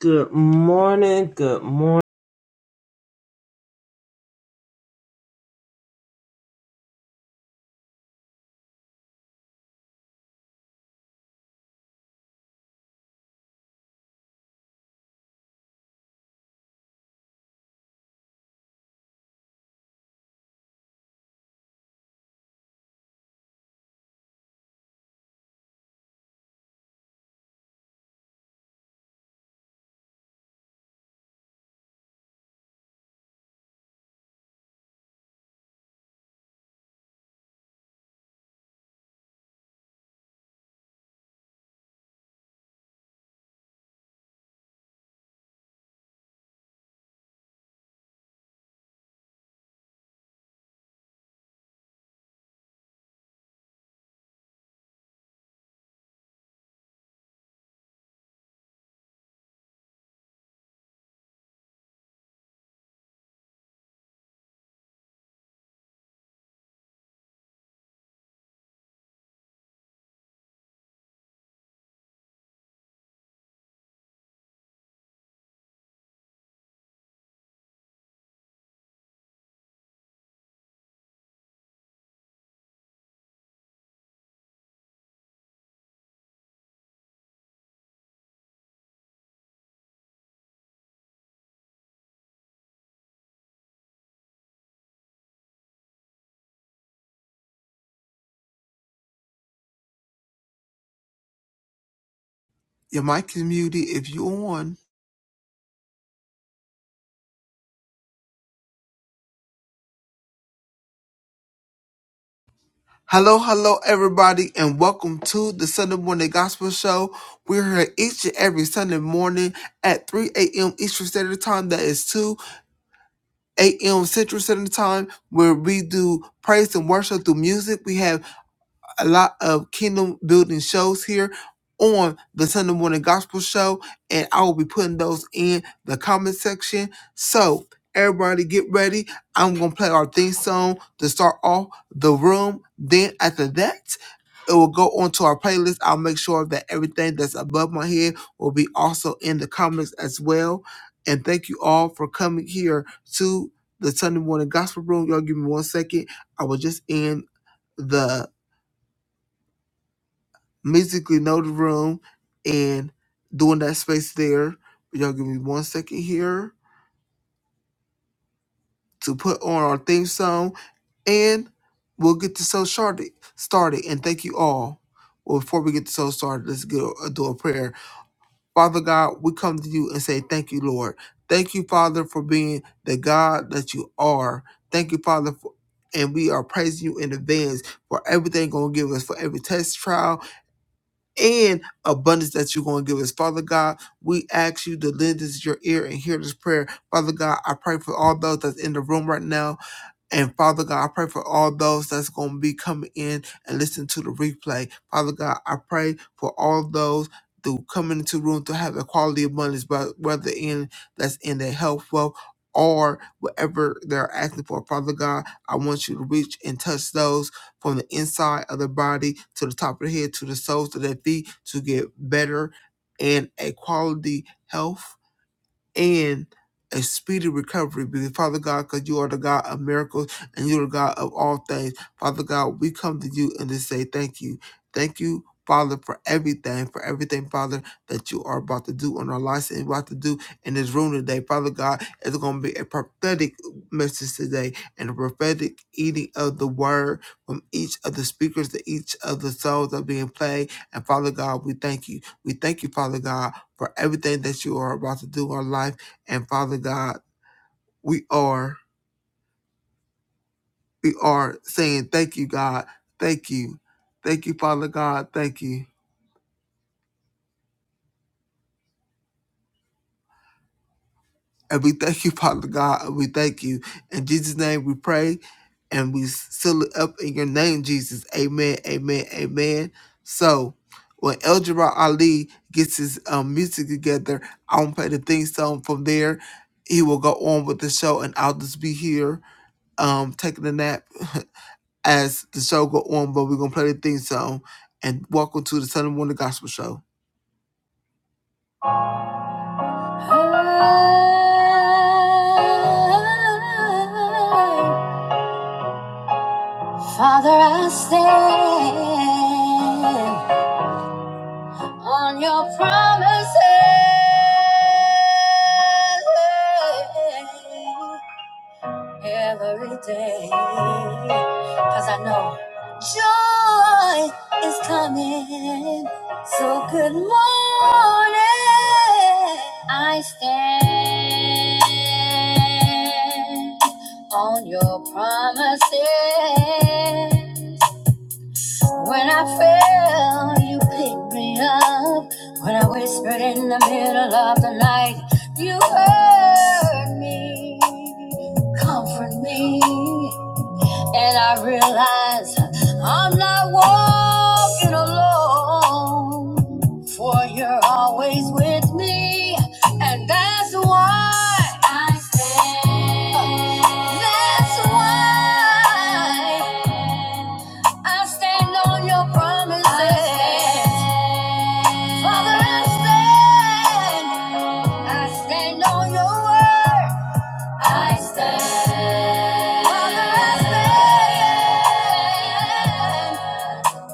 Good morning, good morning. Your mic is muted if you on. Hello, hello, everybody, and welcome to the Sunday Morning Gospel Show. We're here each and every Sunday morning at 3 a.m. Eastern Standard Time. That is 2 a.m. Central Standard Time, where we do praise and worship through music. We have a lot of kingdom building shows here on the Sunday morning gospel show, and I will be putting those in the comment section. So everybody get ready. I'm gonna play our theme song to start off the room. Then after that, it will go onto our playlist. I'll make sure that everything that's above my head will be also in the comments as well. And thank you all for coming here to the Sunday morning gospel room. Y'all give me one second. I will just end the Basically, know the room and doing that space there. Y'all give me one second here to put on our theme song, and we'll get the show started. Started, and thank you all. Well, before we get the show started, let's go uh, do a prayer. Father God, we come to you and say thank you, Lord. Thank you, Father, for being the God that you are. Thank you, Father, for, and we are praising you in advance for everything you're going to give us for every test trial and abundance that you're going to give us. Father God, we ask you to lend us your ear and hear this prayer. Father God, I pray for all those that's in the room right now and Father God, I pray for all those that's going to be coming in and listen to the replay. Father God, I pray for all those to come into the room to have the quality abundance, but whether in that's in their health, wealth, or whatever they're asking for. Father God, I want you to reach and touch those from the inside of the body to the top of the head, to the soles of their feet to get better and a quality health and a speedy recovery. Because Father God, because you are the God of miracles and you're the God of all things. Father God, we come to you and to say thank you. Thank you. Father, for everything, for everything, Father, that you are about to do on our lives and about to do in this room today. Father God, it's going to be a prophetic message today and a prophetic eating of the word from each of the speakers to each of the souls that are being played. And Father God, we thank you. We thank you, Father God, for everything that you are about to do in our life. And Father God, we are we are saying thank you, God. Thank you. Thank you, Father God. Thank you. And we thank you, Father God. And we thank you. In Jesus' name we pray and we seal it up in your name, Jesus. Amen. Amen. Amen. So when El Jabbar Ali gets his um, music together, I won't play the theme song from there. He will go on with the show and I'll just be here um taking a nap as the show go on, but we're gonna play the theme song. And welcome to the Sunday Morning Gospel Show. Oh, Father, I stand on your promises. every day. Cause I know joy is coming. So good morning. I stand on your promises. When I fell, you picked me up. When I whispered in the middle of the night, you heard me. Comfort me. And I realize I'm not walking alone, for you're always with me, and that's why I stand. That's why I stand on your promises. I stand. Father, I stand. I stand on your word. I stand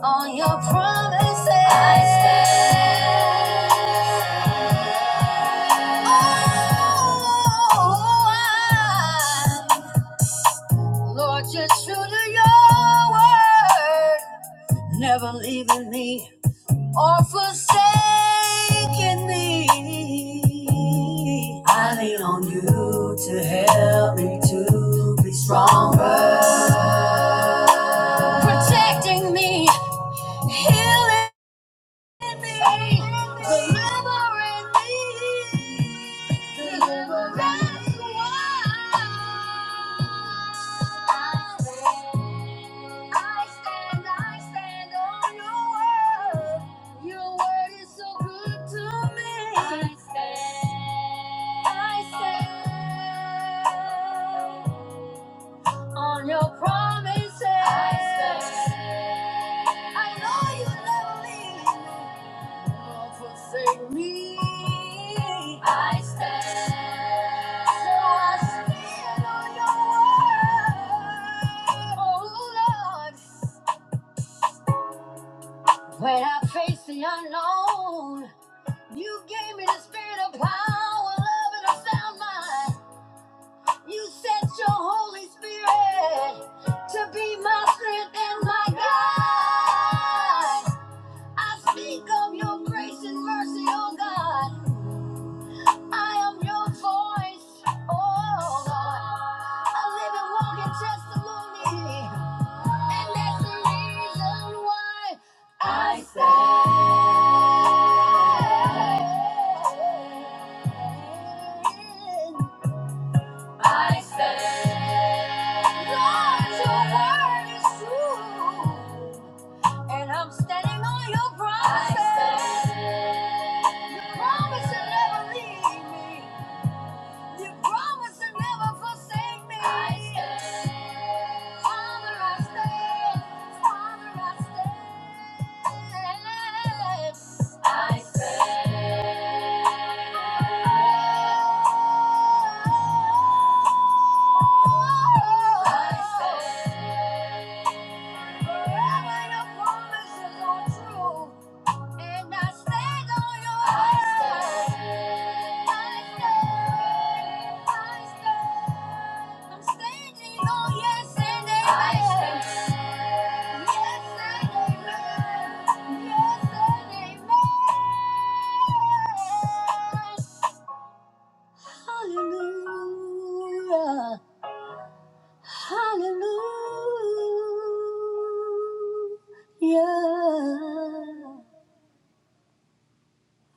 on your promises. I stand. Oh, I- Lord, you're true to your word, never leaving me. or forsaken me. I lean on you to help me to be stronger, protecting me, healing me, delivering me. On your promises, I stand, I know you never leave me. Don't forsake me. I stand. So I stand on your word. Oh Lord, when I face the unknown, you gave me the spirit of power, love, and a sound mind. You sent your Holy Spirit to be my strength and my guide. I speak of your grace and mercy, oh God. I am your voice. Oh, Lord. I live and walk in testimony. And that's the reason why I stand. I stand. Lord, your word is true. And I'm standing on your promise. I stand. Your promise will never leave me. You promised to never forsake me. I stand. Father, I stand. Father, I stand. I stand. I stand. Forever your promises are true. And I stand on your I stand. I stand. I stand. I'm standing on yes and amen. I stand. Yes and amen. Yes and amen. Hallelujah. Hallelujah.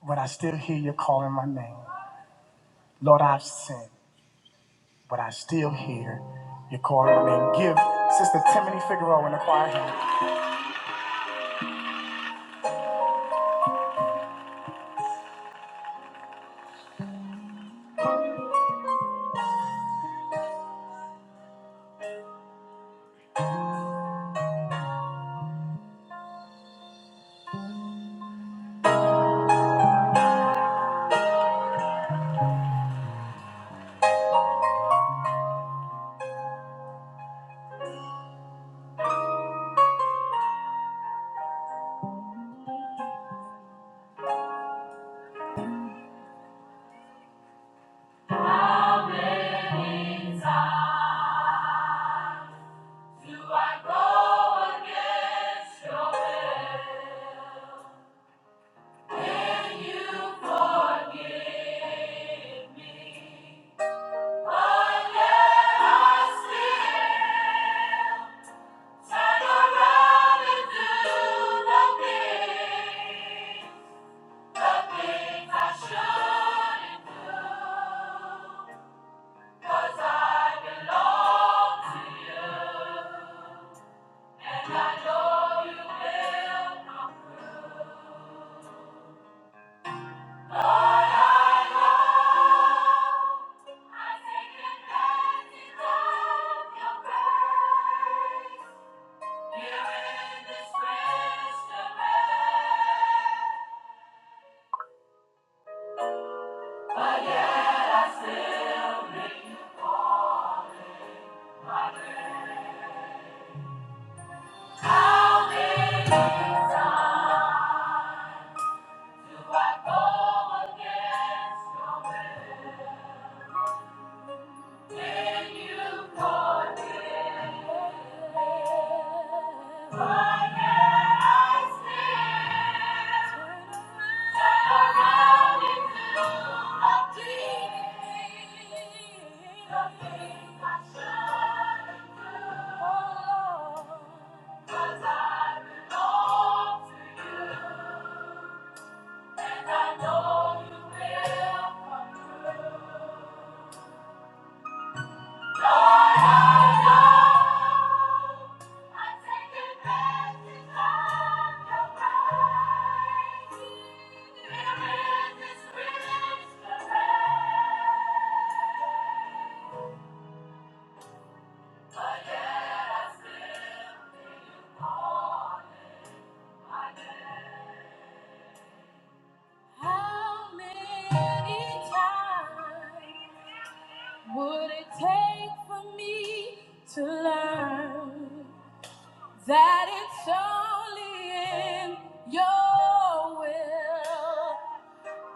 But I still hear you calling my name. Lord, I've sinned, but I still hear you calling my name. Give Sister Timothy Figueroa in the choir hand. How many times do I go against your will? You forgive me, but yet I still turn around and do the thing How is Cause I belong to you. And I know you will come through. Lord, I know. I take advantage of your grace. There is this rich array, but yet I still on my bed. How many times would it take for me to learn? that it's only in your will.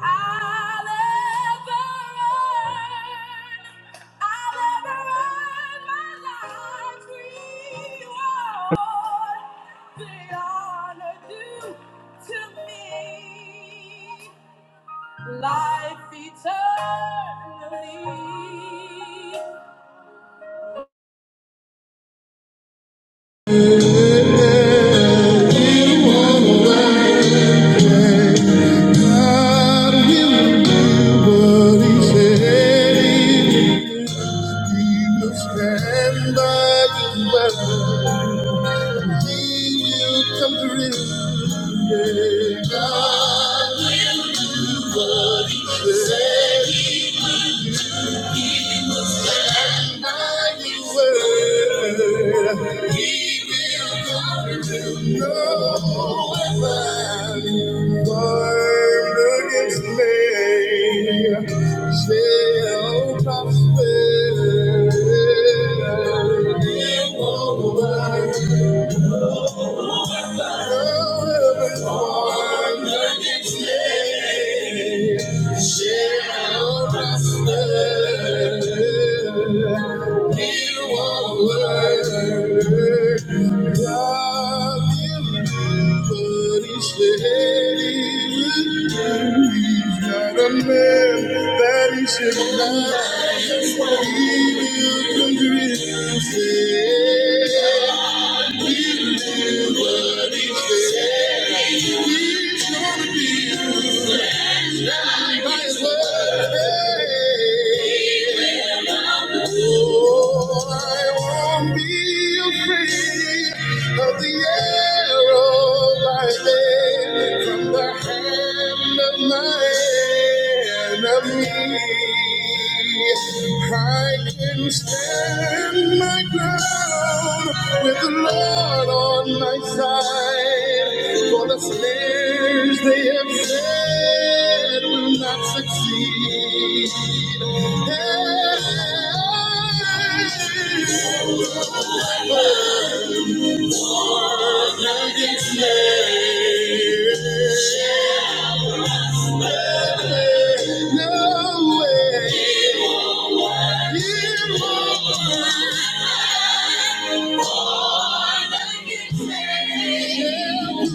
I'll ever earn, I'll ever earn my life's reward. The honor due to me, life eternally. come through. Yeah, God what he said. mighty word. He will come to no weapon formed against me shall prosper. It won't work. A man that he should not, he will convict. He lives. He lives. By his word. I won't be afraid of the arrow I made from the hand of my enemy. I can stand my ground with the Lord on my side. For the snares they have set will not succeed. No way. You will He was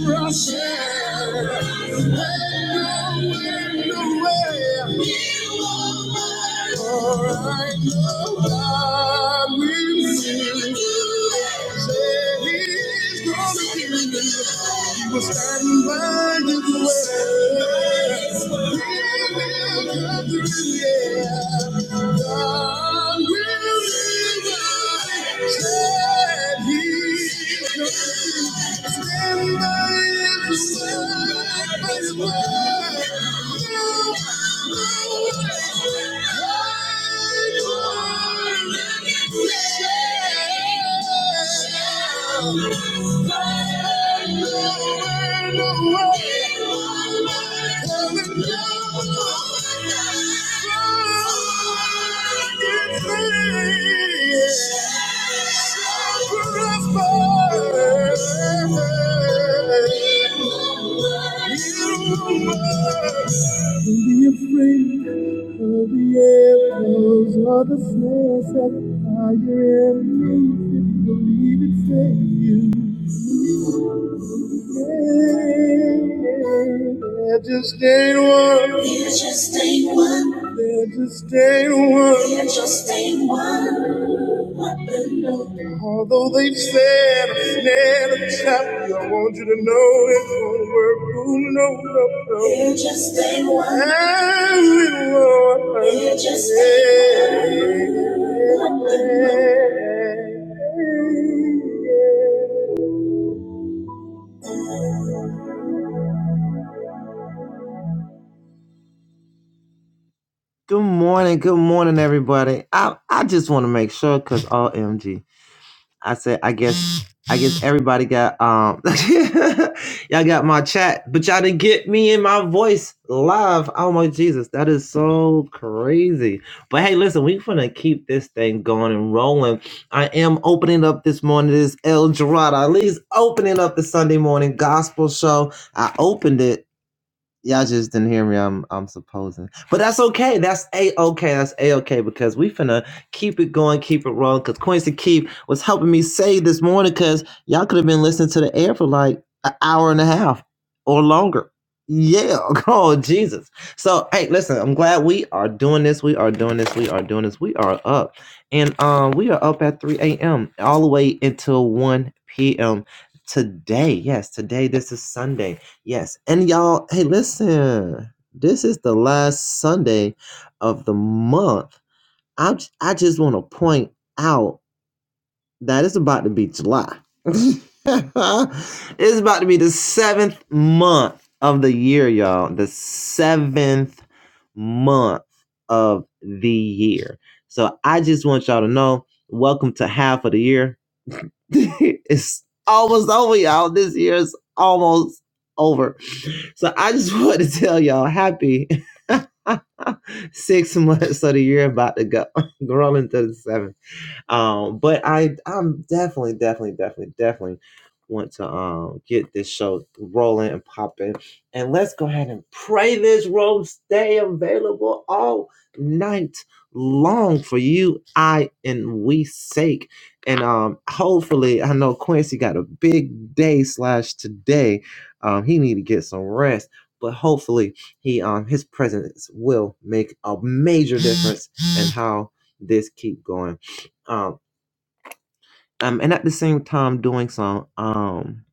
standing by his way. He will come through, yeah. No, way, no, way, no, Yeah. Don't Be afraid of the arrows or the snares that fire in me. If you believe it, fail you. There just ain't one. There just ain't one. There just ain't one. There just ain't one. What the Lord- Although they've said a snare and a trap, I want you to know it's gonna work. Ooh, no, no, no. There just ain't one. And little one. There just ain't one. What the Lord- Yeah. Good morning, good morning, everybody. I I just want to make sure because OMG, I said I guess I guess everybody got um y'all got my chat, but y'all didn't get me in my voice live. Oh my Jesus, that is so crazy. But hey, listen, we finna keep this thing going and rolling. I am opening up this morning this El Dorado, at least opening up the Sunday morning gospel show. I opened it Y'all just didn't hear me. I'm I'm supposing, but that's okay. That's a okay. That's a okay because we finna keep it going, keep it rolling. Because Quincy Keith was helping me say this morning because y'all could have been listening to the air for like an hour and a half or longer. Yeah, oh Jesus. So hey, listen. I'm glad we are doing this. We are doing this. We are doing this. We are up, and um, we are up at 3 a.m. all the way until 1 p.m. today. Yes, today. This is Sunday. Yes. And y'all, hey, listen, this is the last Sunday of the month. I, j- I just want to point out that it's about to be July. it's about to be the seventh month of the year, y'all. The seventh month of the year. So I just want y'all to know welcome to half of the year. it's almost over, y'all. This year is almost over so I just want to tell y'all happy six months of the year about to go, rolling to the seventh. Um, but I I'm definitely, definitely, definitely, definitely want to um get this show rolling and popping. And let's go ahead and pray this room stay available all night long for you, I and we sake. And um hopefully I know Quincy got a big day slash today. Um he need to get some rest. But hopefully he um his presence will make a major difference in how this keep going. Um um, and at the same time doing so, um,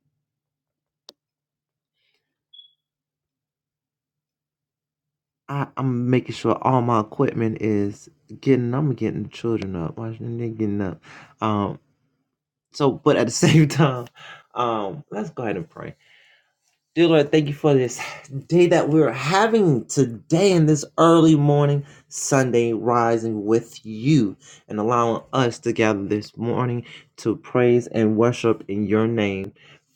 I, I'm making sure all my equipment is getting. I'm getting the children up, watching them getting up. Um, so, but at the same time, um, let's go ahead and pray. Dear Lord, thank you for this day that we're having today in this early morning, Sunday rising with you and allowing us to gather this morning to praise and worship in your name,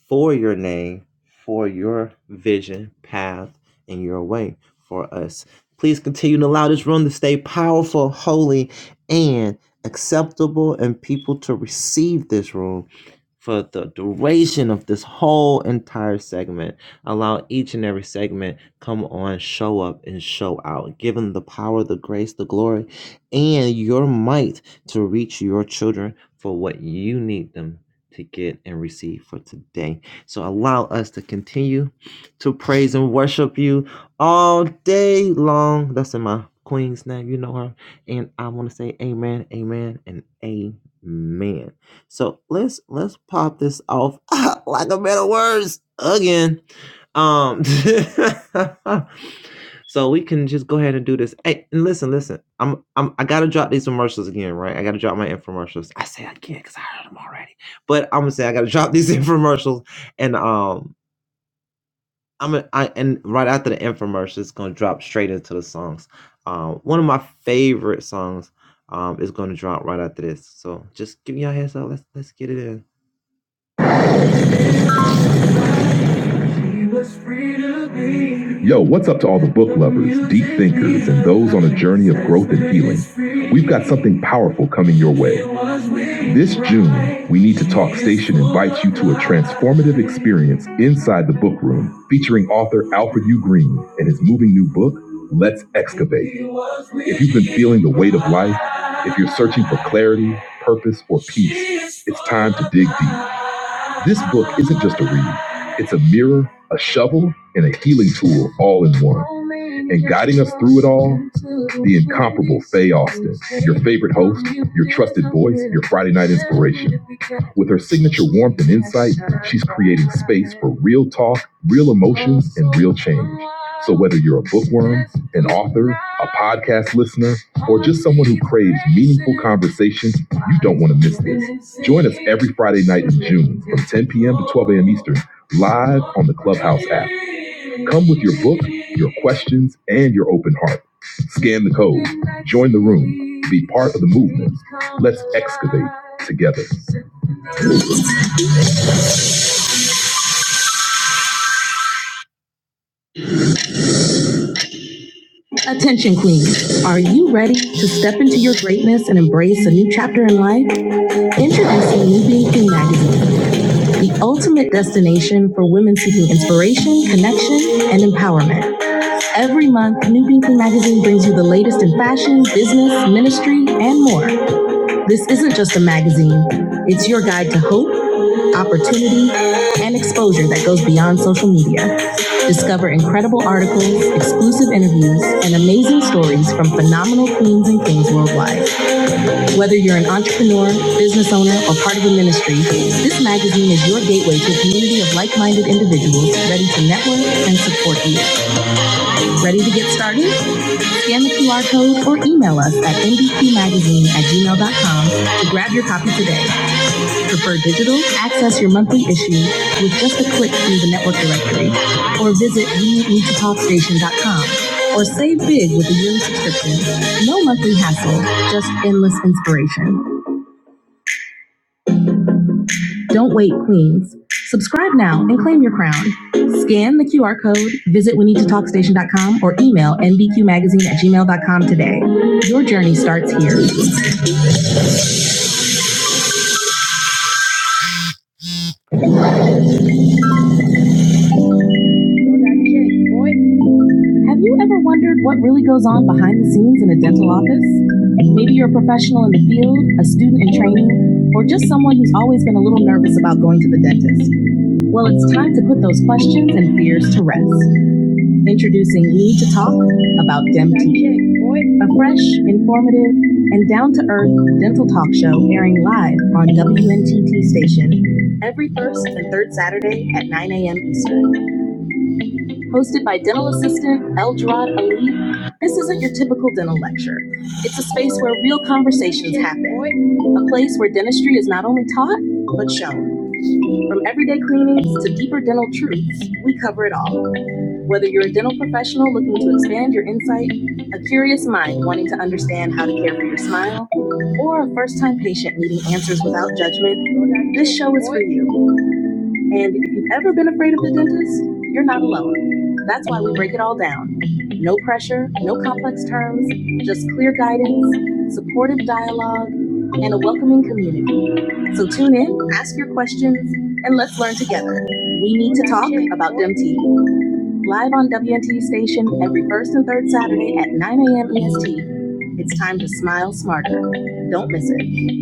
for your name, for your vision, path, and your way for us. Please continue to allow this room to stay powerful, holy, and acceptable, and people to receive this room for the duration of this whole entire segment. Allow each and every segment come on, show up and show out. Give them the power, the grace, the glory, and your might to reach your children for what you need them to get and receive for today. So allow us to continue to praise and worship you all day long. That's in my queen's name. You know her. And I want to say amen, amen, and amen. So let's let's pop this off like a man of words again. Um, so we can just go ahead and do this. Hey, and listen, listen. I'm, I'm, I gotta drop these commercials again, right? I gotta drop my infomercials. I say I can't because I heard them already, but I'm gonna say I gotta drop these infomercials, and um, I'm gonna, I and right after the infomercials, it's gonna drop straight into the songs. Um, one of my favorite songs, um, is gonna drop right after this. So just give me your heads up. Let's let's get it in. Yo, what's up to all the book lovers, deep thinkers, and those on a journey of growth and healing? We've got something powerful coming your way. This June, We Need to Talk Station invites you to a transformative experience inside the book room featuring author Alfred U. Green and his moving new book, Let's Excavate. If you've been feeling the weight of life, if you're searching for clarity, purpose, or peace, it's time to dig deep. This book isn't just a read. It's a mirror, a shovel, and a healing tool all in one. And guiding us through it all, the incomparable Faye Austin, your favorite host, your trusted voice, your Friday night inspiration. With her signature warmth and insight, she's creating space for real talk, real emotions, and real change. So whether you're a bookworm, an author, a podcast listener, or just someone who craves meaningful conversation, you don't want to miss this. Join us every Friday night in June from 10 p.m. to 12 a.m. Eastern live on the Clubhouse app. Come with your book, your questions, and your open heart. Scan the code, join the room, be part of the movement. Let's excavate together. Attention, Queens. Are you ready to step into your greatness and embrace a new chapter in life? Introducing New Being Queen Magazine the ultimate destination for women seeking inspiration, connection, and empowerment. Every month, New People Magazine brings you the latest in fashion, business, ministry, and more. This isn't just a magazine, it's your guide to hope, opportunity, and exposure that goes beyond social media. Discover incredible articles, exclusive interviews, and amazing stories from phenomenal queens and kings worldwide. Whether you're an entrepreneur, business owner, or part of a ministry, this magazine is your gateway to a community of like minded individuals ready to network and support you. Ready to get started? Scan the QR code or email us at nbcmagazine at gmail dot com to grab your copy today. Prefer digital? Access your monthly issue with just a click through the network directory or visit we need to talk station dot com. or save big with a yearly subscription. No monthly hassle, just endless inspiration. Don't wait, Queens. Subscribe now and claim your crown. Scan the QR code, visit we need to talk station dot com, or email nbqmagazine at gmail dot com today. Your journey starts here. Have you ever wondered what really goes on behind the scenes in a dental office? Maybe you're a professional in the field, a student in training, or just someone who's always been a little nervous about going to the dentist. Well, it's time to put those questions and fears to rest. Introducing We to Talk about DemT, a fresh, informative, and down to earth dental talk show airing live on WNTT station every first and third Saturday at 9 a.m. Eastern hosted by dental assistant Eldrad Ali. This isn't your typical dental lecture. It's a space where real conversations happen, a place where dentistry is not only taught, but shown. From everyday cleanings to deeper dental truths, we cover it all. Whether you're a dental professional looking to expand your insight, a curious mind wanting to understand how to care for your smile, or a first time patient needing answers without judgment, this show is for you. And if you've ever been afraid of the dentist, you're not alone. That's why we break it all down. No pressure, no complex terms, just clear guidance, supportive dialogue, and a welcoming community. So tune in, ask your questions, and let's learn together. We need to talk about DMT. Live on WNT station every first and third Saturday at 9 a.m. EST. It's time to smile smarter. Don't miss it.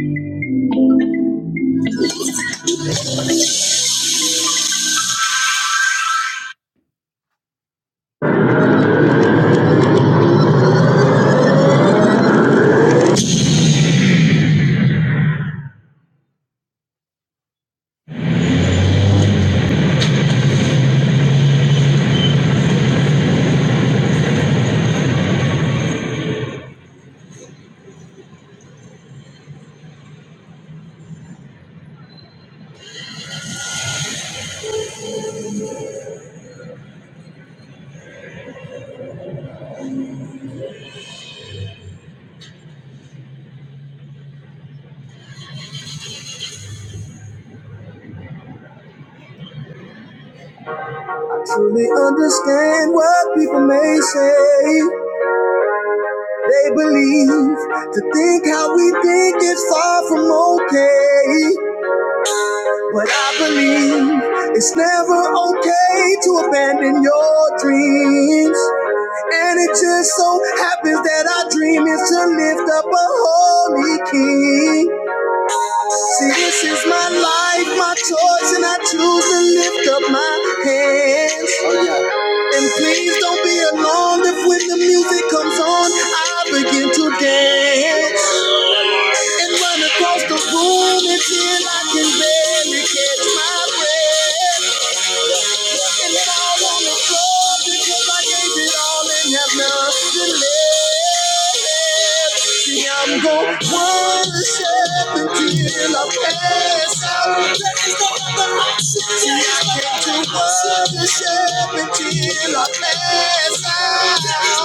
I Truly understand what people may say. They believe to think how we think is far from okay. But I believe it's never okay to abandon your dreams. And it just so happens that our dream is to lift up a holy king. See, this is my life, my choice, and I choose to lift up my hands. Oh, yeah. And please don't be alarmed if when the music comes on, I begin to dance and run across the room until I can barely catch my breath. And fall on the floor because I gave it all and have nothing left. See, I'm gonna worship until I pass out. To what the shepherd till I pass out.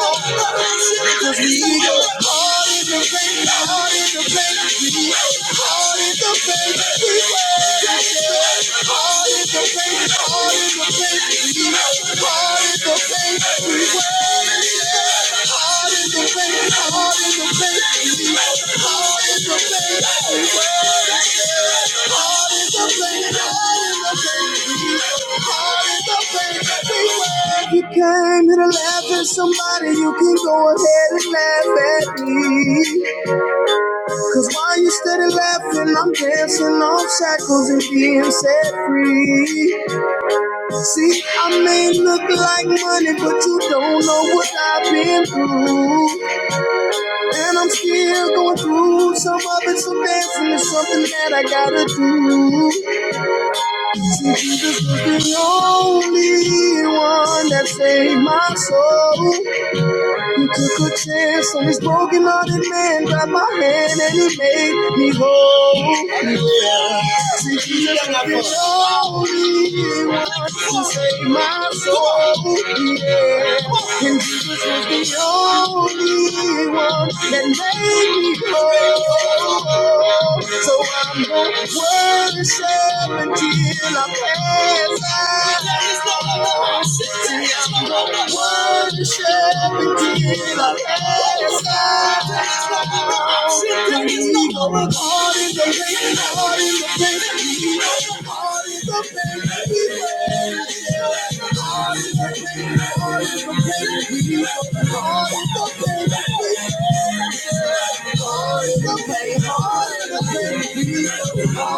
Cause we go hard in the paint, hard in the paint, we go hard in the paint, we worship God. hard in the paint, hard in the paint, we go hard in the paint, we worship God. hard in the paint, hard in the paint, we go hard in the paint, we worship Heart is the thing, heart is the thing. God is the thing everywhere. If you came here to laugh at somebody, you can go ahead and laugh at me. Cause while you steady laughing, I'm dancing off shackles and being set free. See, I may look like money, but you don't know what I've been through. And I'm still going through some of it, so dancing is something that I gotta do. Jesus was the only one that saved my soul. He took a chance on this broken hearted man, grabbed my hand, and he made me whole. Yeah. See, Jesus was the only one that saved my soul. Yeah. And Jesus was the only one that made me whole. So I'm going worship until I pass out. There is no other worship than Him. I'm gonna worship until I pass out. There is no other worship. There is no other God in the rain, God in the rain, God in the rain. God in the rain, God in the rain,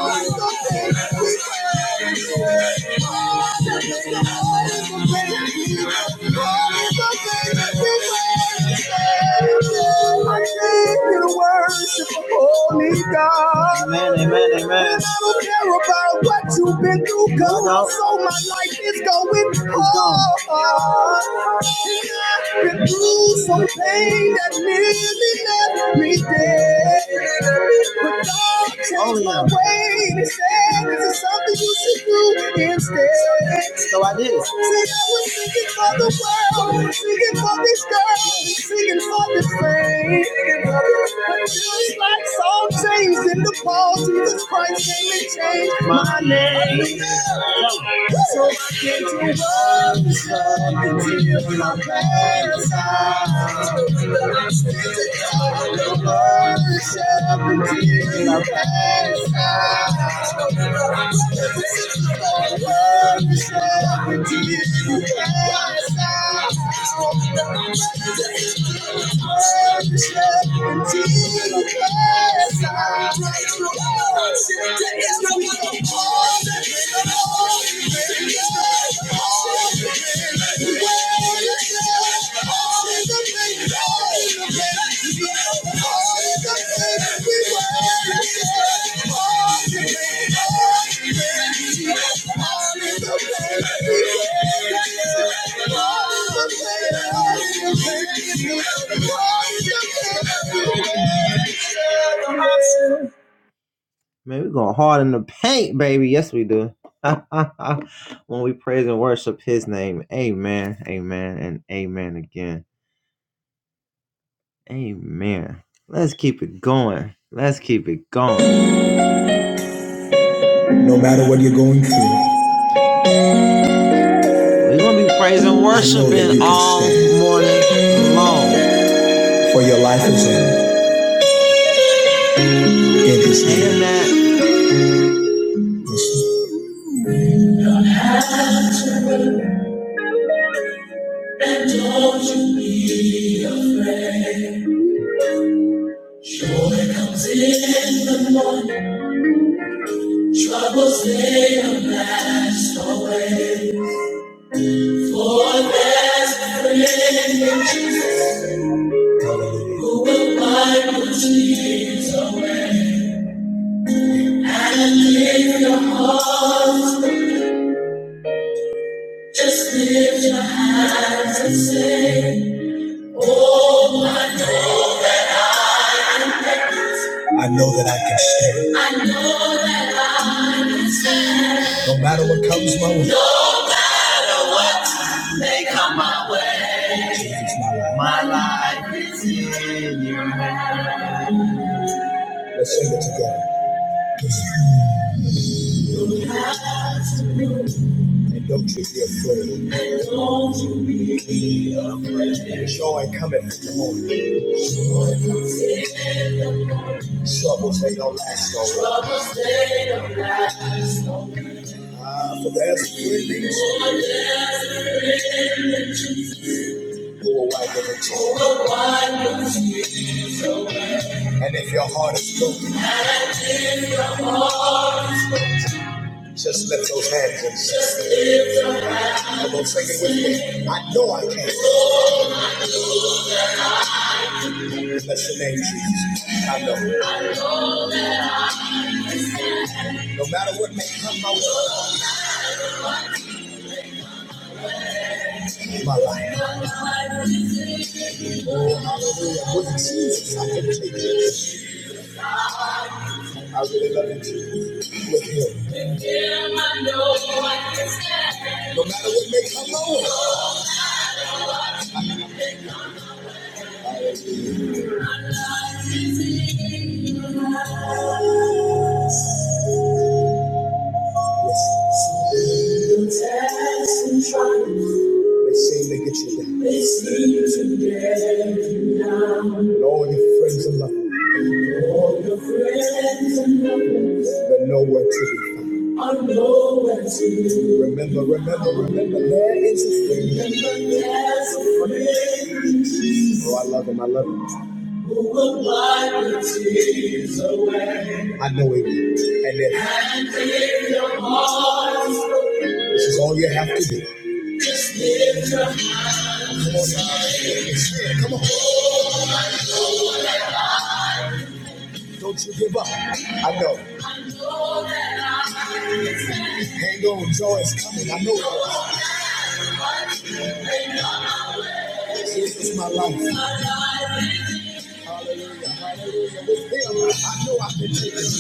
God in the rain. I came here to worship the Holy God. Amen, amen, amen. And I don't care about what you've been through, cause no. so my life is going hard. And I've been through some pain that nearly left me dead. But God changed oh, yeah. my ways said, this is something you should do instead. So I did. See, I was singing for the world, singing for this girl, singing for this thing. But just like Saul James in the ball, Jesus Christ came and changed my name. So I can't give up this love until my past there is no other Thank you. Man, we going hard in the paint, baby. Yes, we do. when we praise and worship His name, Amen, Amen, and Amen again, Amen. Let's keep it going. Let's keep it going. We're gonna be praising, and worshiping all stand. morning long. For your life is in, in His hand. And that- Listen. Troubles they last away. For there's a friend in Jesus who will wipe your tears away. And lift your hearts, just lift your hands and say, Oh, I know. I know that I can stand. I know that I can stand. No matter what comes my way. No matter what may come my way. My life. Let's sing it together. And don't you be afraid. And Don't you be afraid. Joy cometh in the morning. Troubles they don't last always. Ah, for there's good who will wipe every tear. And if your heart is broken, just lift those hands and say, Come on, sing it with me. I know I can. Bless your name, Jesus. I know. No matter what may come my way in my life, with Jesus, I can take it. I really love it with him. No matter what may come my They seem to get you down. They seem to get you down. And all your friends and loved ones And All your friends and loved ones That nowhere to be found. Are nowhere to Remember, remember, remember, there is a friend. Remember, there's a friend. Oh, I love him. I love him. I know him. And it This is all you have to do. Come on, come on. Don't you give up. I know. Hang on, joy is coming. I know it is. This is my life. Hallelujah. Hallelujah. With him, I know I can take it.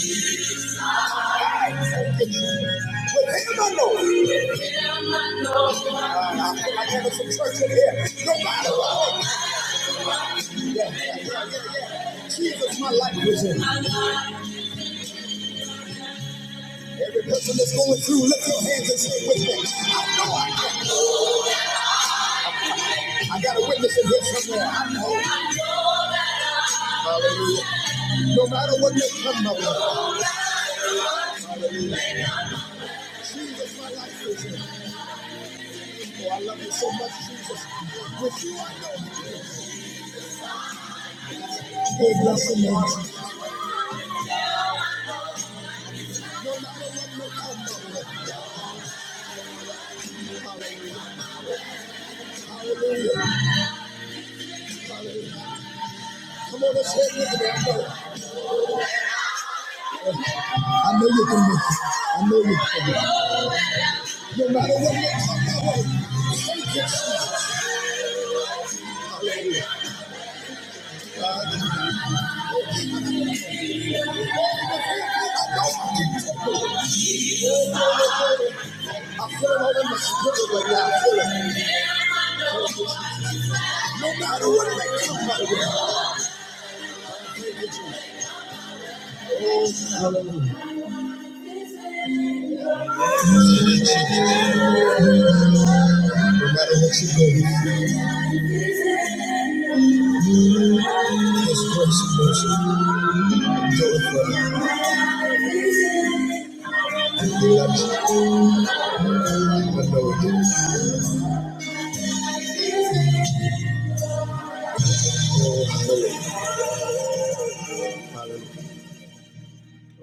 I can take it. With him, I know. Uh, I feel like having some church in here. No matter what. Yeah, yeah, yeah, yeah, yeah. Jesus, my life is in. Every person that's going through, lift your hands and say with me. I got a witness in here somewhere. I know. Hallelujah. No matter what may come my way. Jesus, my life is in. Oh, I love you so much, Jesus. With you, I know. Oh,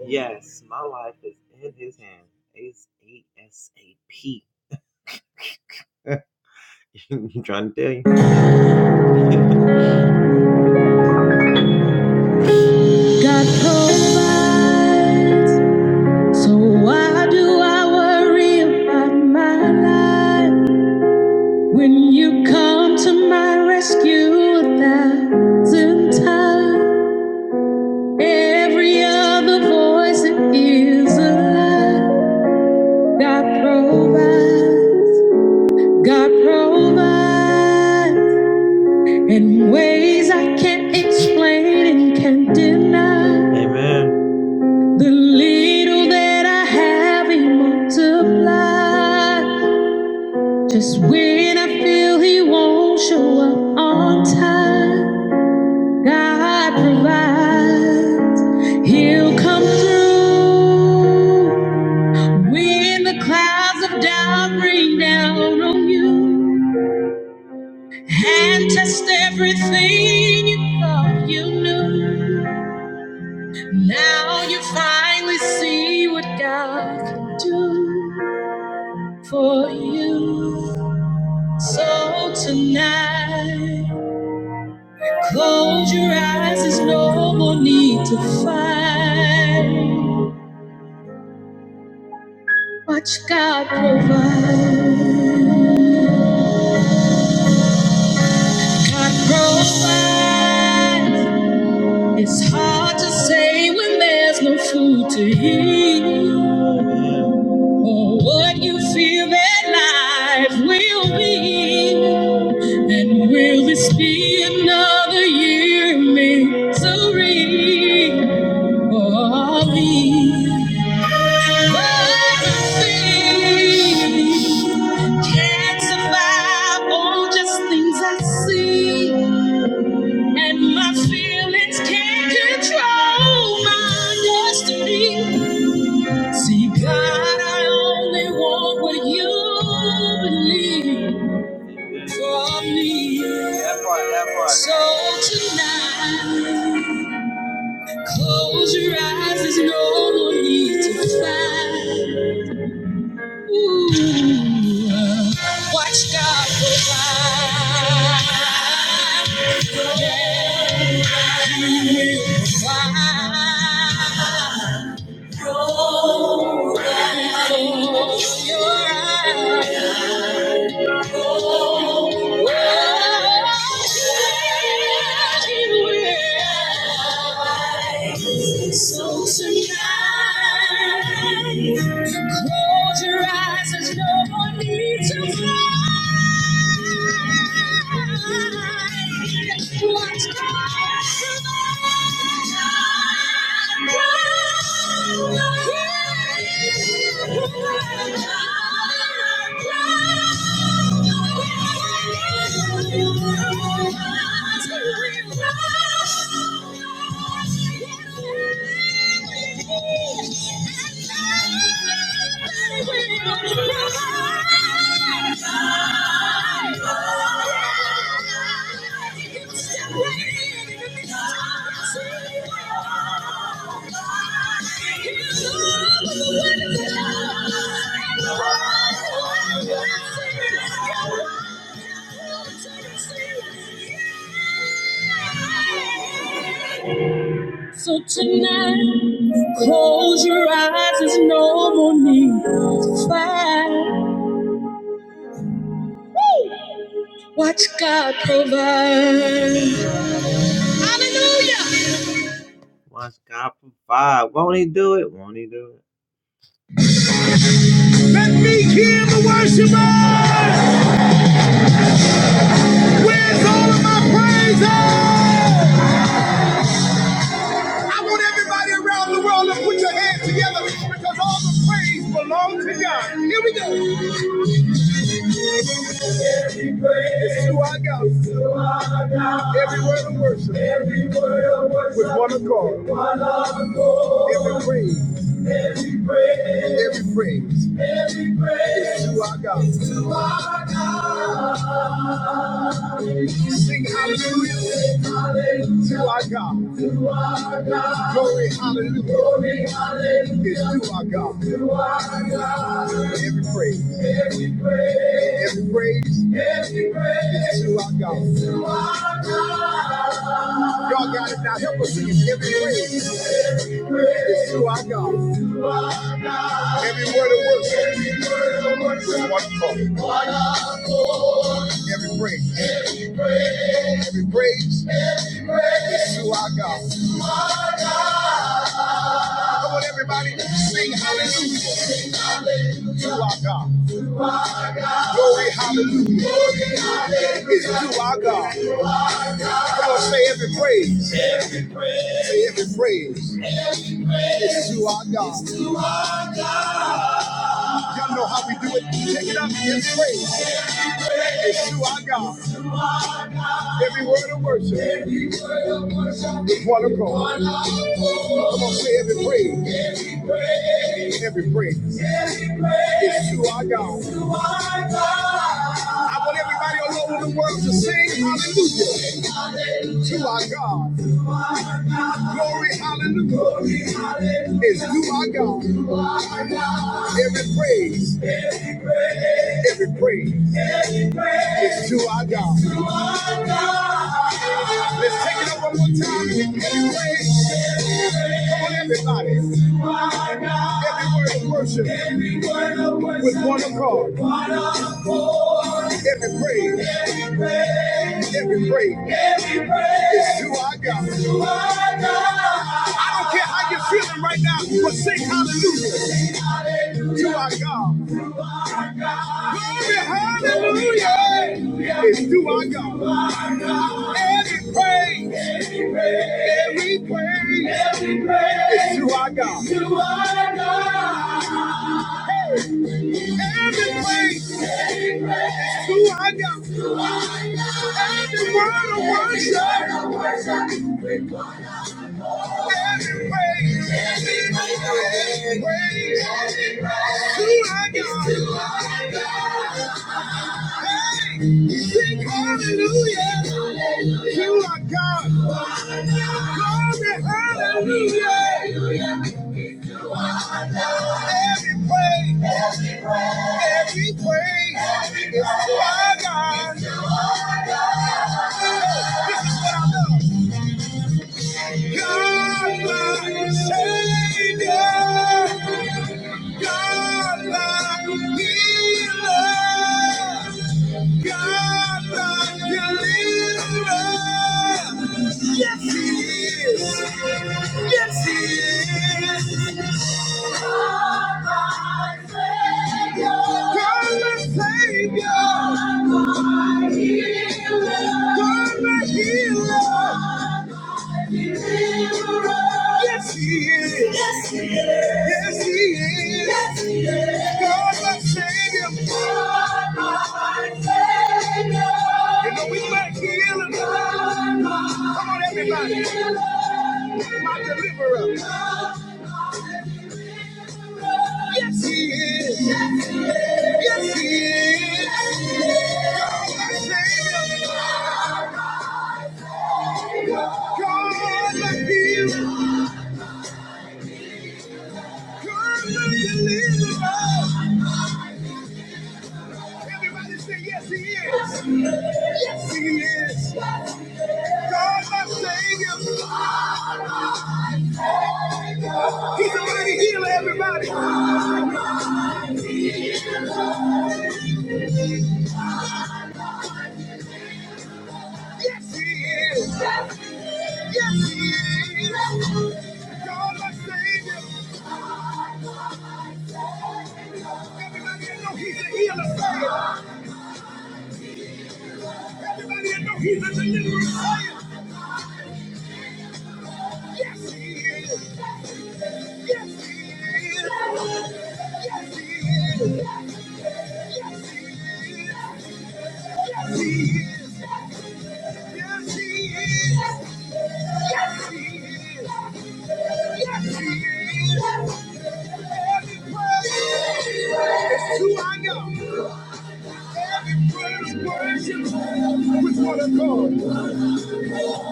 Yes, my life is in his hand. It's ASAP. I'm trying to tell you. God provides. So why do I worry about my life when you come to my rescue a thousand times? Every other voice that is a lie. God provides. God provides in ways I can't explain and can't deny. Amen. The little that I have, He multiplies. Just when I feel He won't show up on time, God provides. He'll come through. In the clouds of doubt, rain on you and test everything you thought you. Now you finally what God can do for you. So tonight, close your eyes. There's no more need to fight. Watch God provide. God provides. It's hard to say when there's no food to eat. What you feel that life will be, and will this be another year in misery? Or me? what you feel can't survive on just things I see, and my feelings can't control my destiny. See, God, I only want what you believe for me. That part. So tonight, close your eyes, there's no more need to fight. Ooh, watch God provide. He will provide. Close your eyes. So tonight, close your eyes, there's no one needs to fight. Thank you. Yeah! So tonight, close your eyes, there's no more need to fight. Watch God provide. Watch God provide. Won't he do it? Won't he do it? Let me hear the worshipers Where's all of my praise? I want everybody around the world to put your hands together because all the praise belongs to God. Here we go. Every praise is to our Lord with one accord. Every God. Every praise, every praise is to our God. Y'all got it now. Help us sing it. Every praise, every is to our God. Every word of worship, every word of worship, Every praise, every praise, every praise, is to our God. Come on, everybody, sing hallelujah to our God. Glory, hallelujah is to our God. Come on, say every praise, say every praise is to our God. Y'all know how we do it. Take it up and praise. It's to our God. Every word of worship is one of God. Come on, say every part is God. Every praise, every praise. Let's take it up one more time. Every praise. Come on, everybody. Every word of worship with one accord. Every praise, every praise. Every praise is to our God. I don't care how you're feeling right now, but sing hallelujah to our God. Hallelujah. It's to our God. It's to our God. our Savior, our healer. God like a deliverer. Yes, He is. Yes, He is. God, my Savior. God, my Savior. God, my healer. God, my healer. deliverer, Yes, he is. Yes, he is. Yes, he is. God, my Savior. God, my Savior. You know we lack healing. God, my Come on, everybody. Healer. My deliverer. Yes, he is. Yes, he is. God, my healer. God, my deliverer. Everybody say, yes, he is. Yes, he is. God, my Savior. He's the mighty healer, everybody. Yes, he is. Yes, he is. God, my Savior. Everybody that know he's a healer, say it. Everybody that know he's a deliverer, say it. Yes, he is. Yes, he is. Yes, he is. Yes, yes, yes, he is. Yes, he is. Yes, he is. Praise. It's who I know. Worship with what I call.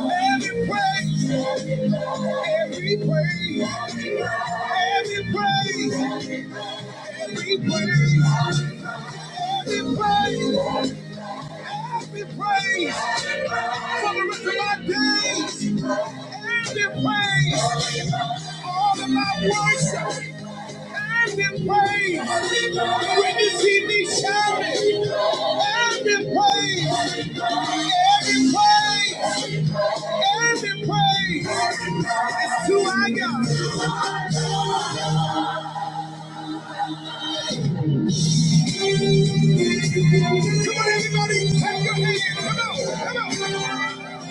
Every praise, every praise, every praise, every praise, every praise be praised for the rest of my days. And be praised for all of my worship. And be praised when you see me shouting. And be praised. And be praised. and be praised. It's who I got. Come on, everybody, clap your hands. Come on, come on.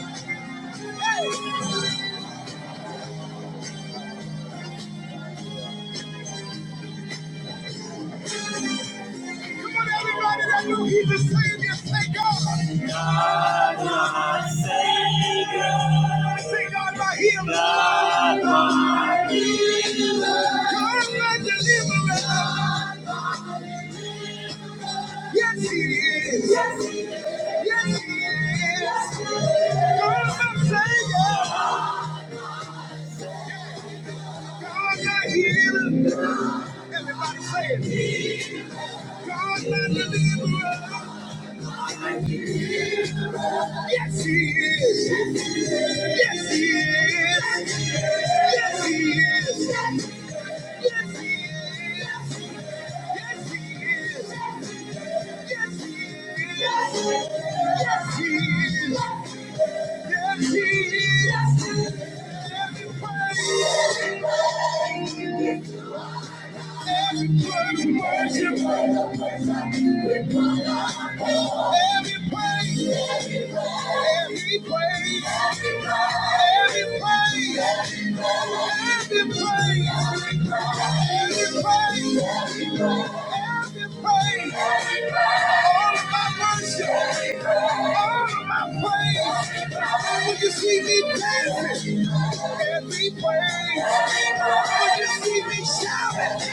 Hey. Come on, everybody that knew he's the Savior, say God. God, my Savior. Say God, my healer. God, my healer. God, my deliverer. God, my deliverer. Yes, he is. Yes, he is. Yes, he is. God, my Savior. God, my healer. Everybody say it. God, my deliverer. Yes, he is. Yes, he is. Yes, he is. Yes, he is. Yes, he is. Yes, he is. Yes, he is. Yes, he is. Yes, he is. Let me pray. Every praise, every praise, every praise, when you see me dancing, every way. When you see me shouting,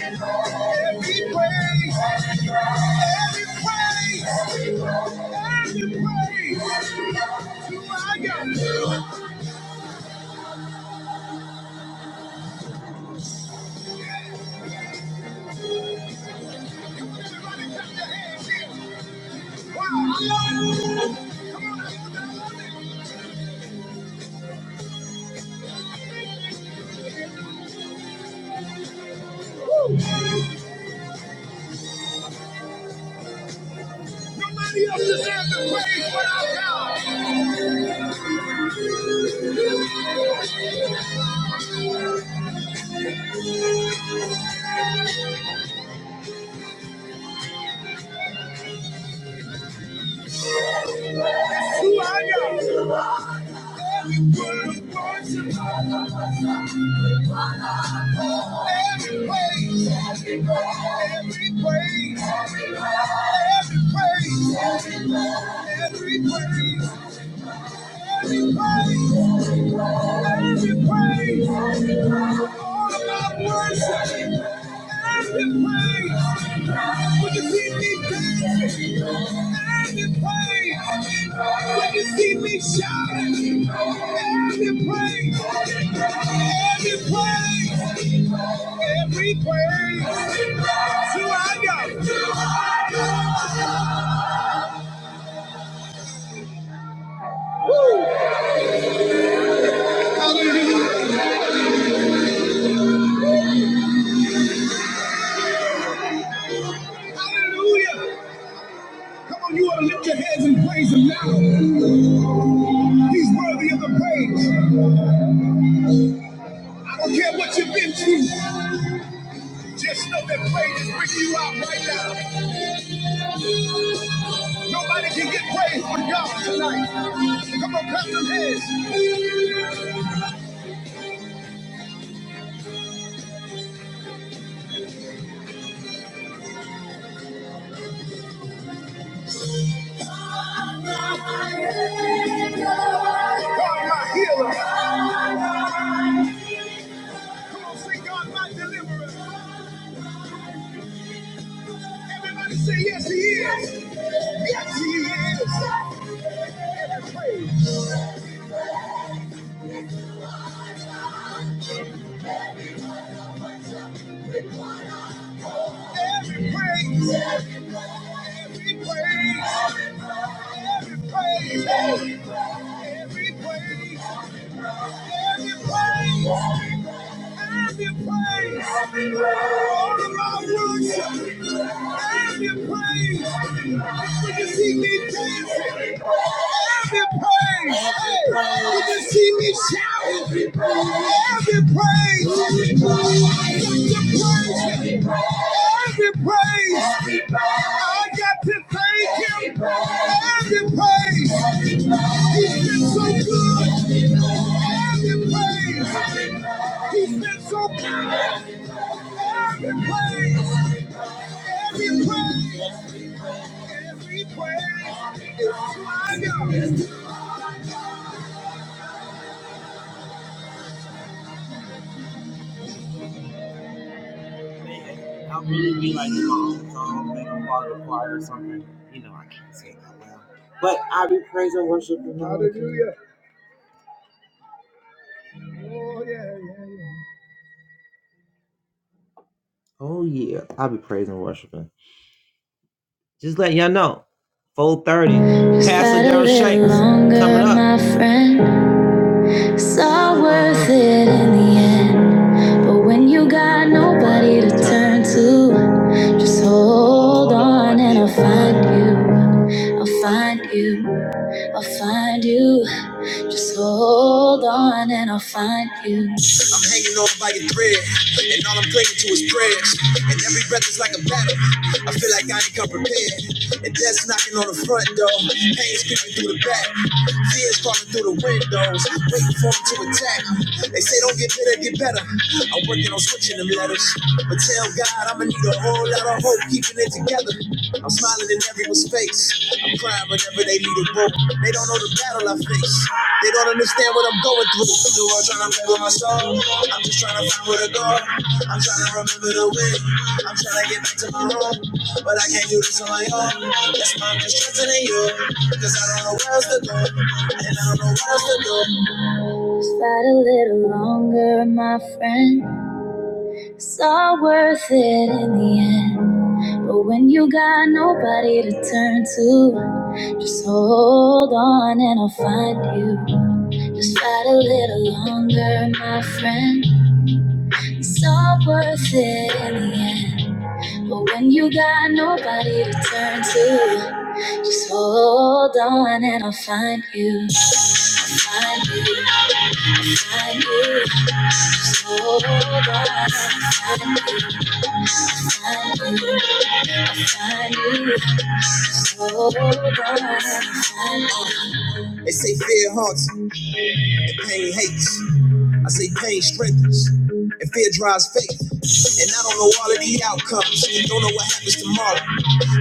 every way. Every praise, every praise. You are my God. Nobody else deserves the praise but our God. who are you? Every word of worship, every praise, every praise, every praise, every praise. Every praise, every praise, all my worship. Every praise, when you see me dancing. Every praise, when you see me shouting. Every praise, he's worthy of the praise. I don't care what you've been through, just know that praise is bringing you out right now. Nobody can get praise but God tonight. Come on, clap them hands. Everybody say yes, he is. Yes, he is. Praise. Every praise, every praise, every praise, every praise, every praise. every praise. Have your praise. All of my worship. Have your praise. When you see me dancing. Have your praise. Hey, when you see me shouting. Have your praise. Have your praise. Every praise, Every praise. I got to thank Him. Every praise, Every praise. He's been so good. Every praise, Every praise. He's been so good. Every praise, Every praise, Every praise is my God. I'll really be like, oh, song like a part of the choir or something. You know, I can't say that well. But I be praising, worshiping. Oh yeah, I'll be praising and worshiping. Just let y'all know. 4:30. Pastor Daryl Shanks coming up. My friend, it's all worth it in the end. But when you got nobody to turn to, just hold on and I'll find you. I'll find you. I'll find you. Just hold on and I'll find you. And death's knocking on the front door. Pain's creeping through the back. Fears crawling through the windows. Waiting for them to attack. They say don't get bitter, get better. I'm working on switching them letters. But tell God I'ma need a whole lot of hope keeping it together. I'm smiling in everyone's face. I'm crying whenever they need a room. They don't know the battle I face. They don't understand what I'm going through. The world trying to play with my soul. I'm just trying to find where to go. I'm trying to remember the way. I'm trying to get back to my room. But I can't do this on my own. Just Fight a little longer, my friend. It's all worth it in the end. But when you got nobody to turn to, just hold on and I'll find you. Just fight a little longer, my friend. It's all worth it in the end. But when you got nobody to turn to, just hold on and I'll find you. Find you, find you. Just hold on and I'll find you. They say fear haunts, pain hates. I say pain strengthens and fear drives faith. And I don't know all of the outcomes. and Don't know what happens tomorrow.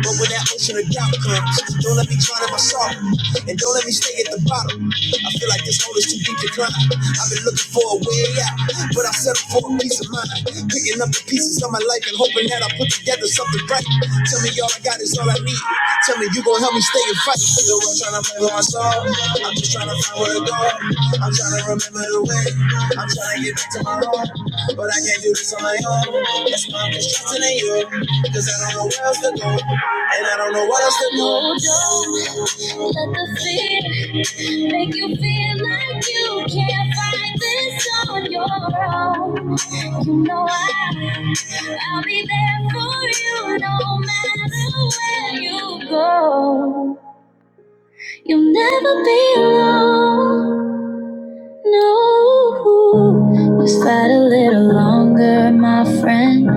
But when that ocean of doubt comes, don't let me drown in my sorrow. And don't let me stay at the bottom. I feel like this hole is too deep to climb. I've been looking for a way out, but I settled for a peace of mind. Picking up the pieces of my life and hoping that I put together something right. Tell me all I got is all I need. Tell me you gon' help me stay and fight. The world trying to play with my soul. I'm just trying to find where to go. I'm trying to remember the way. Hold on, let the fear make you feel like you can't fight this on your own. You know I, I'll be there for you no matter where you go. You'll never be alone, no. Just fight a little longer, my friend.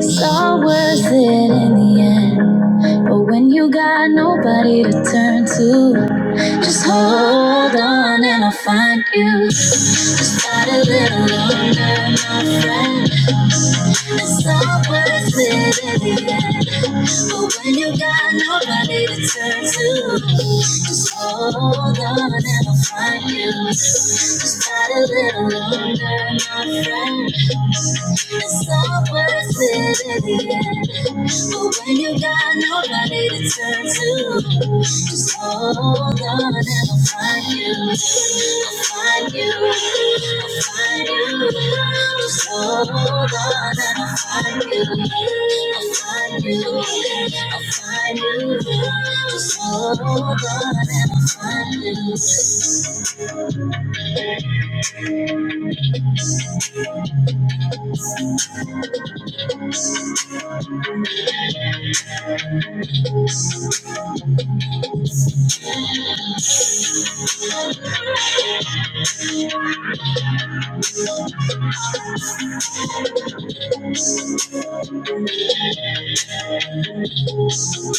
It's all worth it in the end. But when you got nobody to turn to, just hold on and I'll find you. Just fight a little longer, my friend. It's all worth it in the end. But when you got nobody to turn to, just hold on and I'll find you. Just fight a little longer, my friend. It's all worth it but when you got nobody to turn to, just hold on and I'll find you. I'll find you. I'll find you. Just hold on and I'll find you. I'll find you. I'll find you. Just hold on and I'll find you.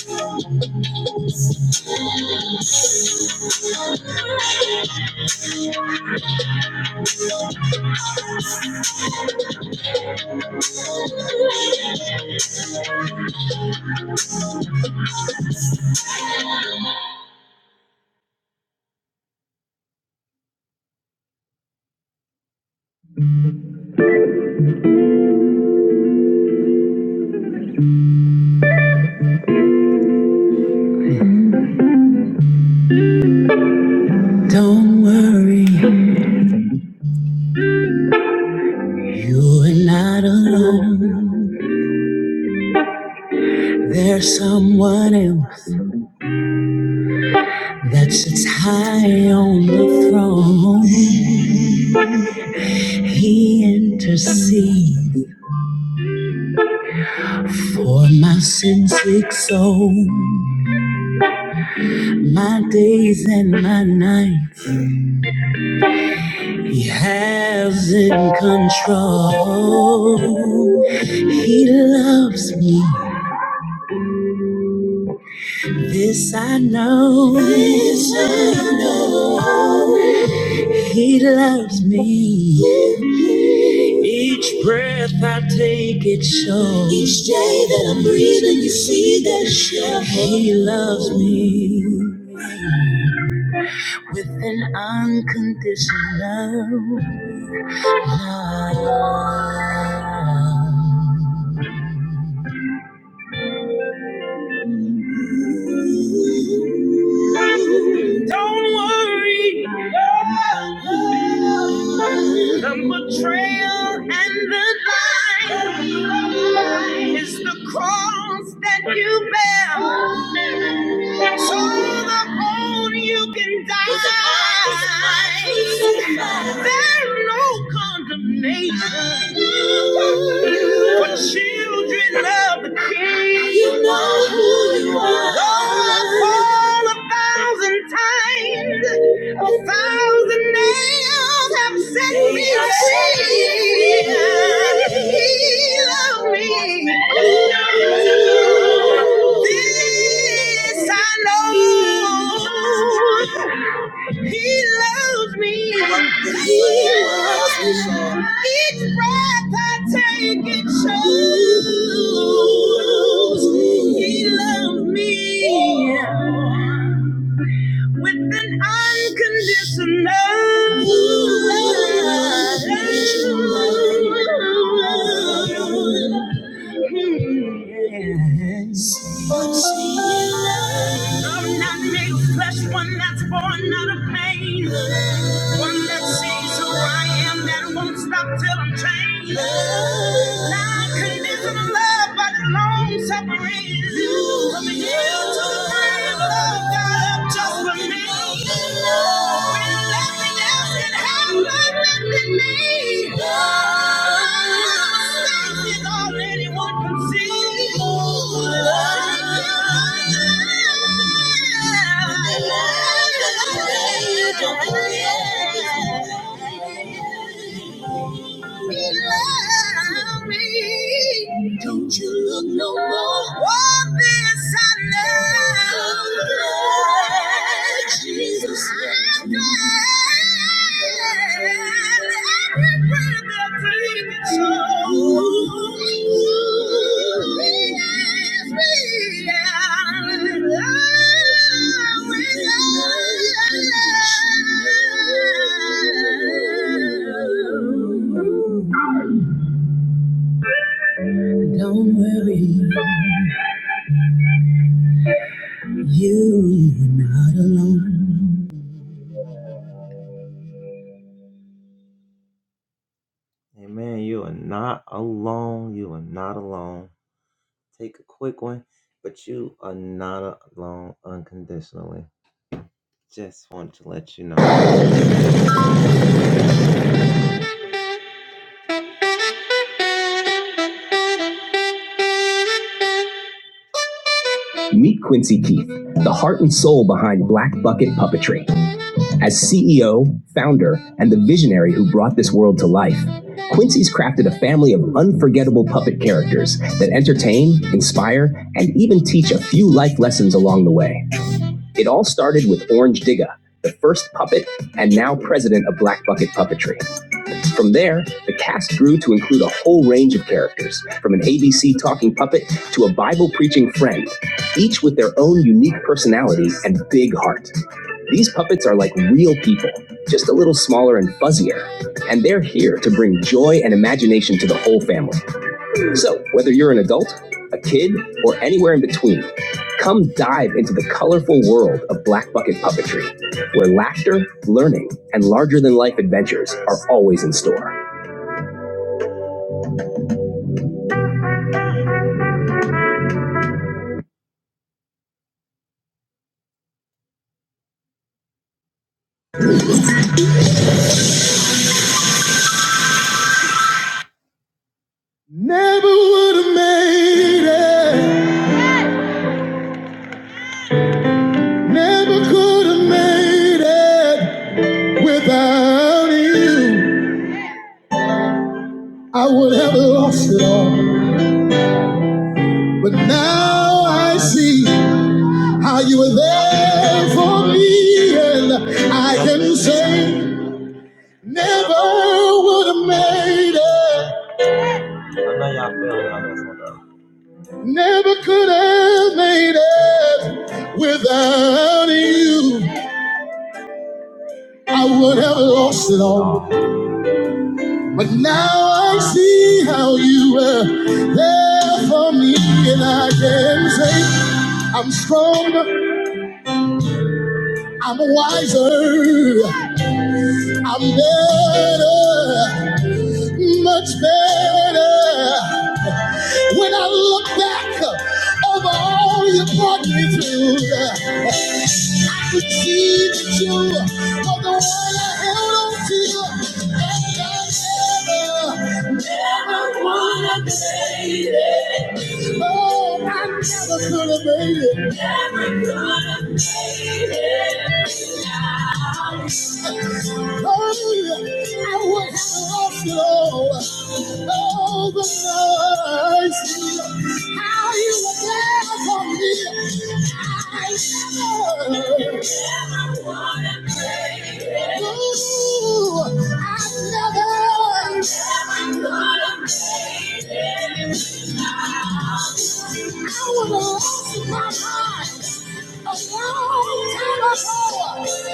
From home, he intercedes. For my sin's sick soul, my days and my nights, He has in control. He loves me, this I know. This I know. He loves me. Each breath I take, it shows. Each day that I'm breathing, you see that show. He loves me. with an unconditional love. Don't worry the betrayal and the lie is the cross that you bear. So the bone you can die. Christ, There's no condemnation for children of the King. You know who you are. Though I fall a thousand times, a thousand nails have set me free. He loved me. This I know. He loves me. He loves me. so. Each breath I take, it shows. He loves me with an unconditional love. Love not made of flesh, one that's born out of pain. One that sees who I am, that won't stop till I'm changed. Not conditional love, but long suffering. From the hill to the grave, love got up just for me. When you left me down, can happened with me. Things is already one can see. Oh, you Love, me. Don't you look no more. Walk this side. Don't worry, you, you're not alone. Amen. You are not alone. You are not alone. Take a quick one, but you are not alone unconditionally. Just want to let you know. Meet Quincy Keith, the heart and soul behind Black Bucket Puppetry. As CEO, founder, and the visionary who brought this world to life, Quincy's crafted a family of unforgettable puppet characters that entertain, inspire, and even teach a few life lessons along the way. It all started with Orange Digga, the first puppet and now president of Black Bucket Puppetry. From there, the cast grew to include a whole range of characters, from an ABC talking puppet to a Bible preaching friend, each with their own unique personality and big heart. These puppets are like real people, just a little smaller and fuzzier, and they're here to bring joy and imagination to the whole family. So, whether you're an adult, a kid, or anywhere in between, come dive into the colorful world of Black Bucket Puppetry, where laughter, learning, and larger than life adventures are always in store. uh, I'm stronger, I'm wiser, I'm better, much better. When I look back over all you brought me through, The see, that you are the one I held on to forever never would have made it. Oh, I never could have made it. Never could have made it. Oh, I would have lost it all. Oh, the mercy. How you were there for me. I never, never would have made it. Oh, I never. Everyone, everyone, I would have lost my mind a long time ago if it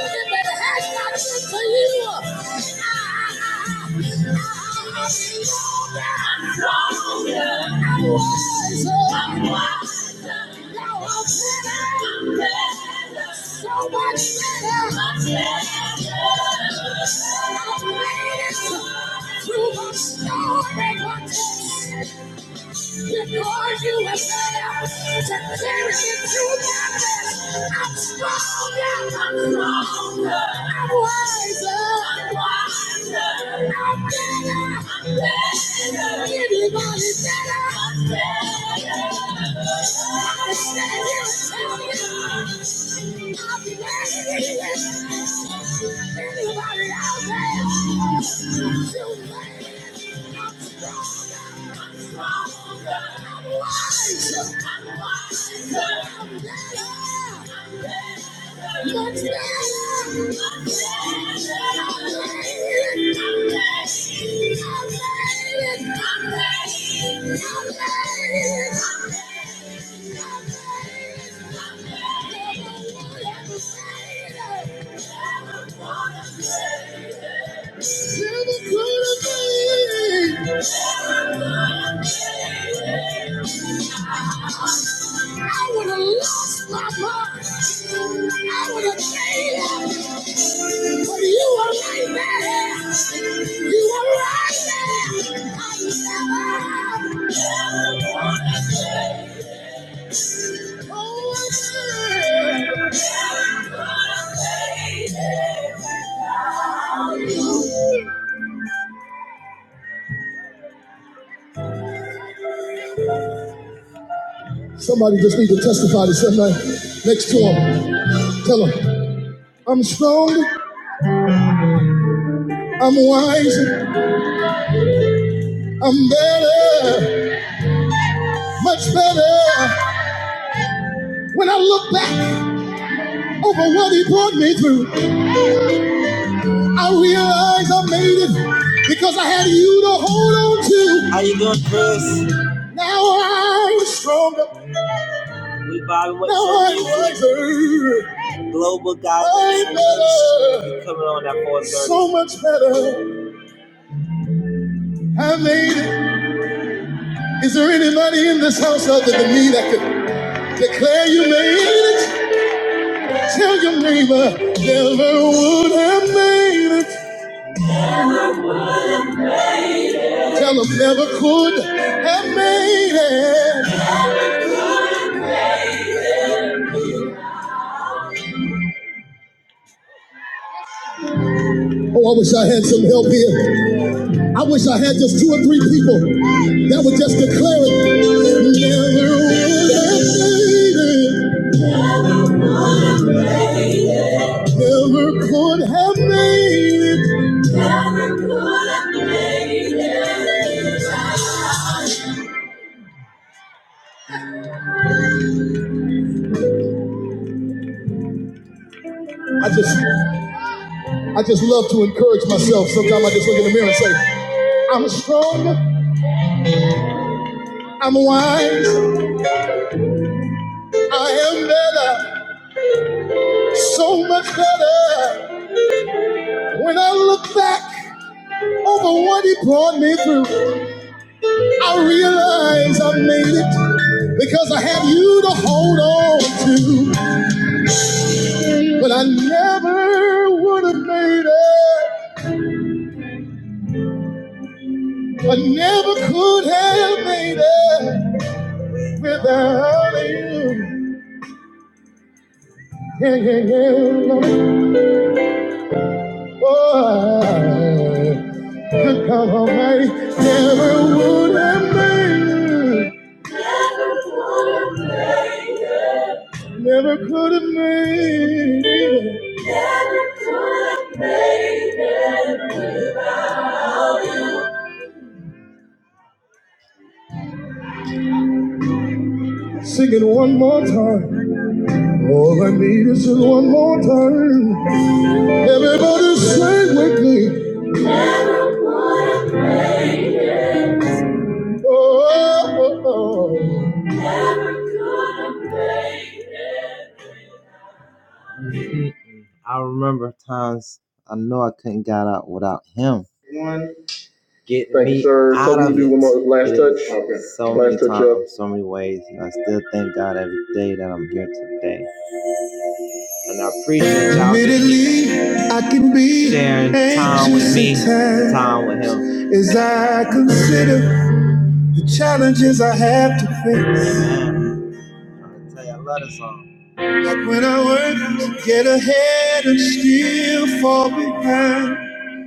had not been for you. I, I, I, I, I, I was, I was, now I'm better, so much better. I made it through the storm and my tears. Because you were there to carry me through darkness. I'm stronger, I'm stronger, I'm wiser, I'm wiser, I'm better, I'm better. Anybody better, I'm better. I stand here and tell you, I'll be better. than Anybody out there? I'm Yeah. I would have lost my mind. I would have failed. But you were right there. You were right there. I never Oh, I Somebody just need to testify to somebody next to him. Tell him, I'm strong, I'm wise, I'm better, much better. When I look back over what he brought me through, I realize I made it because I had you to hold on to. How you doing, Chris? Now I'm stronger. We Bobby, what's now I'm wiser. Global guy. I'm better. Coming on at 4:30. So much better. I made it. Is there anybody in this house other than me that could declare you made it? Tell your neighbor, never would have made it. Tell them never could have made it. Oh, I wish I had some help here. I wish I had just two or three people that would just declare it. Never would have made it. Never could have made it. Never could have made it. I just, I just love to encourage myself. Sometimes I just look in the mirror and say, I'm strong, I'm wise, I am better, so much better. When I look back over what he brought me through, I realize I made it because I have you to hold on to. But I never would have made it. I never could have made it without you. Yeah, yeah, yeah. Oh, I- good God Almighty, never would have made it. Never could have made it. Sing it one more time. All I need is just one more time. Everybody sing with me. Mm-mm-mm. I remember times I know I couldn't get out without him. Get Thank you, me you, sir. So out we of do it. one more last It touch. Okay. So last many touch times, up. so many ways, and I still thank God every day that I'm here today. And I appreciate y'all Admittedly, sharing time with me, time with him. As I consider The challenges I have to face. I tell you, I love this song. Like When I work to get ahead and still fall behind,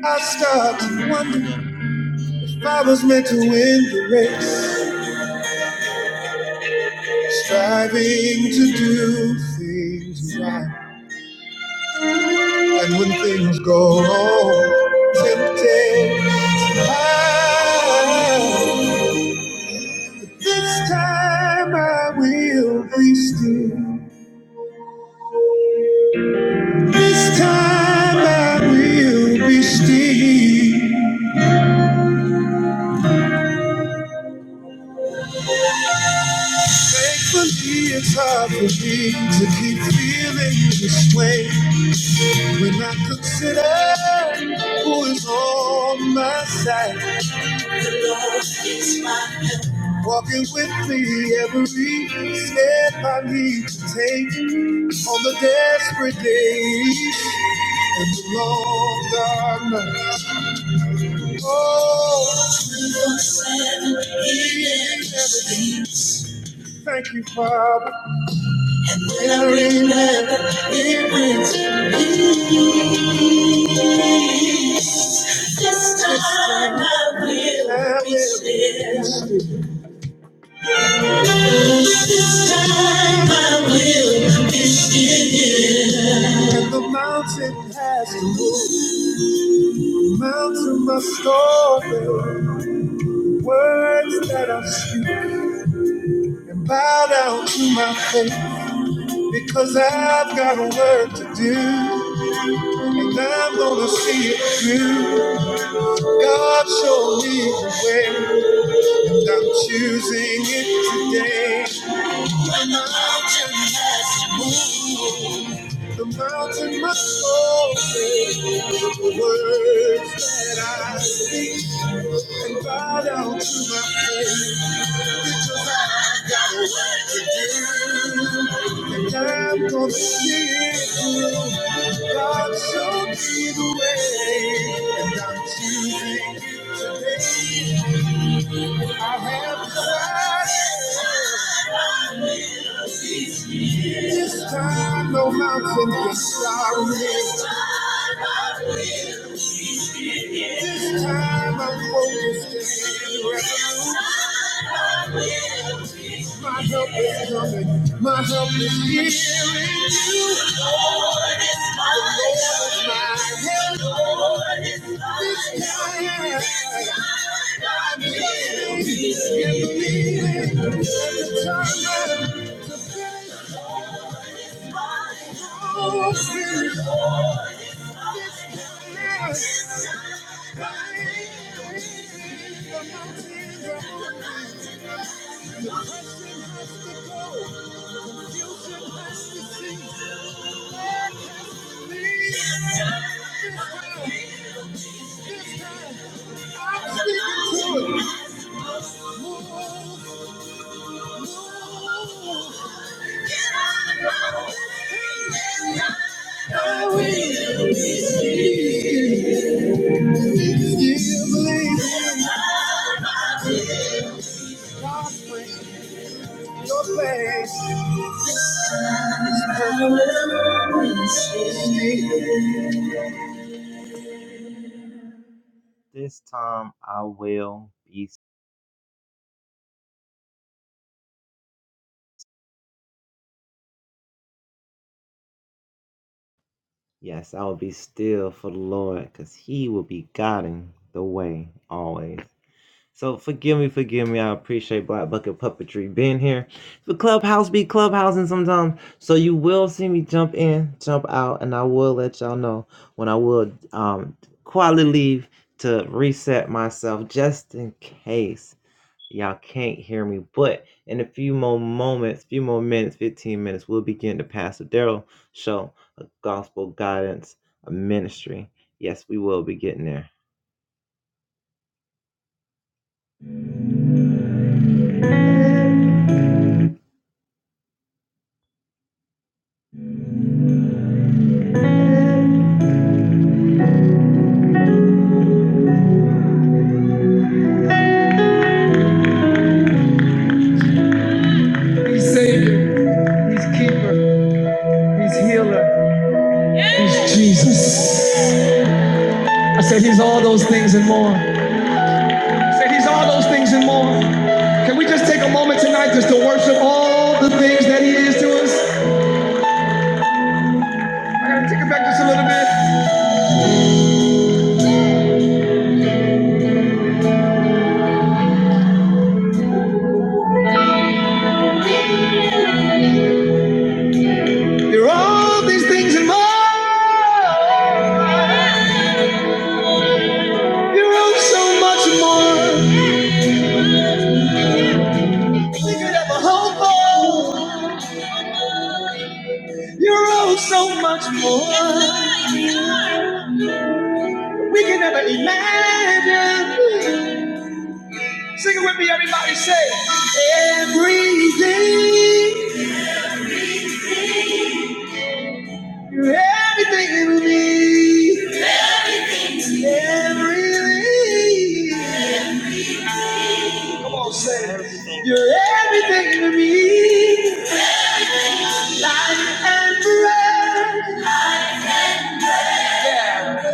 I start to wonder if I was meant to win the race. Striving to do things right, and when things go wrong, tempted. high. This time I will be still This time I will be still. Thankfully, it's hard for me to keep feeling this way when I consider who is on my side. It's my- Walking with me every step I need to take on the desperate days and the long dark nights. Oh, He is everything. Thank you, Father. Every man it brings. This time I will be still. This Time I will be still. And the mountain has to move. The Mountain must over. Words that I speak and bow down to my faith because I've got a work to do and I'm gonna see it through. God show me the way. I'm choosing it today. The mountain has moved. The mountain must obey the words that I speak and bow down to my faith because I've got a work to do and I'm gonna see it through. God showed me the way and I'm choosing it today. I have tried it. This time no mountain can stop me. This time I'm focused and resolute. My help is coming. My help is here in you. The Lord Lord is is my my help. Lord is my help. This time, This time time I believe. At the time I Your face. her This time I will be, yes, I will be still for the Lord because He will be guiding the way always. So forgive me, forgive me. I appreciate Black Bucket Puppetry being here. The clubhouse be clubhousing sometimes. So you will see me jump in, jump out, and I will let y'all know when I will um quietly leave to reset myself just in case Y'all can't hear me, but in a few more moments, few more minutes, 15 minutes, we'll begin the Pastor Daryl show, a gospel guidance, a ministry. Yes, we will be getting there. He's Savior, He's Keeper, He's Healer. Jesus. Say He's all those things and more. Say He's all those things and more. Can we just take a moment tonight just to worship all the things that He is to us? All these things and more. So we could have a hope for. Sing it with me. I see. Everything. Everything. You're everything to me. Life and breath. Yeah.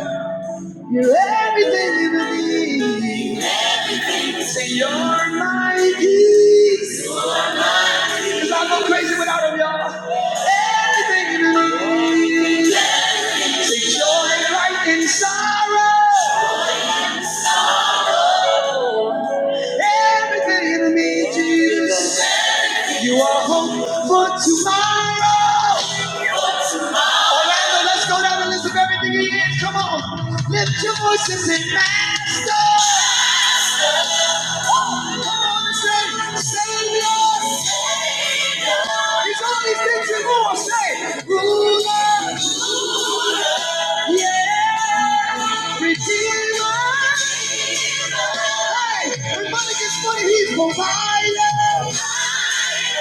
You're everything to me. Say you're my peace, 'cause I go crazy without him, y'all. Everything to me. Say joy, light, and sorrow. Everything to me, Jesus. You are hope for tomorrow. For tomorrow. All right, now let's go down and lift up everything he is. Come on. Lift your voices and master. Come on and say, Savior, Savior. He's all these things and more. Say, Ruler, yeah, Redeemer. Hey, everybody gets funny. He's provider.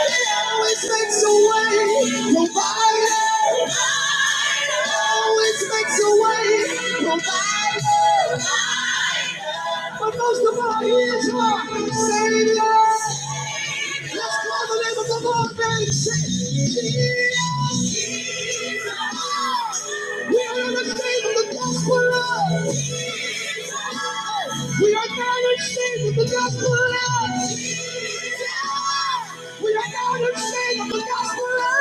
He always makes a way. Provider. Always makes a way. Provider. But most of all, he is our Savior. Let's call the name of the Lord and say, Jesus. We are not ashamed of the gospel. of love. We are not ashamed of the gospel. of love. We are not ashamed of the gospel. of love.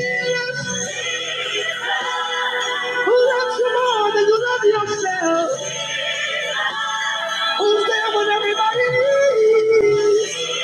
Jesus, Who loves you more than you love yourself? Who's there when everybody needs?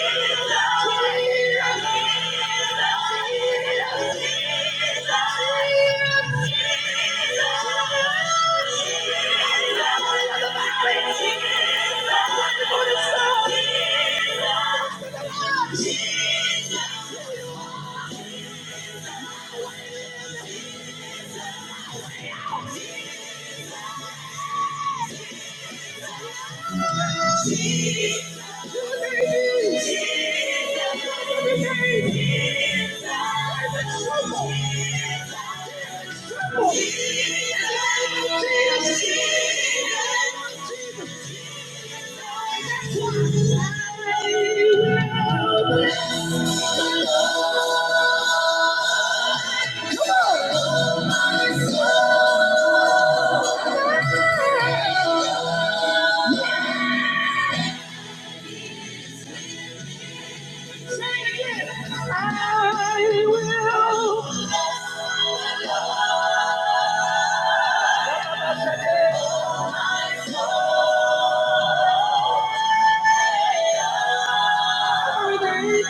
I will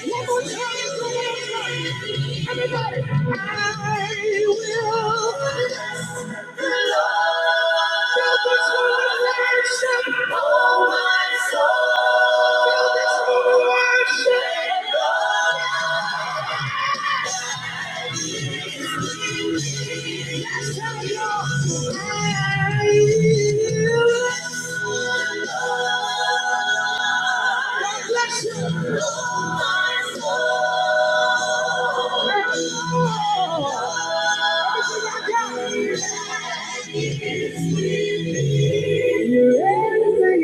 Everybody, I will bless the Lord. Fill this room with worship, oh my soul. Fill this room with worship. That's how you are. I will bless the Lord. God bless you. Oh my soul. Everything to you, everything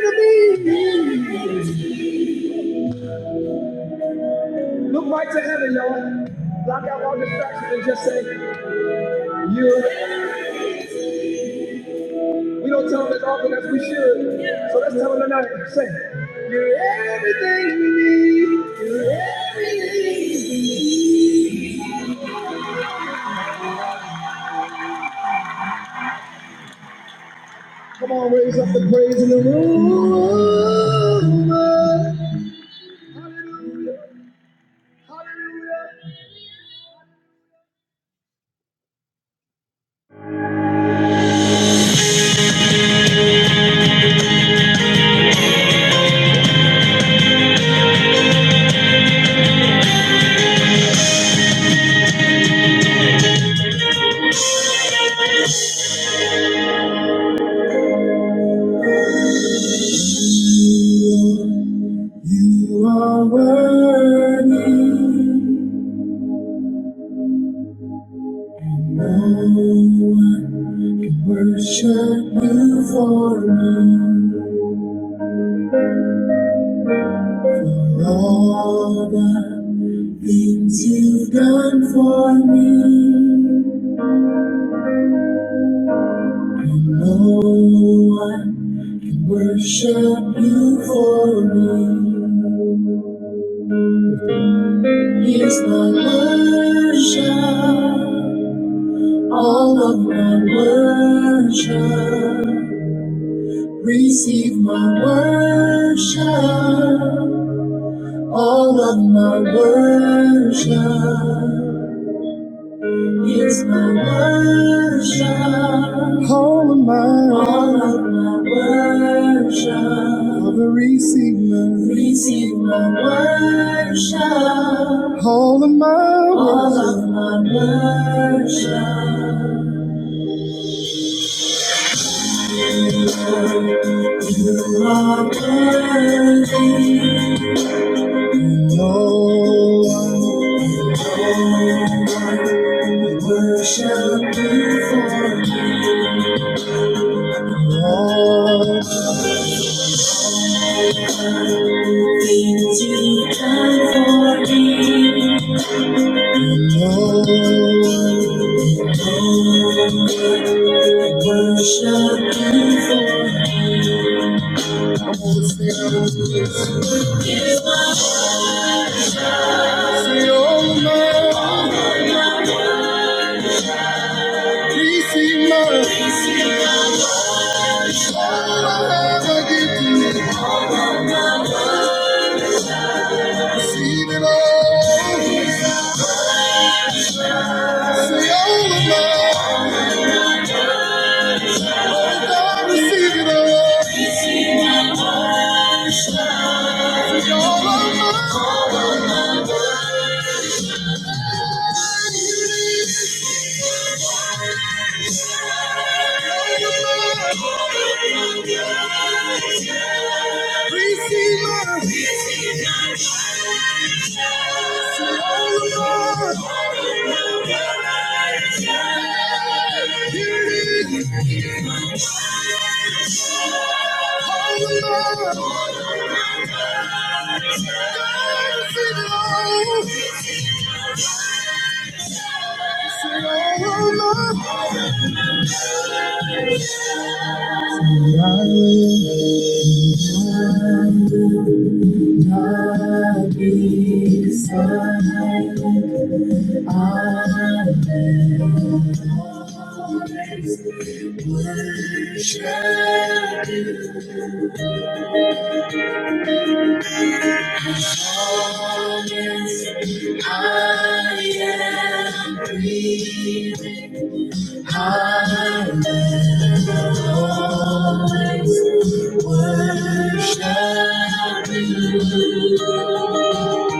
to me. Look right to heaven, y'all. Block out all distractions and just say, You. We don't tell them as often as we should. So let's tell them tonight. Say, you're everything we need. You're everything. Let the praise in the room. You are worthy. Oh, I worship you for me. For all the things you've done for me. No one can worship you for me. Here's my worship, all of my worship. Receive my worship. Worship. Here's my worship, all of my worship. receive, receive worship, all of my all of my worship. Thank you for- Come on, sing out, sing all of my We see mercy. I'll Never get to me. Receive it all. Say all of mine. Oh, God, receive it all. Say all of mine. Please see mercy. All of mine. Oh, God, receive it all. Say all of mine.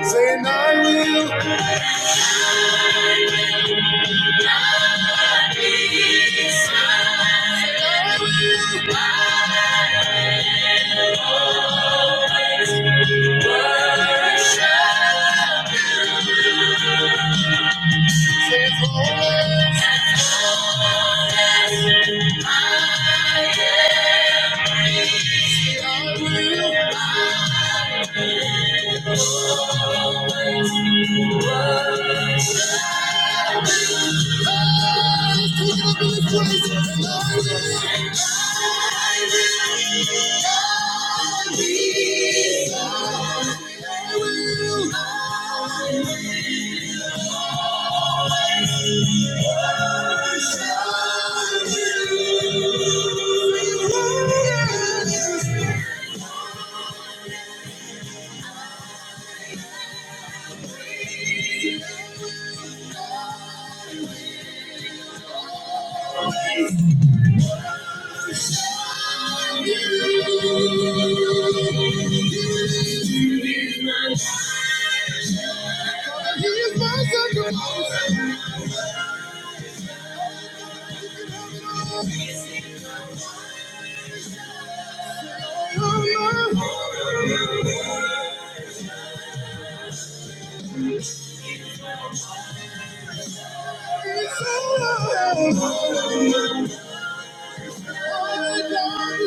Saying I will,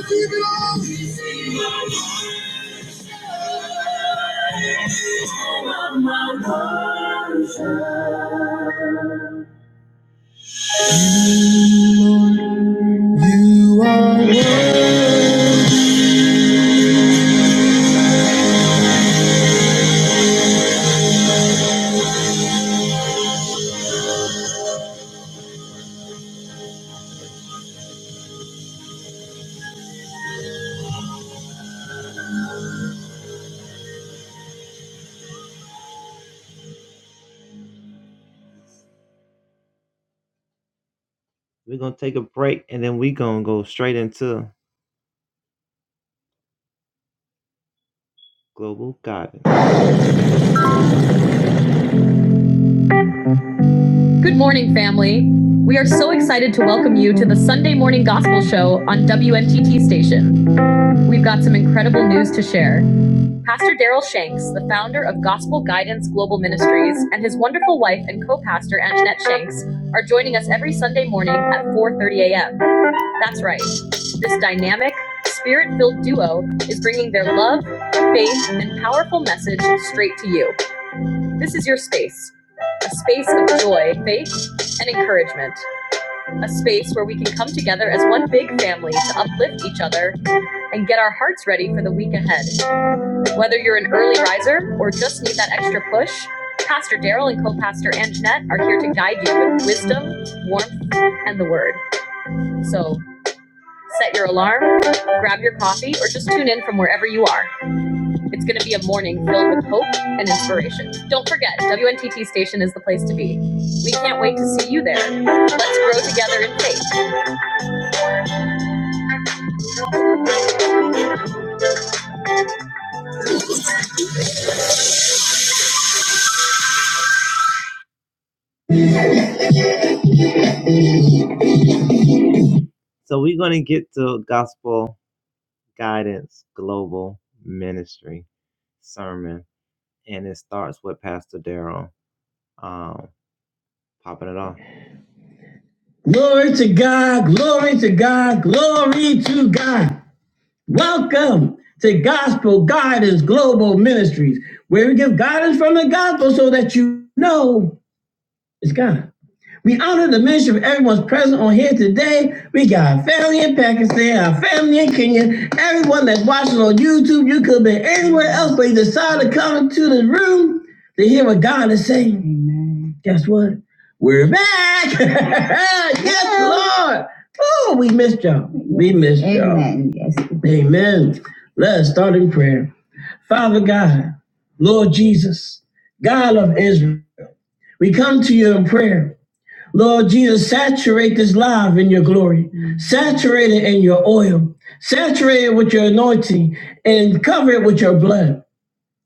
Keep it on. We're going to take a break and then we're going to go straight into Global Guidance. Good morning, family. We are so excited to welcome you to the Sunday Morning Gospel Show on WMTT Station. We've got some incredible news to share. Pastor Daryl Shanks, the founder of Gospel Guidance Global Ministries, and his wonderful wife and co-pastor Anjanette Shanks are joining us every Sunday morning at 4:30 a.m. That's right. This dynamic, spirit-filled duo is bringing their love, faith, and powerful message straight to you. This is your space, a space of joy, faith, and encouragement, a space where we can come together as one big family to uplift each other and get our hearts ready for the week ahead. Whether you're an early riser or just need that extra push, Pastor Daryl and co-pastor Anjanette are here to guide you with wisdom, warmth, and the word. So set your alarm, grab your coffee, or just tune in from wherever you are. It's going to be a morning filled with hope and inspiration. Don't forget, WNTT Station is the place to be. We can't wait to see you there. Let's grow together in faith. So, we're going to get to Gospel Guidance Global Ministry sermon, and it starts with Pastor Daryl um, popping it off. Glory to God, glory to God, glory to God. Welcome to Gospel Guidance Global Ministries, where we give guidance from the gospel so that you know it's God. We honor the ministry of everyone's present on here today. We got our family in Pakistan, our family in Kenya, everyone that's watching on YouTube. You could be anywhere else, but you decided to come into the room to hear what God is saying. Amen. Guess what? We're back. Lord. Oh, we missed y'all. We missed y'all. Amen. Yes. Amen. Let's start in prayer. Father God, Lord Jesus, God of Israel, we come to you in prayer. Lord Jesus, saturate this live in your glory. Saturate it in your oil. Saturate it with your anointing and cover it with your blood.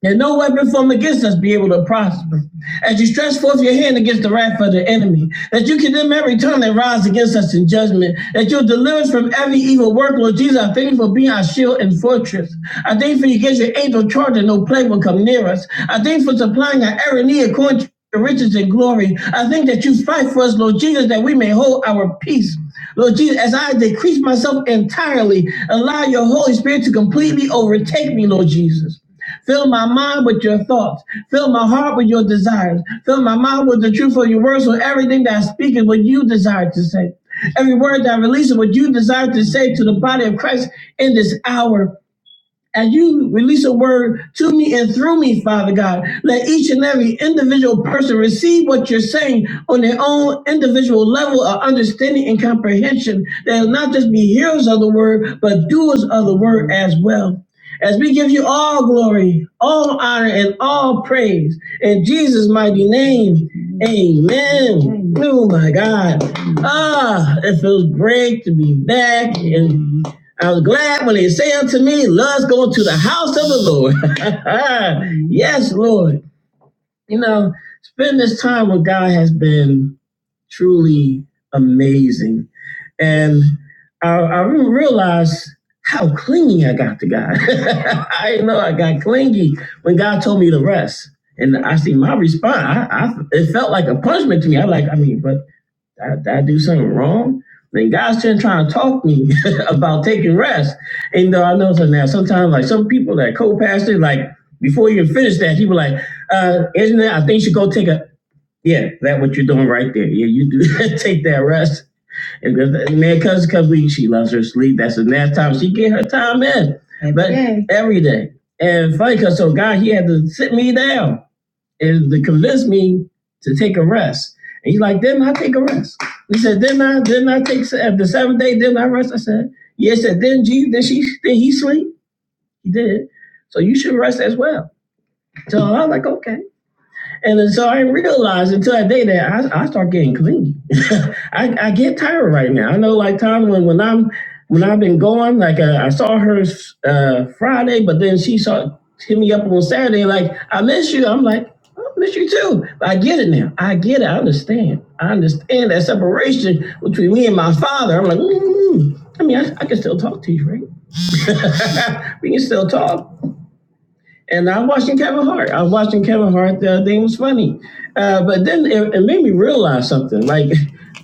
That no weapon formed against us be able to prosper. As you stretch forth your hand against the wrath of the enemy, that you condemn every tongue that rises against us in judgment, that you'll deliver us from every evil work. Lord Jesus, I thank you for being our shield and fortress. I thank you for you gave your angel charge and no plumb near us. I thank you for supplying our every need according to your glory. I thank that you fight for us, Lord Jesus, that we may hold our peace. Lord Jesus, as I decrease myself entirely, allow your Holy Spirit to completely overtake me, Lord Jesus. Fill my mind with your thoughts. Fill my heart with your desires. Fill my mind with the truth of your words, so everything that I speak is what you desire to say. Every word that I release is what you desire to bring this hour, child. Let each individual person receive what they on their own understanding and comprehension they'll not just be hearers of the word but doers of the word as well as we give you all glory all honor and all praise in jesus mighty name amen oh my god ah it feels great to be back and I was glad when they say unto me, Let's go to the house of the Lord. Ah, Lord, now, been this truly amazing. And I, I realized how clingy I got to God. I didn't know I got clingy when God told me to rest. And I see my response. I, I it felt like a punishment to me. I like, I mean, but did I, I do something wrong? Then God's still trying to talk to me about taking rest. And though I know now, sometimes like some people that co-pastor, like before you finish that, he was like, uh, it's one right there. Yeah, you do take that rest. If, if, man, cause cause we she loves her sleep. That's the last time she get her time in. Every but day. every day. And funny cause so God he had to sit me down and to convince me to take a rest. And he's like, didn't I take a rest? He said, didn't I didn't I take se- the seventh day, didn't I rest? I said, Yes, yeah, He said, didn't you did she did he sleep? He did. So you should rest as well. I didn't realize until that day that I, I start getting clingy. I, I right When I've been going, like uh, I saw her uh, Friday, but then she saw hit me up on Saturday, like I miss you. I'm like I miss you too. But I get it now. I get it. I understand. I understand that separation between me and my father. I'm like, mm I mean, I, I can still talk to you, right? We can still talk. And I'm watching Kevin Hart. I was watching Kevin Hart. The thing was funny. Uh, but then it, it realize something. Like,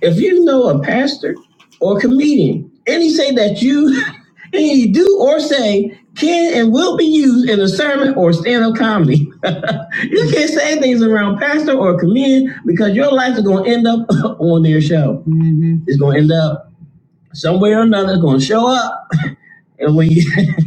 if you know a pastor or a comedian, and he say that you, and you do or say can and will be used in a sermon or stand-up comedy, you can't say things around pastor or a comedian because your life is going to end up on their show. It's going to end up somewhere or another. It's going to show and when you,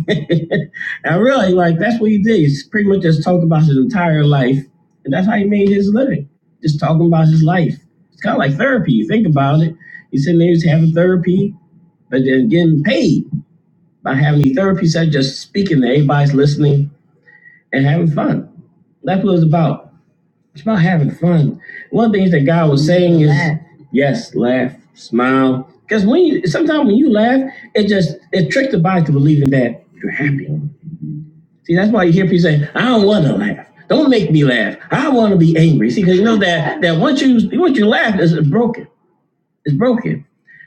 I really like that's what he did. He's pretty much just talked about his entire life, and that's how he made his living. Just talking about his life. It's kind of like therapy. You think about it. He's sitting there, he's having therapy, but then getting paid by having these therapy instead just speaking to everybody's listening and having fun. That's what it's about. It's about having fun. One of the things that God was saying is Laugh. yes, laugh, smile. Because when you sometimes when you laugh, it just it tricks the body to believing that you're happy. See, that's why you hear people saying, "I don't want to laugh. Don't make me laugh. I want to be angry." See, because you know that that once you once you laugh, it's broken. It's broken.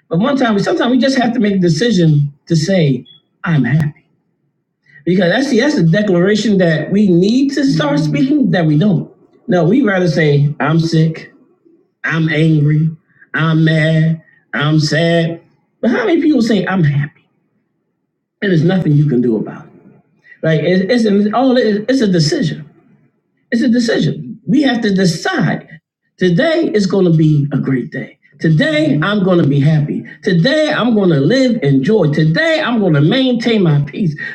But one time, sometimes we just have to make a decision to say, "I'm happy," because that's the that's the declaration that we need to start speaking that we don't. No, we rather say, I'm sick, you can do about it. It's a decision. Side. Today is gonna be a great day. Today I'm gonna today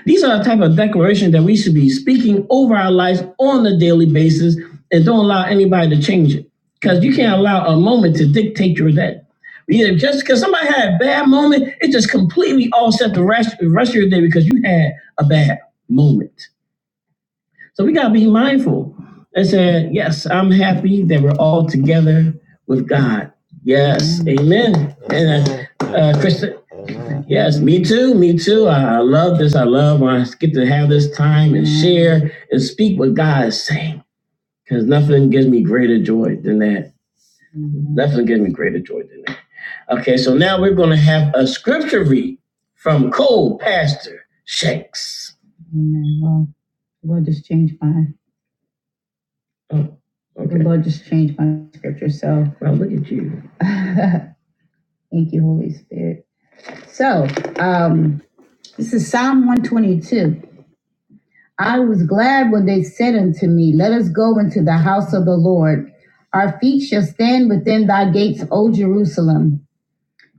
These are the type of declaration that we should be speaking over our lives on a daily basis and don't allow anybody to change it. Because you can't allow a moment to dictate your day. Either just because somebody had a bad moment, it just completely offset the rest, the rest of your day because you had a bad moment. You gotta be mindful. I said, yes, I'm Heather. Yes, and uh, uh, Chris. Yes, me too. Me too. I, I love this. I love. I'm speak with God. Amen. Well, we'll just change my Okay. The Okay. Lord just changed my scripture, so Well, Thank you, Holy Spirit. So, um, this is Psalm 122. I was glad when they said unto me, Let us go into the house of the Lord. Our feet shall stand within thy gates, O Jerusalem.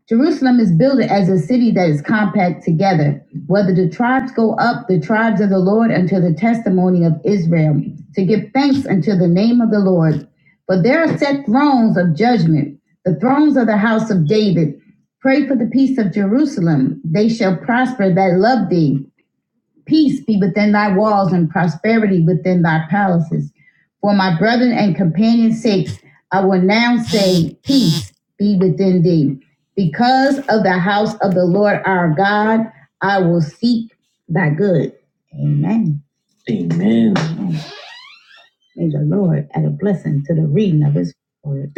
Jerusalem is builded as a city that is compact together. Whether the tribes go up, the tribes of the Lord, unto the testimony of Israel, to give thanks unto the name of the Lord. For there are set thrones of judgment, the thrones of the house of David. Pray for the peace of Jerusalem. They shall prosper that love thee. Peace be within thy walls and prosperity within thy palaces. For my brethren and companions' sakes, I will now say, Peace be within thee. Because of the house of the Lord our God, I will seek thy good. Amen. May the Lord add a blessing to the reading of his word.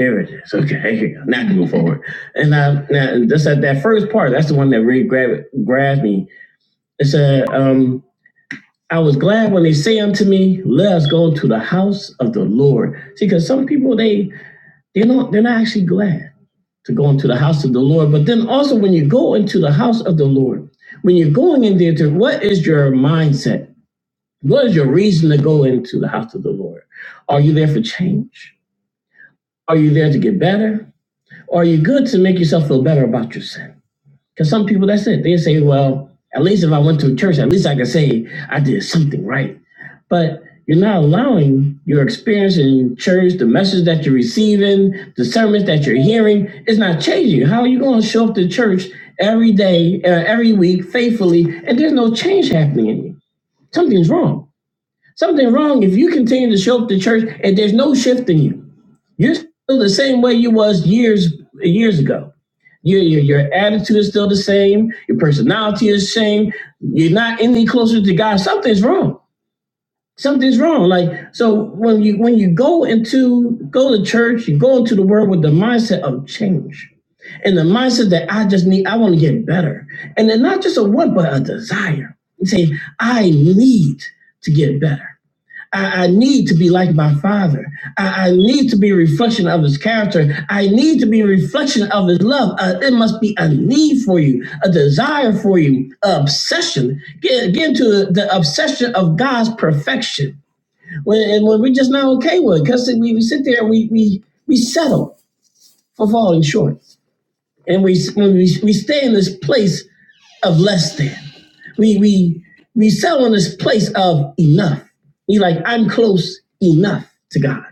You know, they're not actually glad to go into the house of the Lord, but then you go into the house of the Lord. When you're going in there, what is your mindset? What is your reason to go into the house of the Lord? Are you good to make yourself feel better about? it? Because something is something, but you're not allowing your experience in church, the message that you're receiving, the sermons that you're hearing, it's not changing. How are you going to show up to church every day, uh, every week, faithfully, and there's no change happening in you? Something's wrong. Something wrong if you continue to show up to church and there's no shift in you. You're still the same way you was years years ago. Your, your, your attitude is still the same. Your personality is the same. You're not any closer to God. Something's wrong. It's wrong. Like, so go to, and I just need, I want to get better. And then not just a want, but a desire. You say, I need to get better. I, I need to be like my father. I, I need to be a reflection of his character. I need to be a reflection of his love. Uh, it must be a need for you, a desire for you, a obsession. Get, get into the obsession of God's perfection And, and when we're just not okay with, because we, we sit there and we, we, we settle. We stay in this place of less than. We, we, we settle in this place of enough. We like, I'm close enough to God.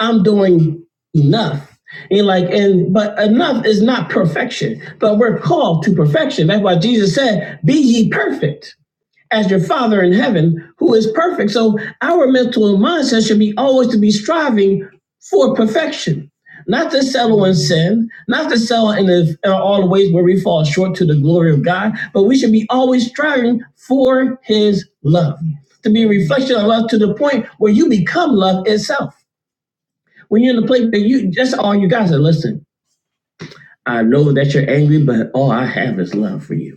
I'm doing enough. And like, and but enough is not perfection, but we're called to perfection. That's why Jesus said, Be ye perfect as your Father in heaven, who is perfect. So our mental and mindset should be always to be striving in sin, not to excel in, the, in all the ways where we fall short to the glory of God, but we should be always striving for His love, to be a reflection of love to the point where you become love itself. I know that you're angry, but all I have is love for you.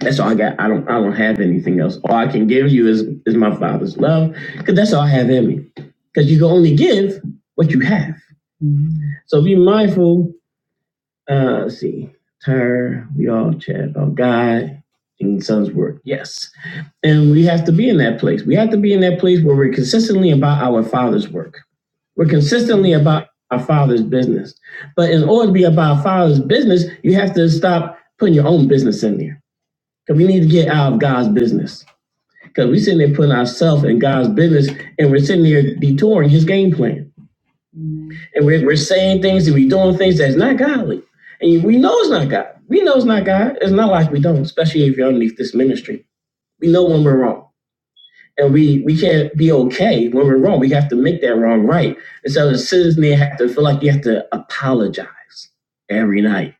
That's all I got. I don't. I don't have anything else. All I can give you is is my Father's love, because that's all I have in me. Because you can only give what you have. So be mindful. Uh, let's see. We all chat about God and Son's work. Yes. and. be in that place. We have to be in that place consistently about our father's business. In order to be his business, you have to stop putting your own business in there. Because we need to get out of God's business. Because we're sitting there putting ourselves in God's business and we're sitting there detouring his game plan. And we're, we're saying things and we're doing things that's not godly. And we know it's not God. We know it's not God. It's not like we don't, especially if you're underneath this ministry. We know when we're wrong. And we, we can't be okay when we're wrong. We have to make that wrong right. And so as citizens, you have to feel like you have to apologize every night.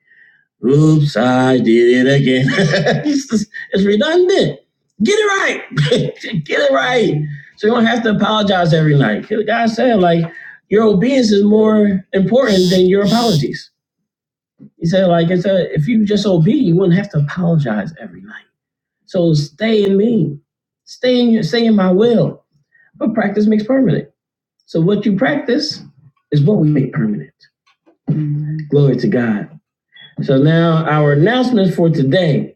Oops, I did it again. it's, just- it's redundant. Get it right. Get it right. So you don't have to apologize every night. God said, like, your obedience is more important than your apologies. He said, like, it's a, if you just obey, you wouldn't have to apologize every night. So stay in me. Stay in, stay in my will but practice makes permanent. So what you practice is what we make permanent. Glory to God. So now our announcements for today.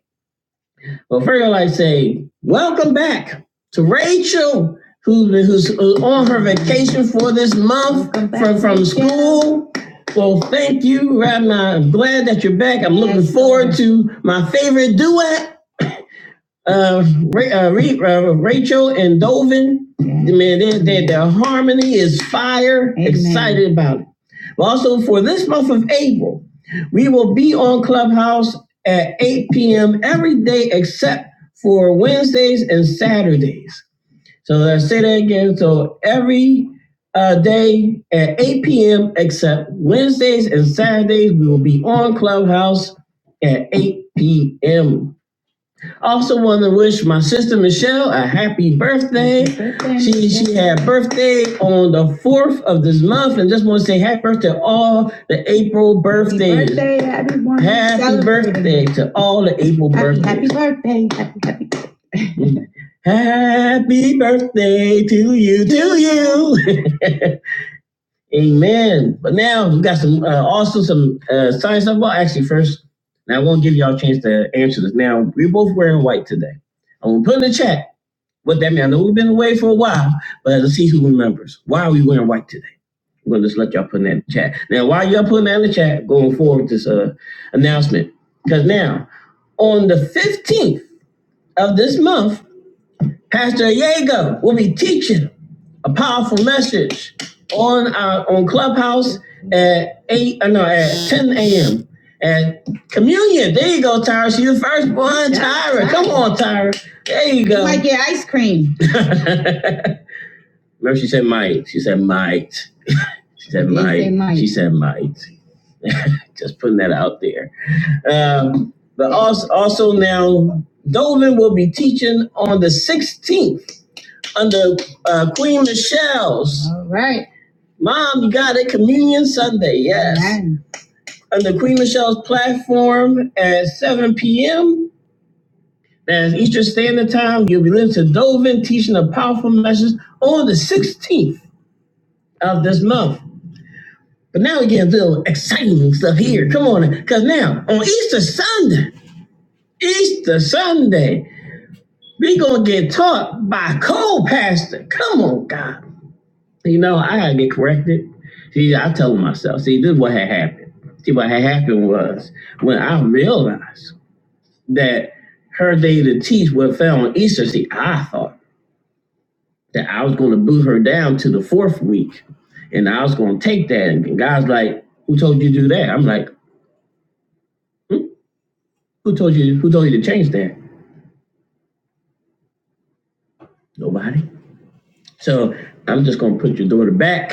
Well, first I'd like to say welcome back to Rachel, who, who's on her vacation for this month from, from school. Well, thank you. Rabbi. I'm uh, glad that you're back. I'm looking Yes, forward to my favorite duet, uh, uh, Rachel and Dovin. Man, they, they, they, he is fire, Amen. excited about it. Also, my We will be on Clubhouse at 8 p.m. every day except for Wednesdays and Saturdays. So let's say that again. So every uh, day at 8 p.m. except Wednesdays and Saturdays, we will be on Clubhouse at 8 p.m. I Also, want to wish my sister Michelle a happy birthday. Happy birthday. She just wants to say happy birthday to all the April birthdays. Happy birthday, everyone. Happy birthday, all the April Happy- birthdays. Happy birthday. Happy, happy Happy birthday to you, to you. Amen. But now we got some, uh, also some uh, science stuff. Well, actually, first, now I won't give y'all a chance to answer this. Now, we're both wearing white today. I'm going to put in the chat what that means. I know we've been away for a while, but let's see who remembers. Why are we wearing white today? I'm going to just let y'all put in the chat. Now, while y'all putting that in the chat, going forward with this uh, announcement, because now on the 15th of this month, Pastor Yeager will be teaching a powerful message on our on Clubhouse at eight. Uh, no, at ten a.m. And yeah, they first one Tyra. Come on, Tyra. There you go. You Might get ice cream. Remember, she said might. She said might. She said might. She might. She said might. Just putting that out there. Um, but also, also now, Dovin will be teaching on the 16th under uh, Queen Michelle's. All right. Mom, you got it. Communion Sunday. Yes. on the Queen Michelle's platform at 7 p.m. to Sunday. We gonna get taught by co-pastor. Come on, God. You know, I gotta get corrected. See, I tell myself, see, this is what had happened. See, what had happened was when I realized that her day to teach what fell on Easter, see, I thought that I was gonna boot her down to the fourth week. And I was gonna take that. And God's like, who told you to do that? I'm like, hmm? who told you who told you to change that? Nobody. So I'm just gonna put your daughter back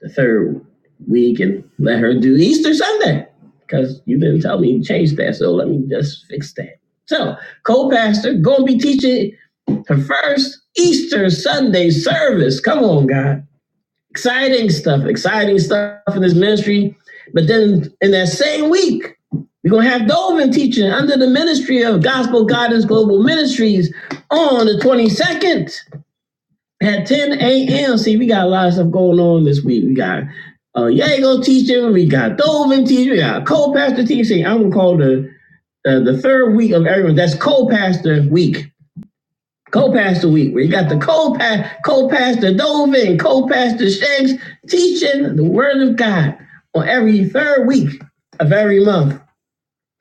the third week and let her do Easter Sunday. Because you didn't tell me you changed that, so let me just fix that. So, co-pastor, gonna be teaching first Easter Sunday service. Come on, God. I'm excited for this ministry. But then in that same week, we're gonna have Dovin teaching under the ministry of Gospel Guidance Global Ministries on the 22nd. at 10 a.m. See, we got a lot of stuff going on this week. We got uh Yago teaching, we got Dovin teaching, we got a co-pastor teaching. Uh, The third week of everyone, that's co-pastor week. Week we got the co-pastor, co-pastor Dovin, co-pastor Shanks teaching the word of God on every third week of every month.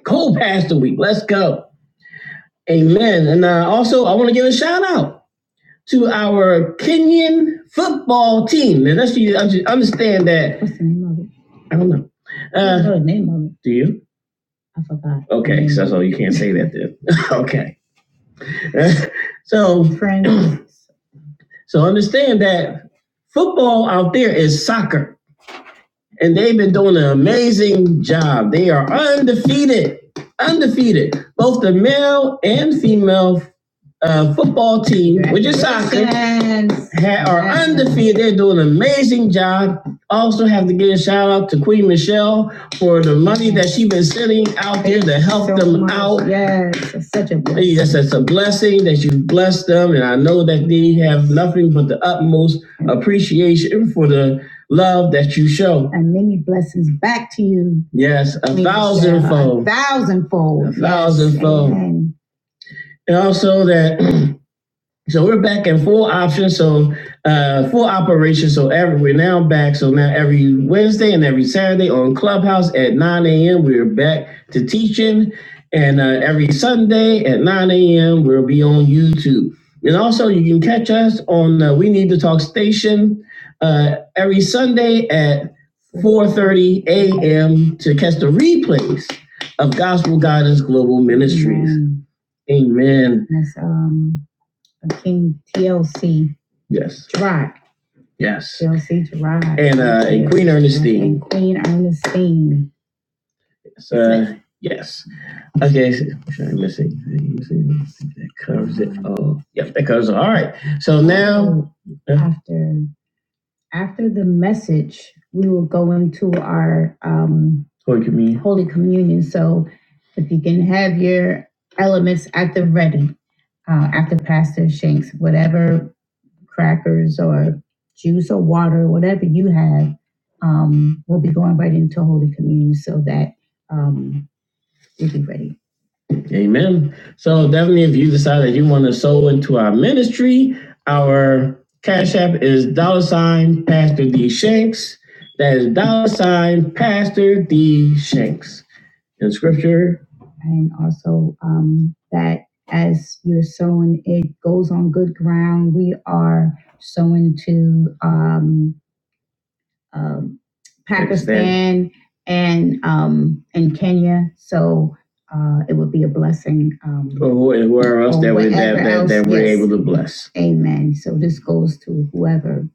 Co-pastor week. Let's go. Amen. And uh, also I want to give a shout out to our Kenyan team. Now, let's you understand that Uh, know the name of it. do you? I forgot. Okay, so, so you can't say that then. okay. So Friends. so understand that football out there is soccer. and they've been doing an amazing job. They are undefeated, undefeated, both the male and female uh, football team, which is soccer, ha- are undefeated. They're doing an amazing job. Also, have to give a shout out to Queen Michelle for the money that she's been sending out there to help so them much. out. Yes, it's such Hey, Yes, that's a blessing that you blessed them, and I know that they have nothing but the utmost appreciation for the love that you show. and many blessings back to you. Yes, a thousandfold. A thousandfold. A thousandfold. Yes, And also that So we're back in full option, so uh full operation. So every we're now back. So now every Wednesday and every Saturday on Clubhouse at 9 a.m. We're back to teaching. And uh, every Sunday at 9 a.m. we'll be on YouTube. And also you can catch us on uh, We Need to Talk Station uh every Sunday at 4:30 a.m. of Venice Global Ministries. Amen. Amen. That's um, King TLC Yes. Drive. Yes. Chelsea Gerard. And, uh, and Queen Ernestine. And Queen Ernestine. So yes. Okay. So, should I miss anything? Miss anything? That covers it all. Yep, that covers it. All All right. So now, So after after the message, we will go into our um, Holy Communion. Holy Communion. So if you can have your elements at the ready uh, after Pastor Shanks, whatever crackers or juice or water, whatever you have, um, we'll be going right into Holy Communion so that um, we'll be ready. Amen. So definitely, if you decide that you want to sow into our ministry, our cash that in Scripture, and also um, that as you're sowing, it goes on good ground. We are sowing to. Um, um, Pakistan and um, and Kenya. So uh, it would be a blessing. Um, Or whoever else Or that we that that, that else, we're yes. able to bless. amen. So this goes to whoever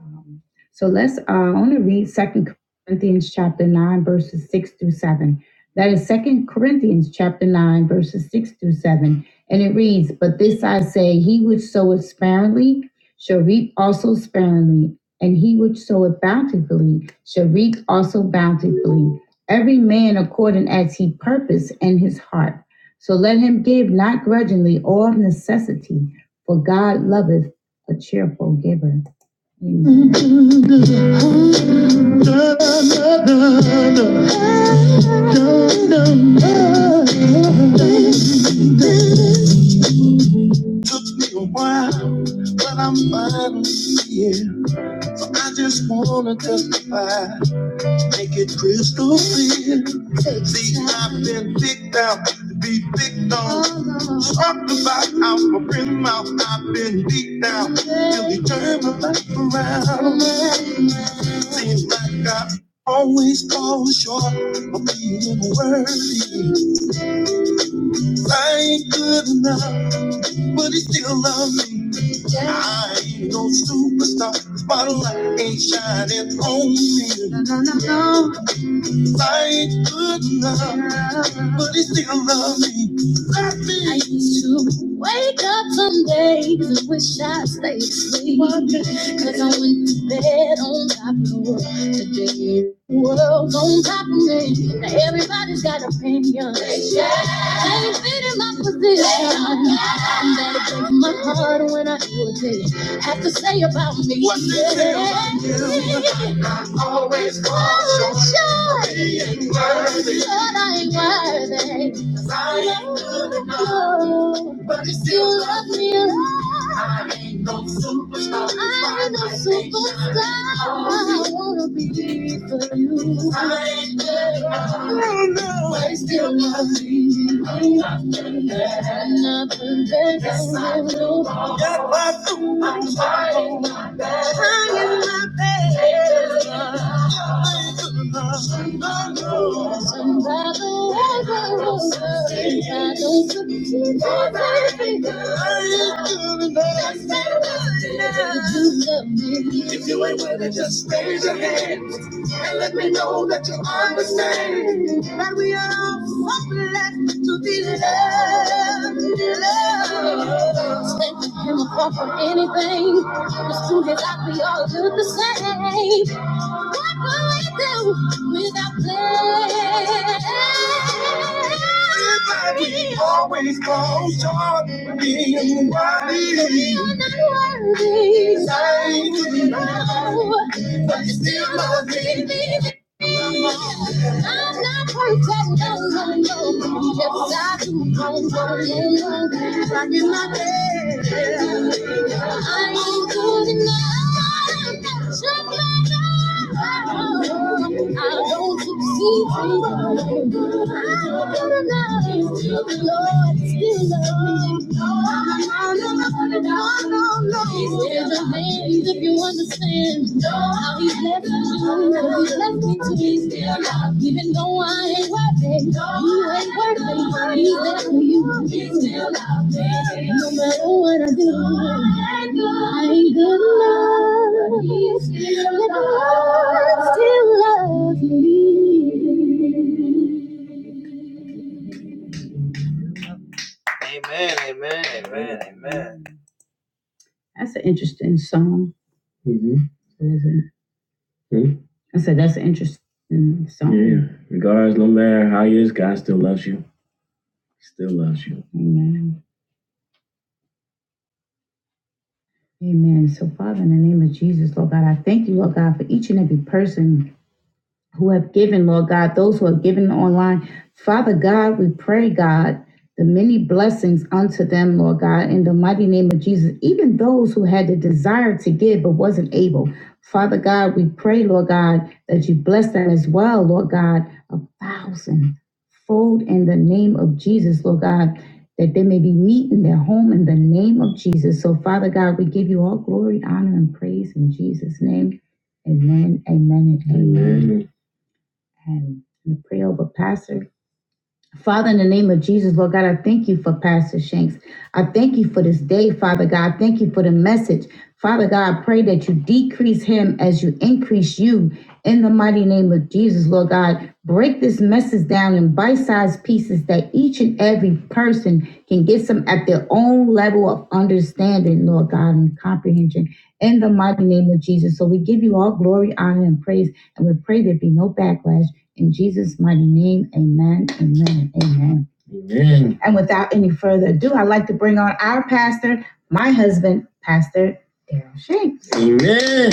um, So let's, uh, I want to read Second Corinthians chapter nine, verses six through seven. That is Second Corinthians chapter nine, verses six through seven. And it reads, But this I say, he which soweth sparingly shall reap also sparingly, and he which soweth bountifully shall reap also bountifully. Every man according as he purpose in his heart. So let him give not grudgingly or of necessity, for God loveth a cheerful giver. Amen. It Took me a while, but I'm finally here. I just wanna testify, make it crystal clear. See, I've been picked out to be picked on. Talked about out my rim mouth, I've been beat down till he turned my life around. Seems like I always fall short of being worthy. I ain't good enough, but he still loves me. I ain't no superstar. Spotlight ain't shining on me. No, no, no, no. I ain't good enough but he still loves me. Love me. I used to wake up some days and wish I stayed asleep. Cause I went to bed on top of the world today. the World's on top of me. Now everybody's got opinions. They ain't fitting my position. I'm better break my heart when I hear what they have to say about me. What they say about you. Always falling short. Short. But I ain't worthy. I know You love me a lot. I'm a superstar. I wanna be for you. I still love I'm trying my best. Trying my best. enough. Somebody knows. Somebody knows. Somebody knows. Somebody knows. I ain't good enough. Just ain't good enough. If you ain't with it, just raise your hand. and let me know know that you understand that we are all so blessed to be loved. Loved. Stay with him or fall from anything. It's true that like we all look the same. What will we do without love? Everybody always calls God being worthy. We are not worthy. Thank you. No, but you still love me. I'm not perfect, no, no, no. Yes, I do wrong, wrong, wrong, wrong. Trying my best. I ain't good enough. Shut my door. I don't succeed. I'm good enough. The Lord still loves me. No, no, no, no, no, no, no. He's still the man if you understand how he left you, how he left me to me still. Even though I ain't worth it, you ain't worth it. He's there for you. he still loved me. No matter what I do, I ain't good enough. But God still loves me. That's an interesting song. Mm-hmm. I said that's an interesting song. Yeah. Amen. Amen. So, Father, in the name of Jesus, Lord God, I thank you, Lord God, for each and every person who have given, Lord God, those who are given online. Father God, we pray, God, the many blessings unto them, Lord God, in the mighty name of Jesus, even those who had the desire to give but wasn't able. Father God, we pray, Lord God, that you bless them as well, Lord God, a thousandfold in the name of Jesus, Lord God, that they may be meet in their home in the name of Jesus. So, Father God, we give you all glory, honor, and praise in Jesus' name. Amen, amen, and amen. And we pray over Pastor. Father, in the name of Jesus, Lord God, I thank you for Pastor Shanks. I thank you for this day, Father God. I Thank you for the message. Father God, I pray that you decrease him as you increase you in the mighty name of Jesus, Lord God. Break this message down in bite sized pieces that each and every person can get some at their own level of understanding, Lord God, and comprehension in the mighty name of Jesus. So we give you all glory, honor, and praise, and we pray there be no backlash. In Jesus' mighty name, amen, amen, amen. Amen. And without any further ado, I'd like to bring on our pastor, my husband, Pastor Daryl Shanks. Amen,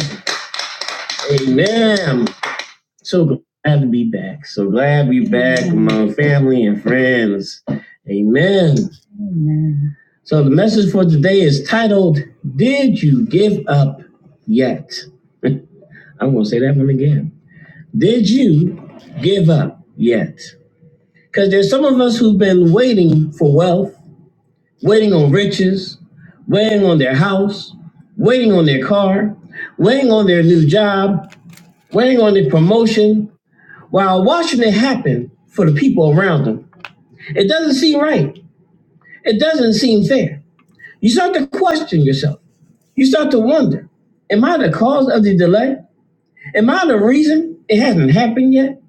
amen. So glad to be back. So glad we back among family and friends. Amen. Amen. So the message for today is titled, Did You Give Up Yet? I'm going to say that one again. Did you give up yet? Because there's some of us who've been waiting for wealth, waiting on riches, waiting on their house, waiting on their car, waiting on their new job, waiting on their promotion, while watching it happen for the people around them. It doesn't seem right. It doesn't seem fair. You start to question yourself. You start to wonder Am I the cause of the delay? Am I the reason it hasn't happened yet?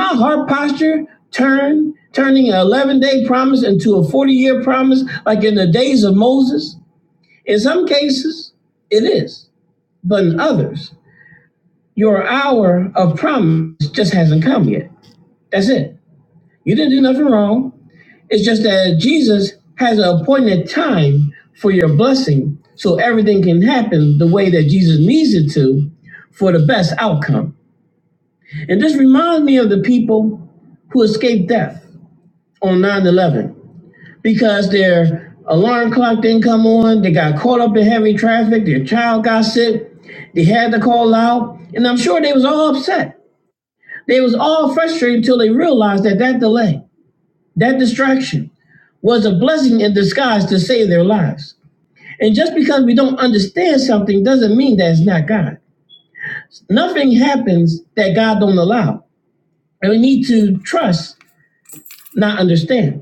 My heart posture turned into a 40 year promise like in the days of Moses. In some cases, it is. But in others, your hour of is yet. That's it. You didn't do nothing wrong. That Jesus hasn't appointed happen the way that Jesus needs it to for the best outcome. And this reminds me of the people who escaped death on 9 11 because their alarm clock didn't come on, they got caught up in heavy traffic, their child got sick, they had to call out, and I'm sure they was all upset. They was all frustrated until they realized that that delay, that distraction, and that's to save their lives. And just because we don't understand something doesn't mean that it's not God. Nothing happens that God don't allow. And we need to trust, not understand.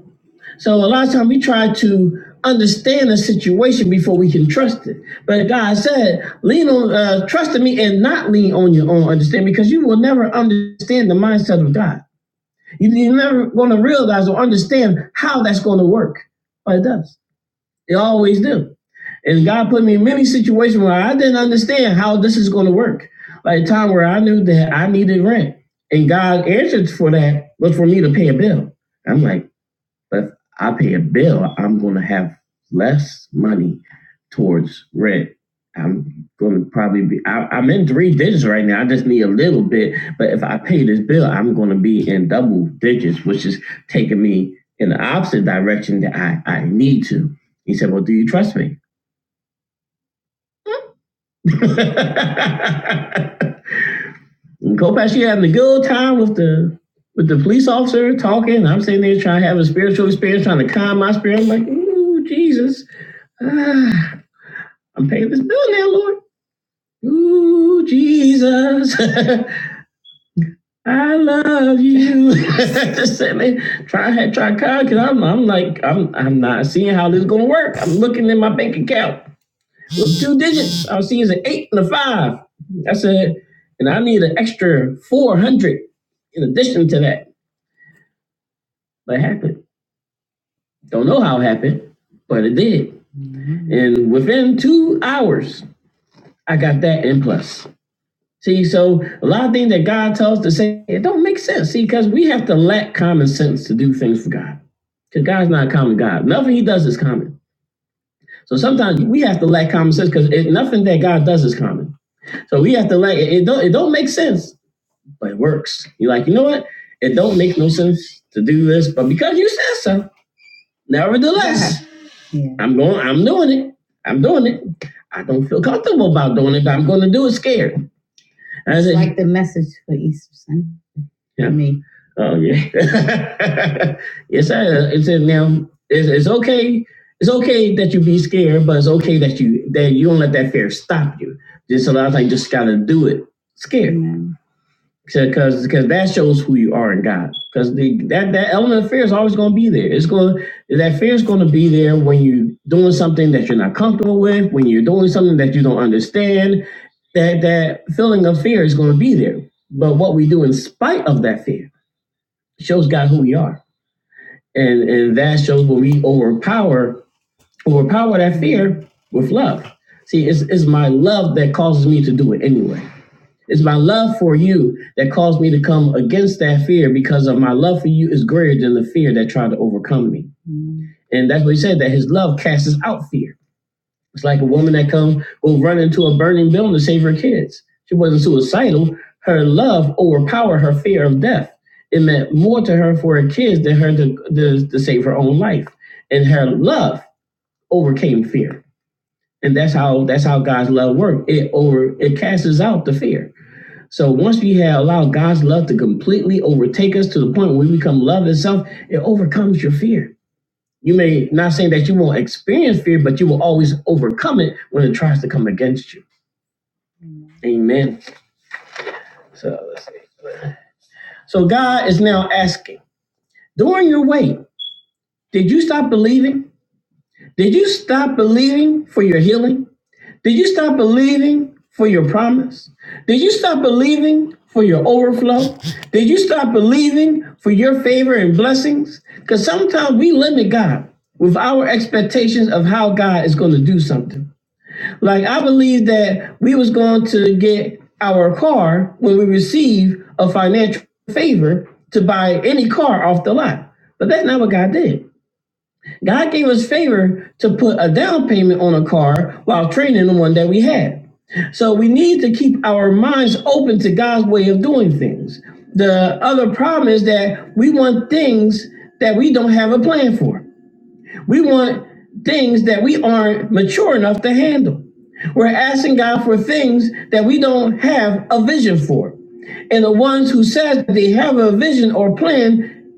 So a lot of times we try to understand a situation before we can trust it. But God said, lean on, uh, trust in me and not lean on your own understanding because you will never understand the mindset of God. You, you never understand how that's going to work. But it does. It always do. And God put me in many situations where I didn't understand how this is going to work. Like a time where I knew that I needed rent and God answered for that was for me to pay a bill. I'm like, but if I pay a bill, I'm going to have less money towards rent. I'm going to probably be, I, I'm in three digits right now. I just need a little bit. But if I pay this bill, I'm going to be in double digits, which is taking me in the opposite direction that I, I need to. He said, Well, do you trust me? Kopash, you having a good time with the with the police officer talking. I'm sitting there trying to have a spiritual experience, trying to calm my spirit. I'm like, ooh, Jesus. Ah, I'm paying this bill now, Lord. Ooh, Jesus. I love you. Just Sitting there trying try to calm because I'm, I'm like, I'm I'm not seeing how this is gonna work. I'm looking in my bank account with two digits. I'll see is an eight and a five. I said, and I need an extra four hundred in addition to that. What happened? Don't know how it happened, but it did. And within two hours, I got that and plus. See, so a lot of things that God tells us to say, it don't make sense. See, because we have to lack common sense to do things for God. Because God's not a common God. Nothing he does is common. So sometimes we have to lack common sense because nothing that God does is common. So we have to lack it, it don't it don't make sense, but it works. You're like, you know what? It don't make no sense to do this, but because you said so, nevertheless. I'm going, I'm doing it. I'm doing it. I don't feel comfortable about doing it, but I'm going to do it scared. It's said, like the message for Easter Sunday. Yeah. For Me. Oh, yeah. yes, I, it says now, it's, it's okay. It's okay that you be scared, but it's okay that you that you don't let that fear stop you. Just a lot of times, you just gotta do it scared. Yeah. Because because that shows who you are in God. Because the that that element of fear is always going to be there. It's going that fear is going to be there when you're doing something that you're not comfortable with, when you're doing something that you don't understand. That that feeling of fear is going to be there. But what we do in spite of that fear shows God who we are, and and that shows when we overpower overpower that fear with love. See, it's it's my love that causes me to do it anyway. It's my love for you that caused me to come against that fear because of my love for you is greater than the fear that tried to overcome me. Mm-hmm. And that's what he said, that his love casts out fear. It's like a woman that come will run into a burning building to save her kids. She wasn't suicidal. Her love overpowered her fear of death. It meant more to her for her kids than her to, to, to save her own life. And her love overcame fear. And that's how that's how God's love works. It over it casts out the fear. So once we have allowed God's love to completely overtake us to the point where we become love itself, it overcomes your fear. You may not say that you experience fear, but you will always overcome it when it tries you. Amen. So let's see. So God is now asking, during your wait, did you stop believing? Did you stop believing for your healing? Did you stop believing for your promise? Did you stop believing for your overflow? Did you stop believing for your blessings? Because sometimes we limit God with our expectations of how God is going to do something. Like I believe that we was going to get our car with favor to buy any car off the lot. But that did. A down payment on a car while trading the one that we had. So we open to God things. The other problem is that we want things that we don't have a plan for. We want things that we aren't mature enough to handle. We're asking God for things that we don't have a vision for. And the ones who says they have a vision or plan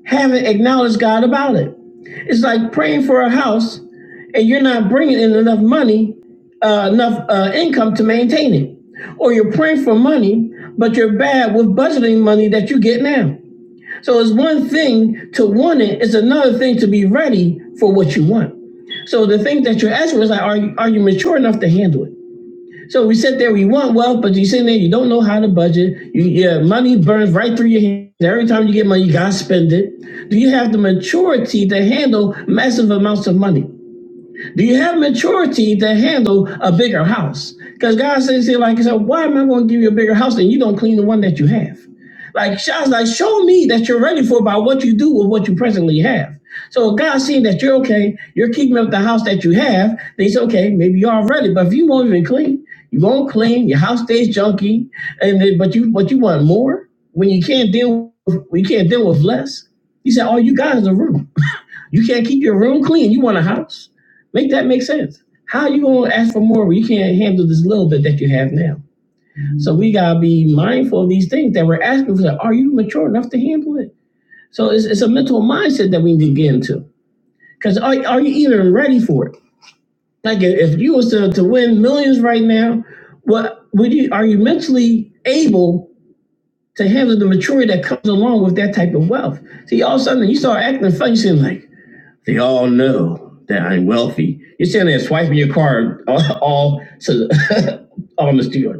haven't acknowledged God about it. It's like praying for a house and you're not bringing in enough money, uh, enough uh, income to maintain it. You're praying for money, but you're bad with budgeting money that you get now. So it's one thing to want it, it's another thing to be ready for what you want. So the thing that you're asking was like, are you poor enough to handle it? So we sit there, we want wealth, yeah, money, do you have maturity to handle massive amounts of money? Do you have maturity to handle a bigger house? Because God says here, like I said, why am I going to give you a bigger house and you don't that you have. Like Shaw's like, show me that you're ready for by what you do with what you presently have. So God seeing that you're okay, you're keeping up the house that you have, then he's okay, maybe you are ready. But if you won't even clean, you won't clean, your house stays junky, and then, but you but you want more when you can't deal with when you can't deal with less. He said, All you got is a room. You can't keep your room clean. You want a house? Make that make sense. How are you gonna ask for more when you can't handle this little bit that you have now? So we gotta be mindful of these things that we're asking for. Are you mature enough to handle it? So it's, it's a mindset that we need to get into. Because are, are you even ready for it? If you was to, to win millions right now, what we, to handle the maturity that comes along with that type of wealth? See, all of a sudden you start acting funny, you seem like they all know that I'm wealthy. You're sitting there swiping your card all, all, so, all on the street.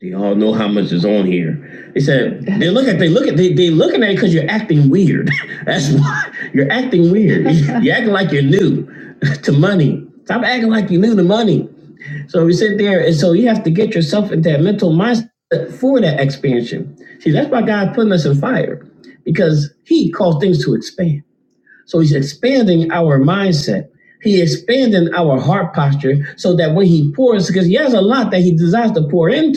They all know how much is on here. They said they look at they look at they they looking at it because you're acting weird. That's why you're acting weird. You're acting like you're new to money. Stop acting like you new to money. So we sit there, and so yeah, putting us in fire because he thinks to expand in posture so that when he pours, because he has a lot that he desires to pour in,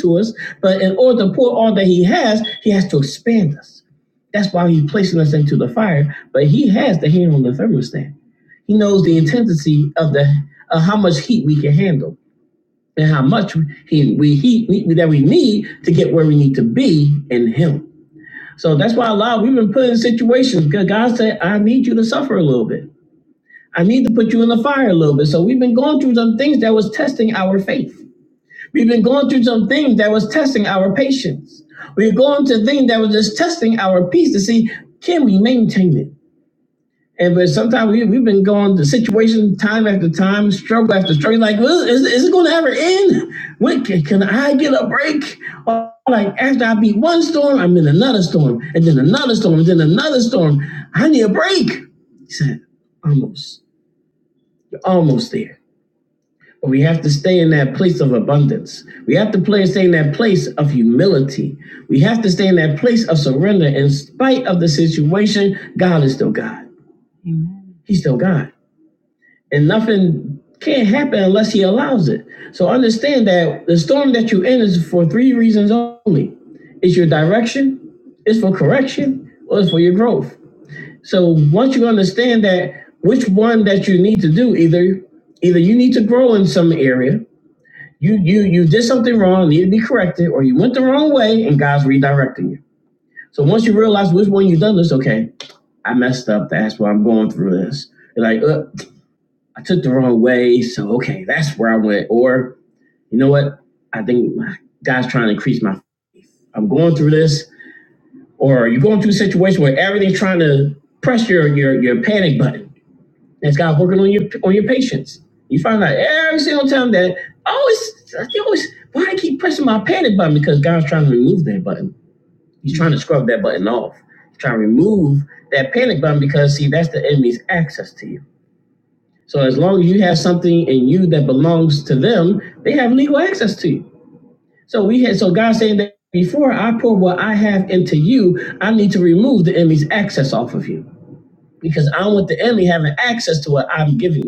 all that he has, he, that's why he's placing us into the fire. But he has the hand on the thermostat. He knows the intensity of the of how much handle and how he we heat that we to get well. That's why I've been put in situations because God said, I need you to suffer a little bit. I need to put you in the fire a little bit. So we've been going through some things that was testing our faith. We've been going through some things that was testing our patience. We're going to things that was just testing our peace to see can we maintain it. And but so we, we've been going to situations time after time, struggle after struggle. Like, well, is, is it going to ever end? get a break. Or, Like after I beat one storm, I'm in another storm, and then another storm, and then another storm. I need a break. He said, almost, you're almost there. But we have to stay in that place of abundance. We have to play, stay in that place of humility. We have to stay in that place of surrender. In spite of the situation, God is still God. He's still God. and nothing can't happen unless he allows it. So understand that the storm that you're in is for three reasons only. It's your direction, it's for correction, or it's for your growth. So once you understand that which one that you need to do, either either you need to grow in some area, you you you did something wrong, need to be corrected, or you went the wrong way and God's redirecting you. So once you realize which one you've done, it's okay. I messed up. That's why I'm going through this. like, uh, I took the wrong way, so okay, that's where I went. Or you know what? I think God's trying to increase my. I'm going through this, or you're going through a situation where everything's trying to press your your your panic button. That's God working on your on your patience. You find out every single time that I always I always why I keep pressing my panic button because God's trying to remove that button. He's trying to scrub that button off. He's trying to remove that panic button because see that's the enemy's access to you. So as long as you have something in you that belongs to them, they have legal access to you. So we had so God saying that before I pour what I have into you, I need to remove the enemy's access off of you because I don't want the enemy having access to what I'm giving. you.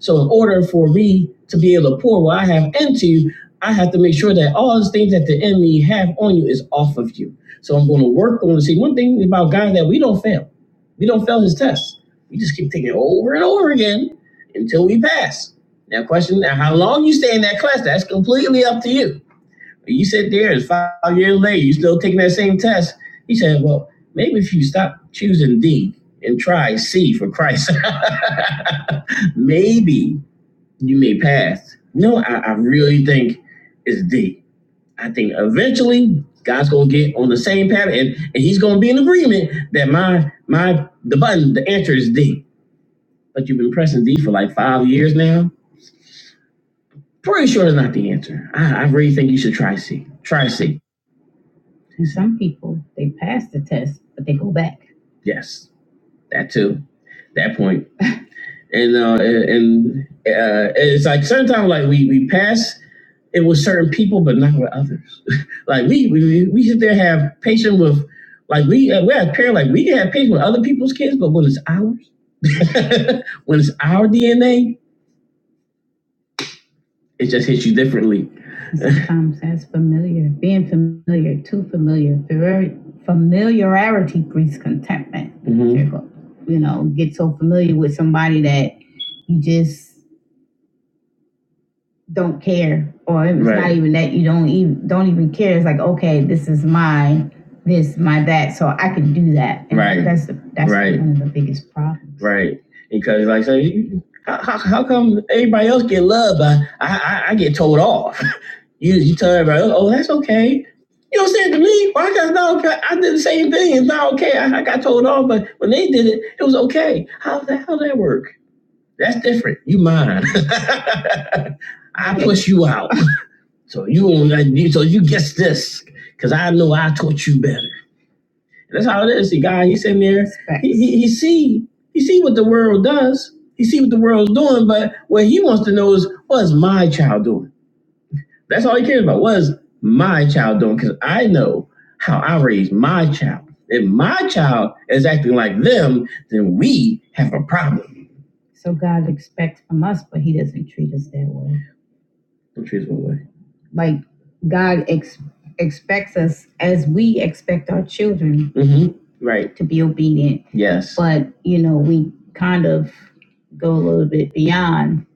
So in order for me to be able to pour what I have into you, I have to make sure that all the things that the enemy have on you is off of you. So I'm going to work on. it. See, one thing about God that we don't fail. We don't fail His tests. We just keep taking it over and over again until we pass. Now, question: Now, how long you stay in that class? That's completely up to you. You sit there, it's five years later, you still taking that same test. He said, "Well, maybe if you stop choosing D and try C for Christ, maybe." you may pass. No, I, I really think it's D. I think eventually God's gonna get on the same path and, and he's gonna be in agreement that my my the button, the answer is D. But you've been pressing D for like five years now. Pretty sure it's not the answer. I, I really think you should try C. Try C. And some people they pass the test, but they go back. Yes, that too. That point. And uh and uh it's like sometimes like we we pass and with certain people, but not with others. like we, we, we sit there have patience with, like we, uh, we have parents, like we can have patience with other people's kids, but when it's ours, when it's our DNA, it just hits you differently. Sometimes that's familiar. Being familiar, too familiar. Very familiarity breeds contentment. Mhm. You know, get so familiar with somebody that you just don't care or it's right. not Right. even that you don't even don't even care it's like okay this is my this my that so i can do that and Right. that's the that's Right. one of the biggest problems Right. Because like say you- how, how, come everybody else get loved? I, I I get told off? You tell everybody else, oh that's okay. You know what I'm saying to me? Well, I got no? I did the same thing. It's not okay. I, I got told off, but when they did it, it was okay. How that how that work? That's different. You mine. I push you out. So you on that so you guess this because I know I taught you better. And that's how it is. See, God, he's sitting there. He, he he see he see what the world does. He see what the world's doing. But what he wants to know is what's my child doing. That's all he cares about. What's my child doing? Because I know how I raised my child. If my child is acting like them, then we have a problem. So God expects from us, us but He doesn't treat us that way. The trees what way? Like God ex- expects us, as we expect our children, Mm-hmm. Right. to be obedient. Yes. But you know, we kind of go a little bit beyond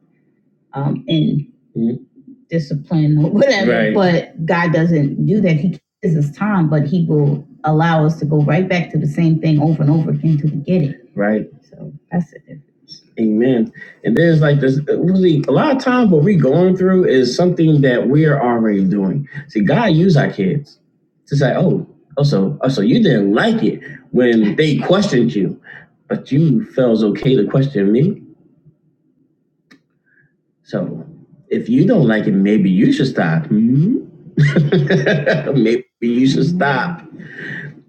um, in Mhm. discipline or whatever. Right. But God doesn't do that. He gives us time, but He will allow us to go right back to the same thing over and over again till we get it. Right. So that's it. Amen. And there's like this uh, really a lot of times what we're going through is something that we're already doing. See, God used our kids to say, Oh, oh so oh so you didn't like it. They questioned you, but you felt it's okay to me. So if you don't like it, maybe you should stop. maybe you should stop.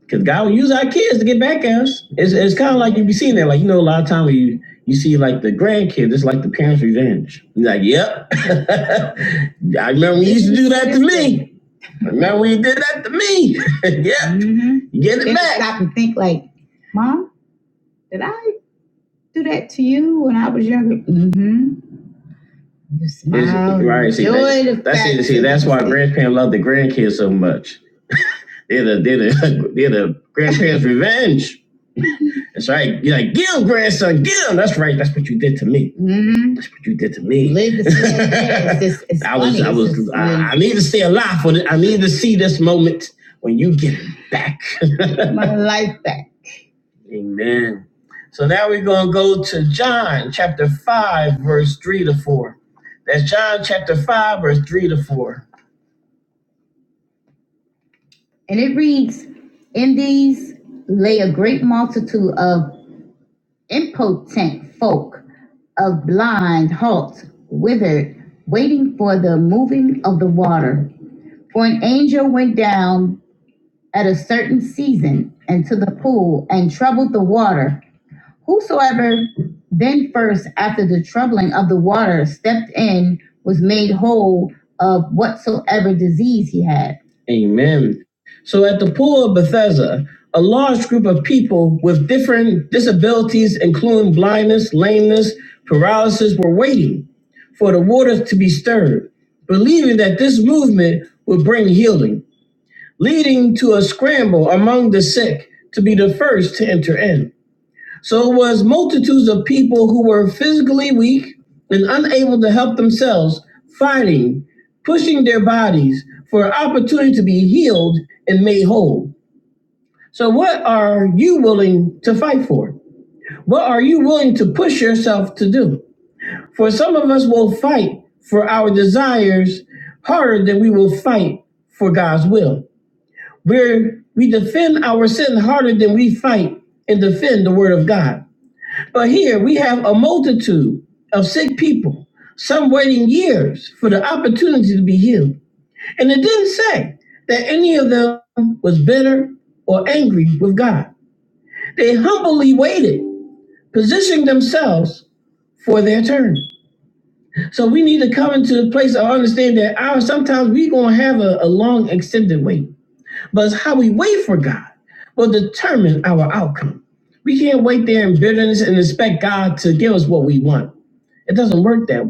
Because God will use our kids to get back at us. It's, it's kind of like you be seeing that. Like, you know, a lot of times when you, you see like the grandkids, it's like the parents' revenge. You're like, yep. I remember we used to do that to me. I Remember we did that to me? Yep. Mhm. You get it Then back. Stop and think like, Mom, did I do that to you when I was younger? Mm-hmm. You smile. Right. See, that- that's it. fact See, that's why grandparents love the grandkids so much. They're the, they're the, they're the grandparents' revenge. That's right. You're like, get him, grandson, get him. That's right. That's what you did to me. Mhm. That's what you did to me. Live to see it. Yeah, it's just, it's I was, funny. I It's was, just- I, I need to stay alive for this. I need to see this moment when you get it back. My life back. Amen. So now we're going to go to John chapter 5, verse 3 to 4. That's John chapter 5, verse 3 to 4. And it reads, In these lay a great multitude of impotent folk of blind halt, withered, waiting for the moving of the water. For an angel went down at a certain season into the pool and troubled the water. Whosoever then first, after the troubling of the water, stepped in was made whole of whatsoever disease he had. And lameness, paralysis were waiting for the waters to be stirred, believing that this movement would bring healing. leading to a scramble among the sick to be the first to enter in. So it was multitudes of people who were physically weak and unable to help themselves, fighting, pushing their bodies for an opportunity to be healed and made whole. So, what are you willing to fight for? What are you willing to push yourself to do? For some of us will fight for our desires harder than we will fight for God's will. where we defend our sin harder than we fight and defend the word of God. But here we have a multitude of sick people, some waiting years for the opportunity to be healed. And it didn't say any of them was bitter or angry with God. Humbly waited, positioning themselves. We need to come into a place of understanding that our sometimes God. We can't wait God's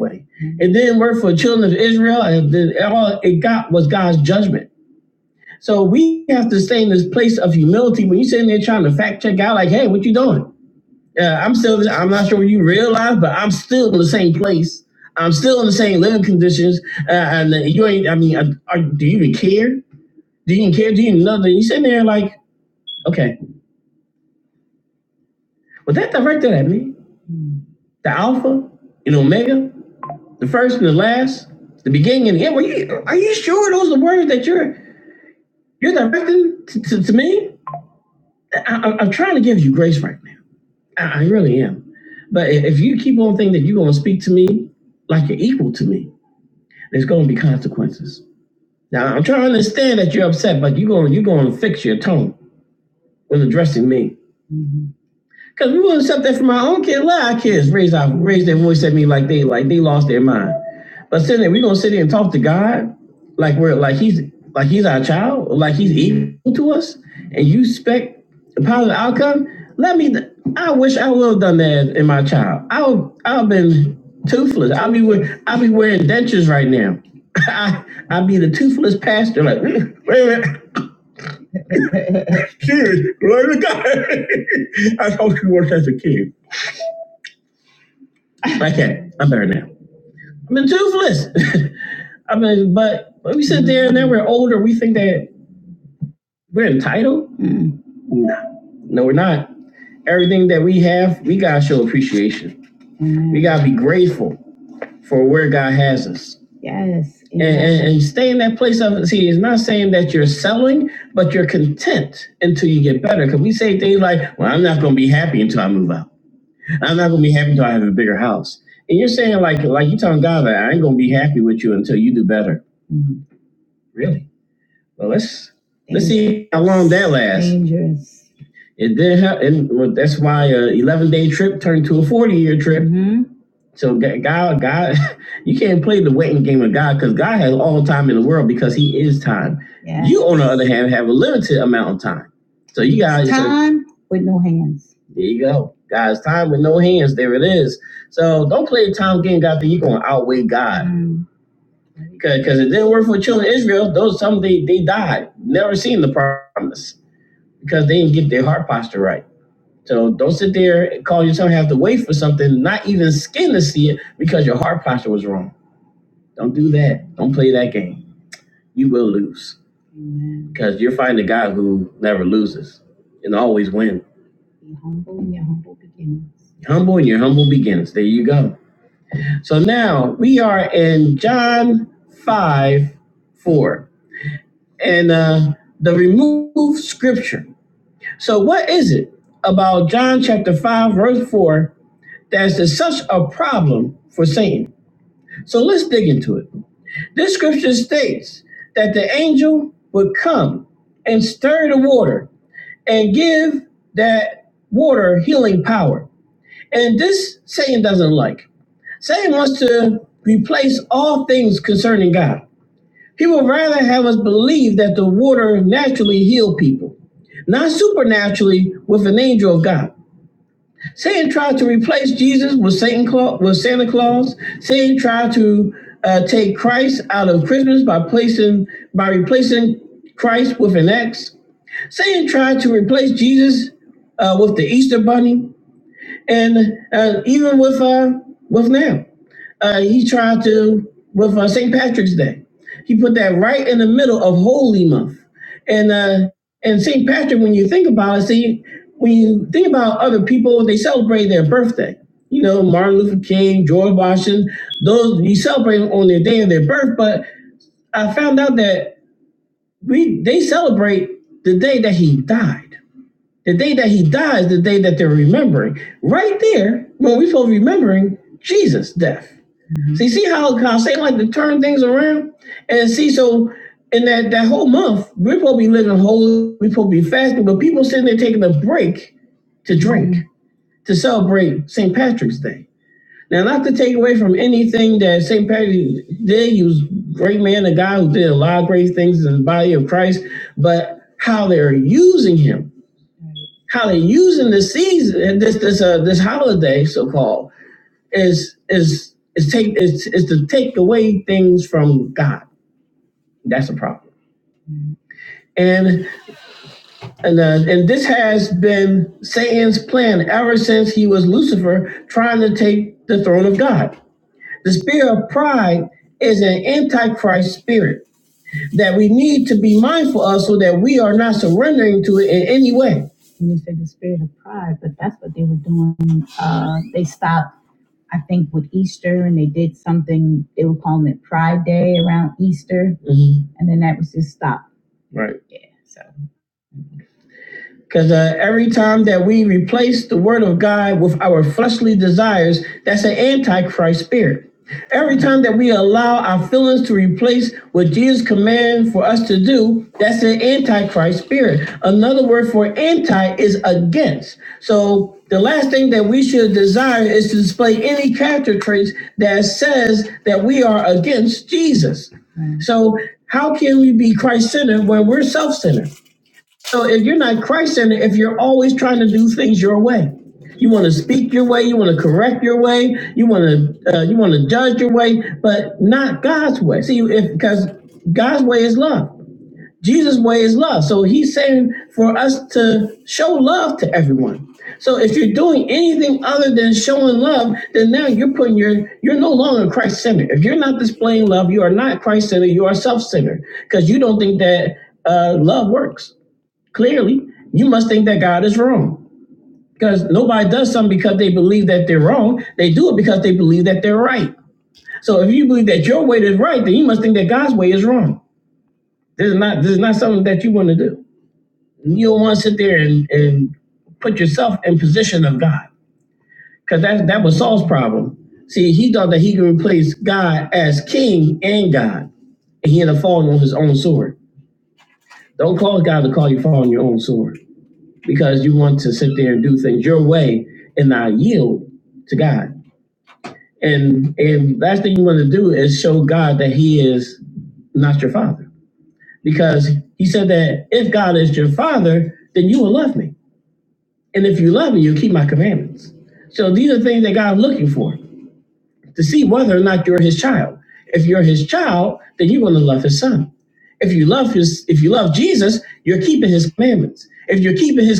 way, judgment. So we have to stay in this place of humility. When you're sitting there trying to fact check out, like, hey, what you doing? I'm still, I'm not sure when you realize, but I'm still in the same place. I'm still in the same living conditions. Uh, and you ain't, I mean, uh are, do you even care? Do you even care? Do you even know that? You sitting there like, okay, was that directed at me? The Alpha and Omega, the first and the last? And yeah, were you, are you sure those are the words that you're you're directing to, to, to me? I, I, I'm trying to give you grace, Frank. I, I really am. But if you keep on thinking that you're going to speak to me like you're equal to me, there's going to be consequences. Now I'm trying to understand that you're upset, but you're going you're going to fix your tone when addressing me. Cause we won't accept that from our own kids. Let our kids raise our raise their voice at me like they like they lost their mind. But sitting there, we gonna sit here and talk to God like we're like he's like he's our child, or like he's equal to us, and you expect a positive outcome. Let me. I wish I would have done that in my child. I would. I've been toothless. I'll be wear- I'll be wearing dentures right now. I I'll be the toothless pastor. Like wait a minute. Seriously, glory to God. I thought you worked as a kid. I can't. I'm better now. I mean, toothless. I mean, but when we sit there and then we're older, we think that we're entitled. Mm. No, no, we're not. Everything that we have, we gotta show appreciation. Mm. We gotta be grateful for where God has us. Yes. And, and, and stay in that place of see. It's not saying that you're selling, but you're content until you get better. Because we say things like, "Well, I'm not gonna be happy until I move out." I'm not gonna be happy until I have a bigger house. And you're saying like like you are telling God that I ain't gonna be happy with you until you do better. Really? Well, let's let's see how long that lasts. Dangerous. It did help, and well, that's why a 11 day trip turned to a 40 year trip. Mm-hmm. So Ga- God, God, you can't play the waiting game of God because God has all time in the world because He is time. Yes. You, on the other hand, have a limited amount of time. So you guys time so, with no hands. There you go, guys. Time with no hands. There it is. So don't play the time game, God. That you're gonna outweigh God because mm. it didn't work for children of Israel. Those some they they died, never seen the promise because they didn't get their heart posture right. So don't sit there and call yourself have to wait for something, not even skin to see it, because your heart posture was wrong. Don't do that. Don't play that game. You will lose because you're fighting a guy who never loses and always wins. Humble in your humble beginnings. Humble in your humble beginnings. There you go. So now we are in John 5 4 and uh, the removed scripture. So, what is it about John chapter 5, verse 4? There's such a problem for Satan. So let's dig into it. Scripture states, angel would come, carry the water, and give that water healing power. And this Satan doesn't like. Satan wants to replace God. Have us believe that the water naturally heal people, not supernaturally. God. Satan tried to replace Jesus with Satan Claus, with Santa Claus. He tried to uh, out of Christmas by replacing Christ. Next, he tried Jesus uh, with the Easter Bunny, and. uh, with now. Uh, he tried to with uh, St. Patrick's. He put that right in the middle of hope and uh, and St. Patrick. When you think about it, see when you think about other people, they celebrate their birthday. You know, Martin Luther King, George Washington. those You celebrate on, but I found out that we they celebrate he died. That he dies the day that they're remembering. Right there, when we are supposed to remember his death. See, see how how Satan like to turn things around. And see, so in that that whole month, we're supposed to be living holy, we're supposed to be fasting, but people sitting there taking a break to drink to celebrate St. Patrick's Day. Now, not to take away from anything that St. Patrick did, he was a great man, a guy who did a lot of great things in the body of Christ, but how they're using him, how they're using this season, this this uh, this holiday, so called, is is is take is, is to take away things from God. That's and And this has been Satan's plan ever since he was Lucifer trying to take the throne of God. The spirit of pride is an antichrist spirit that we need to be mindful so that we are surrendering to it in any way. You said the spirit of pride, but that's what they were doing. Uh, they stopped, I think, with Easter and they did something, they were calling it Pride Day around Easter, and then that was just stopped. So. Because uh, every time that we replace the word of God with our fleshly desires, that's an antichrist spirit. Every time that we allow our feelings to replace what Jesus commands for us to do, that's an antichrist spirit. Another word for anti is against. So the last thing that we should desire is to display any character traits. So how can we be? We're self-centered. You're always doing things your way. You want to speak your way. You want to correct your way. You want to uh, you want to judge your way, but not God's way. See, if because God, Jesus' way is love. So He's saying for us to show love to everyone. So if you're doing anything other than showing love, then now you're putting your you're no longer Christ centered. If you're not displaying love, you are not Christ centered. You are self centered because you don't think that uh, love works. Clearly, you must think that God is wrong. Because nobody does something because they believe that they're wrong. They do it because they believe that they're right. So if you believe that your way is right, then you must think that God's way is wrong. This is not this is not something that you want to do. You don't want to sit there and, and put yourself in position of God. See, he thought that he could replace God as king and God. And he had a fault. Don't call God to call you fault because you want to sit there and do things your way and not yield to God. And and that's the God that he is not your father. Because he said that if God is then you will love me before. Now you're keeping his commandments. If you're keeping his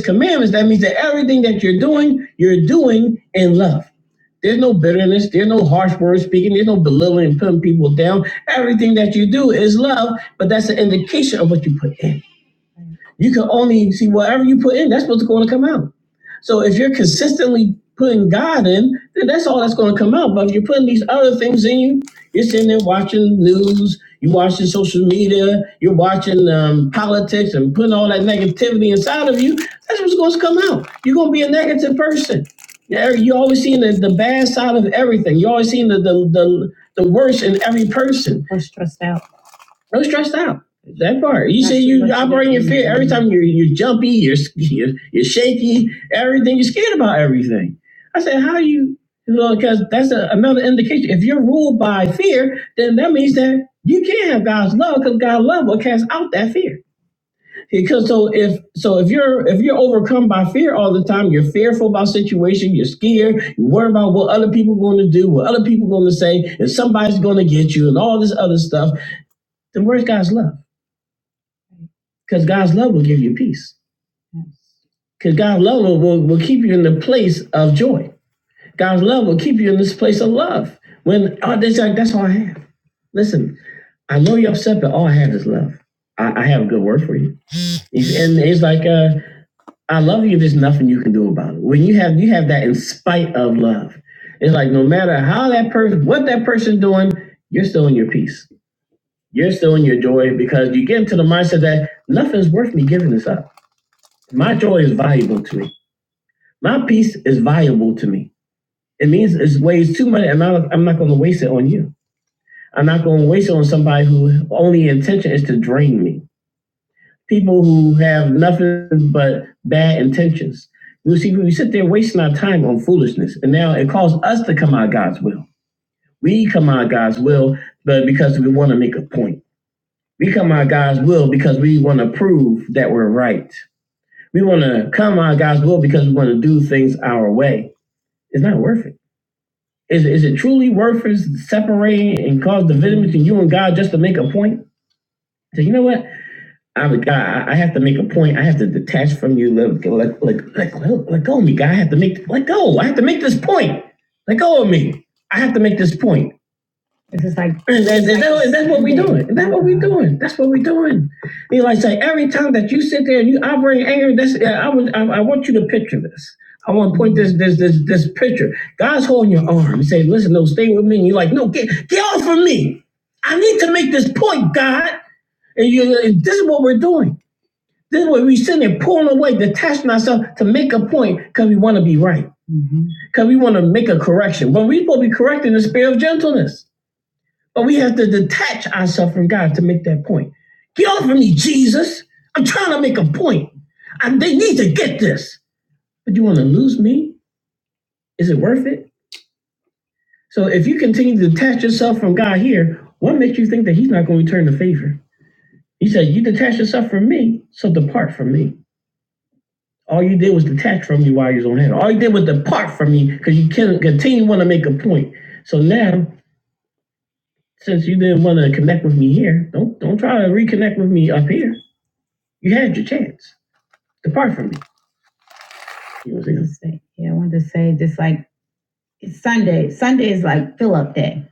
commandments and love, there's no bitterness, there's no harsh word speaking, there's no belittling putting people down. Everything that you do is love, but that's an indication of what you put in. You can whatever you put in, that's what's going to come out. So if you're consistently putting God in, then that's all that's going to come out. But if you're putting these other things in you, you're sitting there watching news, you're watching social media, you're watching um, text and putting all that negativity inside of you, that's what's going to come out. be a negative person. The, the, the, the worst in every person. We're stressed out. No stressed out. That part. You say you operate in fear every time you're, you're jumpy, you're, you're, you're shaky, everything. You're scared about everything. I said, how you, Well, because that's a, another indication. If you're ruled by fear, then that means that you can't have God's love because God's love will cast out that fear. Because so if so if you're if you're overcome by fear all the time, you're fearful about situation, you're scared, you worry about what other people are going to do, what other people are going to say, if somebody's going to get you, and all this other stuff. Then where's God's love? Because God's love will give you peace. Because God's love will, will will keep you in the place of joy. God's love will keep you in this place of love. When oh, that's like that's all I have. Listen, I know you're upset, but all I have is love. I, I have a good word for you. He's- And it's like uh, I love you. There's nothing you can do about it. When you have you have that in spite of love, it's like no matter how that person, what that person's doing, you're still in your peace. You're still in your joy because you get into the mindset that nothing's worth me giving this up. My joy is valuable to me. My peace is valuable to me. It means it weighs too much, and I'm not going to waste it on you. I'm not going to waste it on somebody who only intention is to drain me. people who have nothing but bad intentions. You see, we sit there wasting our time on foolishness, and now it calls us to come out of God's will. We come out of God's will, but because we want to make a point. We come out of God's will because we want to prove that we're right. We want to come out of God's will because we want to do things our way. It's not worth it. Is, is it truly worth it separating and cause division between you and God just to make a point? You know what? I, I have to make a point. I have to detect. like like like. I had to make let go. I had to make this point. Let go of me. I have to make this point. It's just like And, and, and that- and that's what we doing. And that's what we doing. That's what we doing. You know, like I say every time that you sit there and you operate anger, that's yeah, I would I, I want you to picture this. I want to point this this this this picture. God's holding your arm. He say, listen, no, stay with me. And you're like, no, get get off of me. I need to make this point, God. And you this is what we're doing. This is what we're sitting there pulling away, detaching ourselves to make a point because we want to be right because we want to make a correction. But we're supposed to be correcting the spirit of gentleness. But we have to detach ourselves from God to make that point. Get off of me, Jesus. I'm trying to make a point. They need to get this. But you want to lose me? Is it worth it? So if you continue to do yourself here, one day he's not going to favor. He said, You detach yourself from me. So the, all you did was detach from his own hand. All you did was depart from me because you can continue want to make a point. So now, since you didn't want to connect with me here, don't don't try to reconnect with me up here. You had your chance. depart from me. You know what Yeah, I wanted to say just like it's Sunday. Sunday is like fill up day.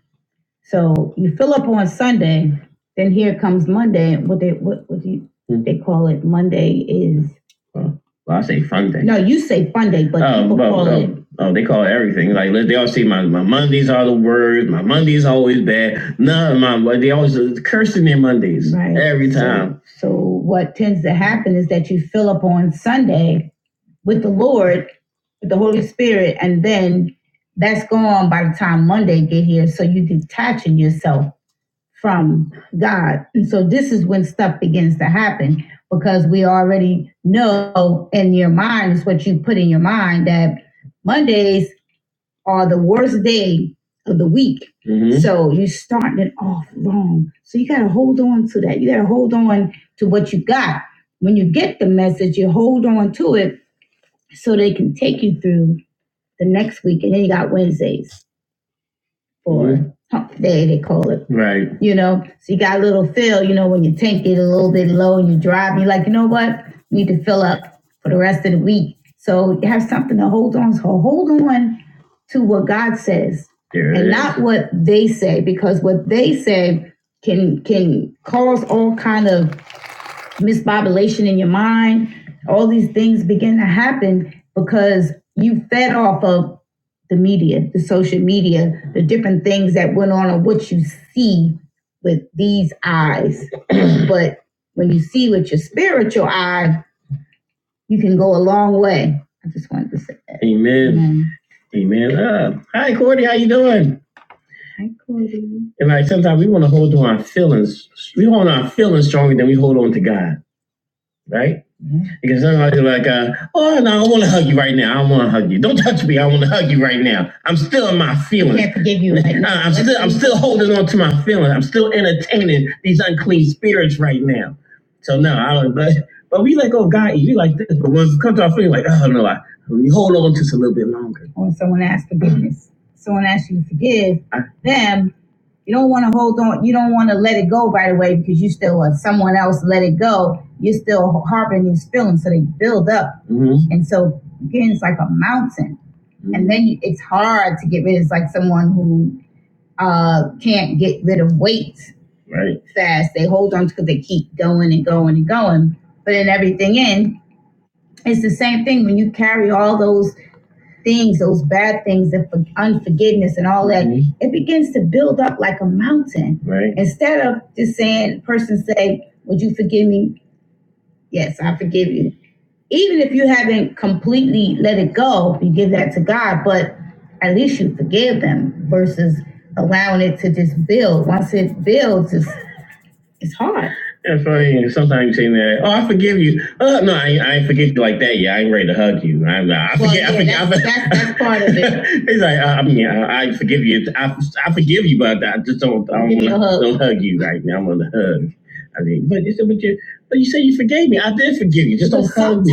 So you fill up on Sunday, then here comes Monday. What they what what do you mm-hmm. they call it? Monday is Well, well, I say fun day. no, you say fun day, but oh, people well, call well, it oh, oh, they call it everything. Like they all see Mondays Right. every So- time. So so what tends to happen is that you fill up on Sunday with the Lord, with the Holy Spirit, and then that's gone by the time Monday get here. So you detaching yourself from God. And so this is when stuff begins to happen because we already know in your mind is what you put in your mind that Mondays are the worst day of the week. Mhm. So you're starting it off wrong. So you gotta hold on to that. You gotta hold on to what you got. When you get the message, you hold on to it so they can take you through the next week. And then you got Wednesdays for mm-hmm. hump day, they call it. Right. You know, so you got a little fill, you know, when your tank get a little bit low and you drive, you're like, you know what? you Need to fill up for the rest of the week. So you have something to hold on. to. So hold on to what God says There and not what they say, because what they say can can cause all kind of misbobulation in your mind. All these things begin to happen because you fed off of the media, the social media, the different things that went on, and what you see with these eyes. but when you see with your spiritual eye, you can go a long way. I just wanted to say that. Yeah. Amen. Hi, Cody. And like sometimes we want to hold on our feelings. We hold on our feelings stronger than we hold on to God. right? Mm-hmm. Because somebody's like, uh, oh, no, I want to hug you right now. I want to hug you. Don't touch me. I want to hug you right now. I'm still in my feelings. I Can't forgive you. right now. I'm still, I'm still holding on to my feelings. I'm still entertaining these unclean spirits right now. So no, I don't. But, but we let go of God. You like this, but once it comes to our feelings, like, oh no, I we hold on just a little bit longer. When someone asks forgiveness, someone asks you to forgive I- them. You don't want to hold on. You don't want to let it go right away because you still want someone else to let it go. You're still harboring these feelings, so they build up. Mm-hmm. And so again, it's like a mountain, Mm-hmm. and then you, it's hard to get rid. It's like someone who uh, can't get rid of weight Right. fast. They hold on because they keep going and going and going. But in everything in, it's the same thing when you carry all those things, those bad things, and unforgiveness and all that, Mhm. it begins to build up like a mountain. Right. Instead of just saying, person say, "Would you forgive me?" Yes, I forgive you. Even if you haven't completely let it go, you give that to God, but at least you forgive them versus allowing it to just build. Once it builds, it's, it's hard sometimes saying that, oh, I forgive you. Oh, no, I, I ain't forget you like that. Yeah, I ain't ready to hug you. I'm not. I Well, forget. I yeah, forget. I forget. that's- I forget- that's- that's part of it. it's like, uh, I mean, I, I forgive you. I, I forgive you, but I just don't. I don't want to hug you right now. I want to hug. I mean, but it's but you, but you say you forgave me. I did forgive you. Just but don't hug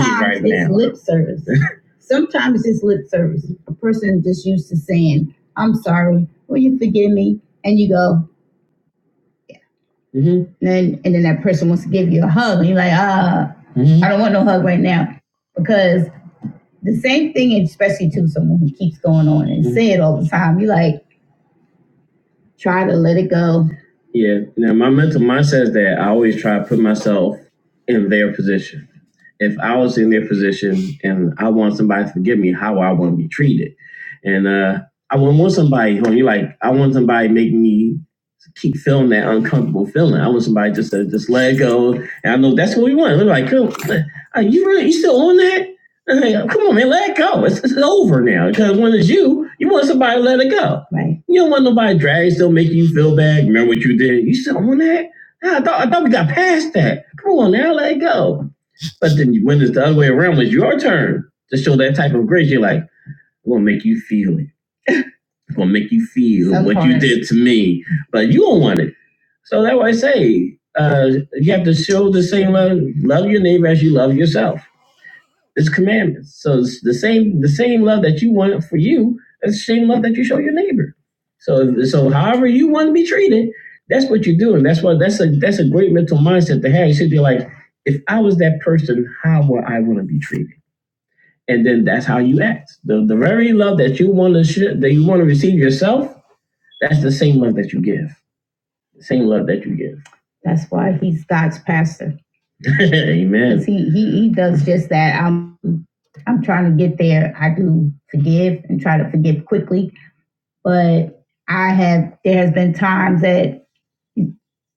me right now. Sometimes it's lip service. sometimes it's lip service. A person just used to saying, "I'm sorry. Will you forgive me?" And you go, Mm-hmm. And then, and then that person wants to give you a hug, and you're like, uh, mm-hmm. I don't want no hug right now. Because the same thing, especially to someone who keeps going on and mm-hmm. say it all the time, you like, try to let it go. Yeah. Now, my mental mindset is that I try to put myself in their position. If I was in their position and I want somebody to forgive me, how I want to be treated. And uh, I wouldn't want somebody, you know, like, I want somebody to make me keep feeling that uncomfortable feeling. I want somebody just to just let it go. And I know that's what we want. We're like, come, are you really, you still on that? I'm like, come on, man, let it go. It's, it's over now. Because when it's you, you want somebody to let it go. Right. You don't want nobody drag still making you feel bad. Remember what you did? You still on that? Nah, I thought I thought we got past that. Come on now, let it go. But then when it's the other way around, it's your turn to show that type of grace, you're like, "I'm gonna make you feel it gonna make you feel Some what point. you did to me, but you don't want it. So that's why I say uh, you have to show the same love, love your neighbor as you love yourself. It's commandments. So it's the same the same love that you want for you, that's the same love that you show your neighbor. So so however you want to be treated, that's what you're doing. That's what that's a that's a great mental mindset to have. You should be like, if I was that person, how would I want to be treated? And then the, the very love that you want to sh- that you want to receive yourself, that's the same love that you give. Same love that you give. That's why he's God's pastor. Amen. he, he he does just that. I'm I'm trying to get there. I do forgive and try to forgive quickly, but I have there has been times that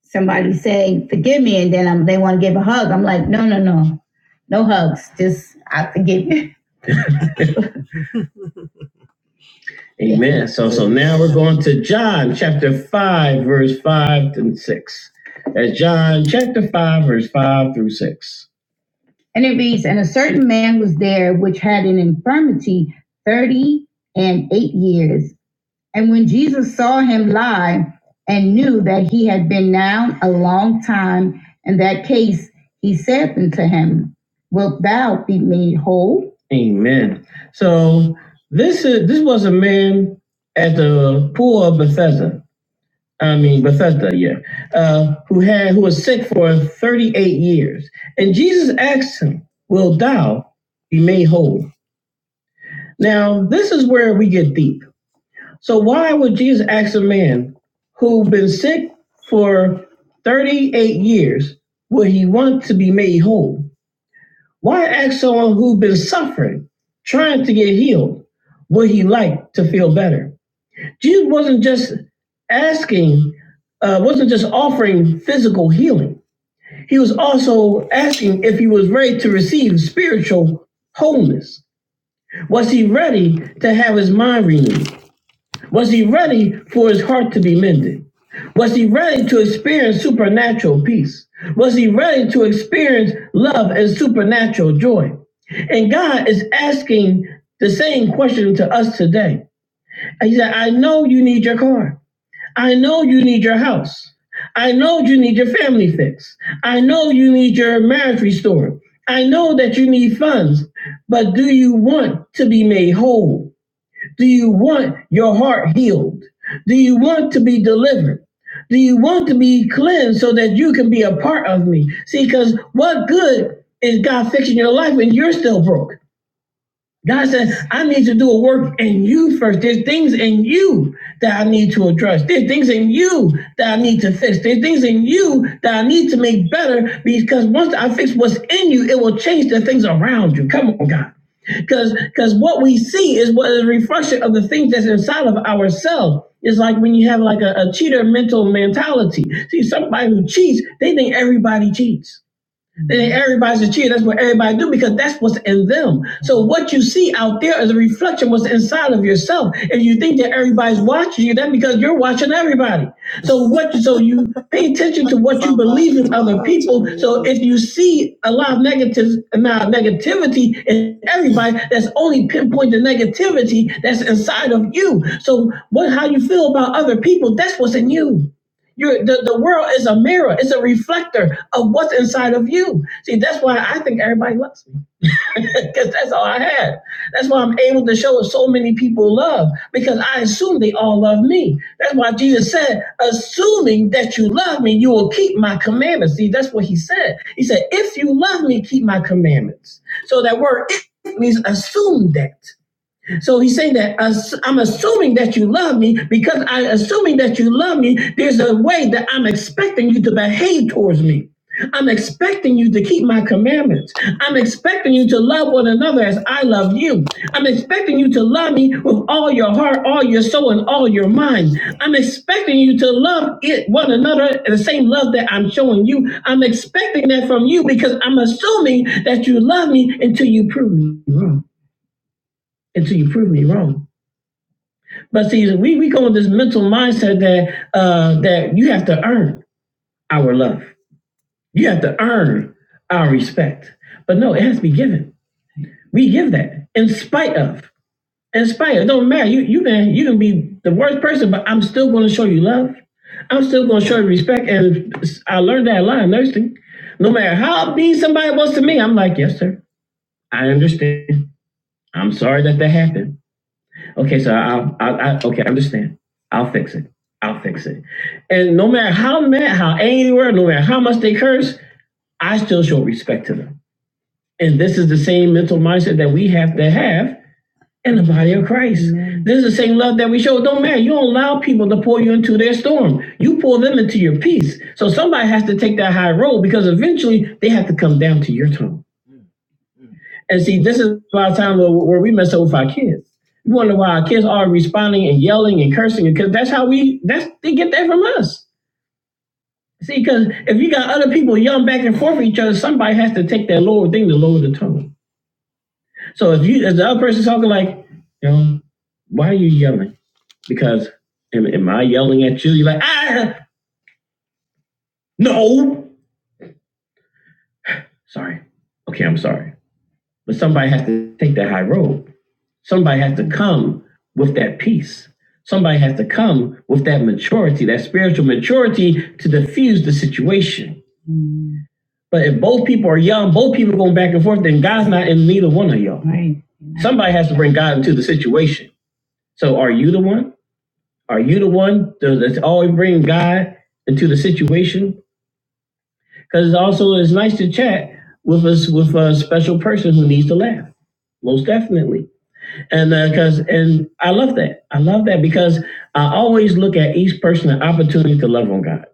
somebody say forgive me, and then i they want to give a hug. I'm like, no, no, no, no hugs. Just I forgive you. Amen. Five, six. Five. And it reads, and a certain man was there which had an infirmity thirty and eight years, And when Jesus saw him lie and knew that he had been down a long time in that case, he said unto him, Wilt thou be made whole? So this is this was a man at the pool of Bethesda. I mean Bethesda, yeah. Uh, who was sick for 30 years. How old? Now, so man was sick for 38 years, would he want to be made whole? Why ask someone who has been suffering? trying to get healed would he like to feel better. Jesus wasn't just asking, uh, wasn't just offering healing. So asking if he was ready to receive spiritual wholeness. Was he ready to have his mind renewed? Was he ready for it to be mended? Was he ready to experience supernatural peace? Was he ready to experience love and supernatural? And God is asking the same question to us today. He said, I know you need your car. I know you need your house. I know you need your family fixed. I know you need your marriage restored. I know that you need funds, but do you want to be made whole? Do you want your heart healed? Do you want to be delivered? Do you want to be cleansed so that you can be a part of me? See, because what good is God fixing your life when you're still broke? God said, I need to do a work in you first. There's things in you that I need to address. There's things in you that I need to fix. There's things in you that I need to make better because once I fix what's in you, it will change the things around you. Come on, God. Because because what we see is what is a reflection of the things that's inside of ourselves. It's like when you have like a, a cheater mental mentality. See, somebody who cheats, they think everybody cheats. Then everybody's a cheer. That's what everybody do because that's what's in them. So what you see out there is a reflection of what's inside of yourself. If you think that everybody's watching you, that's because you're watching everybody. So what? So you pay attention to what you believe in other people. So if you see a lot of negatives, a lot of negativity in everybody, that's only pinpoint the negativity that's inside of you. So what? How you feel about other people? That's what's in you. You're, the, the world is a mirror. It's a reflector of what's inside of you. See, that's why I think everybody loves me because that's all I had. That's why I'm able to show so many people love because I assume they all love me. That's why Jesus said, assuming that you love me, you will keep my commandments. See, that's what he said. He said, if it means assume that. Assuming Because I assuming that you love me, there's a way that I'm expecting you to behave towards me. I'm expecting you to keep my commandments. I'm expecting you to love one another as I love you. I'm expecting you to love me with all your heart, all your soul, and all your mind. I'm expecting you to love it one another the same. I'm expecting that from you because I'm assuming that you until you prove me wrong. Until you prove me wrong. But see, we we go with this mental mindset that uh, that you have to earn our love. You have to earn our respect. But no, it has to be given. We give that in spite of. In spite of, it don't matter. You you can you can be the worst person, but I'm still going to show you. I'm still going to show you respect. And I learned that a lot in nursing. No matter how mean somebody was to me, I'm like, yes, sir. I understand. I'm sorry that that happened. Okay, so I'll, I'll, I okay, I understand. I'll fix it. I'll fix it. And no matter how mad, how angry they were, no matter how much they curse, I still show respect to them. And this is the same mental mindset that we have to have in the body of Christ. Amen. This is the same love that we show. It don't matter. You don't allow people to pour you into their storm. You pour them into your peace. So somebody has to take that high road because eventually they have to come down to your tone. And see, this is a lot of times where, we mess up with our kids. We wonder why our kids are responding and yelling and cursing because that's how we that's they get that from us. See, because if you got other people yelling back and forth at each other, somebody has to take that lower thing to lower the tone. So if you if the other person's talking like, you know, why are you yelling? Because am, am I yelling at you? You're like, ah no. Sorry. Okay, I'm sorry. But somebody has to take that high road. Somebody has to come with that peace. Somebody has to come with that maturity, that spiritual maturity to diffuse the situation. Mm. But if both people are young, both people going back and forth, then God's not in neither one of you Right. Somebody has to bring God into the situation. So are you the one? Are you the one that- that's always bringing God into the situation? Because also it's nice to chat with us with a special person who needs to laugh, most definitely. And uh, because and I love that. I love that because I always look at each person an opportunity to love on God.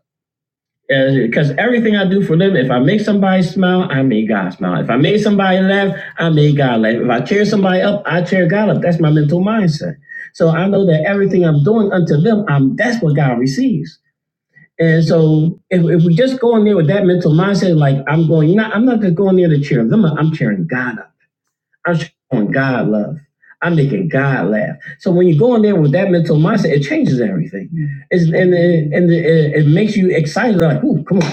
Because uh, everything I do for them, if I make somebody smile, I make God smile. If I make somebody laugh, I make God laugh. If I cheer somebody up, I cheer God up. That's my mental mindset. So I know that everything I'm doing unto them, I'm, that's what God receives. And so if, if we just go in there with that mental mindset, like I'm going, you know, I'm not just going there to cheer them up. I'm cheering God up. I'm showing God love. I'm making God laugh. So when you go in there with that mental mindset, it changes everything. It's, and and, and it, it makes you excited. Like, ooh, come on,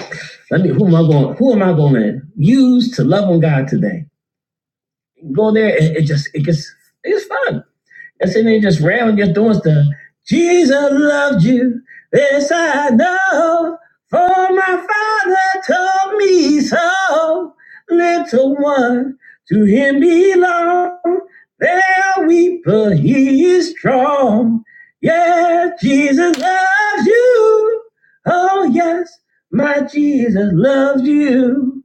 let me. Who am I going? Who am I going to use to love on God today? go there, it, it just it gets it's fun. And sitting there just rambling, just doing stuff. Jesus loved you, this I know, for my Father told me so. Little one, to him belong. There weep, but he is strong. Yeah, Jesus loves you. Oh yes, my Jesus loves you.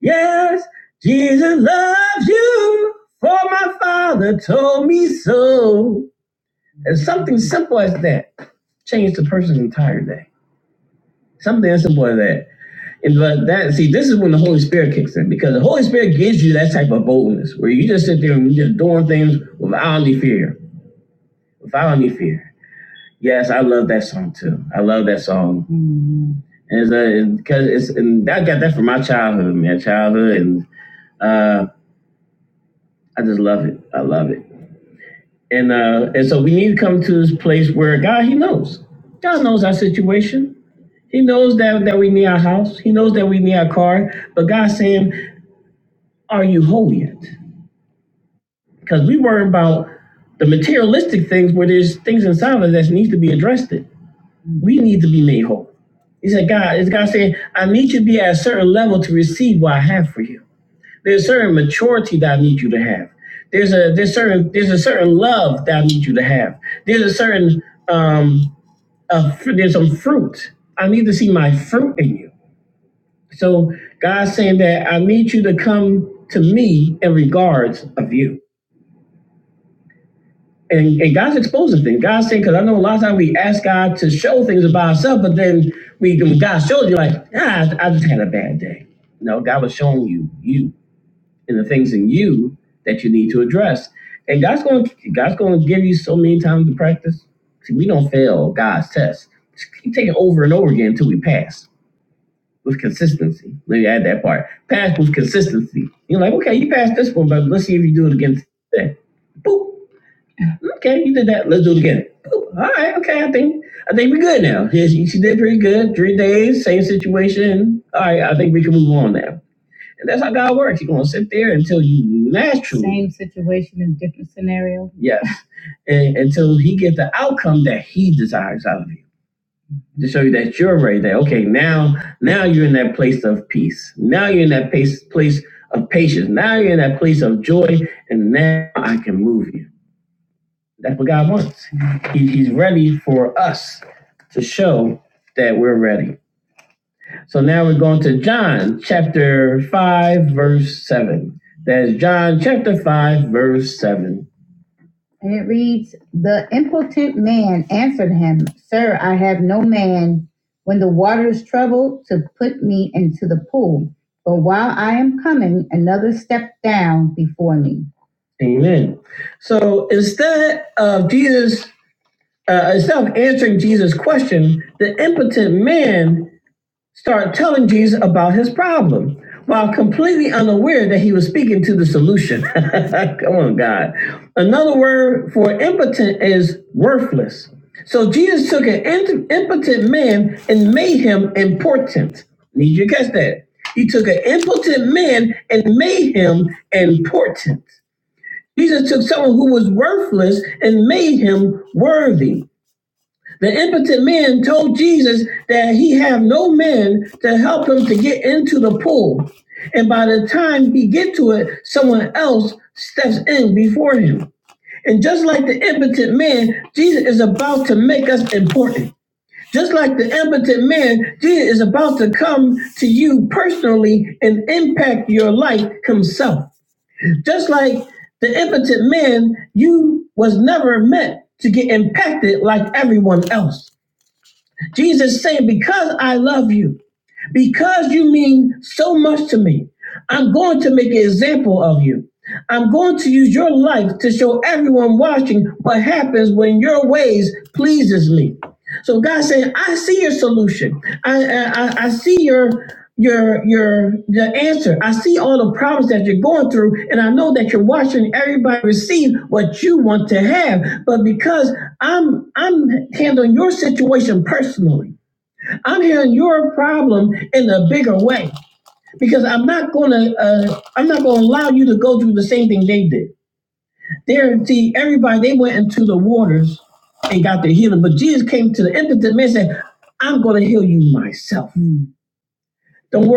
Yes, Jesus loves you, for my Father told me so. And something simple as that changed the person's entire day. Something as simple as that. And but that see, this is when the Holy Spirit kicks in because the Holy Spirit gives you that type of boldness where you just sit there and you're just doing things without any fear, without any fear. Yes, I love that song too. I love that song, and it's, uh, because it's and I got that from my childhood, man, childhood, and uh, I just love it. I love it. And uh, and so we need to come to this place where God, He knows. God knows our situation. He knows that, that we need our house. He knows that we need our car. But God's saying, Are you holy yet? Because we worry about the materialistic things where there's things inside of us that needs to be addressed. It. We need to be made whole. He said, God, it's God saying, I need you to be at a certain level to receive what I have for you. There's certain maturity that I need you to have. There's a there's certain there's a certain love that I need you to have. There's a certain um, uh, fr- there's some fruit. I need to see my fruit in you. So God's saying that I need you to come to me in regards of you. And, and God's exposing things. God's saying, because I know a lot of times we ask God to show things about ourselves, but then we when God shows you like, ah, I just had a bad day. No, God was showing you you and the things in you that you need to address. And God's going to God's going to give you so many times to practice. See, we don't fail God's test. Just keep taking it over and over again until we pass. was consistency. Let me add that part. Pass was consistency. You're like, okay, you passed this one, but let's see if you do it again today. Boop. Okay, you did that. Let's do it again. Boop. All right. Okay, I think I think we're good now. Yes, she did pretty good. Three days, same situation. All right, I think we can move on now. And that's how God works. He's gonna sit there until you naturally same situation in different scenario. Yes, and, until he gets the outcome that he desires out of you to show you that you're ready. That okay, now now you're in that place of peace. Now you're in that place place of patience. Now you're in that place of joy, and now I can move you. That's what God wants. He- he's ready for us to show that we're ready. So now we're going to John chapter five, verse seven. That's John chapter five, verse seven. And it reads, The impotent man answered him, Sir, I have no man when the water is troubled to put me into the pool. But while I am coming, another stepped down before me. Amen. So instead of Jesus, uh, instead of answering Jesus' question, the impotent man started telling Jesus about his problem while completely unaware that he was speaking to the solution. Come on, God. Another word for impotent is worthless. So Jesus took an int- impotent man and made him important. Need you to catch that? He took an impotent man and made him important. Jesus took someone who was worthless and made him worthy. The impotent man told Jesus that he had no man to help him to get into the pool. And by the time he get to it, someone else before him. Just like the impotent man, Jesus is about to make us important. Just like the end, Jesus is about to come to you pray and like himself. Like was never meant like everyone else. Jesus saying, because I love you, because like you want to have, but because I'm I'm handling your situation personally. I'm hearing your problem in a bigger way because I'm not gonna uh, I'm not gonna allow you to go through the same thing they did. There, see, everybody they went into the waters to heal them. The man said, "Myself." Don't,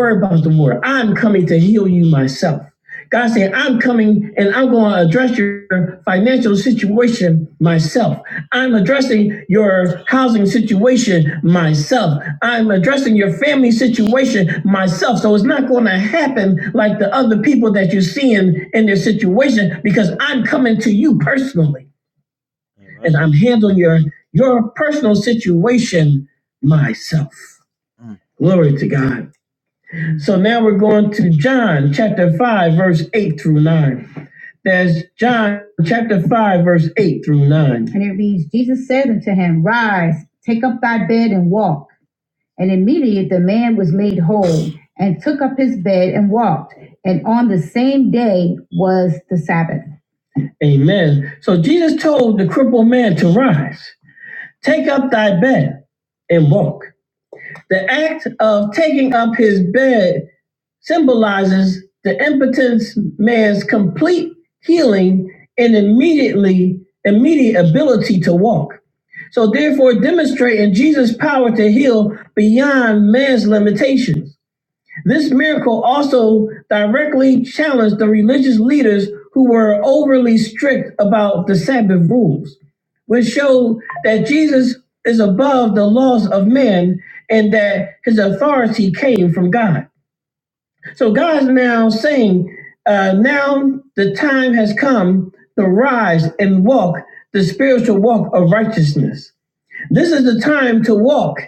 God said, "I'm coming and I'm going to address your financial situation myself. I'm addressing your myself in your situation myself, seeing and this personally. I'm handling your your personal situation myself. Glory to God." So now we're going to John chapter 5, verse 8 through 9. That's John chapter 5, verse 8 through 9. And it reads Jesus said unto him, Rise, take up thy bed and walk. And immediately the man was made whole and took up his bed and walked. And on the same day was the Sabbath. Amen. So Jesus told the crippled man to rise, take up thy bed, and walk. The act of taking up his bed symbolizes the impotent man's complete healing and immediately immediate ability to walk. So therefore demonstrating Jesus' power to heal beyond man's limitations. This miracle also directly challenges leaders who were overly strict about the Sabbath rules, which showed that Jesus is above the laws of men and that his authority came from God. So God's now saying, uh, now the time has come to rise and walk the spiritual walk of righteousness. This is the time to walk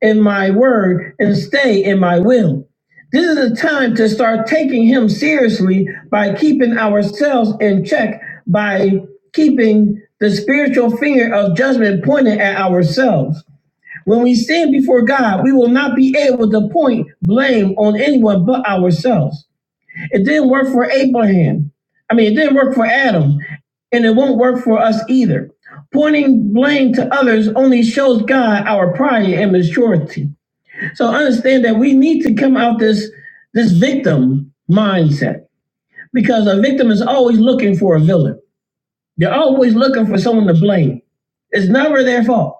in my word and stay in my will. This is the time to start taking him seriously by keeping ourselves in check by being the spiritual judgment at ourselves. When we stand before God, we will not be able to point blame on anyone but ourselves. It didn't work for Abraham. I mean, it didn't work for Adam, and it won't work for us either. Pointing blame to others only shows God our pride and maturity. So understand that we need to come out this this victim mindset. Because a victim is al- they're always looking for someone to blame. It's never their fault.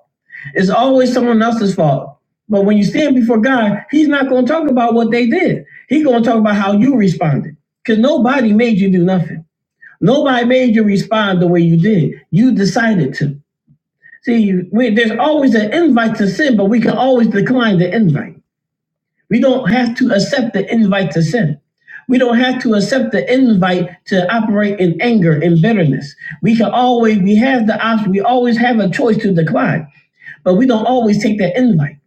It's always someone else's fault. But when you stand before God, He's not going to talk about what they did. He's going to talk about how you responded. Because nobody made you do nothing. Nobody made you respond the way you did. You decided to. We invite to sin, but we can always decline the invite. We don't we don't have to accept the invite to operate in anger and bitterness. We can always we have the option. We always have a choice to decline, but we don't always take that invite.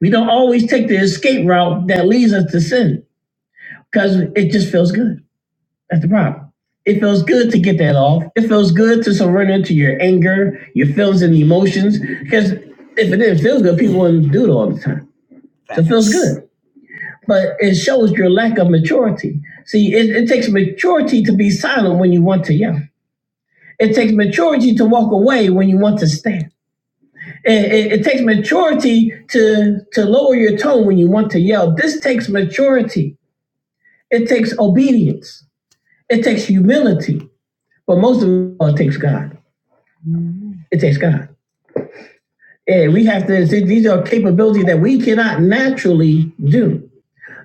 We don't always take the escape route that leads us to sin because it just feels good. It feels good off. Good to surrender emotions. If it people time, so it feels good. but it shows your lack of maturity. See, it, it takes maturity to be silent when you want to yell. It takes maturity to walk away when you want to stand. It, it, it takes maturity to to lower your tone when you want to yell. This takes maturity. It takes obedience, humility, but most of all, it takes God. It takes God. Yeah, we have to. These are capabilities that we cannot naturally do.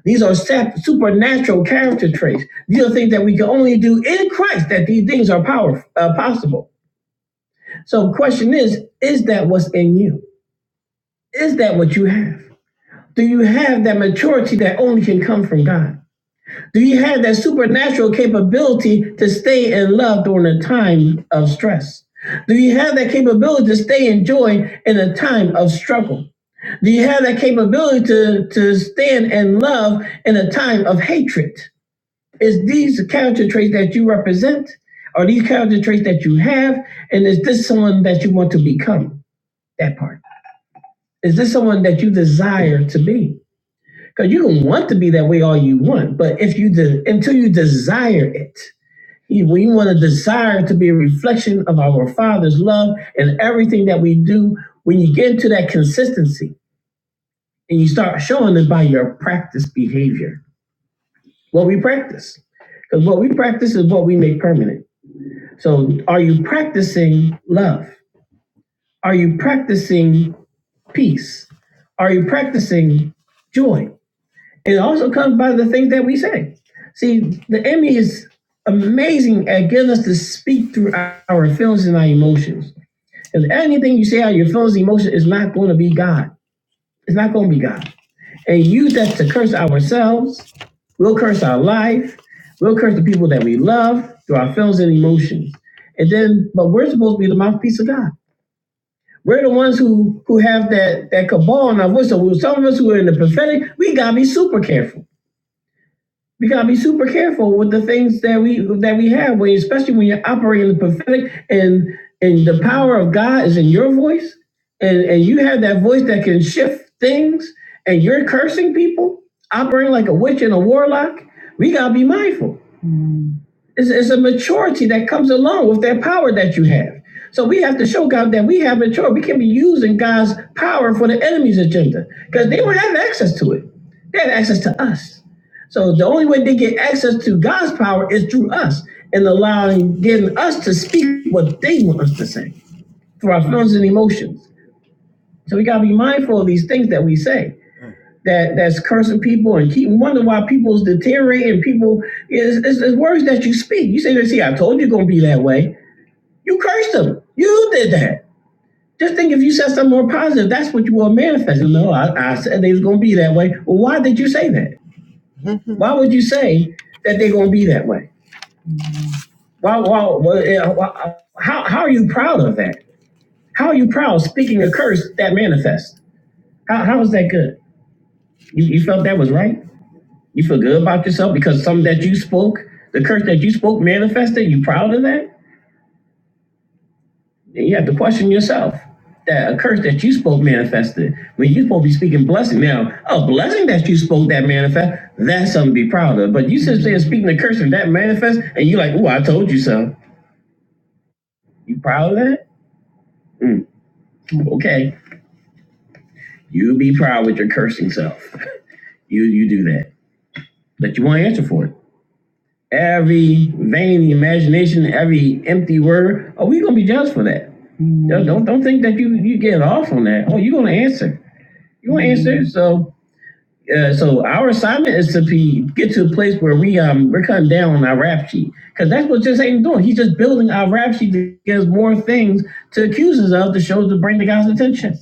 These are supernatural character traits. These are things that we can only do in Christ. That these things are powerful, uh, possible. So question is, is that what's in you? Is that what you have? Do you have that maturity that only can come from God? That supernatural capability to love time of stress? Do you to stay in joy in a time of struggle? Do you have capability to, to end and love a time of hatred? Is these character traits that you present? Are these character traits that you have? And is this someone that you want to become? That part. Is this someone that you desire to be? Because you can want to be that way all you want, but if you de- until you desire it, we want to desire to be a reflection of our Father's love and everything that we do. When you get into that conceit and you start showing it by your practice behavior, what we practice, because what we what we make permanent. So, are you practicing love? Are you practicing peace? Are you practicing joy? It also comes by the things that we say. See, the enemy is amazing at getting us to speak through our feelings and our emotions. Because anything you say out of your feelings and emotions is not going to be God. It's not going to be God. And use that to curse ourselves. We'll curse our life, the people that we love, through our feelings and emotions. But God, we're the who cabal Some of us who are in the prophetic. We're careful. We gotta be super careful with the things that we that we have, when, especially when you're operating in the prophetic and and the power of God is in your voice you have that voice that can shift things and you're cursing like a witch and a warlock, we gotta be mindful. It's, it's a maturity that comes along with that power that you have. So we have to show God that we have maturity. We can be using God's power for the enemy's agenda because they don't have access to it. They have access to us. So the only way they get access to God's power is through us and allowing, getting us to speak what they want us to say through our feelings and emotions. So we gotta be mindful of these things that we say. that that's cursing people and keep wondering why people's deteriorating. People is it's, it's words that you speak. You say, let see, I told you gonna be that way." You cursed them. You did that. Just tell something more positive. That's what you want to manifest. No, I, I said they was gonna be that way. Well, why did you say that? Why would you say that they're gonna be that way? Why? Why? eh, why how? How are you proud of that? How are you proud of speaking a curse that manifests? How? How is that good? You, you felt that was right? You feel good about yourself because some that you spoke, the curse that you spoke manifested. You proud of that? Then you have to question yourself. That a curse that you spoke manifested when you supposed to be speaking blessing. Now, a blessing that you spoke that manifest, that's something to be proud of. But you sit there speaking the curse and that manifest, and you like, oh, I told you so. You proud of that? Mm, okay. You be proud with your cursing self. You you do that. But you want to answer for it. every vain imagination, every empty word. Are we gonna be judged for that? Don't don't, don't think that you you get off on that. Oh, you're gonna answer. You gonna mm-hmm. answer. So uh, so our assignment is to be get to a place where we um we're cutting down on our rap sheet because that's what just Satan doing. He's just building our rap sheet to give us more things to accuse us of to show to bring the guy's attention.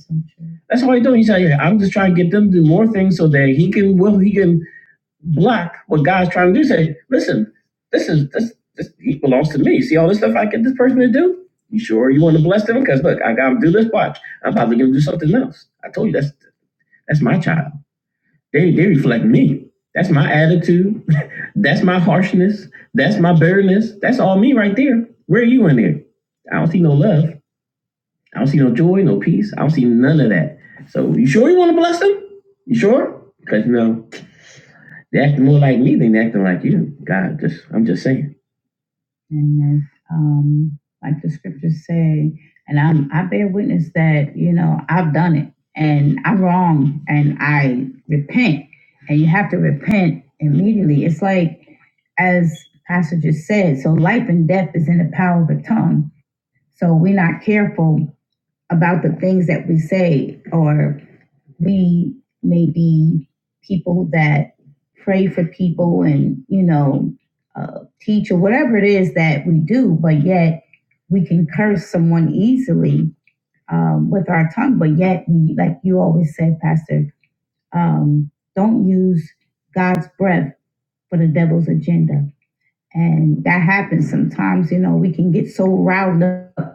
That's all he's doing. He's like, "Yeah, I'm just trying to get them to do more things so that he can well he can block what God's trying to do. Say, listen, this is this this he belongs to me. See all this stuff I get this person to do? You sure you want to bless them? Because look, I got to do this. Watch, I'm probably going to do something else. I told you that's that's my child. They they reflect me. That's my attitude. that's my harshness. That's my bitterness. That's all me right there. Where are you in there? I don't see no love. I don't see no joy, no peace. I don't see none of that. So you sure you want to bless them? You sure? Because no, that And that, um, like the scriptures say, and I'm, I bear witness that, you know, I've done it and I'm wrong and I repent. And you have to repent immediately. It's like, as Pastor just said, so life and death is in the power of the tongue. So we're not careful about the things that we say, or we may be people that pray for people and, you know, uh, teach or whatever it is that we do, but yet we can curse someone easily um, with our tongue, but yet we, like you always said, Pastor, um, don't use God's breath for the devil's agenda. And that happens sometimes, you know, we can get so riled up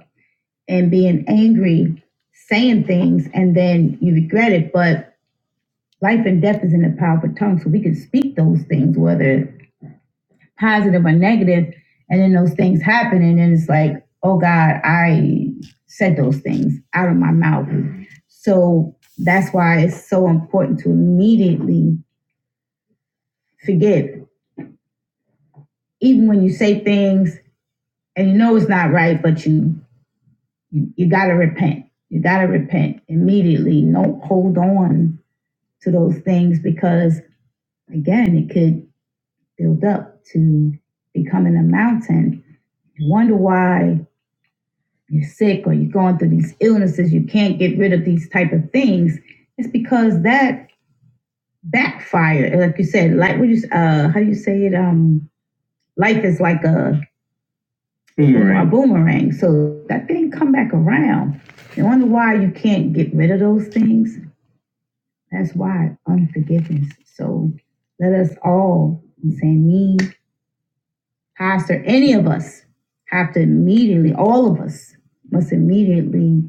and being angry, saying things, and then you regret it. But life and death is in the power of the tongue, so we can speak those things, whether positive or negative, and then those things happen, and then it's like, oh God, I said those things out of my mouth. So that's why it's so important to immediately forgive, even when you say things and you know it's not right, but you you, you gotta repent. You gotta repent immediately. Don't hold on to those things because again it could build up to becoming a mountain you wonder why you're sick or you're going through these illnesses you can't get rid of these type of things it's because that backfired. like you said like what you uh how do you say it um life is like a boomerang. a boomerang so that thing come back around you wonder why you can't get rid of those things that's why unforgiveness so let us all, I'm saying me, Pastor, any of us have to immediately, all of us must immediately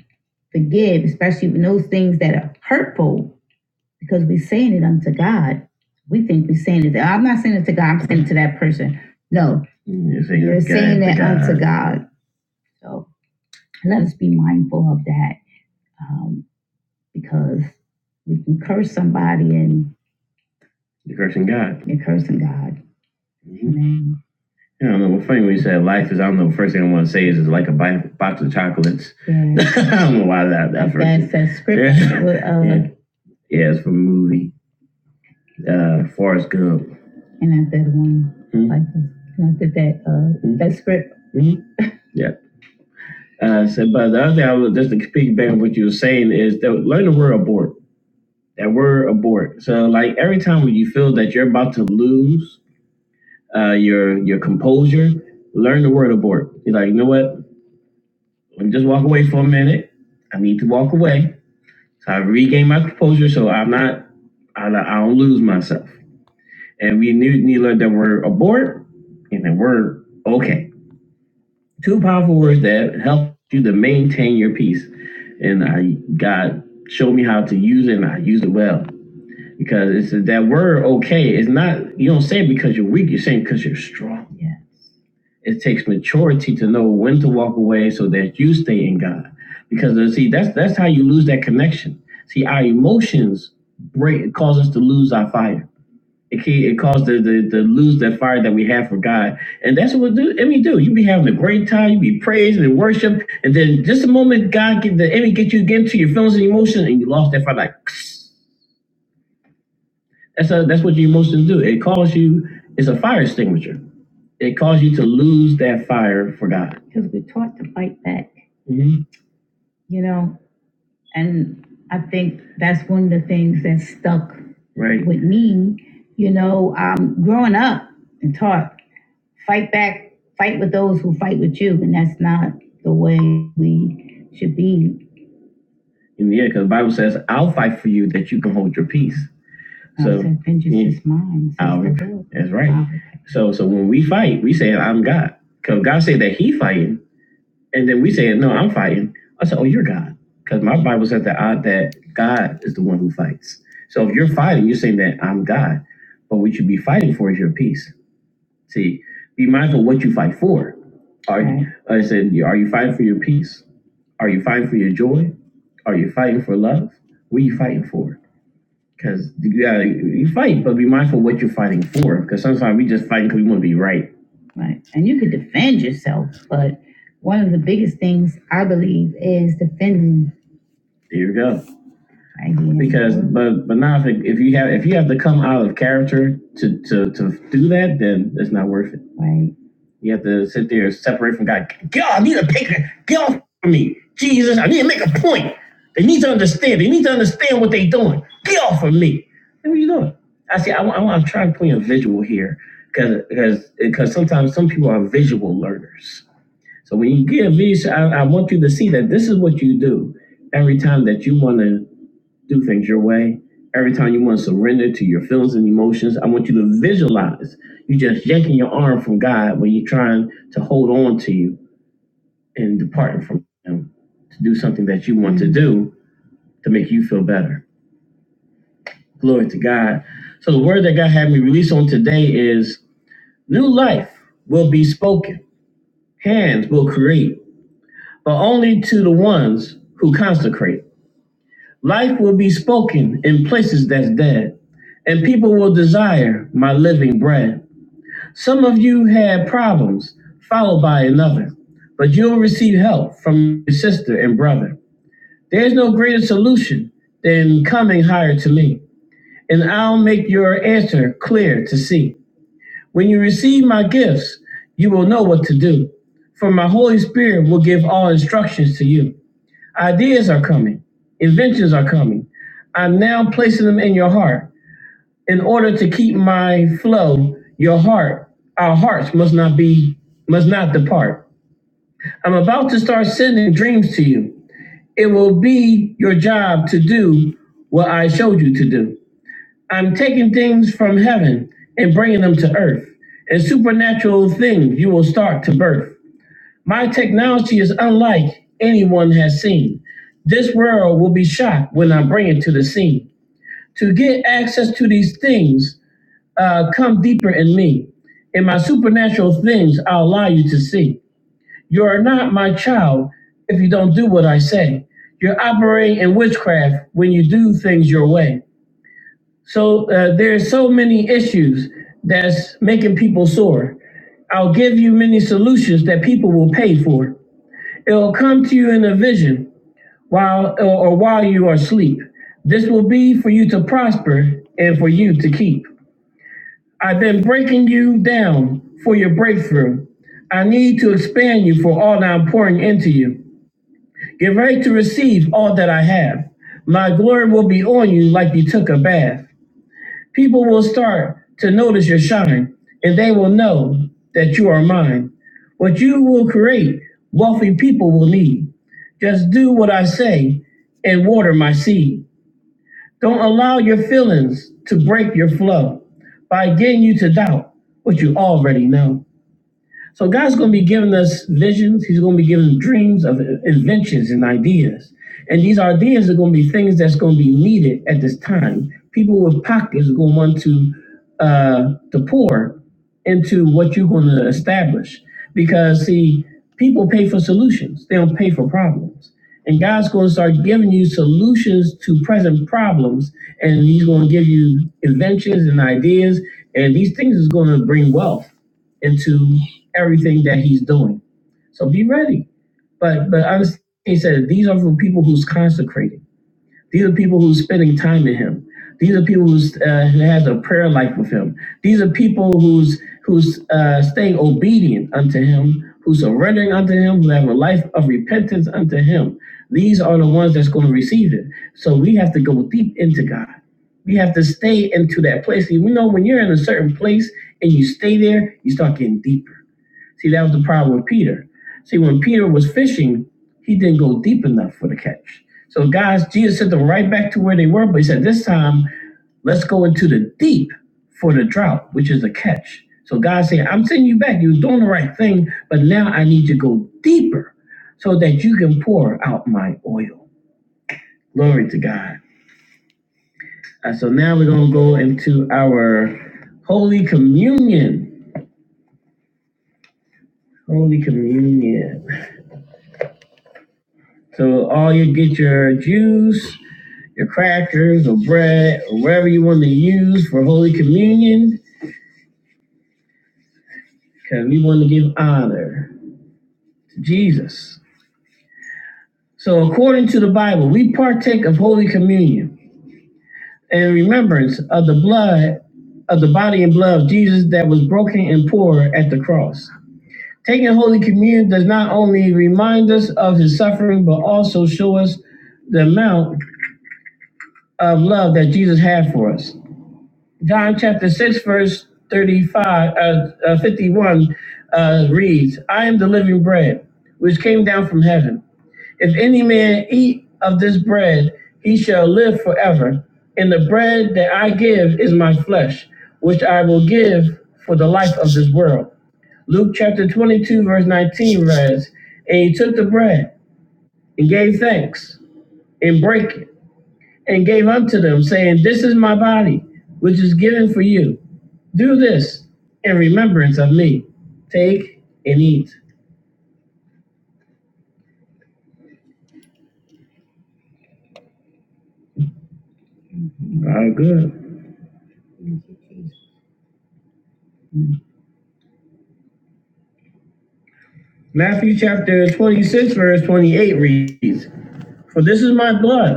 forgive, especially when those things that are hurtful, because we're saying it unto God. We think we're saying it. I'm not saying it to God, I'm saying it to that person. No, Saying you're it saying it unto God. So let us be mindful of that um, because we can curse somebody and you're cursing God. Amen. Yeah. That's that, that scripture. Yeah. Uh, yeah. Movie. Uh, Forrest Gump. and I did one Mhm. like I did that uh Mhm. that script. Mhm. Yeah. Uh, so, but that's the speaking back of what you were saying is that learn the word abort. That word abort. So, like every time when you feel that you're about to lose uh, your your composure, learn the word abort. You're like, you know what? Let me just walk away for a minute. I need to walk away. So I regain my composure. So I'm not. I, I don't lose myself. And we need, need to learn that word abort and the word okay. two powerful words that help you to maintain your peace. And I God showed me how to use it and I used it well. Because it's that word okay it's not you don't say it because you're weak, you're saying because you're strong. Yeah. It takes maturity to know when to walk away so that you stay in God. Because uh, see, that's that's how you lose that connection. See, our emotions break cause us to lose our fire it, key, it caused the, the, the lose that fire that we have for God. And that's what we do. And we do. You be having a great time. You be praising and worship. And then just the moment God get the enemy get you again to your feelings and emotions and you lost that fire like that's a, that's what your emotions do. It calls you it's a fire extinguisher. It calls you to lose that fire for God. Because we're taught to fight back. hmm You know, and I think that's one of the things that stuck right. with me, you know, um, growing up and taught. fight back, fight with those who fight with you, and that's not the way we should be. yeah, because the Bible says, I'll fight for you that you can hold your peace. So vengeance yeah. is mine. that's right. i So so when we fight, we say I'm God. Cause God said that He fighting, and then we say no, I'm fighting. I said, oh, you're God. Cause my Bible says that I, that God is the one who fights. So if you're fighting, you're saying that I'm God. But what you should be fighting for is your peace. See, be mindful what you fight for. Are you, I said, yeah, are you fighting for your peace? Are you fighting for your joy? Are you fighting for love? What are you fighting for? Because you gotta you fight, but be mindful what you're fighting for. Because sometimes we just fight because we want to be right. Right, and you could defend yourself, but one of the biggest things I believe is defending. There you go. Right. Because, but but now if, if you have if you have to come out of character to to to do that, then it's not worth it. Right to sit there and separate from God. God, I need to pick Jesus. I need to make a. They need, they need to understand what they're doing. Get off of me. I'm trying to point visual here because because visual learners see that you do every time that you want to do things your way. Every time you want to surrender to your feelings and emotions, I want you to visualize you just yanking God when you're trying to hold on to you and departing from Him to do something that you want to do to make you feel better. Glory to God. So the word that God had me release on today is. New life will be spoken, hands will create, but only to the ones who consecrate. Life will be spoken in places that's dead, and people will desire my living bread. Some of you had problems, followed by another, but you'll receive help from your sister and brother. There's no greater solution than coming higher to me, and I'll make your answer clear to see. When you receive my gifts, you will know what to do. For my Holy Spirit will give all instructions to you. Ideas are coming, inventions are coming. I'm now placing them in your heart. In order to keep my flow, your heart, our hearts must not be, must not depart. I'm about to start sending dreams to you. It will be your job to do what I told you to do. Things from heaven, bringing them to earth, and supernatural things you will start to birth. My technology is unlike anyone has seen. This world will be shocked when I bring it to the scene. To get access to these things, uh, come deeper in me. In my supernatural things, I'll allow you to see. You are not my child if you don't do what I say. You're operating in witchcraft when you do things your way. So uh, there's so many issues that's making people sore. I'll give you many solutions, but will pay for it. It'll come to you in vision While while you are asleep. This will be for you to prosper and for you to keep. I've been breaking you down for your breakthrough. I need to expand you for all that I'm pouring into you. Get ready to receive all that I have. My glory will be on you like you took a bath. People will start to notice your shine, and they will know that you are mine. What you will create, wealthy people will need. Just do what I say and water my seed. Don't allow to break low, getting you to doubt what you know. God's going to be giving us visions, dreams, and these are just going to be at this time. People with pockets are going to want to uh, pour into what you're going to establish because, see, people pay for solutions, they don't pay for problems. And God's going to start giving you solutions to present problems, and He's going to give you inventions and ideas, and these things is going to bring wealth into everything that He's doing. So be ready But but understand, he said these are for people who's consecrated. These are people who's spending time in Him. These are people who's uh, who has a prayer life with Him. These are people who's who's uh, staying obedient unto Him, who's surrendering unto Him, who have a life of repentance unto Him. These are the ones that's going to receive it. So we have to go deep into God. We have to stay into that place. You know, when you're in a certain place and you stay there, you start getting deeper See, that was the problem with Peter. See, when Peter was fishing, he didn't go deep enough for the catch. So, guys, Jesus sent them right back to where they were, but he said, this time, let's go into the deep for the drought, which is the catch. So, God said, I'm sending you back. You was doing the right thing, but now I need you to go deeper so that you can pour out my oil. Glory to God. Uh, so, now we're going to go into our Holy Communion. Holy Communion. So all you get your juice, your crackers, or bread, or whatever you want to use for holy Jesus. So Bible, we partake of Holy Communion in remembrance of the blood of the body and blood of Jesus that was broken and poured at the cross. Taking Holy Communion does not only remind us of his suffering, but also show us the amount of Jesus had for us. John chapter 6, verse 35, 51 uh, reads, I am the living bread. came down from heaven. Man, eat of bread and break it, and gave unto them, saying, This is my body, which is given for you. Do this in remembrance of me. Take it. All right, good. Matthew chapter 26, the blood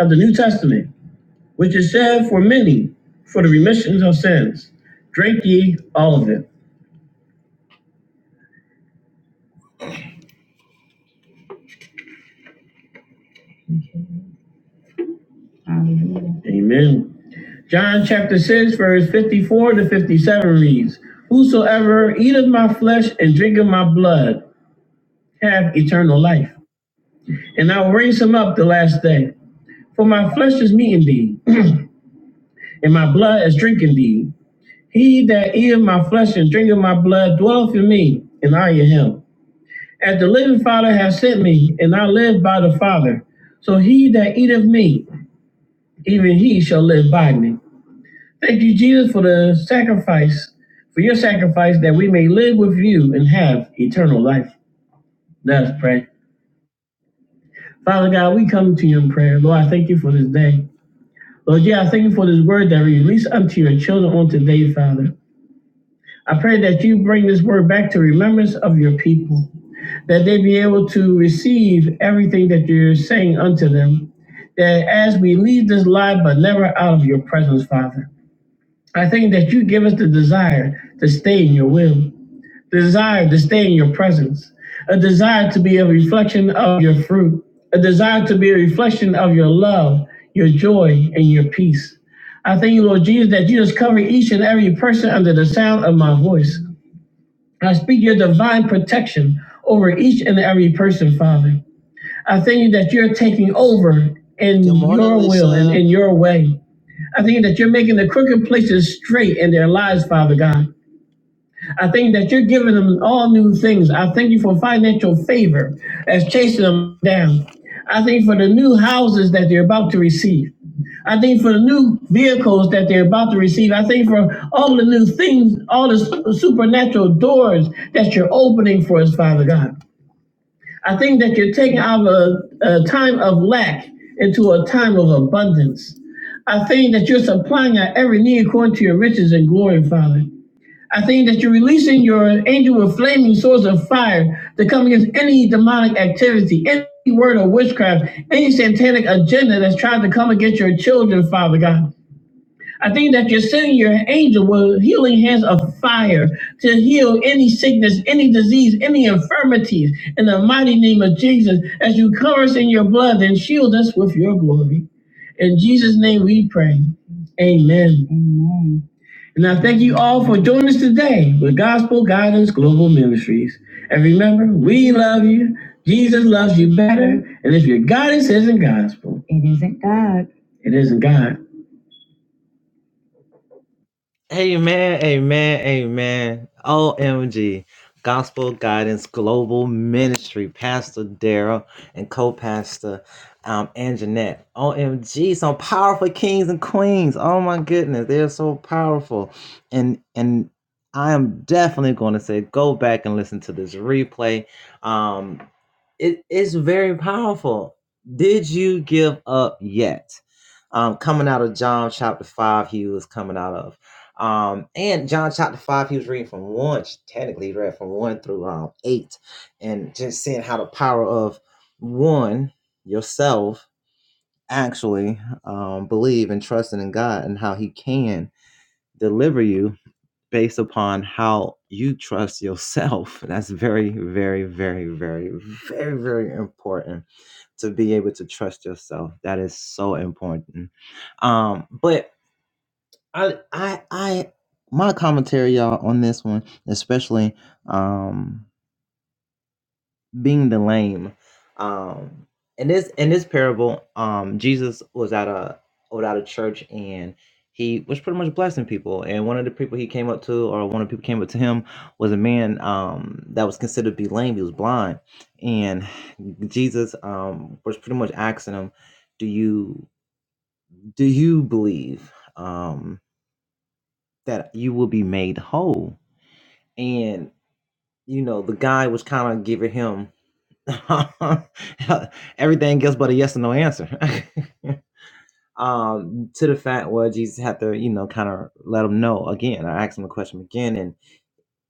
of the New Testament, which is shed for me, all of it. Amen. Amen. John verse 54 to 57 reads, Whosoever eateth my flesh and drinketh my blood, life. And I will raise him up the last day. For my meat indeed, my blood is drinking thee. that eat and drink of my blood, and I am him. As the living Father, and I live by the Father. So he that eateth me, even he shall live by me. Thank you, Jesus, for the sacrifice, for your sacrifice, that we may live with you and have eternal life. Let us pray. Father God, we come to you in prayer. Lord, I thank you for this day. Lord, yeah, I thank you for this word that we release unto your children on today, Father. I pray that you bring this word back to remembrance of your people. Be able to see you're saying unto them. that as we leave this life, but never out of your presence, Father, the, the stay, desire to stay in your presence, a desire to reflection of your fruit, a desire to be a reflection of your love, your joy, and your peace. I thank you, Lord Jesus, that you just cover each and every person under the sound of my voice. I speak your divine protection over each and every person, Father. I thank you that you're taking over in your will and in your way. I think that you're making the crooked places straight in their lives, Father God. I think that you're giving them all new things. I thank you for financial favor as chasing them down. I thank you for the new houses that they're about to receive. I thank you for the new vehicles that they're about to receive. I thank you for all the new things, all the su- supernatural doors that you're opening for us, Father God. I think that you're taking out a, a time of lack into a time of abundance thing that you're supplying at every need according to your riches and glory, Father. I think that you're releasing your you a flaming source of fire, demonic activity, uh, any infirmities. In the mighty name of Jesus, as you cover us in your with your glory. And, I thank you all for joining us today with Gospel Guidance Global Ministries. And remember, we love you. Jesus loves you better. And if you're God, it isn't God. It isn't God. Amen, amen, amen. OMG. Gospel Guidance Global Ministry, Pastor Daryl and co pastor um, and Jeanette. OMG, some powerful kings and queens. Oh my goodness, they're so powerful. And, and, I am definitely going to say go back and listen to this replay. Um, it is very powerful. Did you give up yet? Um, coming out of John chapter five, he was coming out of. Um, and John chapter five, he was reading from one, technically he read from one through um eight, and just seeing how the power of one yourself actually um believe and trusting in God and how he can deliver you based upon how you trust yourself. And That's very, very, very, very, very, very important to be able to trust yourself. That is so important. Um, but I I I my commentary y'all on this one, especially um being the lame. Um in this in this parable, um Jesus was at a was at a church and he was pretty much blessing people. And one of the people he came up to or one of the people came up to him was a man um that was considered to be lame. He was blind. And Jesus um was pretty much asking him, Do you do you believe um that you will be made whole? and you know the guy was kind of giving him everything else but a yes or no answer um to the fact where jesus had to you know kind of let him know again i asked him the question again and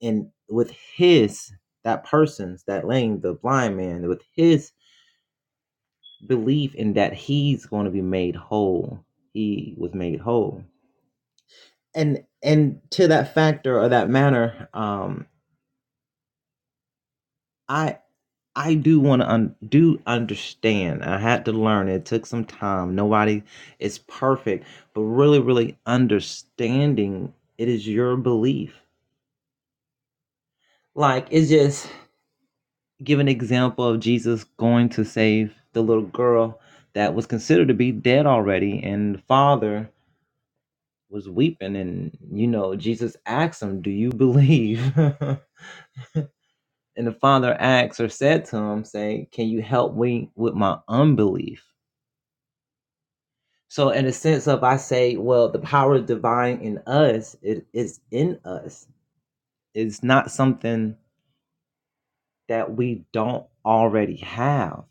and with his that person's that lame the blind man with his belief in that he's going to be made whole he was made whole and and to that factor or that manner um I. I do want to un- do understand. I had to learn. It took some time. Nobody is perfect, but really, really understanding it is your belief. Like it's just give an example of Jesus going to save the little girl that was considered to be dead already, and the father was weeping, and you know Jesus asked him, "Do you believe?" and the father asked or said to him, "Say, can you help me with my unbelief?" So, in a sense of, I say, well, the power divine in us, it is in us. It's not something that we don't already have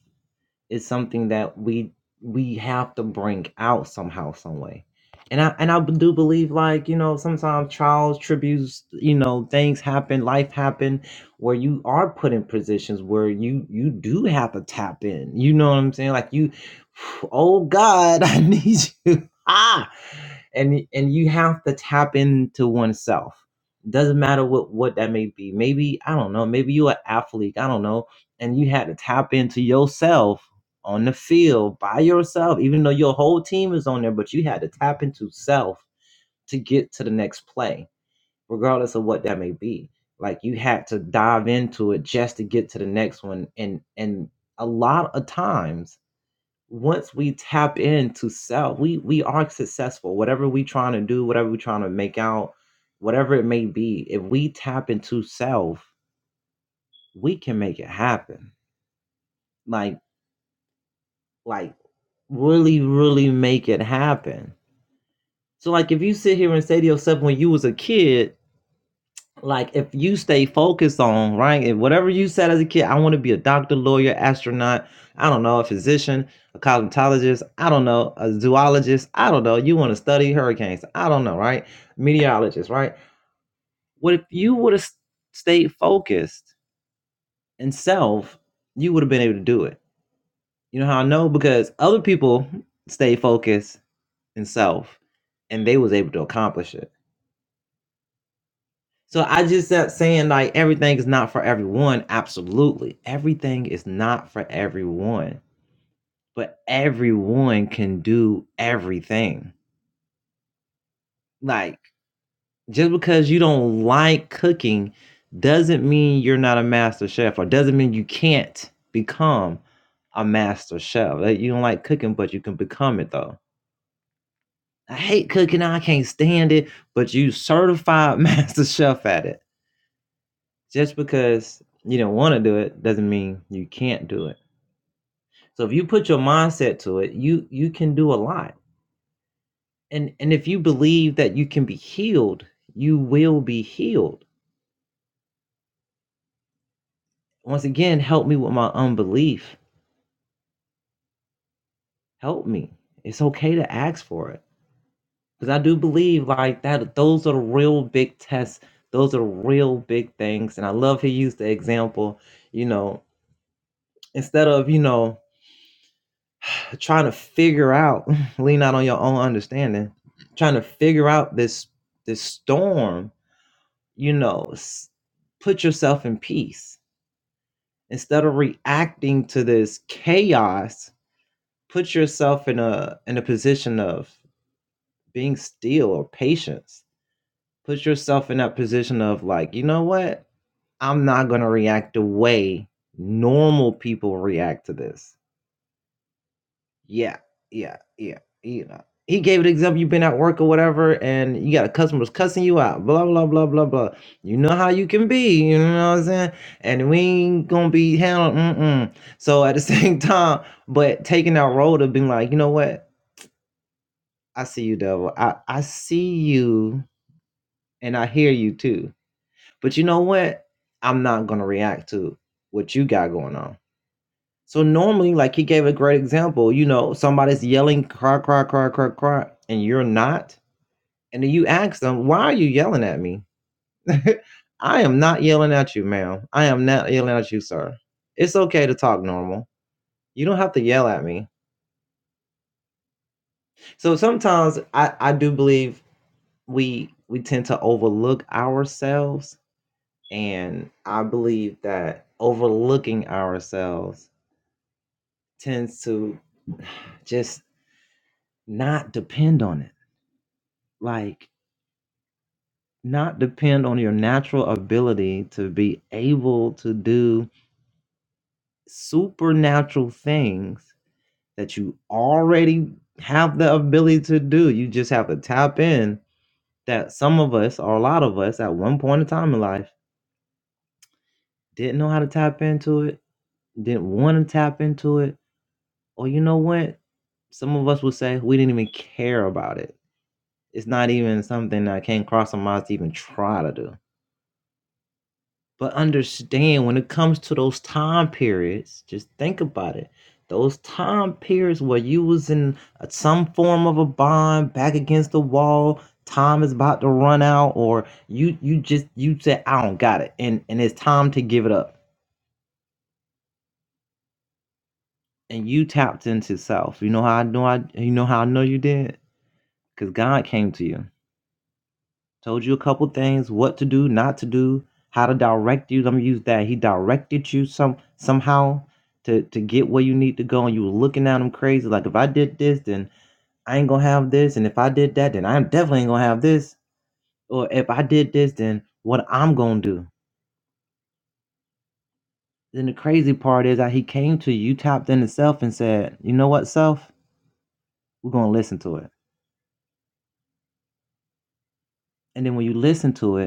is something that we we have to bring out somehow, some way. And I and I do believe like, you know, sometimes trials, tributes, you know, things happen, life happen where you are put in positions where you you do have to tap in. You know what I'm saying? Like you oh God, I need you. Ah and and you have to tap into oneself. Doesn't matter what what that may be. Maybe I don't know. Maybe you're an athlete. I don't know, and you had to tap into yourself on the field by yourself, even though your whole team is on there, but you had to tap into self to get to the next play, regardless of what that may be. Like you had to dive into it just to get to the next one. And and a lot of times, once we tap into self, we we are successful. Whatever we trying to do, whatever we're trying to make out, whatever it may be, if we tap into self, we can make it happen. Like like really, really make it happen So like if you sit here and say to yourself when you was a kid, like if you stay focused on, right? If whatever you said as a kid, I want to be a doctor, lawyer, astronaut, I don't know, a physician, a cosmetologist, I don't know, a zoologist, I don't know. You want to study hurricanes, I don't know, right? Meteorologist, right? What if you would have stayed focused and self, you would have been able to do it. You know how I know? Because other people stay focused and self and they was able to accomplish it So I just am saying like everything is not for everyone. Absolutely. Everything is not for everyone. But everyone can do everything. Like just because you don't like cooking doesn't mean you're not a master chef or doesn't mean you can't become a master chef. Like, You don't like cooking, but you can become it though. I hate cooking, I can't stand it, but you certified master chef at it Just because you don't want to do it doesn't mean you can't do it. So if you put your mindset to it, you you can do a lot. And and if you believe that you can be healed, you will be healed. Once again, help me with my unbelief. Help me. It's okay to ask for it. Because I do believe like that those are the real big tests. Those are real big things. And I love he used the example, you know, instead of, you know, trying to figure out lean out on your own understanding trying to figure out this this storm you know s- put yourself in peace instead of reacting to this chaos put yourself in a in a position of being still or patience put yourself in that position of like you know what i'm not going to react the way normal people react to this Yeah, yeah, yeah. You know, he gave an example. You've been at work or whatever, and you got a customers cussing you out. Blah blah blah blah blah. You know how you can be. You know what I'm saying? And we ain't gonna be handling. Mm-mm. So at the same time, but taking that road of being like, you know what? I see you, devil. I I see you, and I hear you too. But you know what? I'm not gonna react to what you got going on. So normally, like he gave a great example, you know, somebody's yelling, cry, cry, cry, cry, cry, and you're not. And then you ask them, why are you yelling at me? I am not yelling at you, ma'am. I am not yelling at you, sir. It's okay to talk normal. You don't have to yell at me. So sometimes I, I do believe we we tend to overlook ourselves. And I believe that overlooking ourselves tends to just not depend on it. Like not depend on your natural ability to be able to do supernatural things that you already have the ability to do. You just have to tap in that some of us or a lot of us at one point in time in life didn't know how to tap into it, didn't want to tap into it, or you know what? Some of us would say we didn't even care about it. It's not even something that came across our minds to even try to do. But understand when it comes to those time periods, just think about it. Those time periods where you was in a- some form of a bond, back against the wall, time is about to run out, or you you just you said I don't got it, and and it's time to give it up, and you tapped into self. You know how I know I you know how I know you did because God came to you. Told you a couple things, what to do, not to do, how to direct you. Let me use that. He directed you some somehow to to get where you need to go, and you were looking at him crazy. Like if I did this, then I ain't gonna have this, and if I did that, then I definitely ain't gonna have this. Or if I did this, then what I'm gonna do. Then the crazy part is that he came to you, tapped into self, and said, "You know what, self? We're gonna listen to it." And then when you listen to it,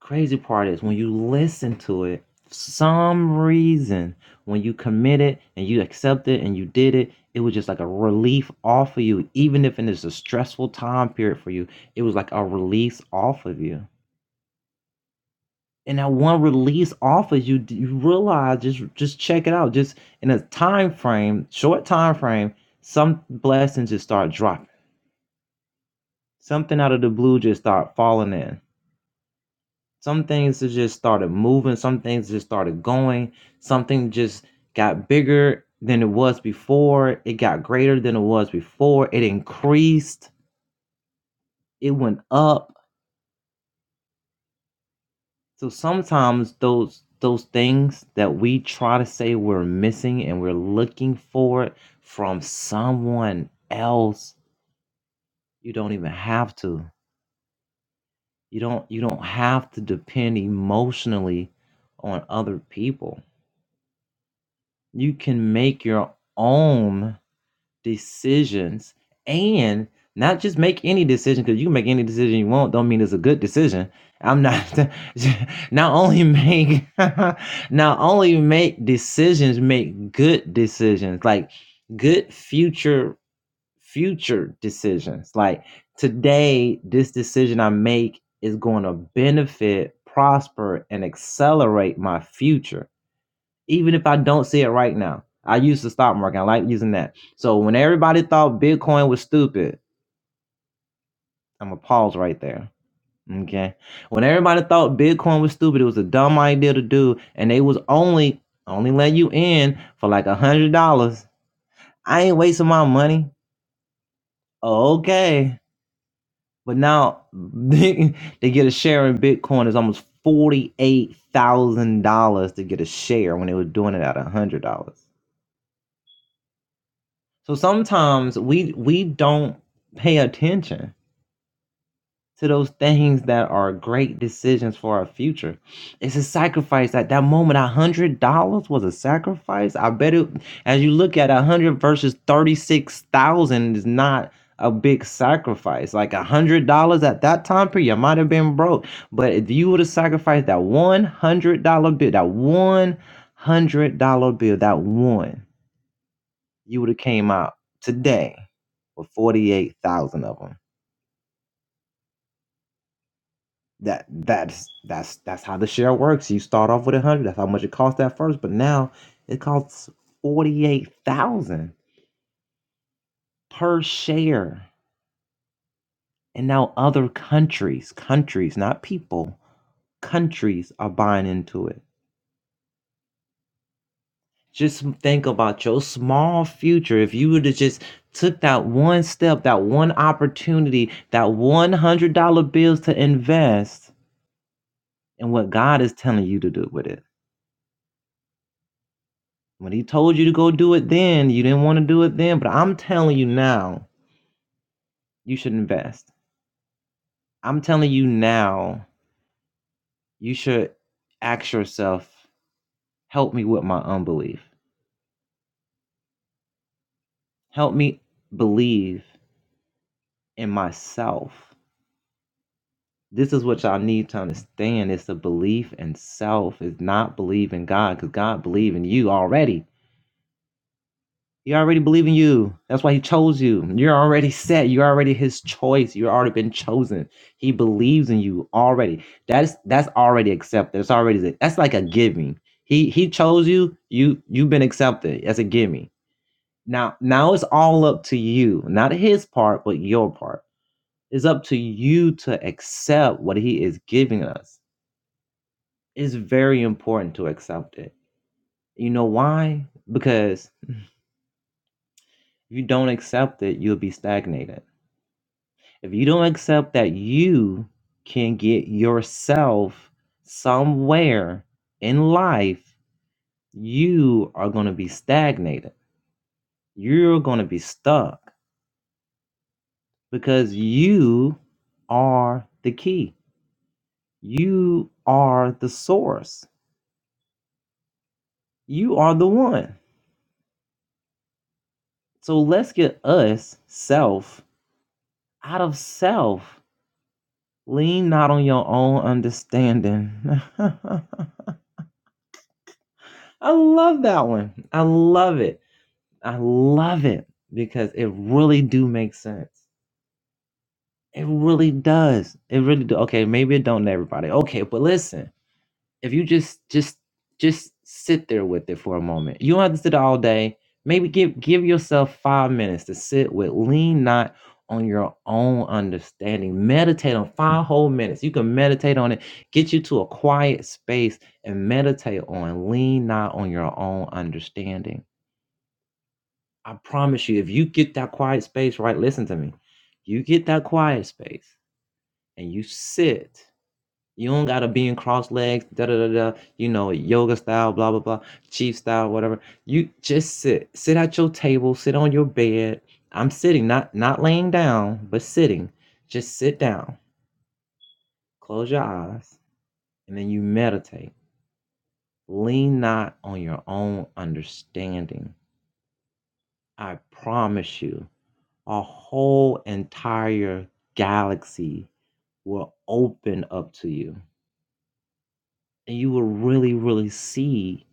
crazy part is when you listen to it some reason when you commit it and you accept it and you did it it was just like a relief off of you even if it is a stressful time period for you it was like a release off of you and that one release off of you you realize just just check it out just in a time frame short time frame some blessings just start dropping something out of the blue just start falling in Some things it just started moving, some things just started going, something just got bigger than it was before, it got greater than it was before, it increased, it went up. So sometimes those those things that we try to say we're missing and we're looking for it from someone else, you don't even have to. You don't you don't have to depend emotionally on other people. You can make your own decisions and not just make any decision because you can make any decision you want don't mean it's a good decision i'm not not only make not only make decisions make good decisions like good future future decisions like today this decision i make is going to benefit prosper and accelerate my future even if I don't see it right now. I use the stock market. I like using that. So when everybody thought Bitcoin was stupid, I'm gonna pause right there. Okay. When everybody thought Bitcoin was stupid, it was a dumb idea to do, and they was only only letting you in for like a hundred dollars. I ain't wasting my money. Okay. But now they get a share in Bitcoin is almost forty eight thousand dollars to get a share when they were doing it at a hundred dollars. So sometimes we we don't pay attention to those things that are great decisions for our future. It's a sacrifice at that moment. A hundred dollars was a sacrifice. I bet it. As you look at a hundred versus thirty six thousand is not a big sacrifice. Like a hundred dollars at that time period, you might have been broke. But if you would have sacrificed that one hundred dollar bill, that one hundred dollar bill, that one you would have came out today with 48,000 of them. That that's that's that's how the share works. You start off with 100. That's how much it costs at first, but now it costs 48,000 per share. And now other countries, countries, not people, countries are buying into it. Just think about your small future. If you would have just took that one step, that one opportunity, that $100 bills to invest and what God is telling you to do with it. When He told you to go do it then, you didn't want to do it then, but I'm telling you now, you should invest. I'm telling you now, you should ask yourself, help me with my unbelief. Help me believe in myself. This is what y'all need to understand. It's a belief in self. It's not believe in God, because God believe in you already. He already believes in you. That's why he chose you. You're already set. You're already his choice. You've already been chosen. He believes in you already. That's that's already accepted. It's already that's like a giving. He he chose you. You you've been accepted as a giving. Now now it's all up to you. Not his part, but your part. It's up to you to accept what he is giving us. It's very important to accept it. You know why? Because if you don't accept it, you'll be stagnated If you don't accept that you can get yourself somewhere in life, you are going to be stagnated. You're going to be stuck because you are the key. You are the source. You are the one. So let's get us self out of self. Lean not on your own understanding. I love that one. I love it I love it because it really do make sense. It really does. It really do. Okay, maybe it don't to everybody. Okay, but listen, if you just just just sit there with it for a moment. You don't have to sit all day. Maybe give give yourself five minutes to sit with. Lean not on your own understanding. Meditate on five whole minutes. You can meditate on it. Get you to a quiet space and meditate on. Lean not on your own understanding I promise you, if you get that quiet space, right? Listen to me. You get that quiet space and you sit. You don't gotta be in cross legs, da da da da. You know, yoga style, blah blah blah, chief style, whatever. You just sit. Sit at your table. Sit on your bed. I'm sitting, not not laying down, but sitting. Just sit down. Close your eyes, and then you meditate. Lean not on your own understanding. I promise you. a whole entire galaxy will open up to you. And you will really, really see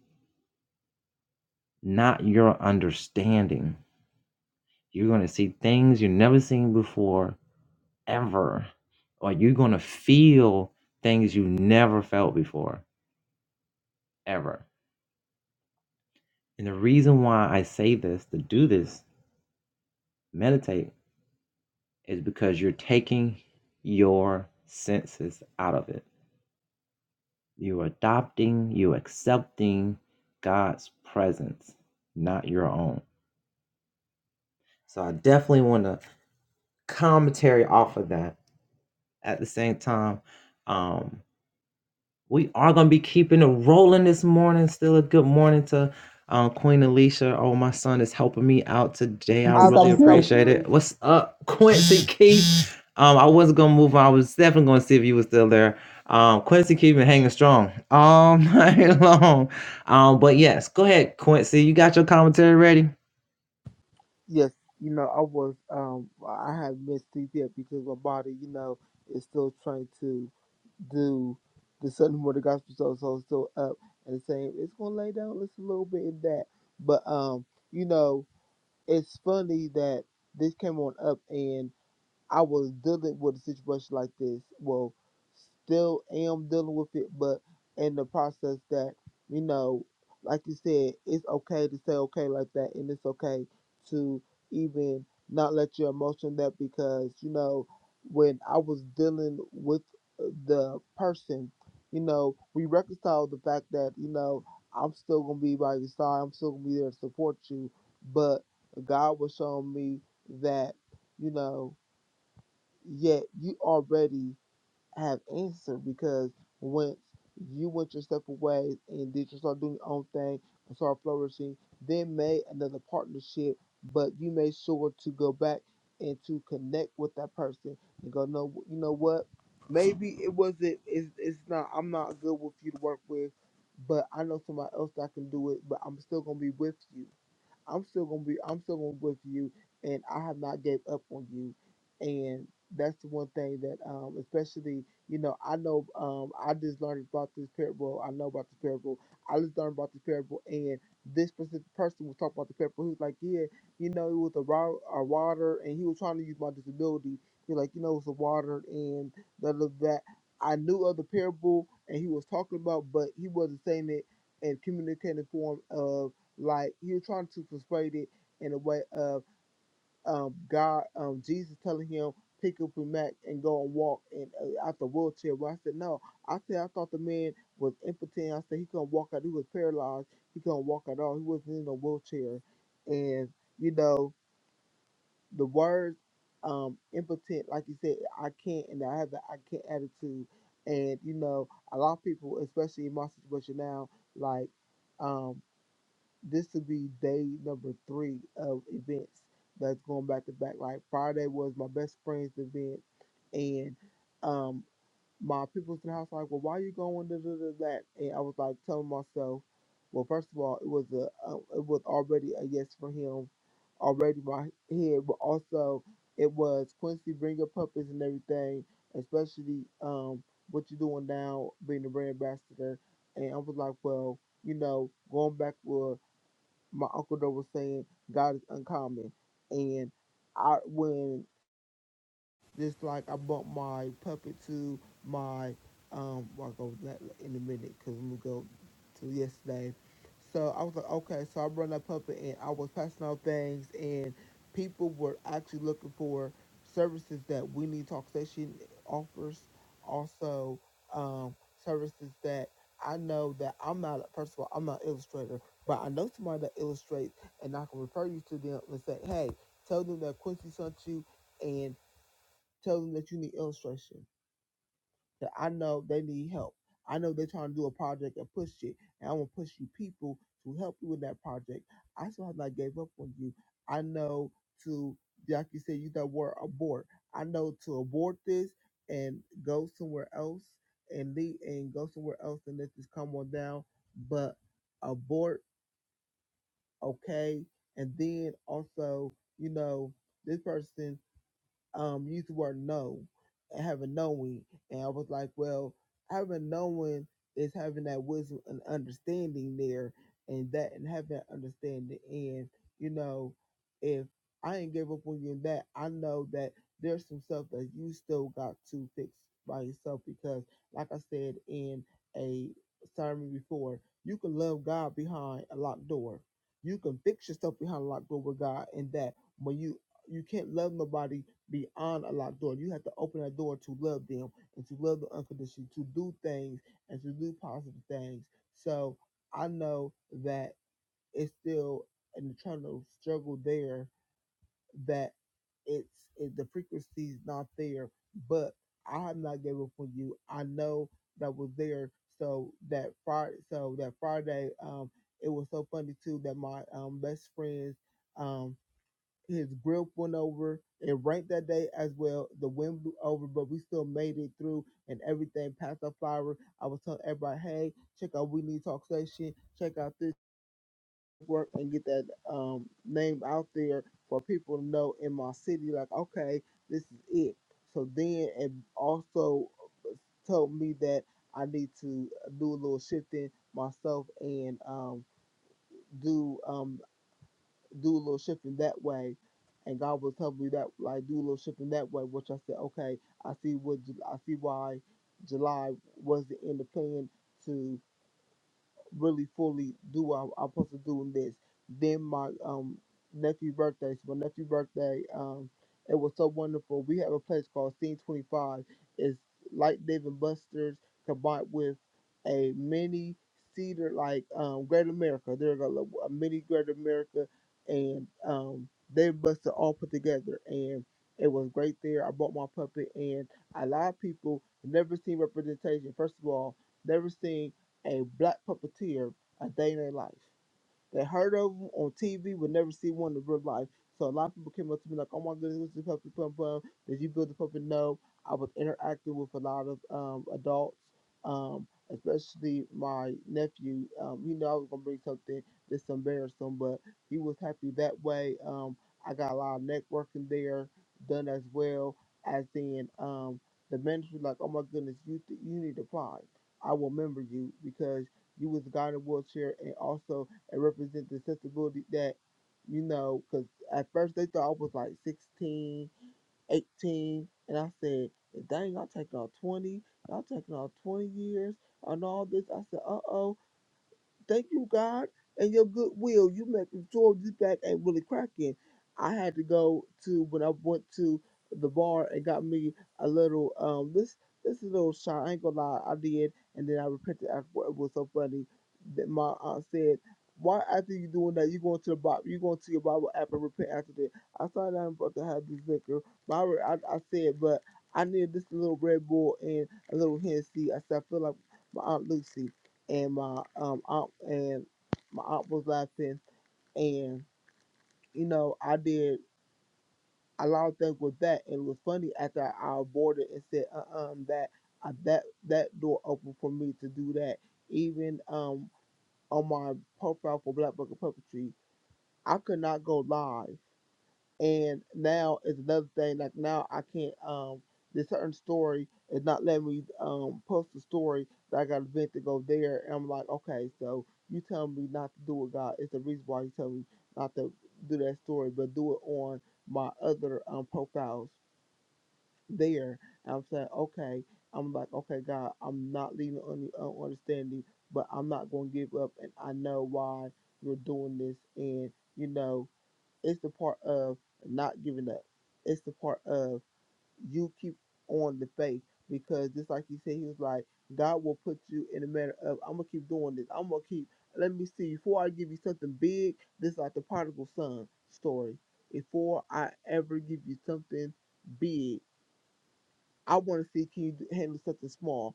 not your understanding. You're going to see things you've never seen before, ever. Or you're going to feel things you never felt before, ever. And the reason why I say this, to do this, meditate, is because you're taking your senses out of it You're adopting, you accepting God's presence, not your own. So I definitely want to commentary off of that. At the same time, um, We are gonna be keeping it rolling this morning. Still a good morning to um, Queen Alicia. Oh, my son is helping me out today. I This I is really so good. took out appreciate it. therapy. What's up, Quincy Keith? Um, I wasn't gonna move on. I was definitely gonna see if you were still there. Um, Quincy Keith been hanging strong all night long. Um, but yes, go ahead, Quincy. You got your commentary ready? Yes, you know, I was. Um, I had missed sleep yet because my body, you know, is still trying to do the Sunday morning gospel show, so it's still up and saying it's gonna lay down just a little bit in that. But um, you know, it's funny that this came on up and. I was dealing with a situation like this. Well, still am dealing with it, but in the process that, you know, like you said, it's okay to say okay like that, and it's okay to even not let your emotion that because, you know, when I was dealing with uh, the person, you know, we reconciled the fact that, you know, I'm still going to be by your side, I'm still going to be there to support you, but God was showing me that, you know, yet you already have answered because once you went your separate ways and did you start doing your own thing and start flourishing, then made another partnership, but you made sure to go back and to connect with that person and go, no, you know what? Maybe it wasn't. It's, it's not. I'm not good with you to work with, but I know somebody else that can do it. But I'm still gonna be with you I'm still gonna be I'm still gonna be with you and I have not gave up on you and that's the one thing that um especially you know I know um I just learned about this parable I know about this parable I just learned about this parable and this specific person was talking about the parable he was like yeah you know it was a, ro- a water and he was trying to use my disability he was like you know it was a water and that that I knew of the parable and he was talking about but he wasn't saying it and communicating form of. Like he was trying to persuade it in a way of um, God, um, Jesus telling him pick up your mat and go and walk and uh, out the wheelchair. Well, I said no. I said I thought the man was impotent. I said he couldn't walk out. He was paralyzed. He couldn't walk at all. He wasn't in a wheelchair. And you know the words um, impotent, like you said, I can't, and I have the I can't attitude. And you know a lot of people, especially in my situation now, like. um this will be day number three of events that's going back to back. Like Friday was my best friend's event, and um, my people's in the house like, well, why you going to do that? And I was like telling myself, well, first of all, it was a uh, it was already a yes for him, already my head, but also it was Quincy bring your puppets and everything, especially um what you doing now being the brand ambassador. And I was like, well, you know, going back with my uncle Doe was saying God is uncommon, and I when just like I bought my puppet to my um. Well, I'll go with that in a minute because I'm gonna go to yesterday. So I was like, okay. So I run that puppet and I was passing out things and people were actually looking for services that we need talk station offers. Also, um, services that I know that I'm not. First of all, I'm not an illustrator, but I know somebody that illustrates, and I can refer you to them and say, hey, tell them that Quincy sent you, and Tell them that you need illustration. That I know they need help. I know they're trying to do a project and push it, and i want to push you people to help you with that project. I still have not gave up on you. I know to like you said, use that word abort. I know to abort this and go somewhere else and leave and go somewhere else and let this come on down. But abort, okay. And then also, you know, this person um used the word know and having knowing and I was like, well, having knowing is having that wisdom and understanding there and that and having that understanding and you know, if I ain't gave up on you in that, I know that there's some stuff that you still got to fix by yourself because like I said in a sermon before, you can love God behind a locked door. You can fix yourself behind a locked door with God and that when you you can't love nobody beyond a locked door. You have to open that door to love them and to love them unconditionally, to do things and to do positive things. So I know that it's still an eternal struggle there that it's it, the frequency's not there, but I have not gave up on you. I know that was there. So that Friday, so that Friday, um, it was so funny too that my um best friends, um, his grip went over. It rained that day as well. The wind blew over, but we still made it through and everything passed our flower. I was telling everybody, hey, check out We Need Talk Station, check out this work and get that um, name out there for people to know in my city, like, okay, this is it. So then it also told me that I need to do a little shifting myself and um, do um do a little shifting that way. And God was telling me that like do a little shifting that way, which I said, okay, I see what I see why July was the end of plan to really fully do what I'm, I'm supposed to do in this. Then my um nephew's birthday. So my nephew's birthday, um, it was so wonderful. We have a place called Scene 25. It's like Dave and Buster's combined with a mini cedar like um Great America. They're a, a mini Great America and um Dave and Buster all put together and it was great there. I bought my puppet and a lot of people never seen representation. First of all, never seen a black puppeteer a day in their life. They heard of them on TV, would never see one in real life. So a lot of people came up to me like, "Oh my goodness, what's the puppet plum plum? Did you build the puppet?" No, I was interacting with a lot of um, adults, um, especially my nephew. Um, you know, I was gonna bring something that's embarrassing, but he was happy that way. Um, I got a lot of networking there done as well as in um, the ministry. Like, oh my goodness, you you need to apply. I will remember you because you was a guy in a wheelchair and also and represent the sensibility that, you know, because at first they thought I was like 16, 18, and I said, dang, I'm taking on 20, I'm taking on 20 years on all this. I said, uh oh. Thank you, God, and your goodwill. You make me throw this back ain't really cracking. I had to go to when I went to the bar and got me a little um this this is a little shot. I ain't gonna lie, I did, and then I repented after it was so funny that my aunt said. Why after you doing that you going to the Bible you going to your Bible app and repent after that? I thought I'm about to have this liquor. But I, re- I, I said, but I need this little Red Bull and a little Hennessy. I said I feel like my aunt Lucy and my um aunt and my aunt was laughing and you know I did a lot of things with that and it was funny after I aborted and said uh uh that I, that that door opened for me to do that even um on my profile for Black Book of Puppetry I could not go live and now it's another thing. Like now, I can't. Um, this certain story is not letting me um post the story that I got a event to go there. And I'm like, okay, so you telling me not to do it, God. It's the reason why you tell me not to do that story, but do it on my other um profiles there. And I'm saying, okay. I'm like, okay, God, I'm not leaving on the on understanding, but I'm not going to give up. And I know why you're doing this, and you know. It's the part of not giving up. It's the part of you keep on the faith because just like you said, he was like, God will put you in a matter of I'm gonna keep doing this. I'm gonna keep. Let me see. Before I give you something big, this is like the prodigal son story. Before I ever give you something big, I want to see can you handle something small.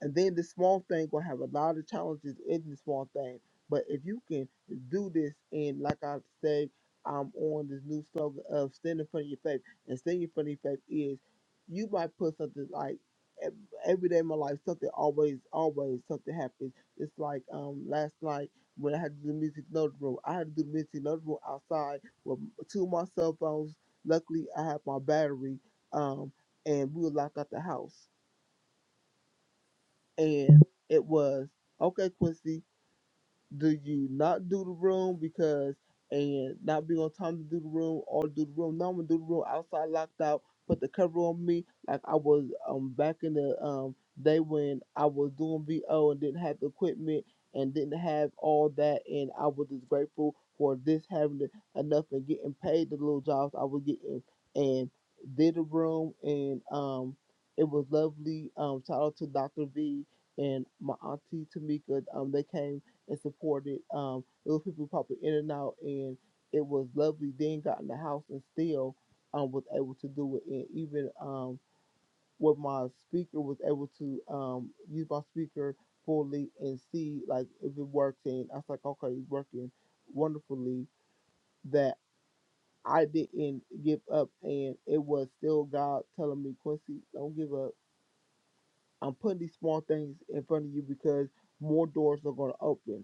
And then the small thing will have a lot of challenges in the small thing. But if you can do this, and like I say, I'm on this new slogan of stand in front of your faith. And stand in front of your faith is you might put something like ev- every day of my life, something always, always something happens. It's like um last night when I had to do the music note room, I had to do the music note room outside with two of my cell phones. Luckily, I had my battery, um, and we were locked out the house and it was okay, Quincy do you not do the room because and not be on time to do the room or do the room? Now I'm gonna do the room outside locked out, put the cover on me like I was um back in the um day when I was doing VO and didn't have the equipment and didn't have all that and I was just grateful for this having the, enough and getting paid the little jobs I was getting and did the room and um it was lovely. Um shout out to Dr. V and my auntie Tamika. Um they came and supported. Um, it was people popping in and out, and it was lovely. Then got in the house and still um, was able to do it. And even um, with my speaker, was able to um, use my speaker fully and see like if it works. And I was like, okay, it's working wonderfully. That I didn't give up, and it was still God telling me, Quincy, don't give up. I'm putting these small things in front of you because more doors are going to open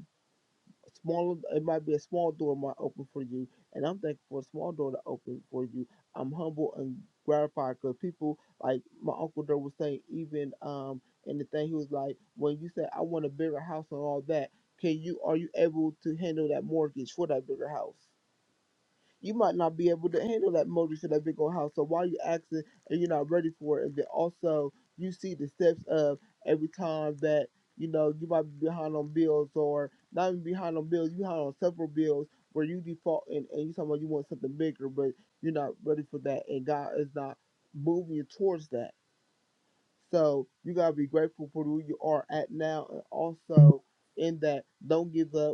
small it might be a small door might open for you and i'm thankful for a small door to open for you i'm humble and gratified because people like my uncle there was saying even um and the thing he was like when you said i want a bigger house and all that can you are you able to handle that mortgage for that bigger house you might not be able to handle that motor to that big old house. So while you asking and you're not ready for it, and then also you see the steps of every time that you know you might be behind on bills or not even behind on bills, you behind on several bills where you default and, and you talking about you want something bigger, but you're not ready for that, and God is not moving you towards that. So you gotta be grateful for who you are at now, and also in that don't give up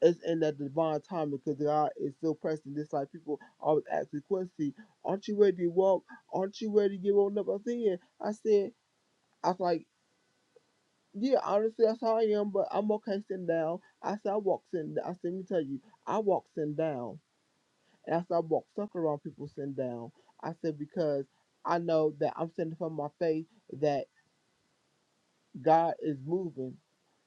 it's in that divine time because God is still pressing this. Like people always ask me, Quincy, aren't you ready to walk? Aren't you ready to get on up? I said, I said, I was like, yeah, honestly, that's how I am, but I'm okay sitting down. I said, I walk sitting down. I said, let me tell you, I walk sitting down. And I said, I walk stuck around people sitting down. I said, because I know that I'm sitting from my faith that God is moving.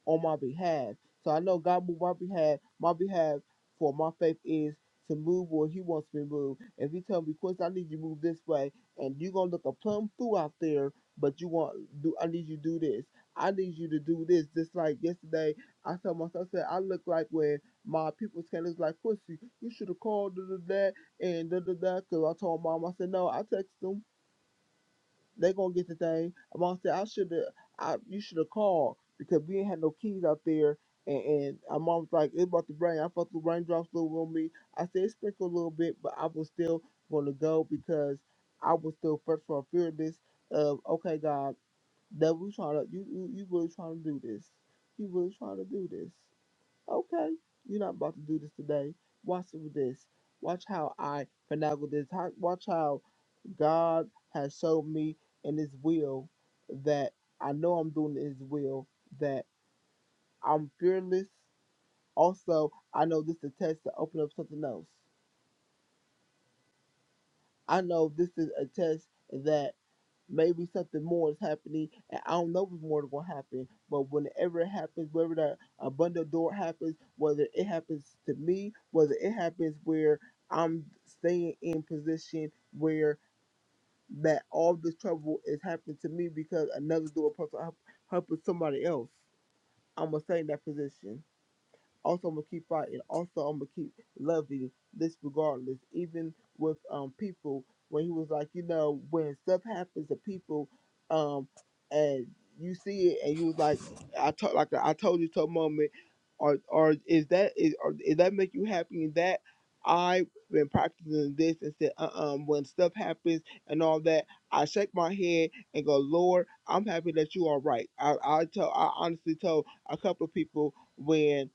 on my behalf. So I know God moved my behalf, my behalf for my faith is to move where he wants me to move. If he tell me, Chris, I need you to move this way and you're gonna look a plum fool out there, but you want do I need you to do this. I need you to do this. Just like yesterday I told myself I said I look like when my people saying is like Chris, you should have called da, da, da, and da da da.' 'Cause I told mom I said no, I text them they gonna get the thing. And Mom said, I should have I you should have called because we ain't had no keys out there and, and my mom was like, It's about to rain. I felt the raindrops a little on me. I said it sprinkled a little bit, but I was still gonna go because I was still fresh from fearless of okay God, that we trying to you, you you really trying to do this. You really trying to do this. Okay. You're not about to do this today. Watch it with this. Watch how I finagle this. How, watch how God has showed me in His will that I know I'm doing His will, that I'm fearless. Also, I know this is a test to open up something else. I know this is a test that maybe something more is happening, and I don't know if more is going to happen. But whenever it happens, wherever that abundant door happens, whether it happens to me, whether it happens where I'm staying in position where. that all this trouble is happening to me because another door person help, helping somebody else. I'm gonna stay in that position. Also, I'm gonna keep fighting. Also, I'm gonna keep loving this regardless, even with um people. When he was like, you know, when stuff happens to people, um, and you see it, and you was like, I told, like I told you, to a moment, or or is that is or is that make you happy? And that I've been practicing this and said, uh, um, when stuff happens and all that, I shake my head and go, Lord, I'm happy that you are right. I I tell, I honestly told a couple of people when.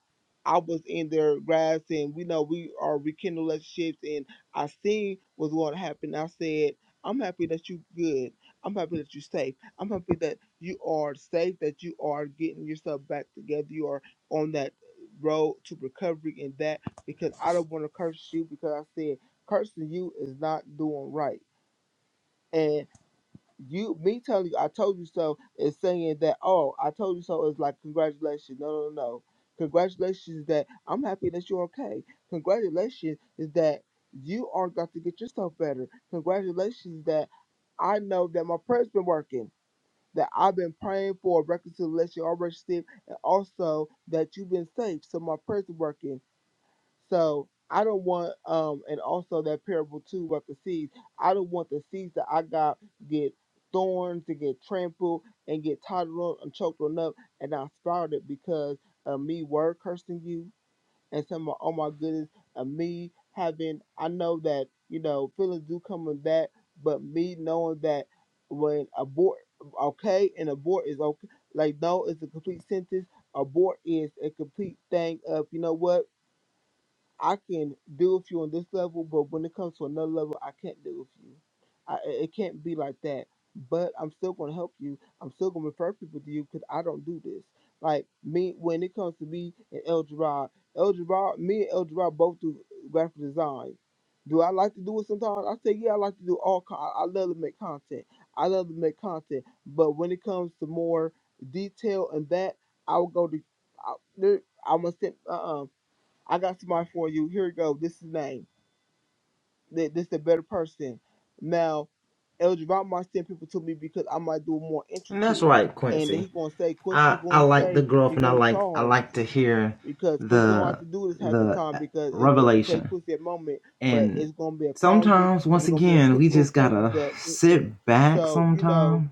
I was in their grasp, and we know we are rekindling relationships, and I seen what's going to happen. I said, I'm happy that you good. I'm happy that you're safe. I'm happy that you are safe, that you are getting yourself back together. You are on that road to recovery and that because I don't want to curse you because I said cursing you is not doing right. And you me telling you I told you so is saying that oh I told you so is like congratulations. No no no no. Congratulations is that I'm happy that you're okay. Congratulations is that you are got to get yourself better. Congratulations is that I know that my prayer's been working. That I've been praying for reconciliation already received and also that you've been safe. So my prayers are working. So I don't want um and also that parable too about the seeds. I don't want the seeds that I got get thorns to get trampled and get totted on and choked on up and not sprouted because of me word cursing you and some of oh my goodness of me having I know that, you know, feelings do come with that, but me knowing that when abort okay and abort is okay like no it's a complete sentence. Abort is a complete thing of you know what? I can deal with you on this level, but when it comes to another level, I can't deal with you. I, it it can't be like that. But I'm still gonna help you. I'm still gonna refer people to you because I don't do this. Like me, when it comes to me and El Gerard, El Gerard, me and El Gerard both do graphic design. Do I like to do it sometimes? I say yeah, I like to do all. Con- I I love to make content. I love to make content. But when it comes to more detail and that, I will go to. I, there, I'm gonna sit. Uh-uh. I got somebody for you. Here you go. This is the name. Th- This is the better person. Now, El Javon might send people to me because I might do more And that's intricate. right, And then Quincy. he gonna say, Quincy I I gonna like the say he growth, and I gonna like I charge. like to hear Because Quincy don't have the to do this half the the time because it, it take revelation Quincy a moment, but And it's gonna be a quality sometimes, and once it's gonna be a again, quick we little just service. gotta But mm-mm. sit back so you know, sometimes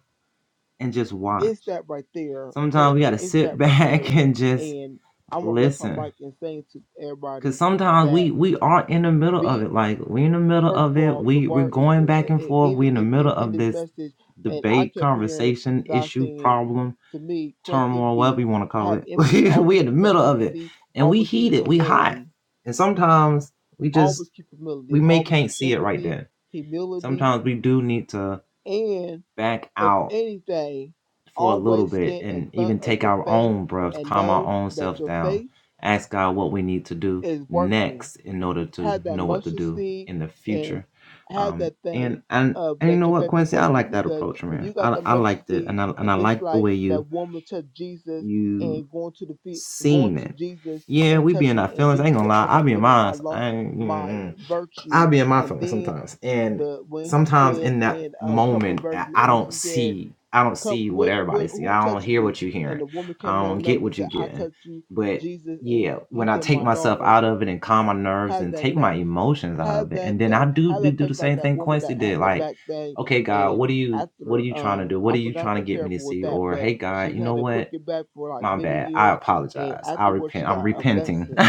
and just watch. it's that right there. It, Sometimes we it- gotta it's sit that right back there. and just And I'm gonna rest my listen. mic and saying to everybody Cause sometimes that we we are in the middle of be it. Like we are in the middle first of of it. all, the We we're word is going in, back and in, forth. in, We are in the in, in middle of this this message, and I debate, kept hearing conversation, God issue, saying problem, to me, Quincy, turmoil, whatever be you want to call have it. empathy. we we're Always in the keep that middle of it. empathy. And we Always keep heated, we hot. humility. And sometimes we Always just keep humility. we may Always can't keep see it right empathy, then humility, Sometimes we do need to and back if out anything, for a little always bit stand in and front even of take your our faith own breaths, and calm our know own that self your down, faith ask God what we need to do is working. next in order to have that know what to mustard do seed in the and future. have Um, that thing and and of and you that know your what, faith is Quincy, I working. like that Because approach, if man. you got I the I mustard liked it, seed and I and I and just like the like way that you woman touched Jesus you and going to the feet, going seen to it. Jesus Yeah, and we be in touching, our and feelings. I Jesus ain't gonna said, lie, "Oh I my be in goodness, I mine. lost I ain't. mm, my mm, virtue." I'll be in my And feelings then sometimes, and the when he sometimes said in that in a couple of moment, verses I I when don't she said, see, I don't "Come, see what where, where, everybody see. who I don't touched hear me?" what you're and hearing. the woman I came don't on up get and what said, you're "I getting. touched you, But Jesus," and yeah, he when I said, take "My myself daughter." out of it and calm my nerves Have and that take my faith. emotions out of Have it, that and then I faith. do Have do, that do faith the like same that thing woman Quincy that had did, the like. back thing Okay, God, and what are you what are after you trying to um do? What I are you forgot trying to the get me to parable with see? that, Or but hey God, she you know had a what? crooked back for like My many bad. I years and apologize. I afterwards she repent. I'm got a repenting. blessing.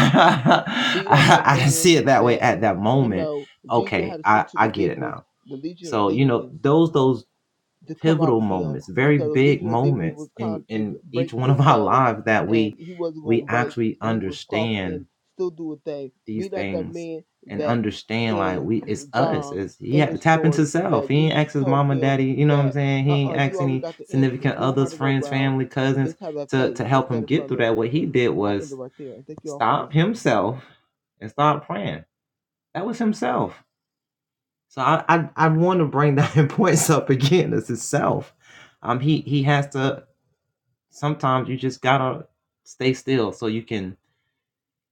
Be like that I didn't man see it that way that, at that you moment. know, Jesus had Okay, to I, speak to the I get it demons, now. the legion of So, you know, demons those those to come out pivotal of him moments, very because big Ezekiel demon moments was trying in to in each break one his of our soul lives that and we he wasn't going we to break actually and he was caught understand and still do a thing. these Be not that things man and that understand like in we it's us. John, It's he in had the to tap into story, self. that He ain't Jesus ask his told mama, him daddy, you know what I'm that, saying? He ain't uh-uh, you ask already any got the answer. significant You don't got others, to go friends, around. family, cousins Just have that to faith to and help stand him in get front through of that. it. What he And did I end it was right there. And thank you all for stop listening. himself and start praying. That was himself. So I I, I want to bring that importance up again. It's himself. Um he he has to sometimes you just gotta stay still so you can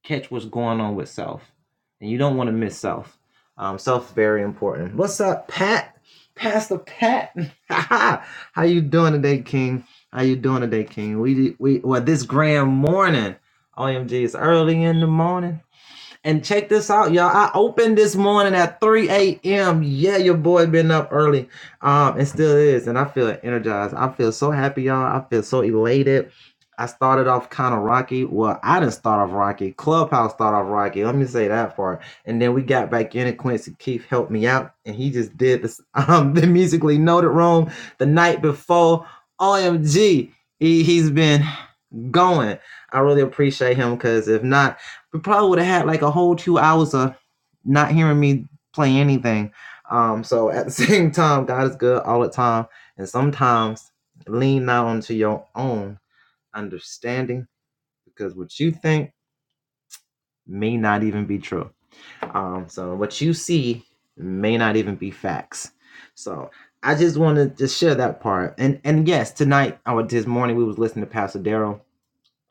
catch what's going on with self. And you don't want to miss self. Um, self very important. What's up, Pat? Pastor Pat. How you doing today, King? How you doing today, King? We we well this grand morning. OMG, it's early in the morning. And check this out, y'all. I opened this morning at 3 a.m. Yeah, your boy been up early. Um, and still is. And I feel energized. I feel so happy, y'all. I feel so elated. I started off kind of rocky. Well, I didn't start off rocky. Clubhouse started off rocky. Let me say that part. And then we got back in, and Quincy Keith helped me out, and he just did this um the musically noted room the night before. OMG, he, he's been going. I really appreciate him because if not, we probably would have had like a whole two hours of not hearing me play anything. Um, so at the same time, God is good all the time, and sometimes lean not onto your own understanding because what you think may not even be true. Um, so what you see may not even be facts. So I just want to just share that part. And and yes, tonight or this morning we was listening to Pastor Daryl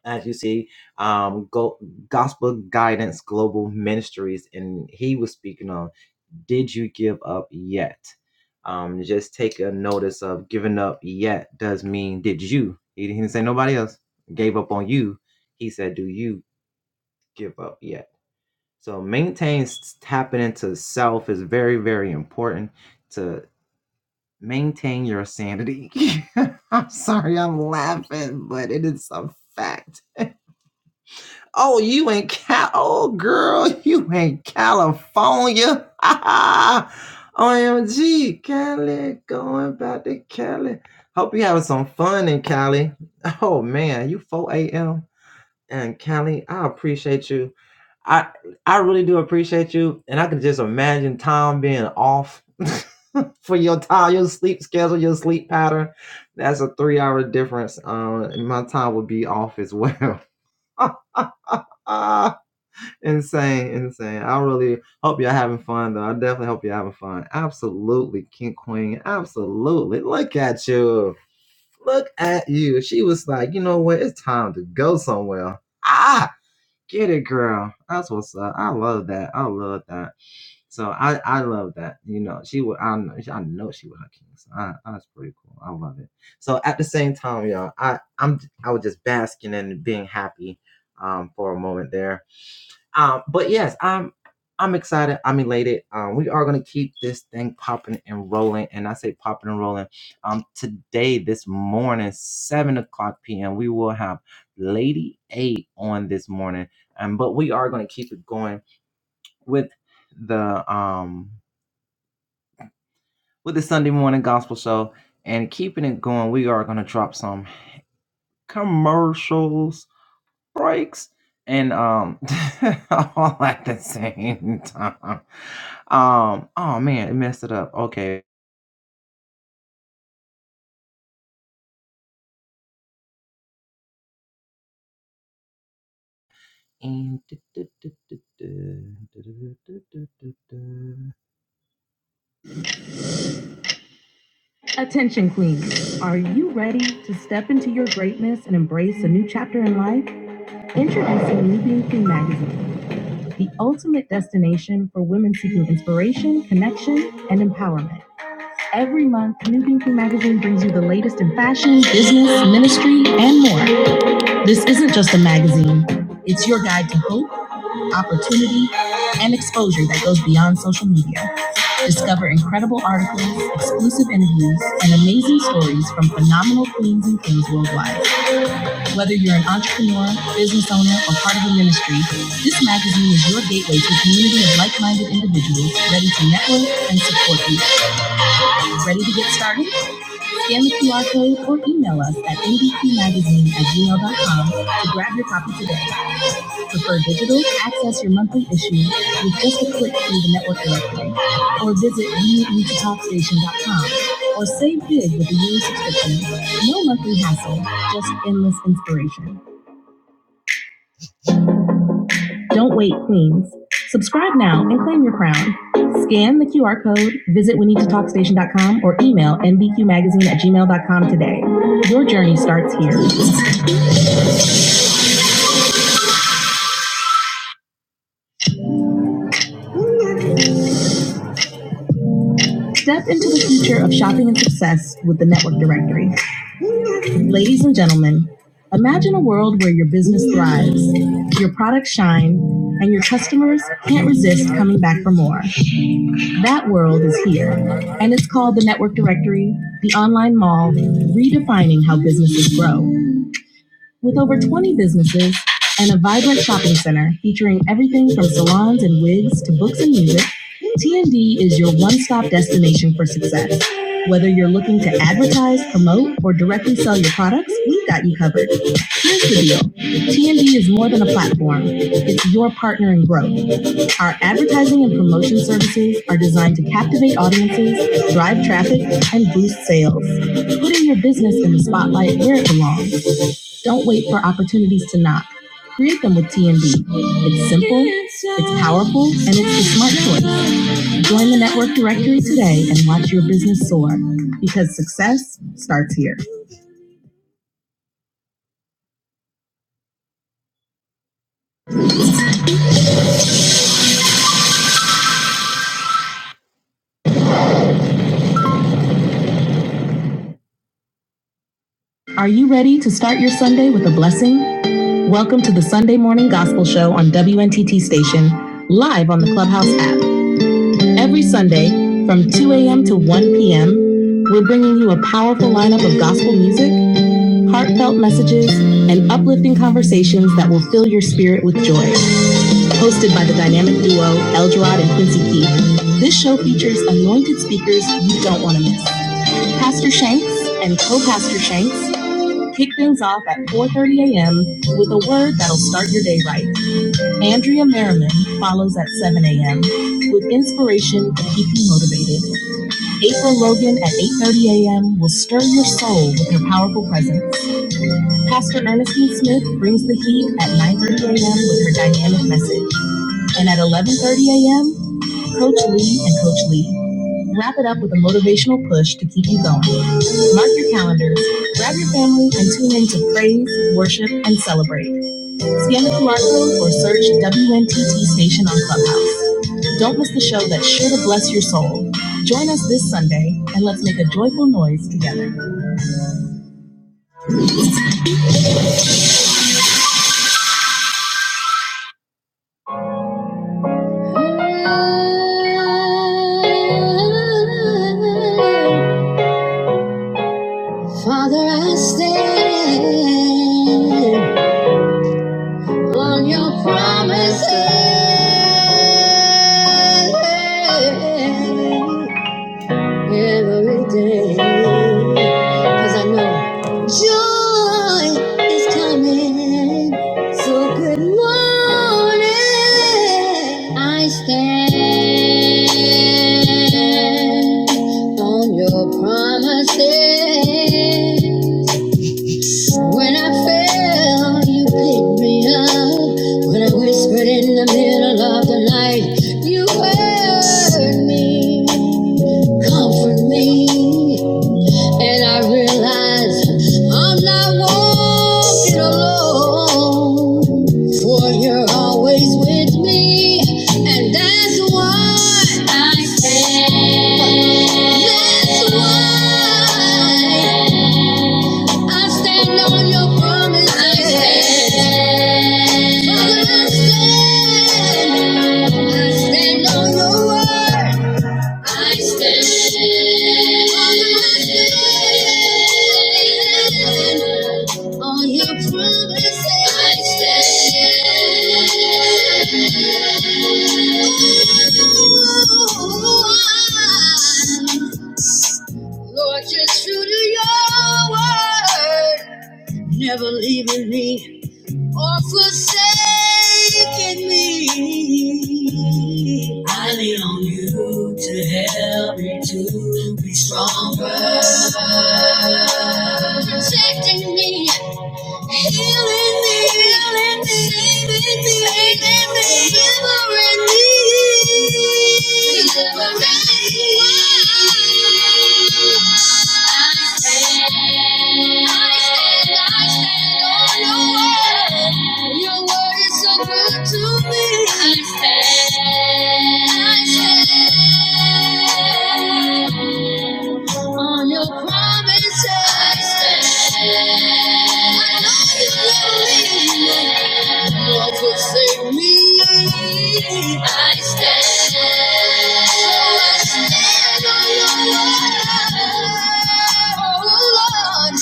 as you see, um, Go- Gospel Guidance Global Ministries, and he was speaking on Did You Give Up Yet? Um, just take a notice of giving up yet does mean did you? He didn't say nobody else gave up on you. He said, Do you give up yet? So maintain s- tapping into self is very, very important to maintain your sanity. I'm sorry, I'm laughing, but it is a fact Oh, you in Cal? Oh, girl, you in California? OMG, Cali, going back to Cali. Hope you having some fun in Cali. Oh man, you 4 a.m. and Cali. I appreciate you. I I really do appreciate you, and I can just imagine time being off for your time, your sleep schedule, your sleep pattern. That's a three-hour difference. Um, and my time would be off as well. Ah insane, insane. I really hope y'all having fun though. I definitely hope you're having fun. Absolutely, King Queen. Absolutely. Look at you. Look at you. She was like, you know what? It's time to go somewhere. Ah, get it, girl. That's what's up. I love that. I love that. So I, I love that. You know, she would I know I know she would her king. So I, that's pretty cool. I love it. So at the same time, y'all, I I'm I was just basking in being happy um for a moment there um, but yes, I'm I'm excited. I'm elated. Um, we are gonna keep this thing popping and rolling. And I say popping and rolling. Um, today, this morning, seven o'clock p.m., we will have Lady A on this morning. Um, but we are gonna keep it going with the um with the Sunday morning gospel show and keeping it going. We are gonna drop some commercials breaks and um all at the same time. Um oh man, it messed it up. Okay. And Attention queens, are you ready to step into your greatness and embrace a new chapter in life? Introducing New Being Queen Magazine, the ultimate destination for women seeking inspiration, connection, and empowerment. Every month, New Thinking Magazine brings you the latest in fashion, business, ministry, and more. This isn't just a magazine, it's your guide to hope, opportunity, and exposure that goes beyond social media. Discover incredible articles, exclusive interviews, and amazing stories from phenomenal queens and kings worldwide. Whether you're an entrepreneur, business owner, or part of a ministry, this magazine is your gateway to a community of like minded individuals ready and support you. Ready to get started? Scan the QR code or email us at abpmagazine at gmail.com to grab your copy today. Access your monthly issue with just a click through the network directory or visit viewutahtalkstation.com or save big with the U. No monthly hassle, just endless inspiration. Don't wait, queens. Subscribe now and claim your crown. Scan the QR code, visit WeNeedToTalkStation.com or email nbqmagazine at gmail.com today. Your journey starts here. Picture of shopping and success, the net. business thrives, your product shine, and your customers can't resist coming back for more. That world is here, and it's called the Network Directory, the online mall, redefining how businesses grow. With over 20 businesses and a vibrant shopping center featuring everything from salons and wigs to books and music, TND is your one-stop destination for success. Whether you're looking to advertise, promote, or directly sell your products, we've got you covered. TND is born, your partner in growth. Advertising and print services and boost sales. Putting your business in the spotlight where it belongs. Don't wait for opportunities to knock. Create them with TNB. It's simple, it's powerful, and it's the smart choice. Join the network directory today and watch your business soar because success starts here. Are you ready to start your Sunday with a blessing? Welcome to the Sunday Morning Gospel Show on WNTT Station, live on the Clubhouse app. Every Sunday from 2 a.m. to 1 p.m., we're bringing you a powerful lineup of gospel music, heartfelt messages, and uplifting conversations that will fill your spirit with joy. Hosted by the dynamic duo Eldrad and Quincy Keith, this show features anointed speakers you don't want to miss. Pastor Shanks and co-pastor Shanks kick things off at 4.30 a.m. with a word that'll start your day right. And Merriman follows at 7 a.m. with inspiration to keep you motivated. April Logan at 8.30 a.m. will stir your soul with her powerful presence. Pastor Ernestine Smith brings the heat at 9.30 a.m. with her dynamic message. And at 11.30 a.m., Coach Lee and Coach Lee wrap it up with a motivational push to keep you going. Mark your calendars, grab your family, and tune in to praise, worship, and celebrate. Scan the QR code or search WNTT Station on Clubhouse. Don't miss the show that's sure to bless your soul. Join us this Sunday and let's make a joyful noise together. Father, I stand on your promises. every day. Cause I know joy is coming. So good morning. I stand on your promises. When I fell, you picked me up. When I whispered in the middle of the night, you heard me, comfort me. And I realized I'm not walking alone, for you're always with me. And that's why I stand. That's why. I stand on your promise. I stand. I stand. I stand on your word. I stand. On your promises. I stand. Ooh, Lord, you're true to your word never leaving me or forsaking me. I lean on you to help me to be stronger, protecting me. Healing me, healing me, saving me, saving me, delivering me, delivering me. I stand, I stand I stand on your word. Your word is so good to me. I stand. Yeah. On your promises, I know you love me. You won't forsake me. I stand, so I stand on your word, oh Lord.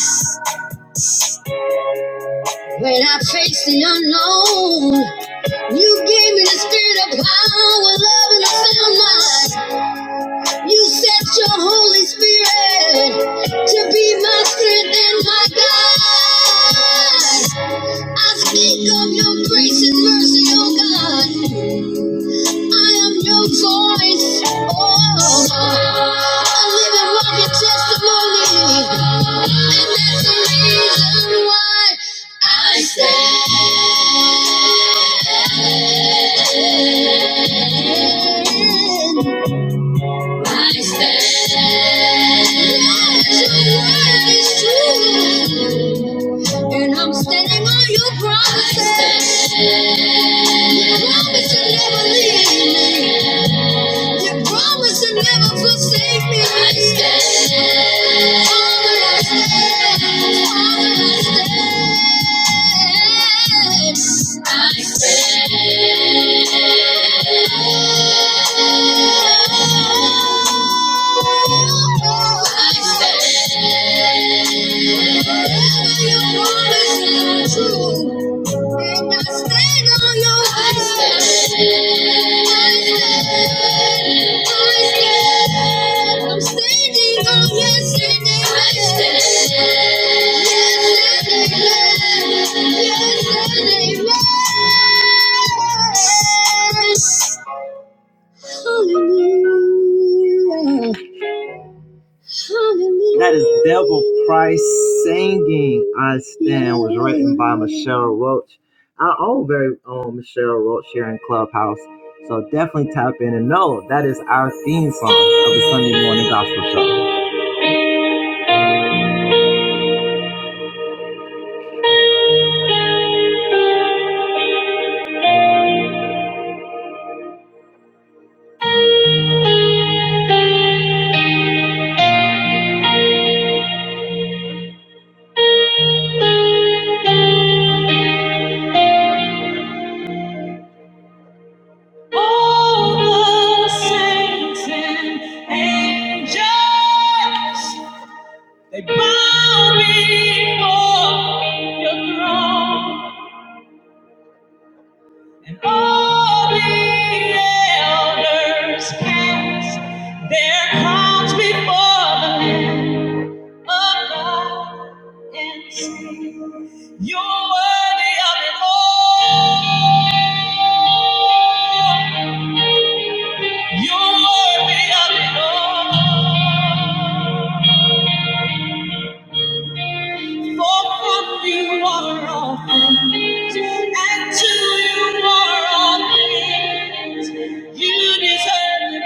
When I face the unknown, you gave me the spirit of power, love, and a sound mind. You sent your Holy Spirit to be my strength and my guide. I speak of your grace and mercy, oh God. I am your voice, oh, a living, walking testimony. And that's the reason why I stand. I stand. Your word is true. And I'm standing on your promises. You promise to never leave me. You promise to never forsake me. I stand. Father, I stand. Father, I stand. I stand. Hallelujah. That is Devil Stand was written by Michelle Roach. Our own very own Michelle Roach here in Clubhouse. So definitely tap in and know that is our theme song of the Sunday morning gospel show. All the saints and angels, they bow before your throne. All elders cast their crowns before the Lamb of God and sing, You're worthy of it all. You're worthy of it all. For from you are all and to you are all You deserve the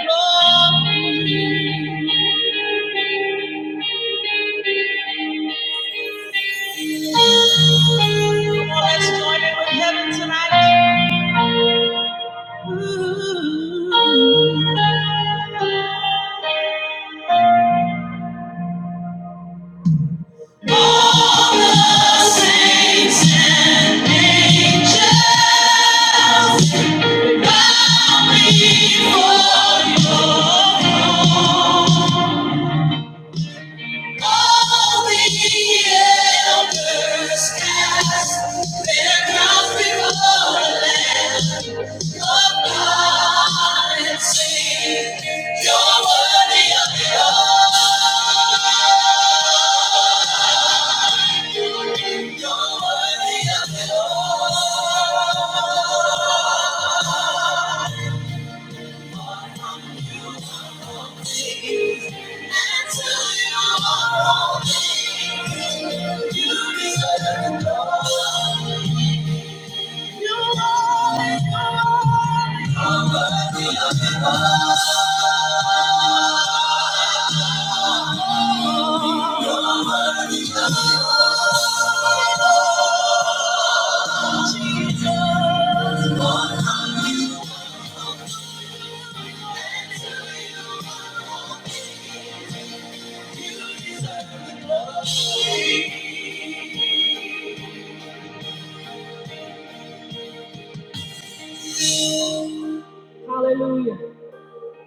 Come on, let's join in with heaven tonight. All the saints and angels You're worthy of it all. Hallelujah.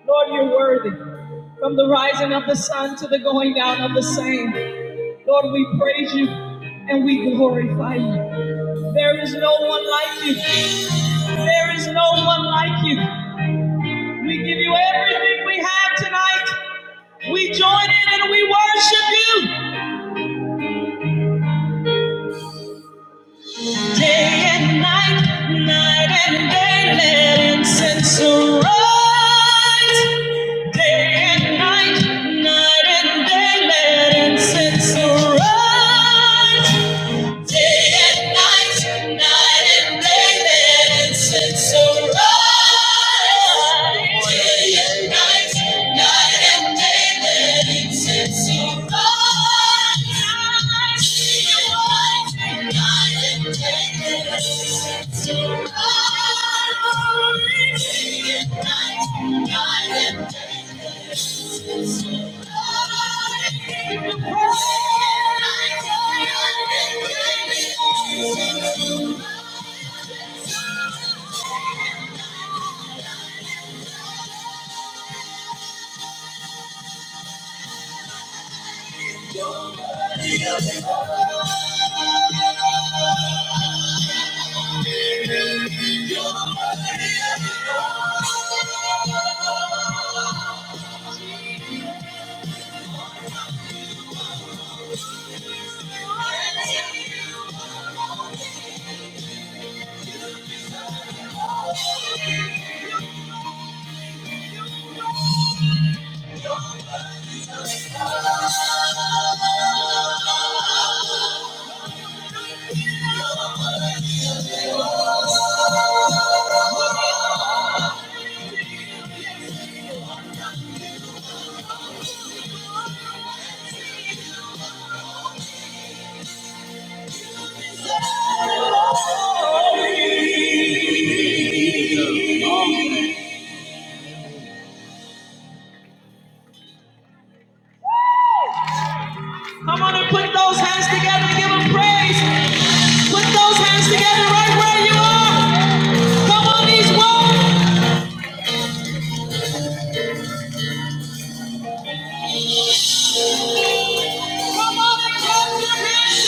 Lord, you're worthy. From the rising of the sun to the going down of the same. Lord, we praise you and we glorify you. There is no one like you. There is no one like you. We give you everything we have tonight. We join in and we worship you. Day and night, night and day, let incense arise. Day and night, night and day, let incense arise. Day and night, night and day, then since arise. Day and night, night and day, then since arise. Day and night, night and Thank you. Come on and put those hands together, and give him praise. Put those hands together right where you are. Come on, these walls. Come on and clap your hands,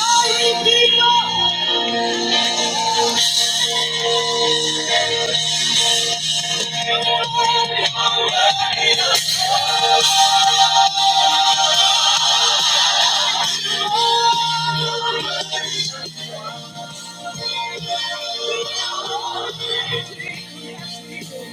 all you people.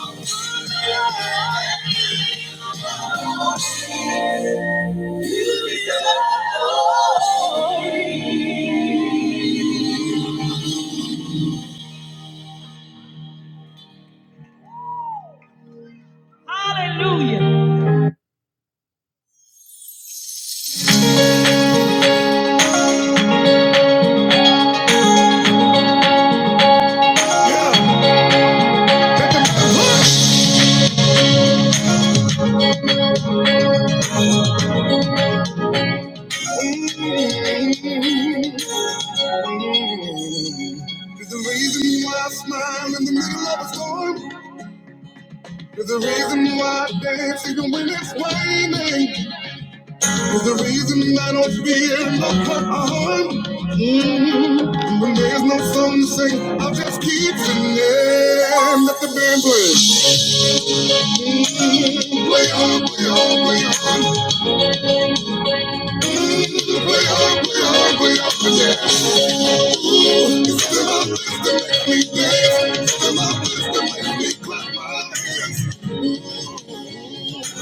Hallelujah. The reason why I smile in the middle of a storm is the reason why I dance even when it's raining. Is the reason I don't fear no harm. Mhm. And when there's no song to sing, I'll just keep singing. Let the band play. Play on, play on, play on.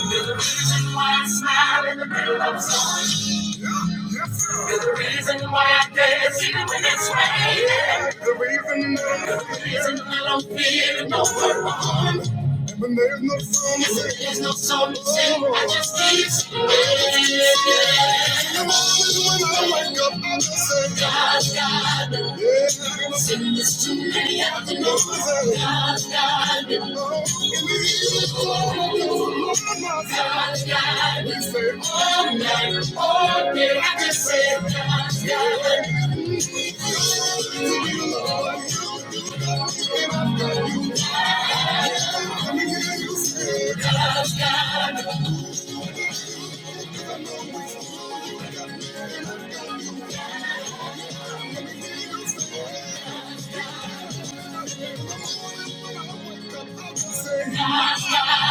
You're the reason why I smile in the middle of summer. You're the reason why I dance even when it's raining. You're the reason I don't feel no harm. There's no something I just keep not In the morning when I wake up, I just say, God, God. Yeah. Sin is too many I out the nose. God, God. Oh, in the evening, oh, God, God. We say, all night, all day, I just say, God, God. God, God. I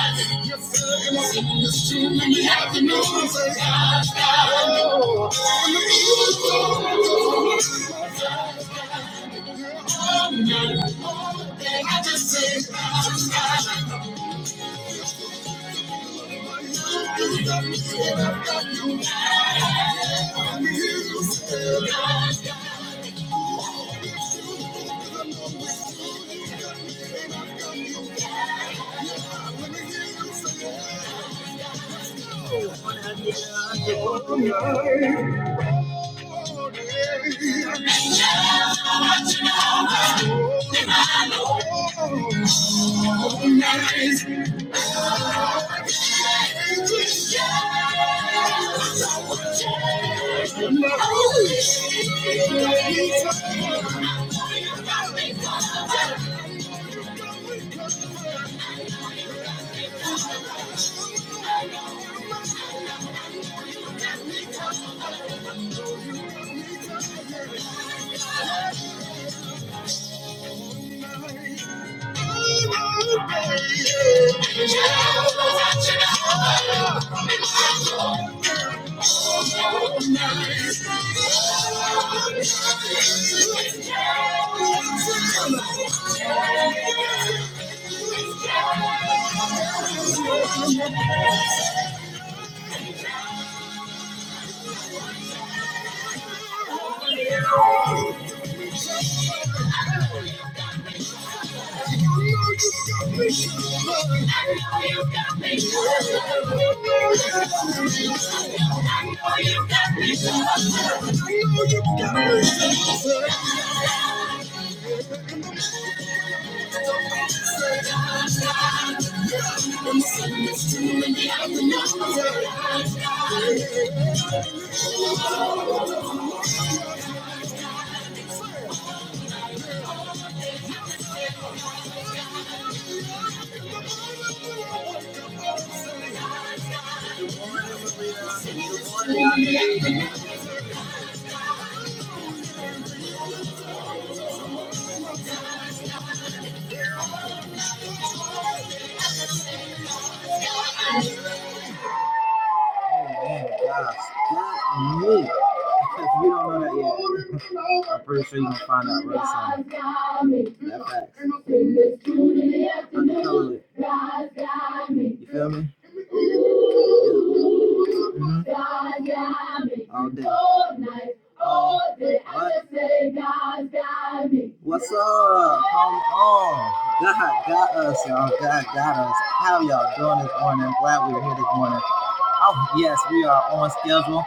Oh, I'm sending this to you in the afternoon. Guys, not me. If you don't know that yet, I'm pretty sure you're gonna find out real soon. That facts. I'm the it. You feel me? Yeah. All day. What? What's up? Come on. God got us, y'all. God got us. How y'all doing this morning? I'm glad we are here this morning. Oh, yes, we are on schedule.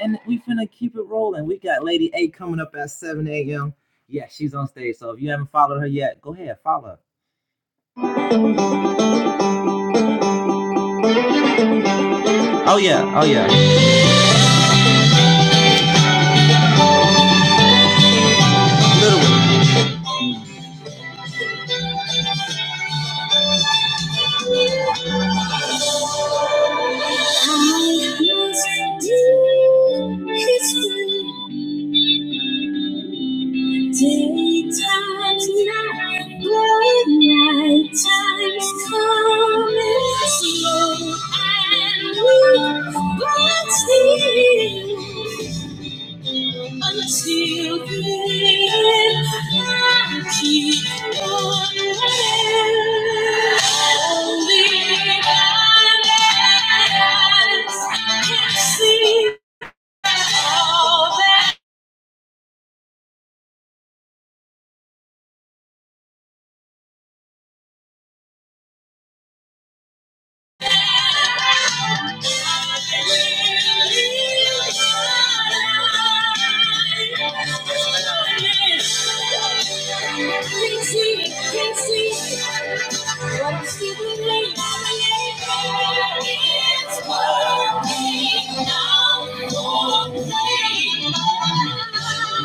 and we finna keep it rolling. We got Lady A coming up at 7 a.m. Yeah, she's on stage. So if you haven't followed her yet, go ahead, follow her. Oh yeah, oh yeah. Little Daytime's until then I keep on Only my eyes can see all that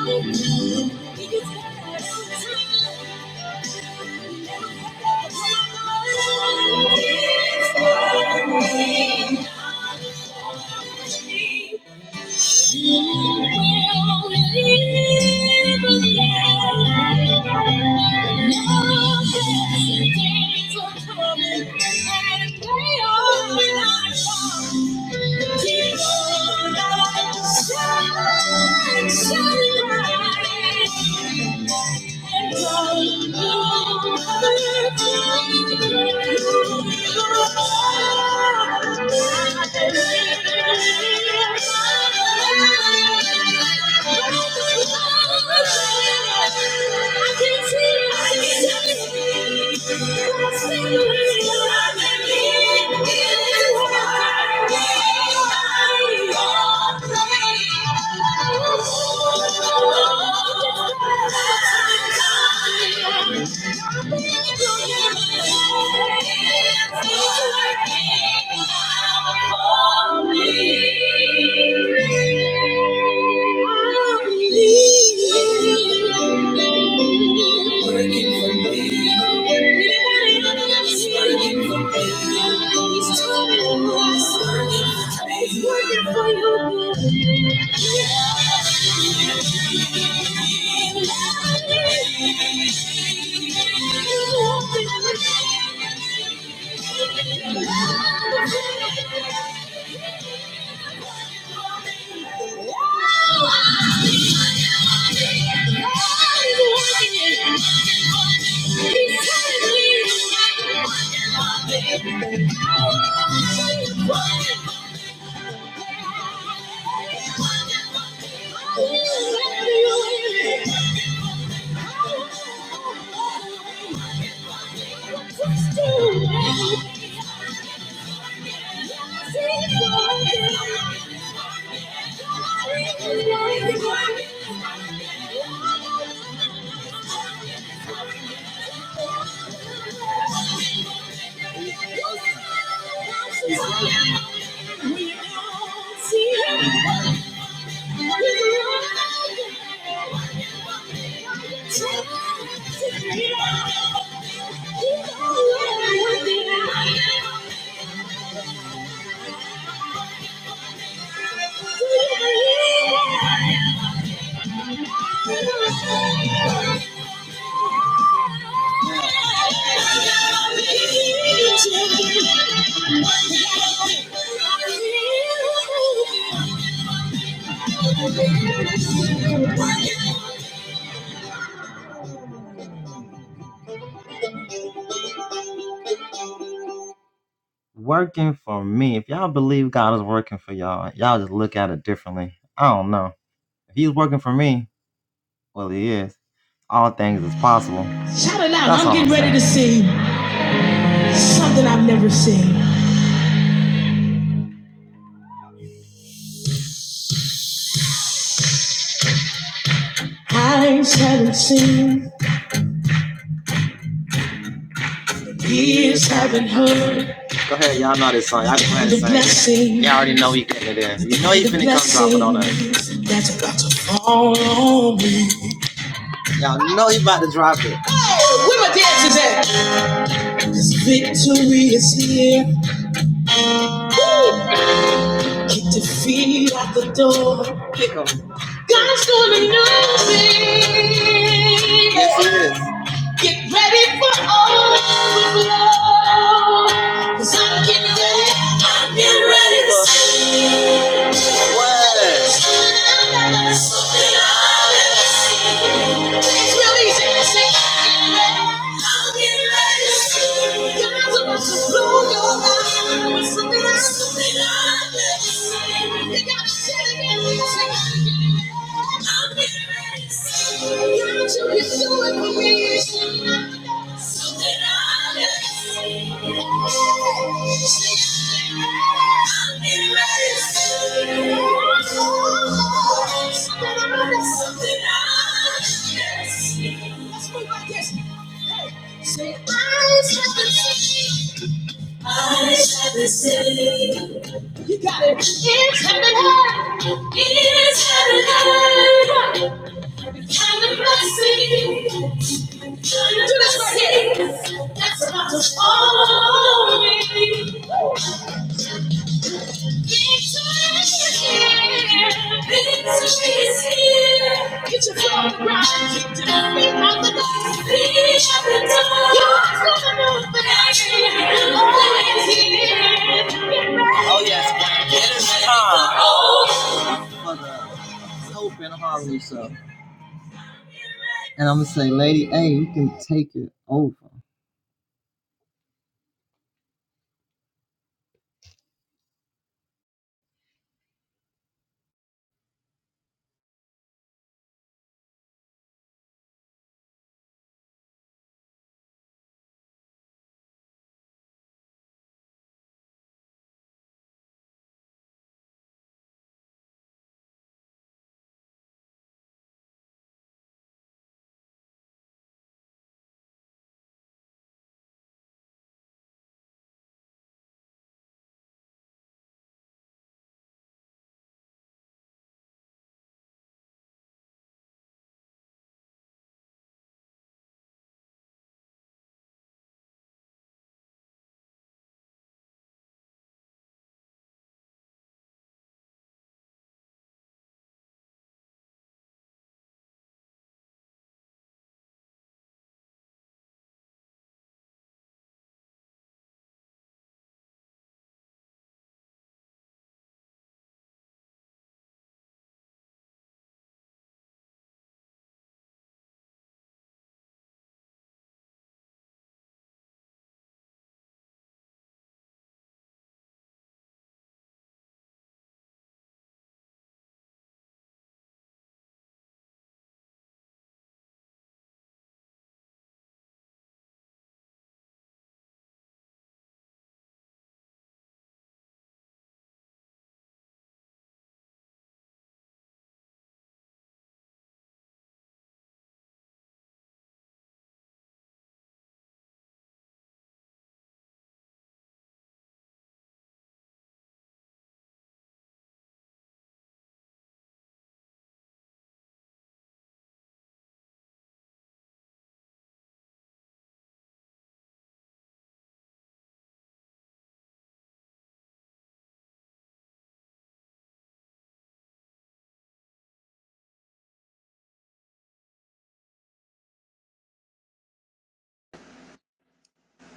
Thank you. Thank you. Thank you. Thank you. Working for me. He's turning the working for you. Thank you. Thank you. Working for me. If y'all believe God is working for y'all, y'all just look at it differently. I don't know. If He's working for me, well, He is. All things is possible. Shout it out! I'm getting ready to sing. Something I've never seen. Eyes haven't seen. Go ahead, y'all know this song. Y'all go ahead The blessing. Y'all already know he getting it in. You know he The finna come drop it on blessing. us. Y'all know he about to drop it. Oh, where my dancers at? This victory is here. Kick your feet out the door. Kick 'em. God's doing a new thing. Yes, he is. Get ready for overflow. Cause I'm getting ready. I'm getting ready to see. It's real easy. I'm getting ready to see. God's about to blow your mind with something I've never seen. You gotta say it again. I'm getting ready to see. Say, eyes haven't seen, eyes haven't seen. You got it. It's heaven, heaven, it's heaven, Kind of blessing. kind of Do this right here. That's about to follow me. Victory is here. Victory is here. Get your feet on the ground. Get your feet on the ground. Feet up and down. You're gonna move baby. Lord is here. Oh yes, ma'am. It is time. Oh.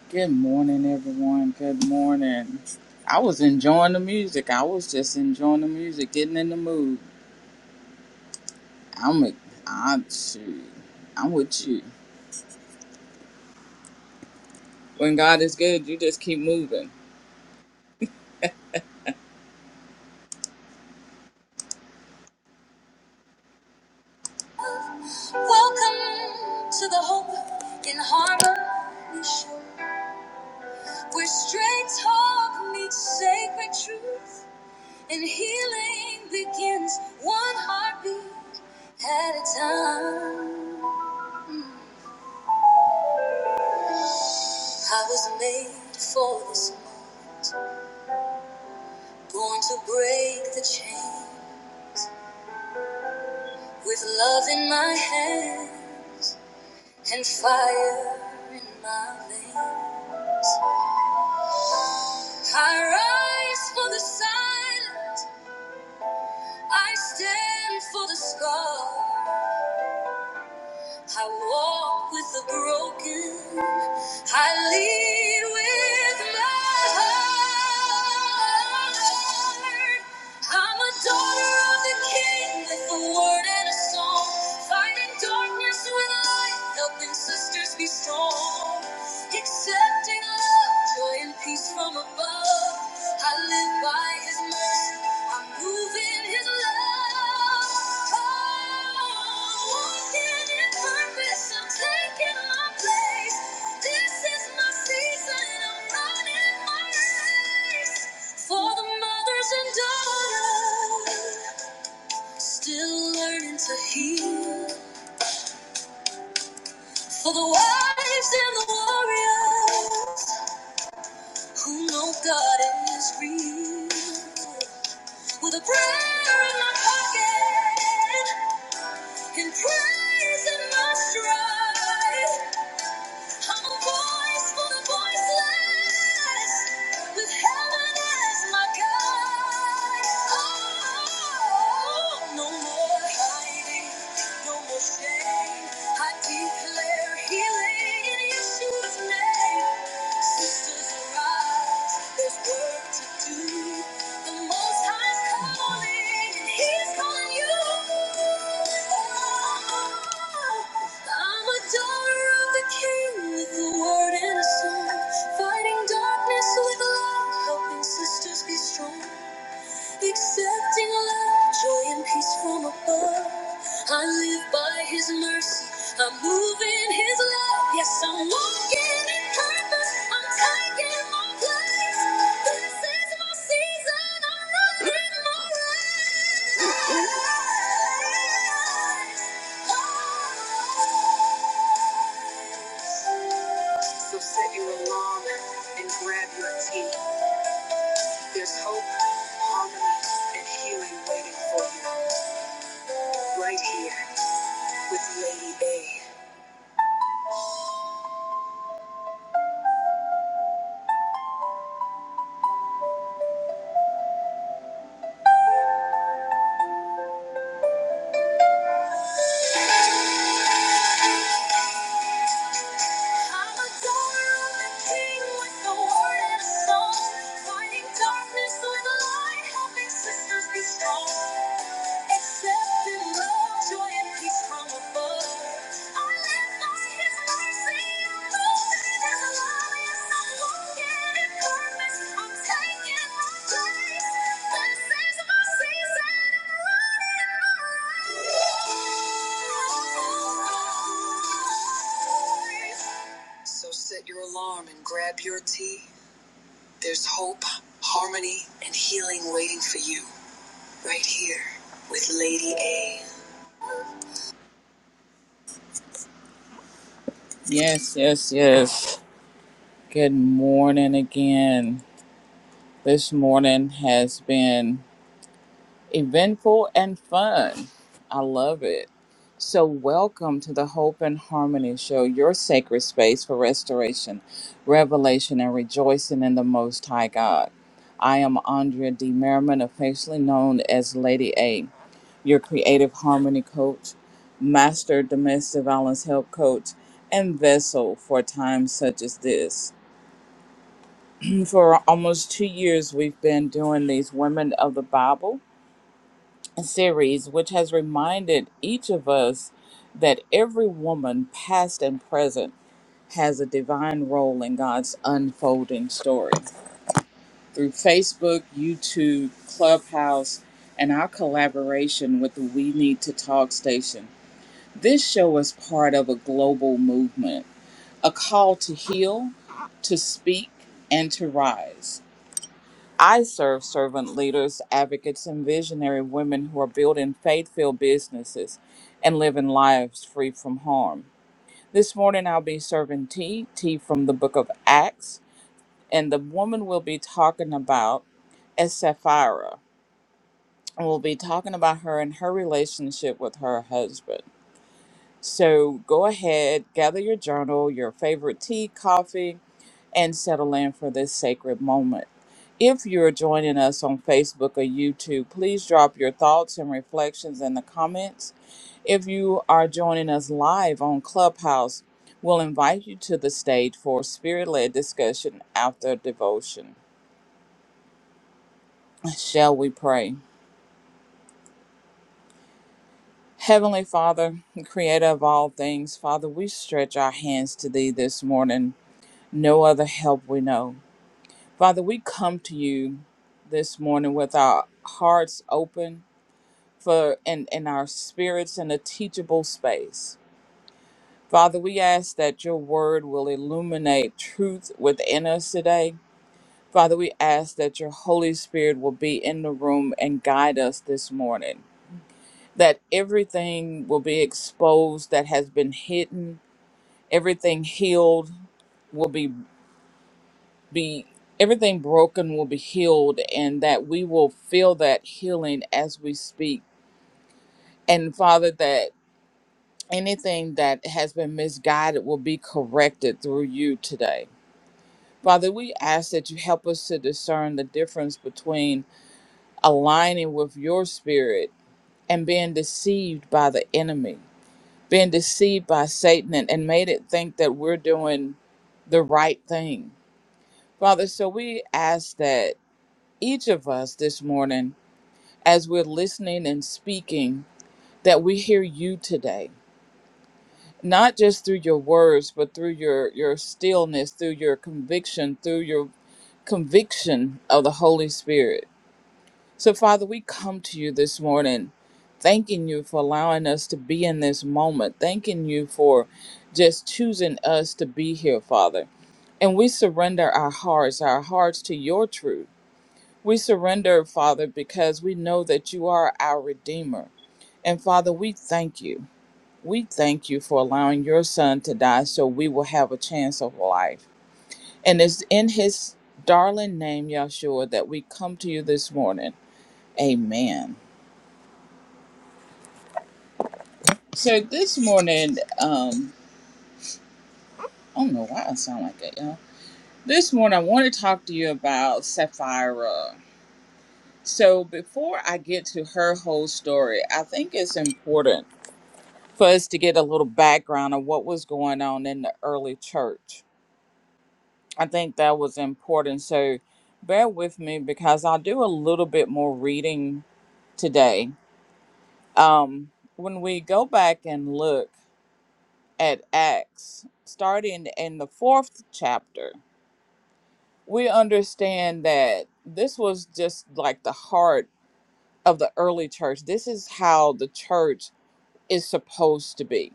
Good morning, everyone. Good morning. I was enjoying the music. I was just enjoying the music, getting in the mood. I'm a, I'm shoot. I'm with you. When God is good, you just keep moving. Welcome to the Hope in Harmony Show, where straight talk meets sacred truth, and healing begins one heartbeat at a time. I was made for this Born to break the chain with love in my hand and fire in my veins. I rise for the silence, I stand for the scar. I walk with the broken. I lead with my heart. I'm a daughter of the King with a word and a song. Fighting darkness with light, helping sisters be strong. Accepting love, joy, and peace from above. I I live by His mercy. I'm moving His love. Oh, walking in purpose. I'm taking my place. This is my season. I'm running my race for the mothers and daughters. Still learning to heal for the wives and the warriors who know God is real. With a prayer in my pocket and praise in my stride, I'm a voice for the voiceless with heaven as my guide. Oh, no more hiding, no more shame. I declare healing in Yeshua's name. Sisters arise. Fighting darkness with love, helping sisters be strong. Accepting love, joy and peace from above. I live by His mercy. I'm moving His love. Yes, I'm walking in purpose. I'm taking my place. This is my season. I'm running my race. Oh. So set your alarm and grab your tea. There's hope, harmony, and healing waiting for you right here with Lady A. I'm adoring the King with a word and a song. Fighting darkness with light, helping sisters be strong. Accepting love, joy, and peace from above. I live by His mercy. I'm moving in His love. Yes, I'm walking in purpose. I'm taking my place. This is my season. I'm running my race. So set your alarm and grab your tea. There's hope, harmony, and healing waiting for you right here with Lady A. Yes, yes, yes. Good morning again. This morning has been eventful and fun. I love it. So, welcome to the Hope and Harmony Show, your sacred space for restoration, revelation, and rejoicing in the Most High God. I am Andrea D. Merriman, officially known as Lady A, your creative harmony coach, master domestic violence help coach, and vessel for times such as this. For almost two years, we've been doing these Women of the Bible series, which has reminded each of us that every woman, past and present, has a divine role in God's unfolding story. Through Facebook, YouTube, Clubhouse, and our collaboration with the We Need to Talk station, this show is part of a global movement, a call to heal, to speak, and to rise. I serve servant leaders, advocates, and visionary women who are building faith filled businesses and living lives free from harm. This morning I'll be serving tea, tea from the book of Acts, and the woman we'll be talking about is Sapphira. And we'll be talking about her and her relationship with her husband. So go ahead, gather your journal, your favorite tea, coffee, and settle in for this sacred moment. If you're joining us on Facebook or YouTube, please drop your thoughts and reflections in the comments. If you are joining us live on Clubhouse, we'll invite you to the stage for spirit led discussion after devotion. Shall we pray? Heavenly Father, creator of all things, Father, we stretch our hands to thee this morning no other help we know. Father, we come to you this morning with our hearts open for and, and our spirits in a teachable space. Father, we ask that your word will illuminate truth within us today. Father, we ask that your Holy Spirit will be in the room and guide us this morning. That everything will be exposed that has been hidden, everything healed, will be. be everything broken will be healed and that we will feel that healing as we speak and father that anything that has been misguided will be corrected through you today father we ask that you help us to discern the difference between aligning with your spirit and being deceived by the enemy being deceived by satan and, and made it think that we're doing the right thing father so we ask that each of us this morning as we're listening and speaking that we hear you today not just through your words but through your your stillness through your conviction through your conviction of the holy spirit so father we come to you this morning thanking you for allowing us to be in this moment thanking you for just choosing us to be here father and we surrender our hearts our hearts to your truth we surrender father because we know that you are our redeemer And Father, we thank you. We thank you for allowing your son to die so we will have a chance of life. And it's in his darling name, Yahshua, that we come to you this morning. Amen. So this morning, um, I don't know why I sound like that, y'all. This morning, I want to talk to you about Sapphira. So before I get to her whole story, I think it's important for us to get a little background of what was going on in the early church I think that was important. So bear with me because I'll do a little bit more reading today. Um, when we go back and look at Acts, starting in the fourth chapter, we understand that this was just like the heart of the early church. This is how the church is supposed to be.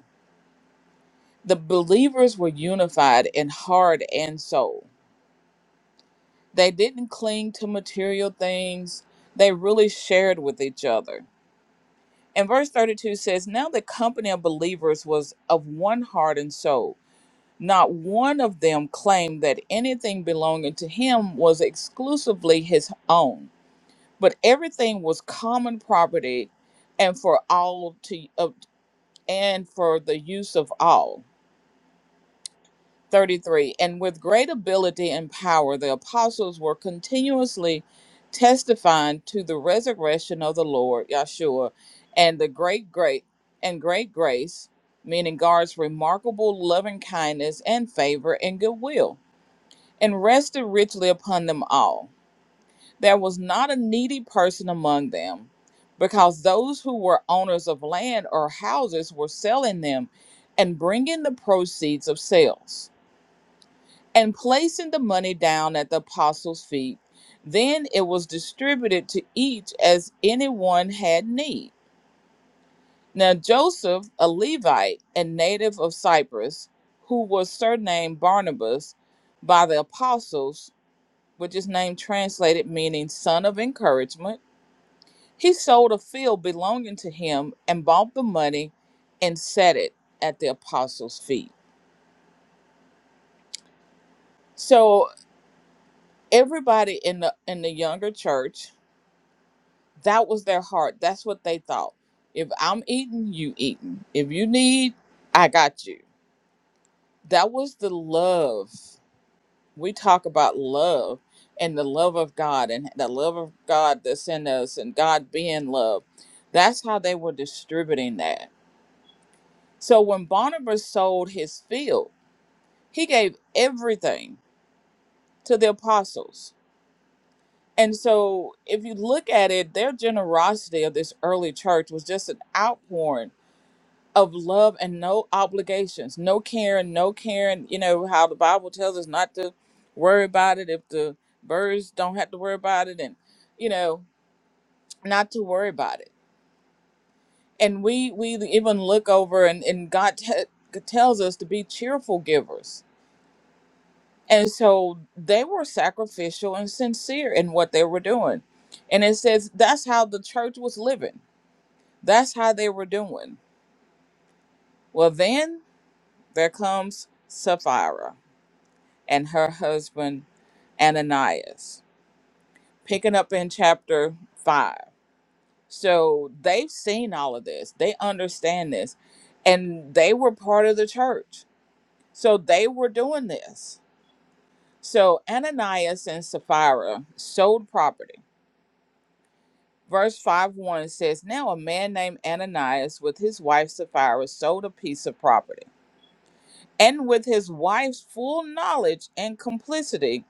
The believers were unified in heart and soul They didn't cling to material things, they really shared with each other. And verse 32 says, Now the company of believers was of one heart and soul. Not one of them claimed that anything belonging to him was exclusively his own, but everything was common property and for all to of, and for the use of all. 33 And with great ability and power, the apostles were continuously testifying to the resurrection of the Lord, Yahshua, and the great, great, and great grace, meaning God's remarkable loving kindness and favor and goodwill, and rested richly upon them all. There was not a needy person among them, because those who were owners of land or houses were selling them and bringing the proceeds of sales and placing the money down at the apostles' feet. Then it was distributed to each as anyone had need. Now Joseph, a Levite and native of Cyprus, who was surnamed Barnabas by the apostles, which is name translated meaning son of encouragement, he sold a field belonging to him and bought the money and set it at the apostles' feet. So everybody in the in the younger church That was their heart. That's what they thought. If I'm eating, you eating. If you need, I got you. That was the love. We talk about love and the love of God and the love of God that's in us and God being love. That's how they were distributing that. So when Barnabas sold his field, he gave everything to the apostles. And so if you look at it, their generosity of this early church was just an outpouring of love and no obligations, no caring, no caring. You know how the Bible tells us not to worry about it if the birds don't have to worry about it, and you know not to worry about it. And we we even look over and and God te- tells us to be cheerful givers. And so they were sacrificial and sincere in what they were doing. And it says that's how the church was living. That's how they were doing. Well, then there comes Sapphira and her husband Ananias, picking up in chapter 5. So they've seen all of this, they understand this, and they were part of the church. So they were doing this. So Ananias and Sapphira sold property. Verse 5 1 says, Now a man named Ananias with his wife Sapphira sold a piece of property. And with his wife's full knowledge and complicity,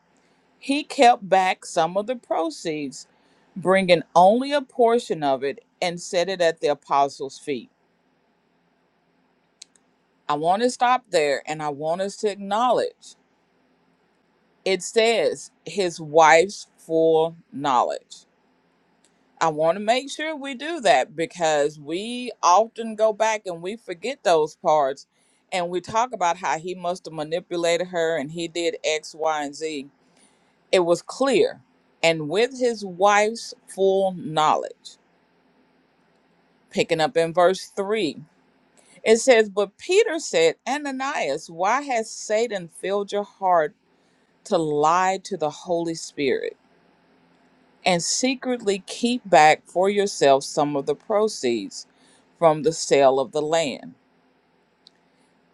He kept back some of the proceeds, bringing only a portion of it and set it at the apostles' feet. I want to stop there and I want us to acknowledge it says his wife's full knowledge. I want to make sure we do that because we often go back and we forget those parts and we talk about how he must have manipulated her and he did X, Y, and Z. It was clear and with his wife's full knowledge. Picking up in verse 3, it says, But Peter said, Ananias, why has Satan filled your heart to lie to the Holy Spirit and secretly keep back for yourself some of the proceeds from the sale of the land?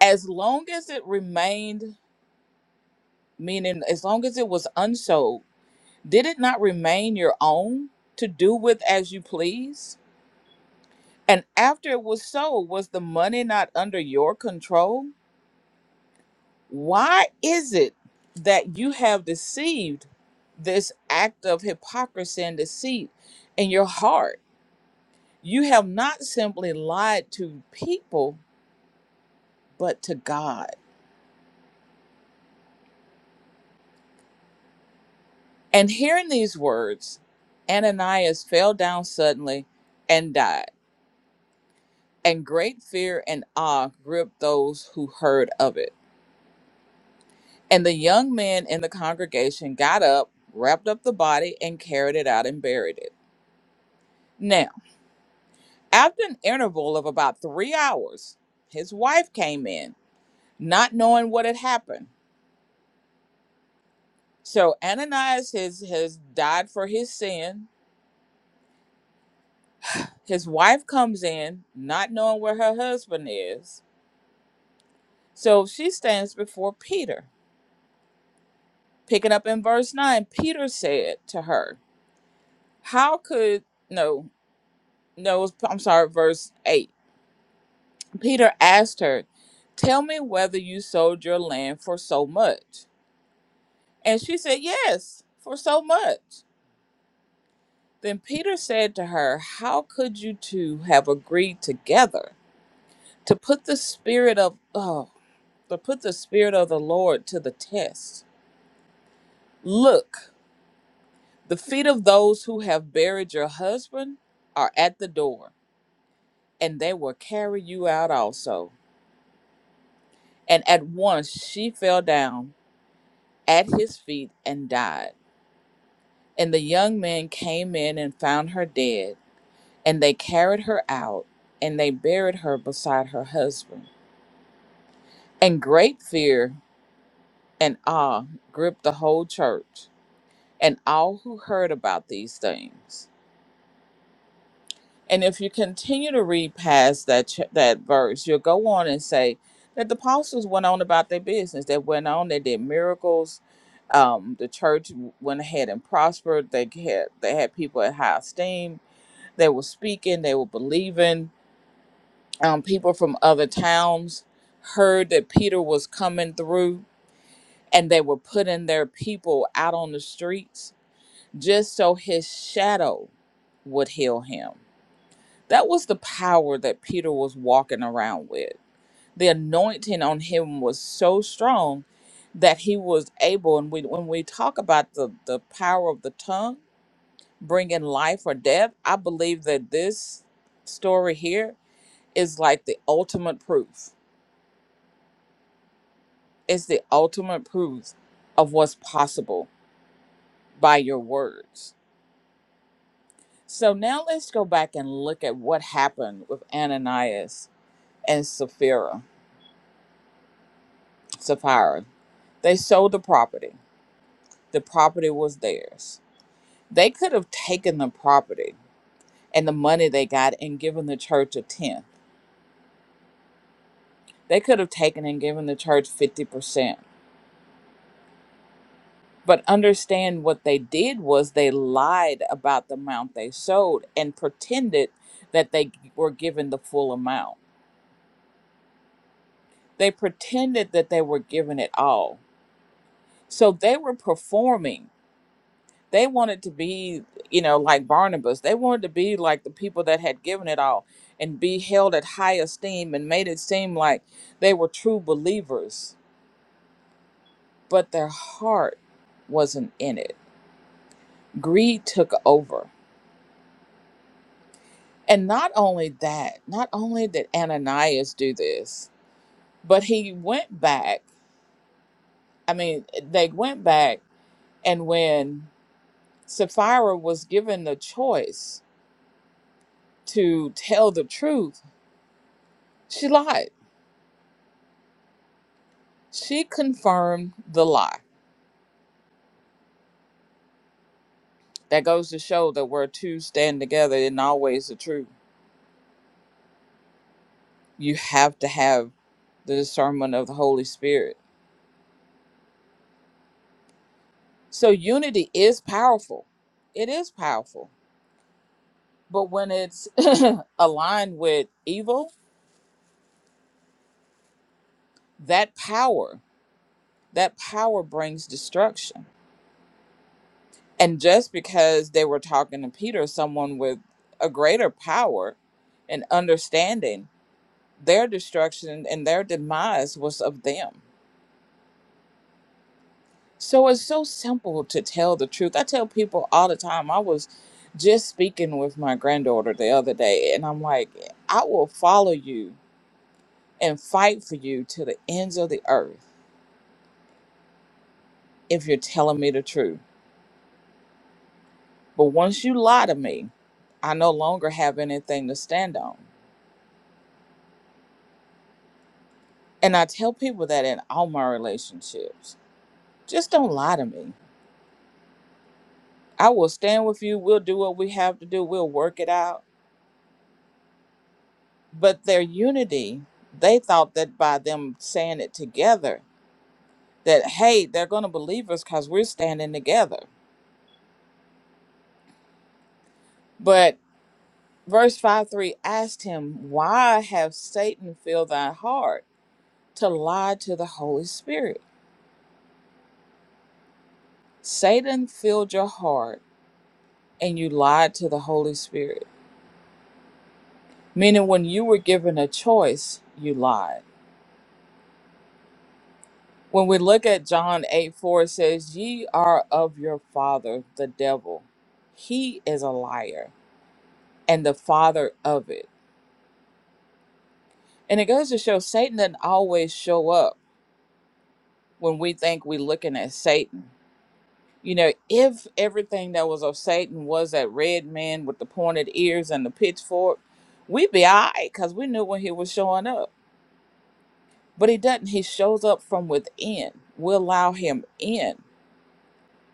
As long as it remained, meaning as long as it was unsold, did it not remain your own to do with as you please? And after it was sold, was the money not under your control? Why is it that you have deceived this act of hypocrisy and deceit in your heart? You have not simply lied to people, but to God. And hearing these words, Ananias fell down suddenly and died. And great fear and awe gripped those who heard of it. And the young men in the congregation got up, wrapped up the body, and carried it out and buried it. After an interval of about three hours, his wife came in, not knowing what had happened. So Ananias has, has died for his sin. His wife comes in, not knowing where her husband is. So she stands before Peter. Picking up in verse 9, Peter said to her, How could, no, no, I'm sorry, verse 8. Peter asked her, Tell me whether you sold your land for so much. And she said, Yes, for so much. Then Peter said to her, How could you two have agreed together to put the spirit of oh to put the spirit of the Lord to the test? Look, the feet of those who have buried your husband are at the door, and they will carry you out also. And at once she fell down at his feet and died. And the young men came in and found her dead And they carried her out, and they buried her beside her husband. And great fear and awe gripped the whole church and all who heard about these things. And if you continue to read past that ch- that verse, you'll go on and say that the apostles went on about their business. They went on. They did miracles. Um, the church went ahead and prospered. They had they had people at high esteem. They were speaking. They were believing um, people from other towns heard that Peter was coming through and they were putting their people out on the streets just so his shadow would heal him. That was the power that Peter was walking around with. The anointing on him was so strong that he was able, and we, when we talk about the, the power of the tongue bringing life or death, I believe that this story here is like the ultimate proof is the ultimate proof of what's possible by your words. So now let's go back and look at what happened with Ananias and Sapphira. Sapphira. They sold the property. The property was theirs. They could have taken the property and the money they got and given the church a tenth. They could have taken and given the church 50%. But understand what they did was they lied about the amount they sold and pretended that they were given the full amount. They pretended that they were given it all. So they were performing. They wanted to be, you know, like Barnabas. They wanted to be like the people that had given it all and be held at high esteem and made it seem like they were true believers, but their heart wasn't in it. Greed took over And not only that, not only did Ananias do this, but he went back. I mean, they went back, and when Sapphira was given the choice to tell the truth, she lied. She confirmed the lie. That goes to show that where two stand together isn't always the truth. You have to have the discernment of the Holy Spirit. So unity is powerful. It is powerful But when it's aligned with evil, that power, that power brings destruction. And just because they were talking to Peter, someone with a greater power and understanding, their destruction and their demise was of them. So it's so simple to tell the truth. I tell people all the time, I was just speaking with my granddaughter the other day, and I'm like, I will follow you and fight for you to the ends of the earth if you're telling me the truth. But once you lie to me, I no longer have anything to stand on. And I tell people that in all my relationships. Just don't lie to me. I will stand with you. We'll do what we have to do. We'll work it out. But their unity, they thought that by them saying it together, that, hey, they're going to believe us because we're standing together. But verse 5 3 asked him, Why have Satan filled thy heart to lie to the Holy Spirit? Satan filled your heart and you lied to the Holy Spirit. Meaning, when you were given a choice, you lied. When we look at John 8 4, it says, Ye are of your father, the devil. He is a liar and the father of it. And it goes to show Satan doesn't always show up when we think we're looking at Satan. You know, if everything that was of Satan was that red man with the pointed ears and the pitchfork, we'd be all right because we knew when he was showing up But he doesn't. He shows up from within. We allow him in.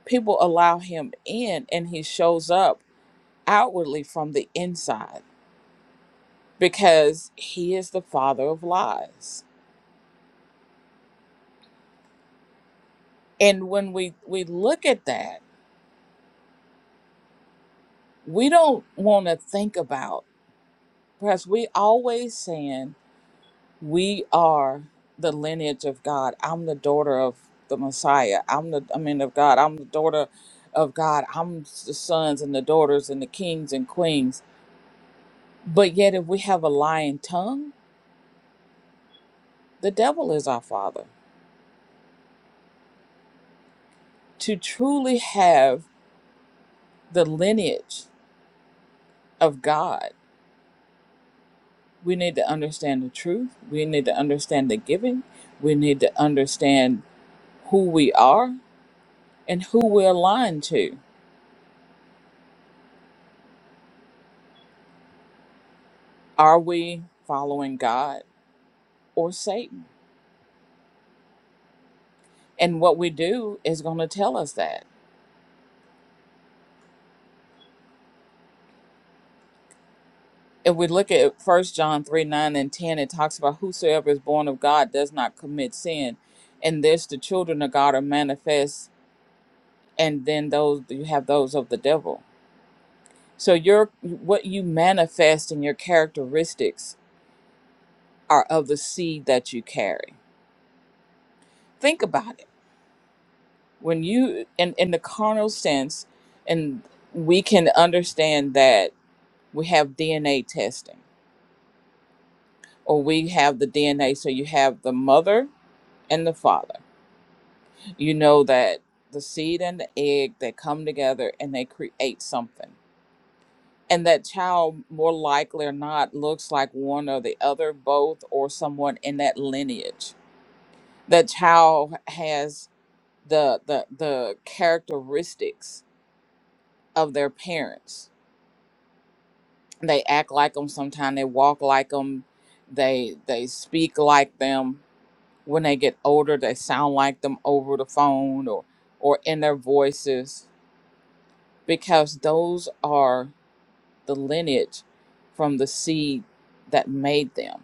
People allow him in, and he shows up outwardly from the inside because he is the father of lies. And when we, we look at that, we don't want to think about, because we always saying, we are the lineage of God. I'm the daughter of the Messiah. I'm the, I mean, of God. I'm the daughter of God. I'm the sons and the daughters and the kings and queens But yet, if we have a lying tongue, the devil is our father. To truly have the lineage of God, we need to understand the truth. We need to understand the giving. We need to understand who we are and who we're aligned to. Are we following God or Satan? And what we do is going to tell us that. if we look at first john 3 9 and 10 it talks about whosoever is born of god does not commit sin and this the children of god are manifest and then those you have those of the devil so your what you manifest and your characteristics are of the seed that you carry think about it when you in, in the carnal sense and we can understand that we have dna testing or we have the dna so you have the mother and the father you know that the seed and the egg they come together and they create something and that child more likely or not looks like one or the other both or someone in that lineage that child has the the the characteristics of their parents they act like them sometimes they walk like them they they speak like them when they get older they sound like them over the phone or or in their voices because those are the lineage from the seed that made them.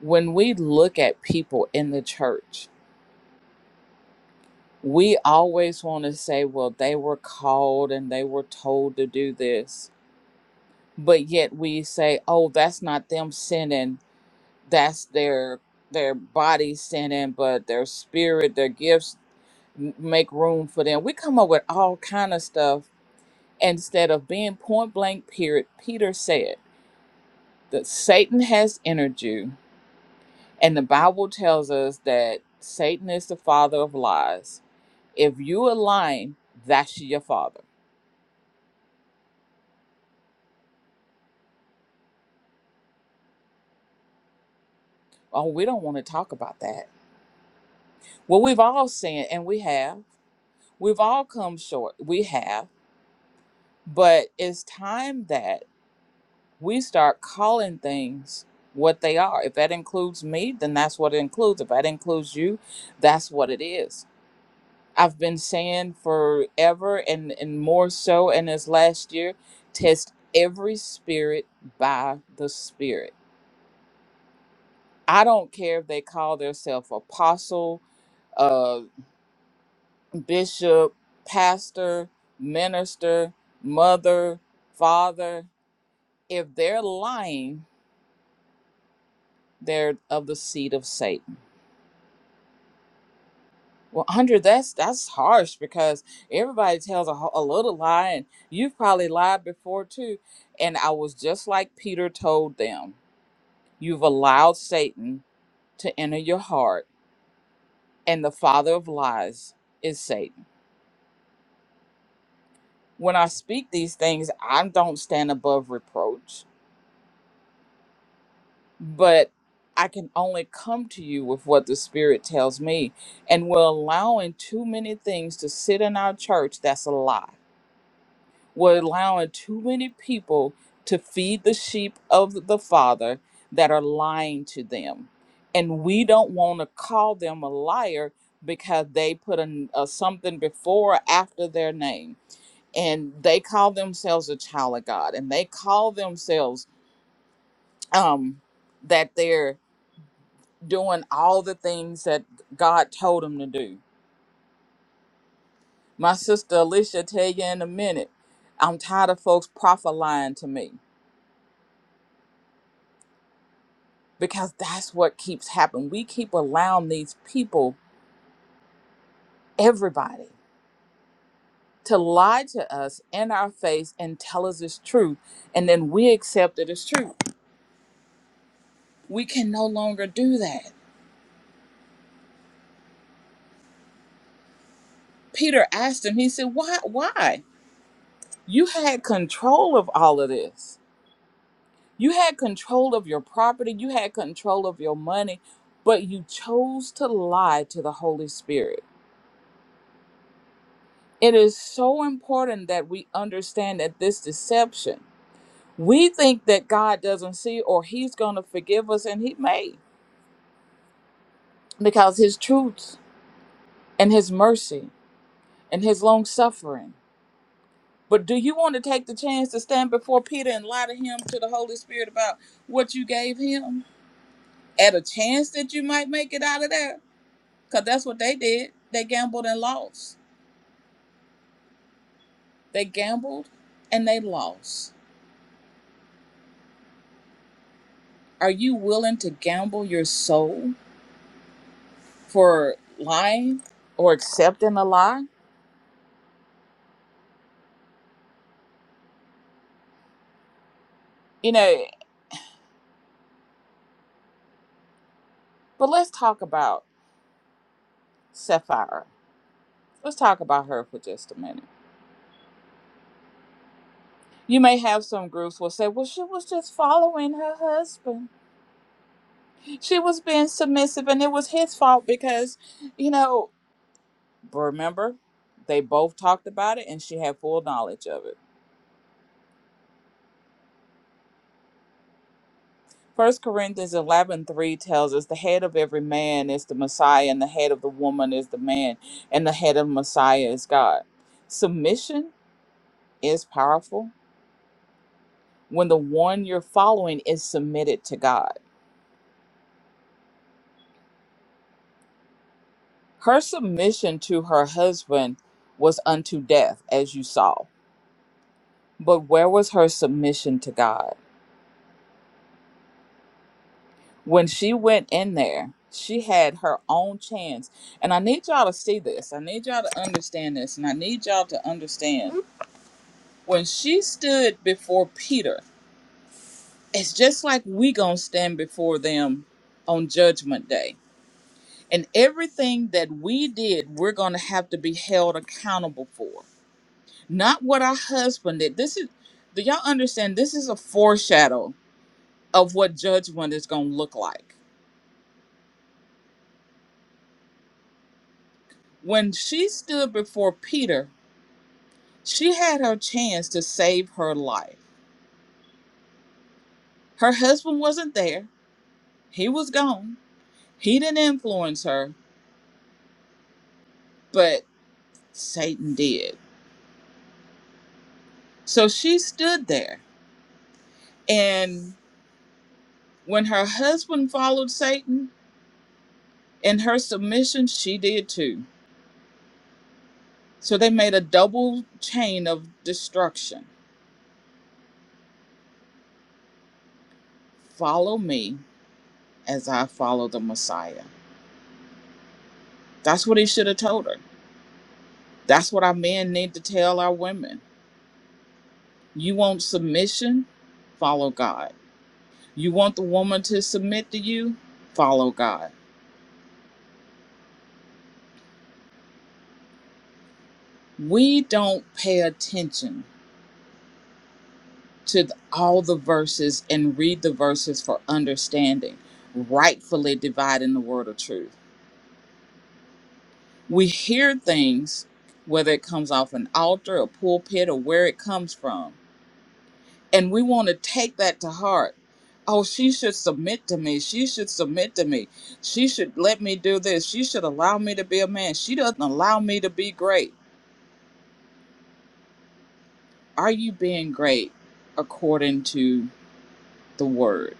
When we look at people in the church, we always want to say, well, they were called and they were told to do this. But yet we say, oh, that's not them sinning. That's their their body sinning, but their spirit, their gifts m- make room for them. We come up with all kind of stuff instead of being point blank period. Peter said. that Satan has entered you, and the Bible tells us that Satan is the father of lies. If you are lying, that's your father. Oh, we don't want to talk about that. Well, we've all sinned, and we have. We've all come short. We have. But it's time that we start calling things what they are. If that includes me, then that's what it includes. If that includes you, that's what it is. I've been saying forever and, and more so, and as last year, test every spirit by the spirit. I don't care if they call themselves apostle, uh, bishop, pastor, minister, mother, father. If they're lying, they're of the seed of Satan Well, Andre, that's that's harsh because everybody tells a, ho- a little lie, and you've probably lied before too. And I was just like Peter told them: you've allowed Satan to enter your heart, and the father of lies is Satan. When I speak these things, I don't stand above reproach, but I can only come to you with what the Spirit tells me. And we're allowing too many things to sit in our church that's a lie We're allowing too many people to feed the sheep of the Father that are lying to them. And we don't want to call them a liar because they put a, a something before or after their name. And they call themselves a child of God. And they call themselves um, that they're doing all the things that God told them to do. My sister Alicia tell you in a minute, I'm tired of folks prophesying to me because that's what keeps happening. We keep allowing these people, everybody, to lie to us in our face and tell us it's truth, and then we accept it as truth. We can no longer do that. Peter asked him, he said, Why? Why? You had control of all of this. You had control of your property, you had control of your money, but you chose to lie to the Holy Spirit. It is so important that we understand that this deception we think that God doesn't see or he's going to forgive us and he may because his truth and his mercy and his long suffering. But do you want to take the chance to stand before Peter and lie to him to the Holy Spirit about what you gave him at a chance that you might make it out of there? Because that's what they did. They gambled and lost. They gambled and they lost. Are you willing to gamble your soul for lying or accepting a lie? You know, But let's talk about Sapphira. Let's talk about her for just a minute. You may have some groups will say, well, she was just following her husband. She was being submissive and it was his fault because, you know, remember, they both talked about it and she had full knowledge of it. First Corinthians 11 3 tells us the head of every man is the Messiah, and the head of the woman is the man, and the head of Messiah is God. Submission is powerful when the one you're following is submitted to God. Her submission to her husband was unto death, as you saw. But where was her submission to God? When she went in there, she had her own chance. And I need y'all to see this. I need y'all to understand this. And I need y'all to understand when she stood before Peter, it's just like we gonna stand before them on judgment day And everything that we did, we're going to have to be held accountable for. Not what our husband did. This is, do y'all understand? This is a foreshadow of what judgment is going to look like. When she stood before Peter, she had her chance to save her life. Her husband wasn't there, he was gone. He didn't influence her, but Satan did. So she stood there. And when her husband followed Satan, In her submission, she did too. So they made a double chain of destruction. Follow me as I follow the Messiah. That's what he should have told her. That's what our men need to tell our women. You want submission? Follow God. You want the woman to submit to you? Follow God. We don't pay attention to th- all the verses and read the verses for understanding, rightfully dividing the word of truth we hear things, whether it comes off an altar, a pulpit, or where it comes from, and we want to take that to heart. Oh, she should submit to me. She should submit to me. She should let me do this. She should allow me to be a man. She doesn't allow me to be great. Are you being great according to the word?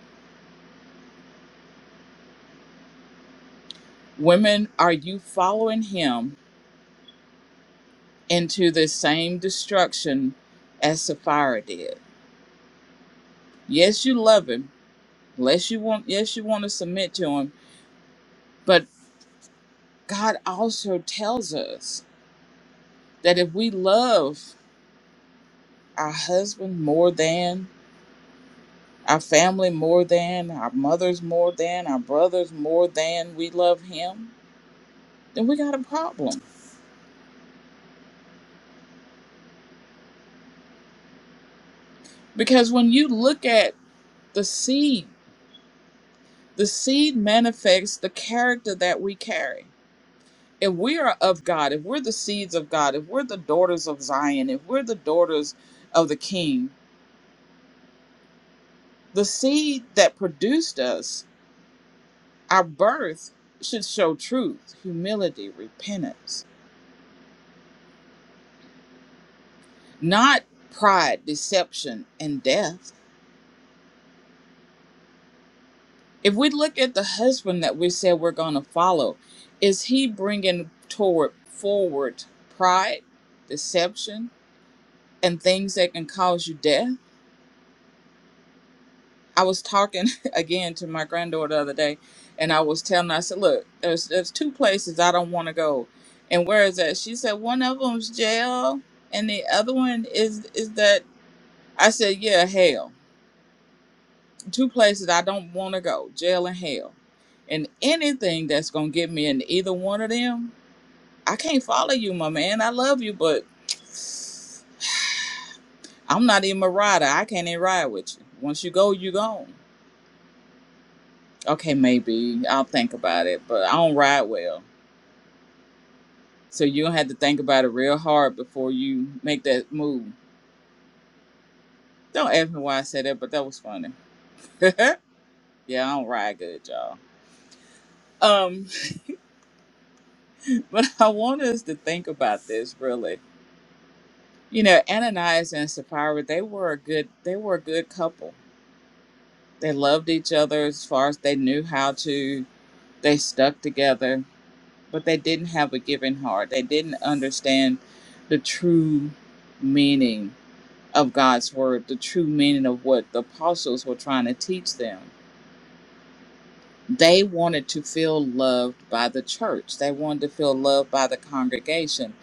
Women, are you following him into the same destruction as Sapphira did? Yes, you love him unless you want yes you want to submit to him but god also tells us that if we love our husband more than our family more than our mothers more than our brothers more than we love him then we got a problem because when you look at the seed the seed manifests the character that we carry if we are of god if we're the seeds of god if we're the daughters of zion if we're the daughters of the king The seed that produced us, our birth, should show truth, humility, repentance, not pride, deception, and death. If we look at the husband that we said we're going to follow, is he bringing toward forward pride, deception, and things that can cause you death? I was talking again to my granddaughter the other day, and I was telling her, I said, "Look, there's there's two places I don't want to go, and where is that?" She said, "One of them's jail, and the other one is is that." I said, "Yeah, hell, two places I don't want to go, jail and hell, and anything that's gonna get me in either one of them, I can't follow you, my man. I love you, but I'm not even a rider. I can't even ride with you. Once you go, you gone." Okay, maybe I'll think about it, but I don't ride well, so you'll have to think about it real hard before you make that move. Don't ask me why I said that, but that was funny. yeah, I don't ride good, y'all. Um, but I want us to think about this really. You know, Ananias and Sapphira, they were a good, they were a good couple. They loved each other as far as they knew how to. They stuck together, but they didn't have a giving heart. They didn't understand the true meaning of God's word, the true meaning of what the apostles were trying to teach them. They wanted to feel loved by the church, they wanted to feel loved by the congregation,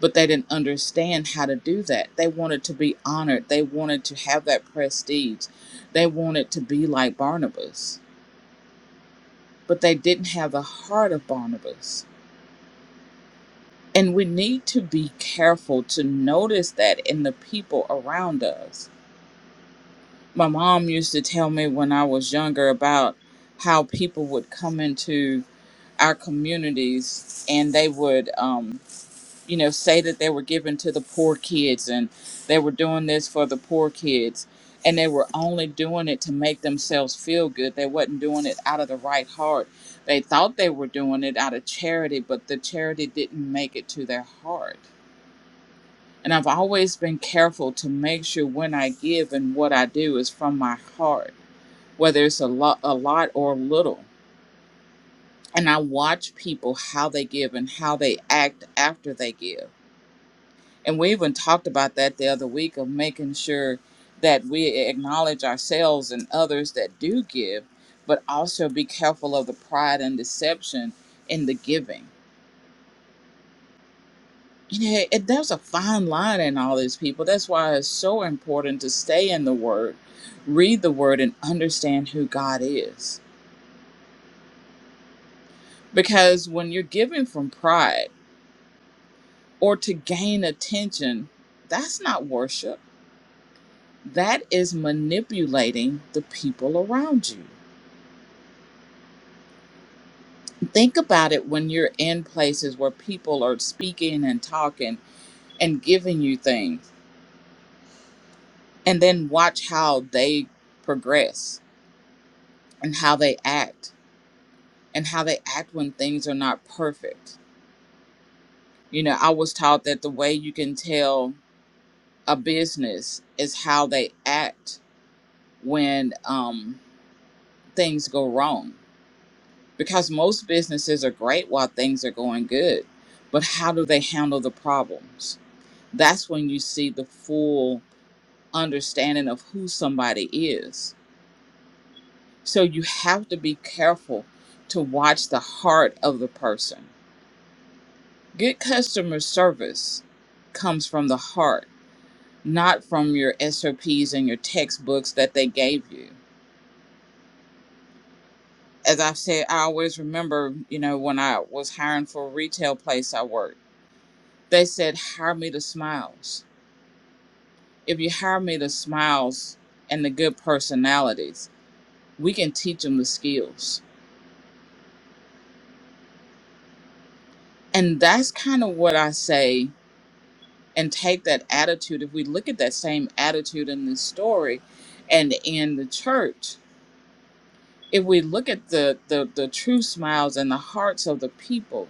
but they didn't understand how to do that. They wanted to be honored, they wanted to have that prestige, they wanted to be like Barnabas, but they didn't have the heart of Barnabas. And we need to be careful to notice that in the people around us my mom used to tell me when I was younger about how people would come into our communities and they would, um, you know, say that they were giving to the poor kids and they were doing this for the poor kids. And they were only doing it to make themselves feel good. They wasn't doing it out of the right heart. They thought they were doing it out of charity, but the charity didn't make it to their heart. And I've always been careful to make sure when I give and what I do is from my heart whether it's a lot a lot or little and i watch people how they give and how they act after they give and we even talked about that the other week of making sure that we acknowledge ourselves and others that do give but also be careful of the pride and deception in the giving you know it, there's a fine line in all these people that's why it's so important to stay in the word read the word and understand who god is because when you're giving from pride or to gain attention, that's not worship. That is manipulating the people around you. Think about it when you're in places where people are speaking and talking and giving you things, and then watch how they progress and how they act and how they act when things are not perfect. You know, I was taught that the way you can tell a business is how they act when um, things go wrong because most businesses are great while things are going good but how do they handle the problems that's when you see the full understanding of who somebody is so you have to be careful to watch the heart of the person good customer service comes from the heart not from your sops and your textbooks that they gave you as i've said i always remember you know when i was hiring for a retail place i worked They said, hire me the smiles. If you hire me the smiles and the good personalities, we can teach them the skills. And that's kind of what I say and take that attitude. If we look at that same attitude in this story and in the church, if we look at the, the, the true smiles and the hearts of the people,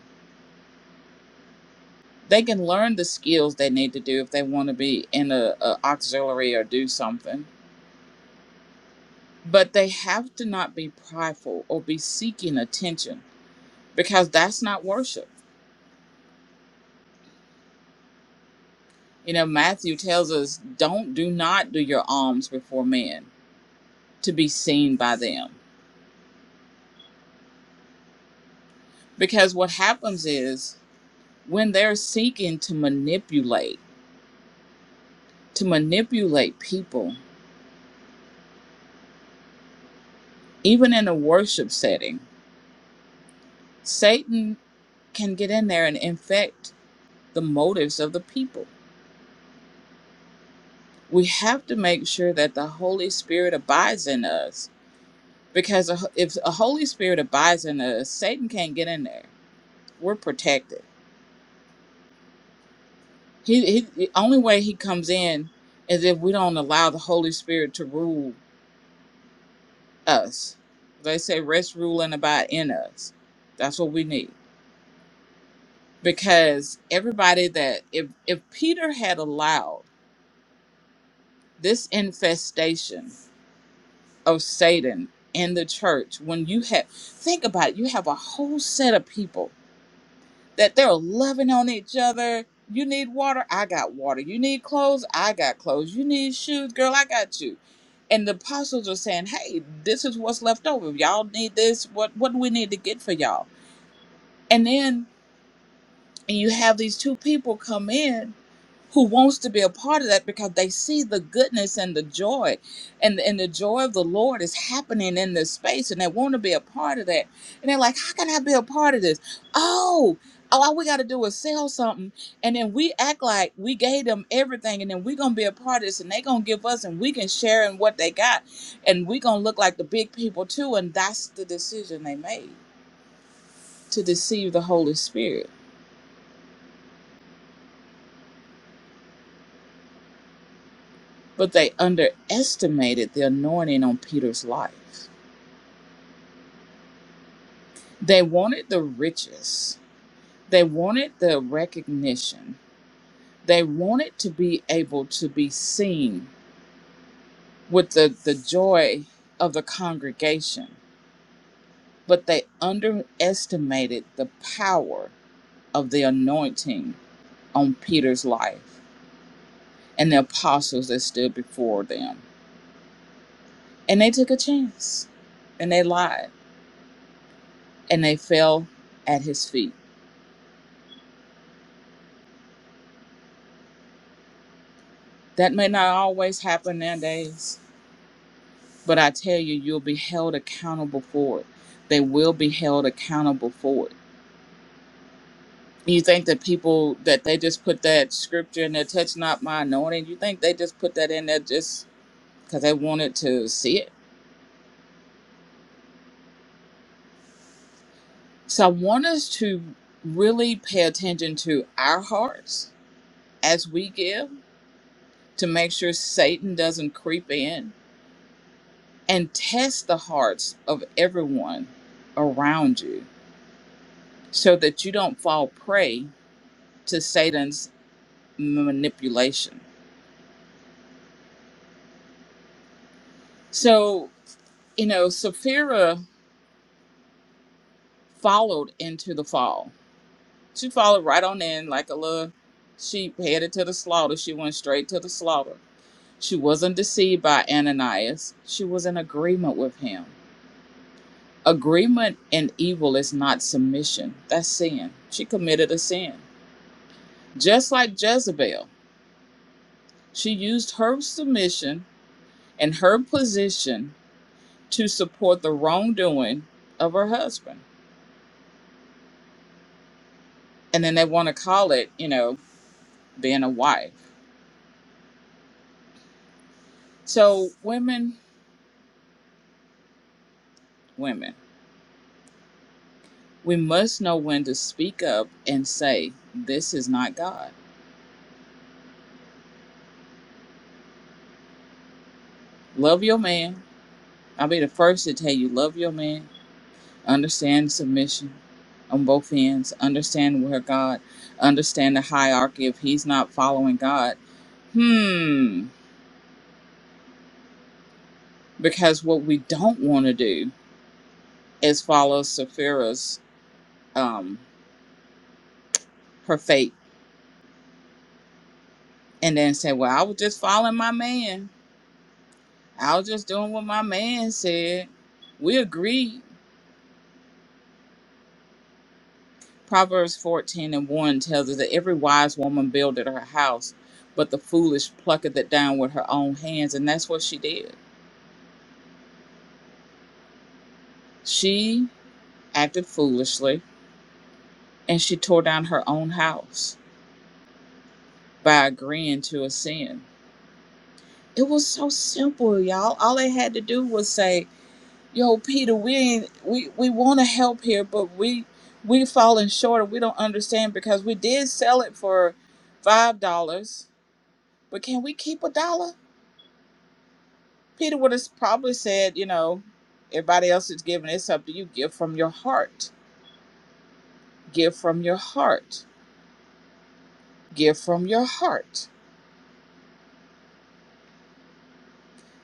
they can learn the skills they need to do if they want to be in a, a auxiliary or do something But they have to not be prideful or be seeking attention because that's not worship. You know, Matthew tells us, don't do not do your alms before men to be seen by them. Because what happens is when they're seeking to manipulate, to manipulate people, even in a worship setting, Satan can get in there and infect the motives of the people. We have to make sure that the Holy Spirit abides in us because if the Holy Spirit abides in us, Satan can't get in there. We're protected. He, he the only way he comes in is if we don't allow the Holy Spirit to rule us. They say rest, rule, and abide in us. That's what we need because everybody that if if Peter had allowed this infestation of Satan in the church, when you have think about it, you have a whole set of people that they're loving on each other. You need water, I got water. You need clothes, I got clothes. You need shoes, girl, I got you. And the apostles are saying, "Hey, this is what's left over. Y'all need this. What what do we need to get for y'all?" And then you have these two people come in who wants to be a part of that because they see the goodness and the joy and, and the joy of the lord is happening in this space and they want to be a part of that and they're like how can i be a part of this oh oh, all we got to do is sell something and then we act like we gave them everything and then we're gonna be a part of this and they are gonna give us and we can share in what they got and we are gonna look like the big people too and that's the decision they made to deceive the holy spirit but they underestimated the anointing on peter's life They wanted the riches. They wanted the recognition. They wanted to be able to be seen with the, the joy of the congregation, but they underestimated the power of the anointing on Peter's life and the apostles that stood before them. And they took a chance and they lied and they fell at his feet. That may not always happen nowadays But I tell you, you'll be held accountable for it. They will be held accountable for it. You think that people that they just put that scripture in there, touch not my anointing, you think they just put that in there just because they wanted to see it? So I want us to really pay attention to our hearts as we give to make sure Satan doesn't creep in and test the hearts of everyone around you so that you don't fall prey to Satan's manipulation. So, you know, Sapphira followed into the fall. She followed right on in like a little sheep headed to the slaughter. She went straight to the slaughter. She wasn't deceived by Ananias, she was in agreement with him. Agreement in evil is not submission, that's sin. She committed a sin. Just like Jezebel, she used her submission and her position to support the wrongdoing of her husband and then they want to call it, you know, being a wife. So, women, women, we must know when to speak up and say, This is not God. Love your man. I'll be the first to tell you, love your man. Understand submission on both ends. Understand where God, understand the hierarchy. If he's not following God, hmm. Because what we don't want to do is follow Sapphira's, um, her fate and then say, Well, I was just following my man I was just doing what my man said. We agreed. Proverbs 14 and 1 tells us that every wise woman builded her house, but the foolish plucketh it down with her own hands. And that's what she did. She acted foolishly and she tore down her own house by agreeing to a sin. It was so simple, y'all. All they had to do was say, yo peter we ain't, we we want to help here but we we falling short we don't understand because we did sell it for five dollars but can we keep a dollar peter would have probably said you know everybody else is giving it's up to you give from your heart give from your heart give from your heart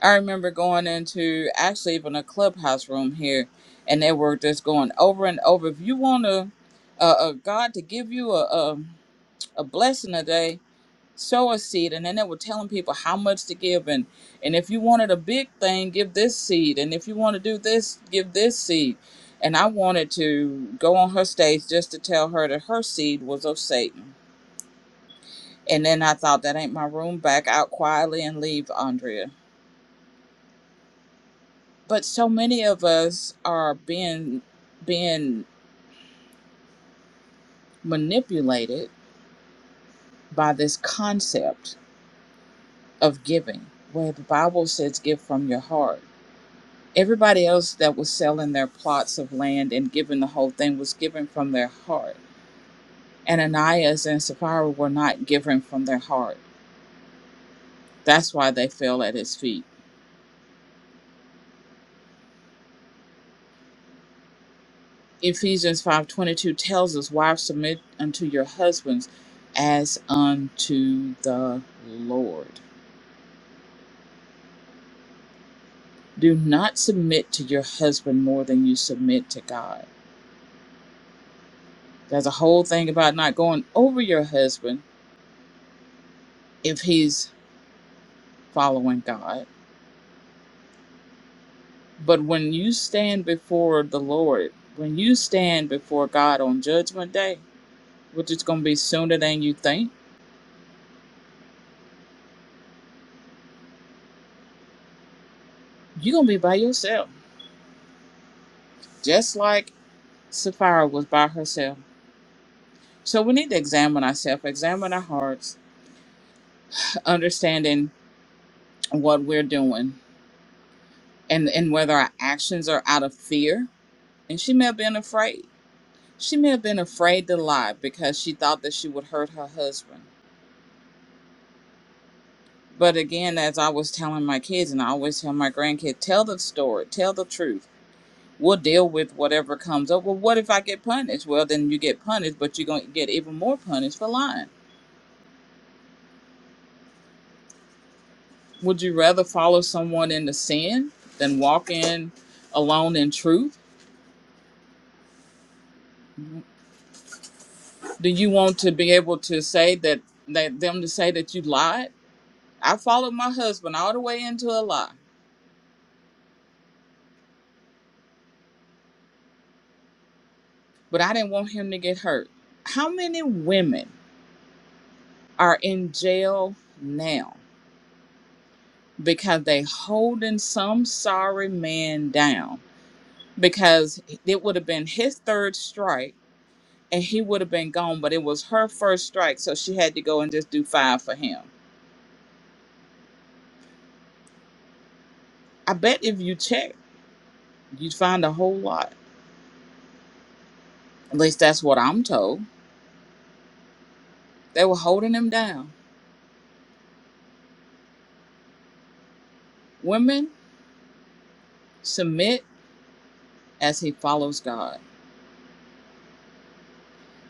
i remember going into actually even a clubhouse room here and they were just going over and over if you want a, a, a god to give you a, a, a blessing a day sow a seed and then they were telling people how much to give and and if you wanted a big thing give this seed and if you want to do this give this seed and i wanted to go on her stage just to tell her that her seed was of satan and then i thought that ain't my room back out quietly and leave andrea but so many of us are being being manipulated by this concept of giving where the bible says give from your heart Everybody else that was selling their plots of land and giving the whole thing was given from their heart. And Ananias and Sapphira were not given from their heart. That's why they fell at his feet. Ephesians 5:22 tells us, "Wives submit unto your husbands as unto the Lord." Do not submit to your husband more than you submit to God. There's a whole thing about not going over your husband if he's following God But when you stand before the Lord, when you stand before God on Judgment Day, which is going to be sooner than you think, you're going to be by yourself, just like Sapphira was by herself. So we need to examine ourselves, examine our hearts, understanding what we're doing and, and whether our actions are out of fear. And she may have been afraid. She may have been afraid to lie because she thought that she would hurt her husband. But again, as I was telling my kids, and I always tell my grandkids, tell the story, tell the truth. We'll deal with whatever comes up. Well, what if I get punished? Well, then you get punished, but you're going to get even more punished for lying. Would you rather follow someone into sin than walk in alone in truth? Do you want to be able to say that, that them to say that you lied? I followed my husband all the way into a lie, but I didn't want him to get hurt. How many women are in jail now? because they holding some sorry man down because it would have been his third strike and he would have been gone but it was her first strike so she had to go and just do five for him i bet if you check you'd find a whole lot at least that's what i'm told they were holding him down women submit as he follows god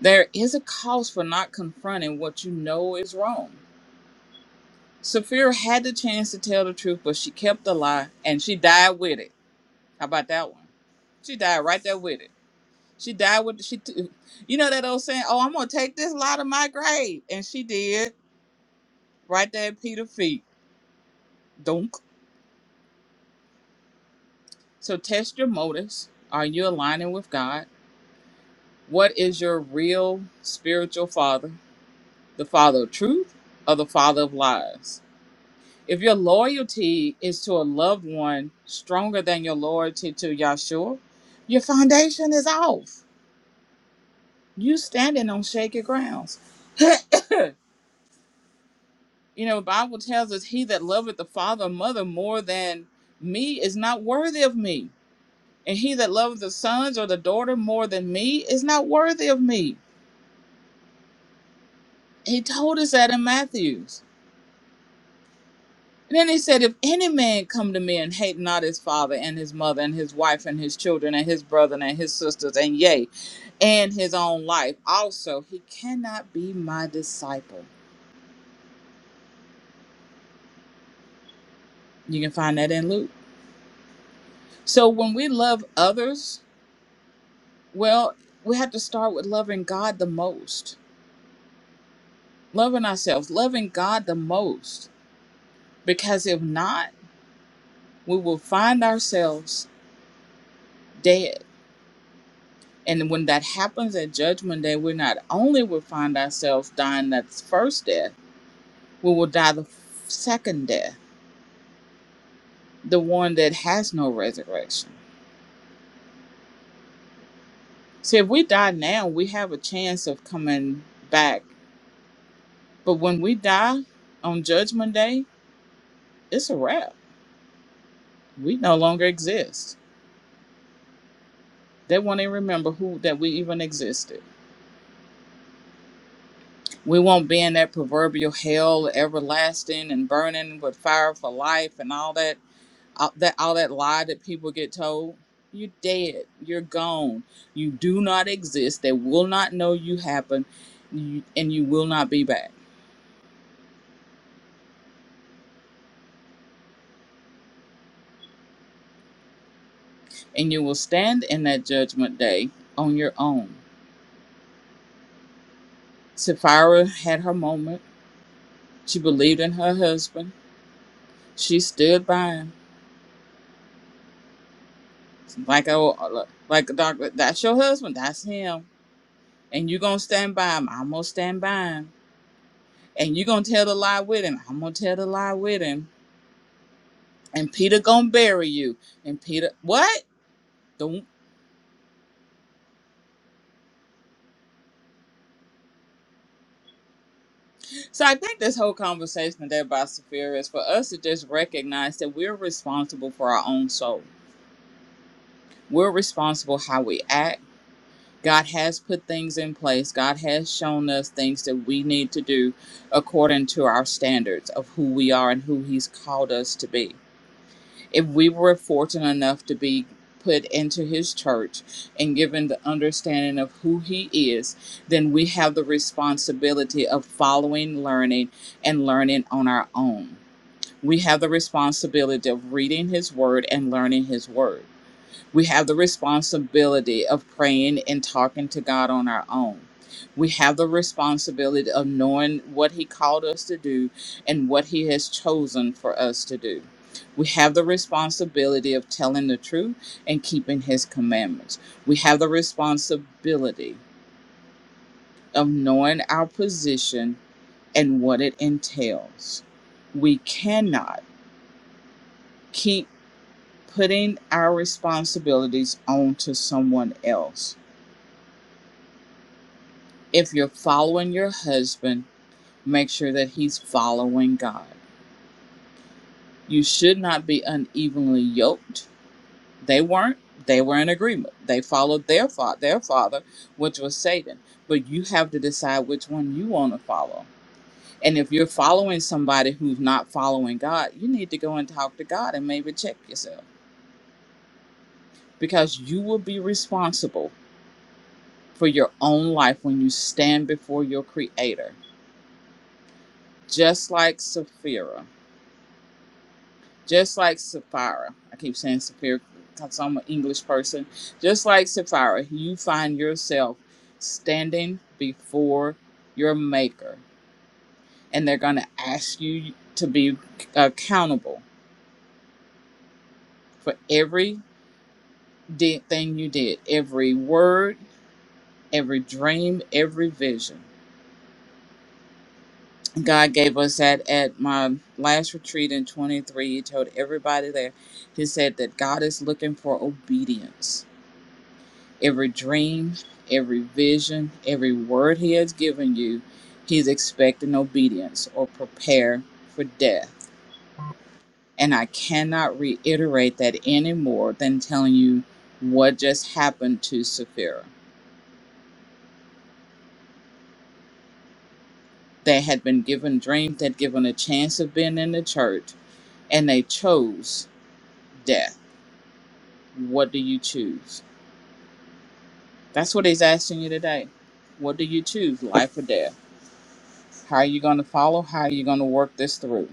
there is a cause for not confronting what you know is wrong Saphira had the chance to tell the truth, but she kept the lie and she died with it. How about that one? She died right there with it. She died with she. T- you know that old saying, "Oh, I'm gonna take this lot of my grave," and she did right there at Peter's feet. Dunk. So test your motives. Are you aligning with God? What is your real spiritual father? The father of truth or the father of lies? If your loyalty is to a loved one stronger than your loyalty to Yahshua, your foundation is off. You standing on shaky grounds. You know, the Bible tells us he that loveth the father or mother more than me is not worthy of me. And he that loveth the sons or the daughter more than me is not worthy of me. He told us that in Matthew's. And then he said, If any man come to me and hate not his father and his mother and his wife and his children and his brethren and his sisters, and yea, and his own life also, he cannot be my disciple. You can find that in Luke. So when we love others, Well, we have to start with loving God the most, loving ourselves, loving God the most, because if not, we will find ourselves dead. And when that happens at Judgment Day, we not only will find ourselves dying that first death, we will die the second death, the one that has no resurrection. See, if we die now, we have a chance of coming back. But when we die on Judgment Day, it's a wrap. We no longer exist They won't even remember who that we even existed. We won't be in that proverbial hell, everlasting and burning with fire for life, and all that, all that, all that lie that people get told. You're dead. You're gone. You do not exist. They will not know you happened, you- and you will not be back. And you will stand in that judgment day on your own. Sapphira had her moment. She believed in her husband. She stood by him Like oh, like doctor, that's your husband, that's him, and you gonna stand by him. I'm gonna stand by him, and you gonna tell the lie with him. I'm gonna tell the lie with him, and Peter gonna bury you. And Peter, what? The, so I think this whole conversation today about Sapphira is for us to just recognize that we're responsible for our own soul. We're responsible how we act God has put things in place. God has shown us things that we need to do according to our standards of who we are and who He's called us to be. If we were fortunate enough to be put into His church and given the understanding of who He is, then we have the responsibility of following, learning, and learning on our own. We have the responsibility of reading His Word and learning His Word we have the responsibility of praying and talking to God on our own. We have the responsibility of knowing what He called us to do and what He has chosen for us to do. We have the responsibility of telling the truth and keeping His commandments. We have the responsibility of knowing our position and what it entails. We cannot keep putting our responsibilities onto someone else If you're following your husband, make sure that he's following God. You should not be unevenly yoked. They weren't. They were in agreement. They followed their father, their father, which was Satan. But you have to decide which one you want to follow. And if you're following somebody who's not following God, you need to go and talk to God and maybe check yourself because you will be responsible for your own life when you stand before your creator. Just like Sapphira. just like Sapphira. I keep saying Sapphira because I'm an English person. Just like Sapphira, you find yourself standing before your Maker, and they're going to ask you to be accountable for every thing you did, every word, every dream, every vision. God gave us that at my last retreat in 23. He told everybody there, He said that God is looking for obedience Every dream, every vision, every word He has given you, He's expecting obedience or prepare for death. And I cannot reiterate that any more than telling you what just happened to Sapphira. They had been given dreams, that given a chance of being in the church, and they chose death. What do you choose? That's what he's asking you today. What do you choose, life or death? How are you going to follow? How are you going to work this through?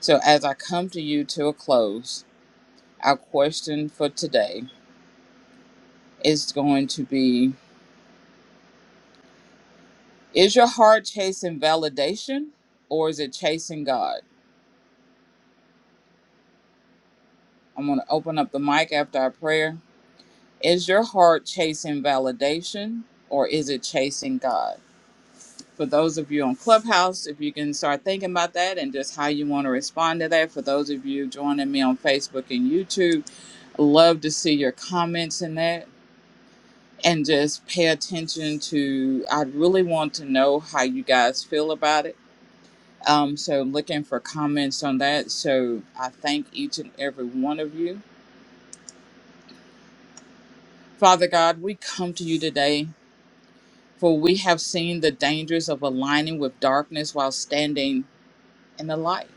So, as I come to you to a close, our question for today is going to be Is your heart chasing validation or is it chasing God? I'm going to open up the mic after our prayer. Is your heart chasing validation or is it chasing God? For those of you on Clubhouse, if you can start thinking about that and just how you want to respond to that. For those of you joining me on Facebook and YouTube, love to see your comments in that and just pay attention to i really want to know how you guys feel about it um, so looking for comments on that so i thank each and every one of you father god we come to you today for we have seen the dangers of aligning with darkness while standing in the light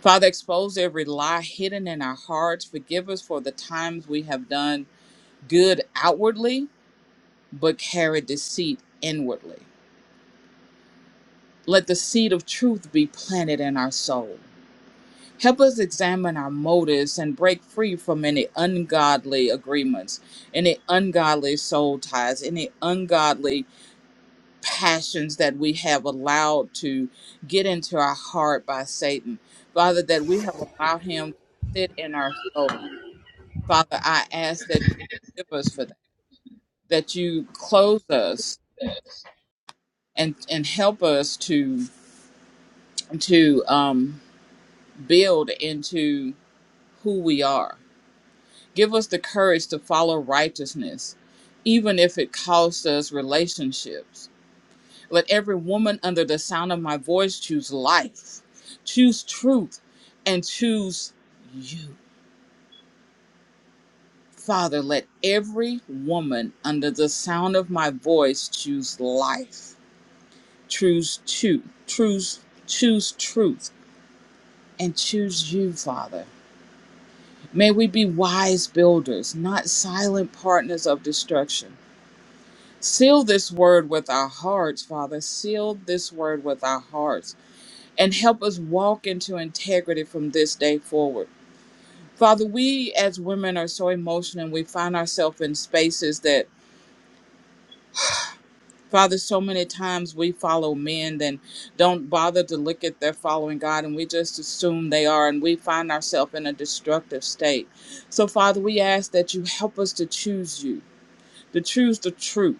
father expose every lie hidden in our hearts forgive us for the times we have done good outwardly but carried deceit inwardly Let the seed of truth be planted in our soul. Help us examine our motives and break free from any ungodly agreements, any ungodly soul ties, any ungodly passions that we have allowed to get into our heart by Satan. Father, that we have allowed him to sit in our soul. Father, I ask that you forgive us for that, that you close us and, and help us to to um, build into who we are. Give us the courage to follow righteousness, even if it costs us relationships. Let every woman under the sound of my voice choose life, choose truth, and choose you. Father, let every woman under the sound of my voice choose life, choose truth, choose, choose truth, and choose you, Father. May we be wise builders, not silent partners of destruction. Seal this word with our hearts, Father. Seal this word with our hearts and help us walk into integrity from this day forward. Father, we as women are so emotional and we find ourselves in spaces that, Father, so many times we follow men and don't bother to look at their following God and we just assume they are and we find ourselves in a destructive state. So, Father, we ask that you help us to choose you, to choose the truth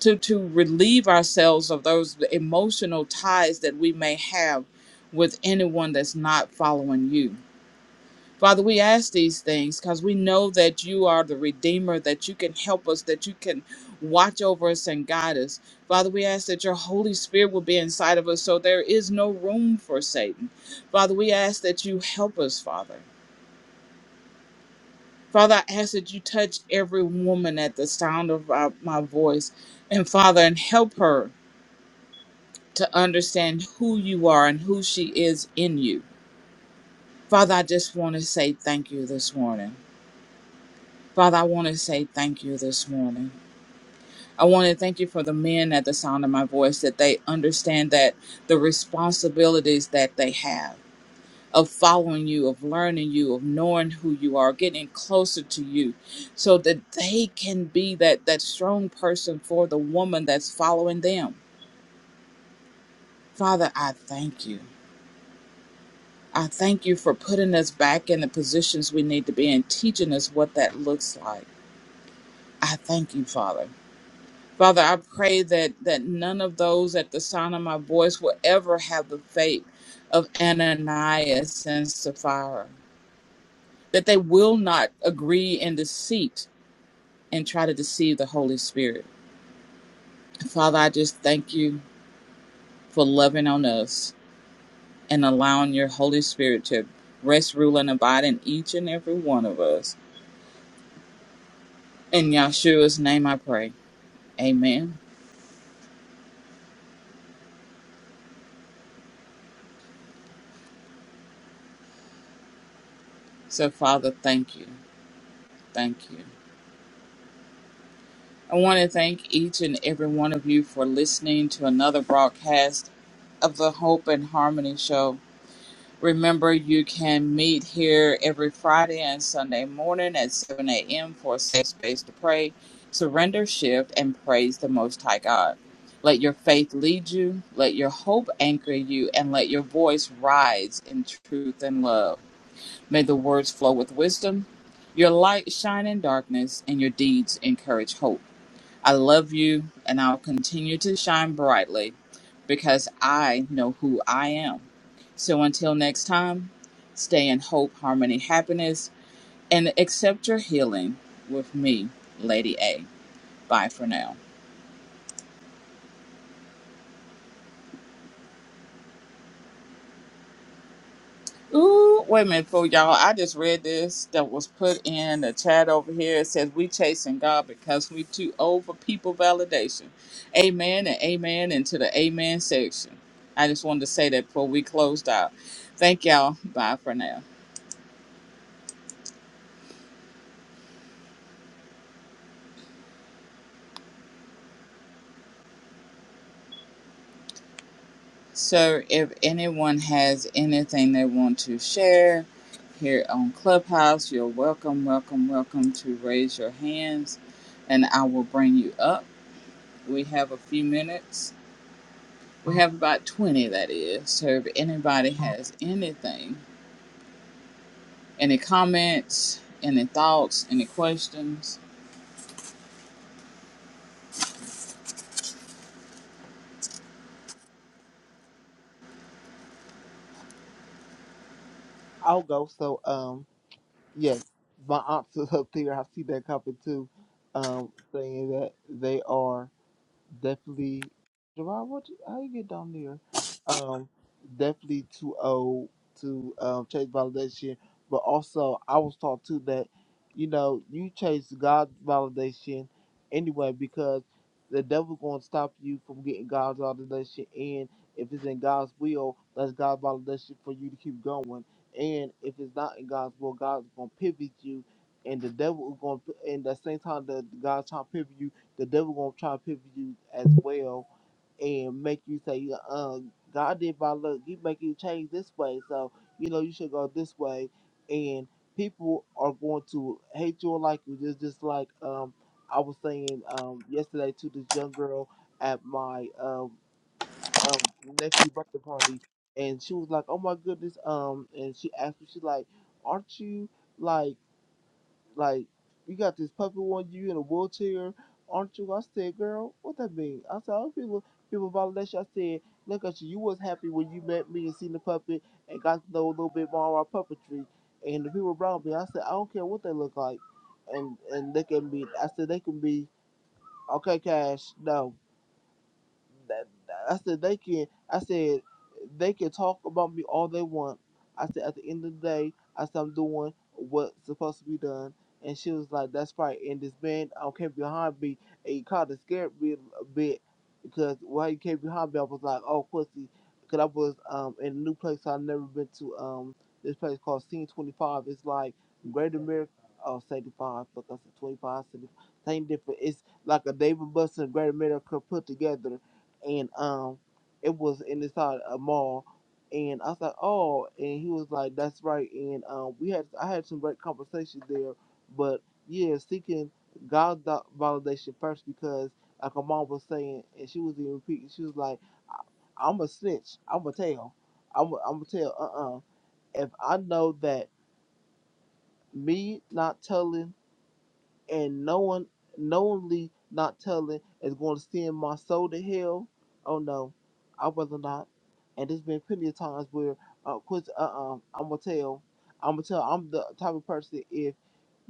to to relieve ourselves of those emotional ties that we may have with anyone that's not following you. Father, we ask these things because we know that you are the Redeemer, that you can help us, that you can watch over us and guide us. Father, we ask that your Holy Spirit will be inside of us so there is no room for Satan. Father, we ask that you help us, Father. Father, I ask that you touch every woman at the sound of our, my voice. And Father, and help her to understand who you are and who she is in you. Father, I just want to say thank you this morning. Father, I want to say thank you this morning. I want to thank you for the men at the sound of my voice that they understand that the responsibilities that they have of following you, of learning you, of knowing who you are, getting closer to you so that they can be that that strong person for the woman that's following them. Father, I thank you. I thank you for putting us back in the positions we need to be and teaching us what that looks like. I thank you, Father. Father, I pray that that none of those at the sound of my voice will ever have the fate of Ananias and Sapphira, that they will not agree in deceit and try to deceive the Holy Spirit. Father, I just thank you for loving on us and allowing your Holy Spirit to rest, rule, and abide in each and every one of us. In Yahshua's name I pray. Amen. So, Father, thank you. Thank you. I want to thank each and every one of you for listening to another broadcast of the Hope and Harmony Show. Remember, you can meet here every Friday and Sunday morning at 7 a.m. for a safe space to pray, surrender, shift, and praise the Most High God. Let your faith lead you, let your hope anchor you, and let your voice rise in truth and love. May the words flow with wisdom. Your light shine in darkness, and your deeds encourage hope. I love you, and I'll continue to shine brightly because I know who I am. So until next time, stay in hope, harmony, happiness, and accept your healing with me, Lady A. Bye for now. Ooh, wait a minute, for y'all. I just read this that was put in the chat over here. It says we chasing God because we too old for people validation. Amen and amen into the amen section. I just wanted to say that before we closed out. Thank y'all. Bye for now. So if anyone has anything they want to share here on Clubhouse, you're welcome, welcome, welcome to raise your hands and I will bring you up. We have a few minutes We have about 20 that is. So if anybody has anything, any comments, any thoughts, any questions, I'll go. So, um, yes, my aunts is up there. I see that coming too, um, saying that they are. definitely. Why what how you get down there? Um, definitely too old to um chase validation, but also I was taught too that you know you chase God's validation anyway because the devil going to stop you from getting God's validation, and if it's in God's will, that's God's validation for you to keep going. And if it's not in God's will, God's going to pivot you, and the devil is going to, and at the same time that God's trying to pivot you the devil gonna try to pivot you as well and make you say, um, God did my look, he make you change this way, so you know you should go this way and people are going to hate you or like you just just like um I was saying um yesterday to this young girl at my um um nephew birthday party and she was like, Oh my goodness, um and she asked me, she's like, Aren't you like like, you got this puppy on you in a wheelchair, aren't you? I said, girl, what that mean? I said, other people, people violate you. I said, look at you. You was happy when you met me and seen the puppet and got to know a little bit more about puppetry. And the people around me, I said, I don't care what they look like. And and they can be. I said, they can be, okay, Cash, no that, I said they can. I said they can talk about me all they want. I said at the end of the day, I said I'm doing what's supposed to be done. And she was like, "That's right." And this man um, came behind me and he kind of scared me a bit because while he came behind me, I was like, "Oh, pussy," because I was um in a new place I've never been to. Um, this place called Scene Twenty Five. It's like Greater America. Oh, 75, fuck, I said 25, 75, same different. It's like a David Buster and Greater America put together and um, it was in this side a mall, and I was like, oh, and he was like, that's right, and um, we had I had some great conversations there, but yeah, seeking God's do- validation first because like my mom was saying, and she was even repeating, she was like, I'm a snitch, I'm a tell, I'm a, I'm a tell, uh uh if I know that me not telling and no one knowingly not telling is going to send my soul to hell. Oh no, I rather not. And there's been plenty of times where, uh, cause uh, uh I'm gonna tell, I'm gonna tell, I'm the type of person if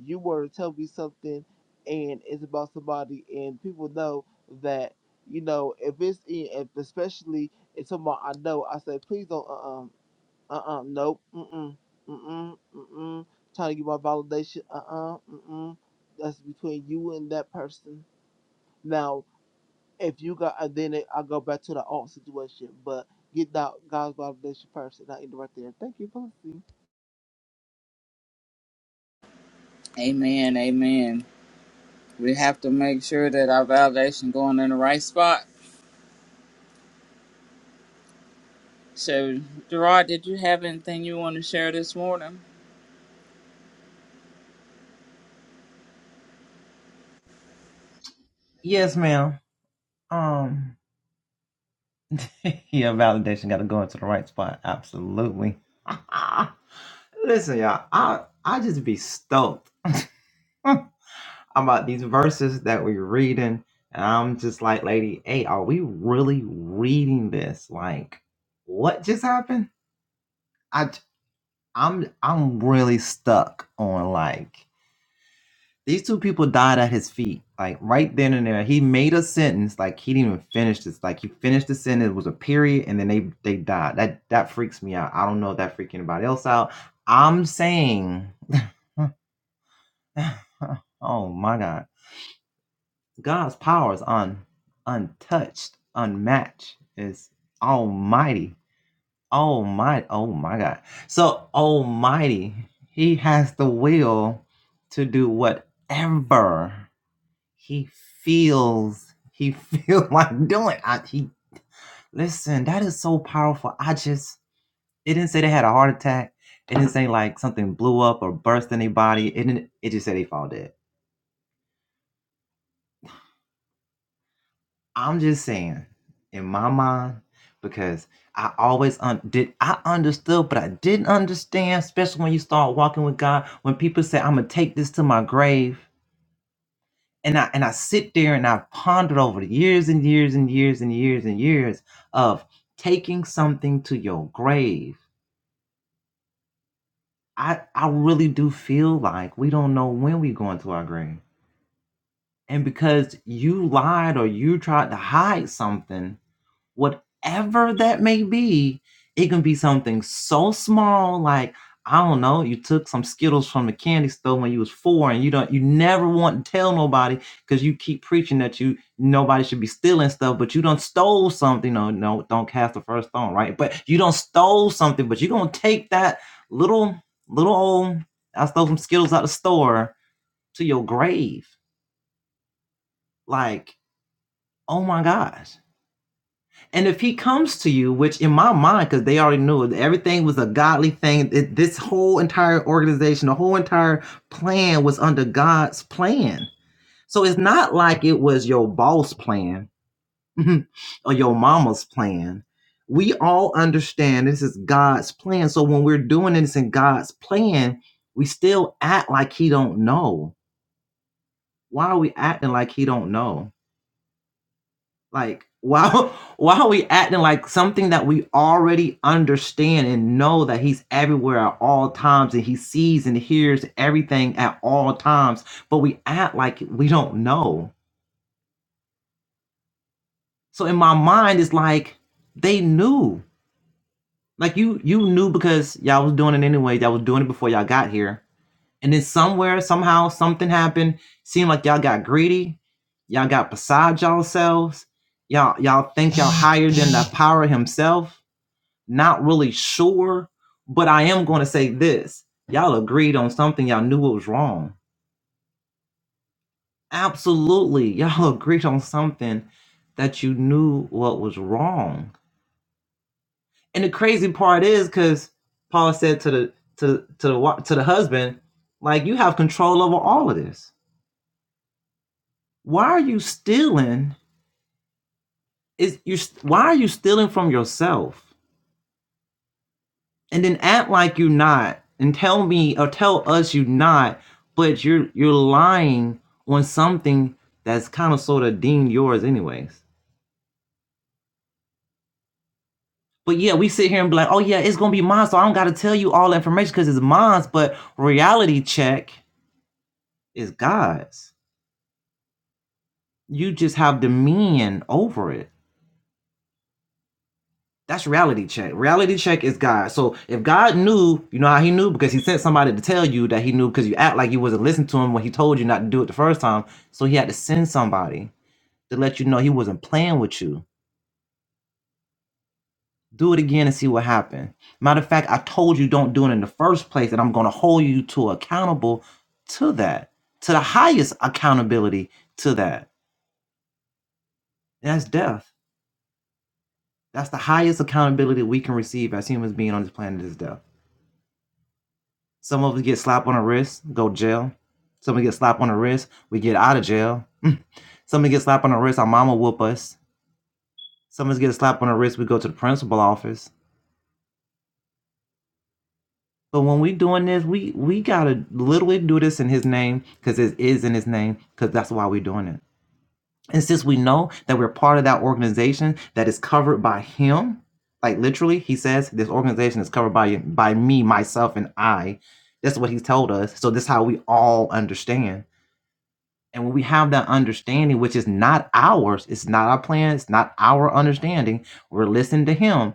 you were to tell me something and it's about somebody and people know that you know if it's in, if especially if someone I know, I say please don't. uh uh uh-uh. Nope. Mm-mm. Mm-mm. Mm-mm. Trying to get my validation. Uh-uh. Mm-mm. That's between you and that person. Now, if you got, and then it, I go back to the alt situation, but get that God's validation first, and I end it right there. Thank you, Pussy. amen, amen. We have to make sure that our validation going in the right spot. So Gerard, did you have anything you want to share this morning? Yes, ma'am. Um. Your validation got to go into the right spot. Absolutely. Listen, y'all. I I just be stoked about these verses that we're reading, and I'm just like, lady, hey, are we really reading this? Like, what just happened? I I'm I'm really stuck on like These two people died at his feet, like right then and there. He made a sentence, like he didn't even finish this. Like he finished the sentence, it was a period, and then they they died. That that freaks me out. I don't know if that freaks anybody else out. I'm saying, oh my God, God's power is un untouched, unmatched. It's almighty, almighty. Oh my God, so almighty. He has the will to do whatever. he feels he feel like doing I, he listen that is so powerful i just it didn't say they had a heart attack it didn't say like something blew up or burst anybody it didn't it just said they fall dead i'm just saying in my mind because i always un- did i understood but i didn't understand especially when you start walking with god when people say i'm gonna take this to my grave and I and I sit there and I've pondered over the years and years and years and years and years of taking something to your grave. I I really do feel like we don't know when we're going to our grave. And because you lied or you tried to hide something, whatever that may be, it can be something so small, like I don't know, you took some Skittles from the candy store when you was four, and you don't, you never want to tell nobody because you keep preaching that you nobody should be stealing stuff, but you don't stole something. No, no, don't cast the first stone, right? But you don't stole something, but you're gonna take that little little old I stole some Skittles out the store to your grave, like oh my gosh And if he comes to you, which in my mind, because they already knew it, everything was a godly thing, it, this whole entire organization, the whole entire plan was under God's plan. So it's not like it was your boss plan or your mama's plan. We all understand this is God's plan. So when we're doing this in God's plan, we still act like he don't know. Why are we acting like he don't know? Like, why why are we acting like something that we already understand and know that he's everywhere at all times and he sees and hears everything at all times, but we act like we don't know. So in my mind, it's like they knew. Like you you knew because y'all was doing it anyway, y'all was doing it before y'all got here. And then somewhere, somehow, something happened. Seemed like y'all got greedy, y'all got beside y'all selves. y'all y'all think y'all higher than the power himself Not really sure, but I am going to say this. Y'all agreed on something y'all knew it was wrong. Absolutely. Y'all agreed on something that you knew what was wrong. And the crazy part is cuz Paul said to the to to the to the husband, like you have control over all of this. Why are you stealing? Is you why are you stealing from yourself? and then act like you're not and tell me or tell us you're not but you're you're lying on something that's kind of sort of deemed yours anyways but yeah we sit here and be like oh yeah it's gonna be mine so i don't gotta tell you all the information because it's mine but reality check is god's you just have dominion over it That's reality check. Reality check is God. So if God knew, you know how he knew? Because he sent somebody to tell you that he knew because you act like you wasn't listening to him when he told you not to do it the first time. So he had to send somebody to let you know he wasn't playing with you. Do it again and see what happened. Matter of fact, I told you don't do it in the first place, and I'm gonna hold you to accountable to that, to the highest accountability to that. That's death. That's the highest accountability we can receive as humans being on this planet is death. Some of us get slapped on the wrist, go to jail. Some of us get slapped on the wrist, we get out of jail. Some of us get slapped on the wrist, our mama whoop us. Some of us get slapped on the wrist, we go to the principal office. But when we doing this, we we gotta literally do this in his name, because it is in his name, because that's why we're doing it. And since we know that we're part of that organization that is covered by him, like literally, he says this organization is covered by by me, myself, and I. That's what he's told us. So this is how we all understand And when we have that understanding, which is not ours, it's not our plan, it's not our understanding, we're listening to him,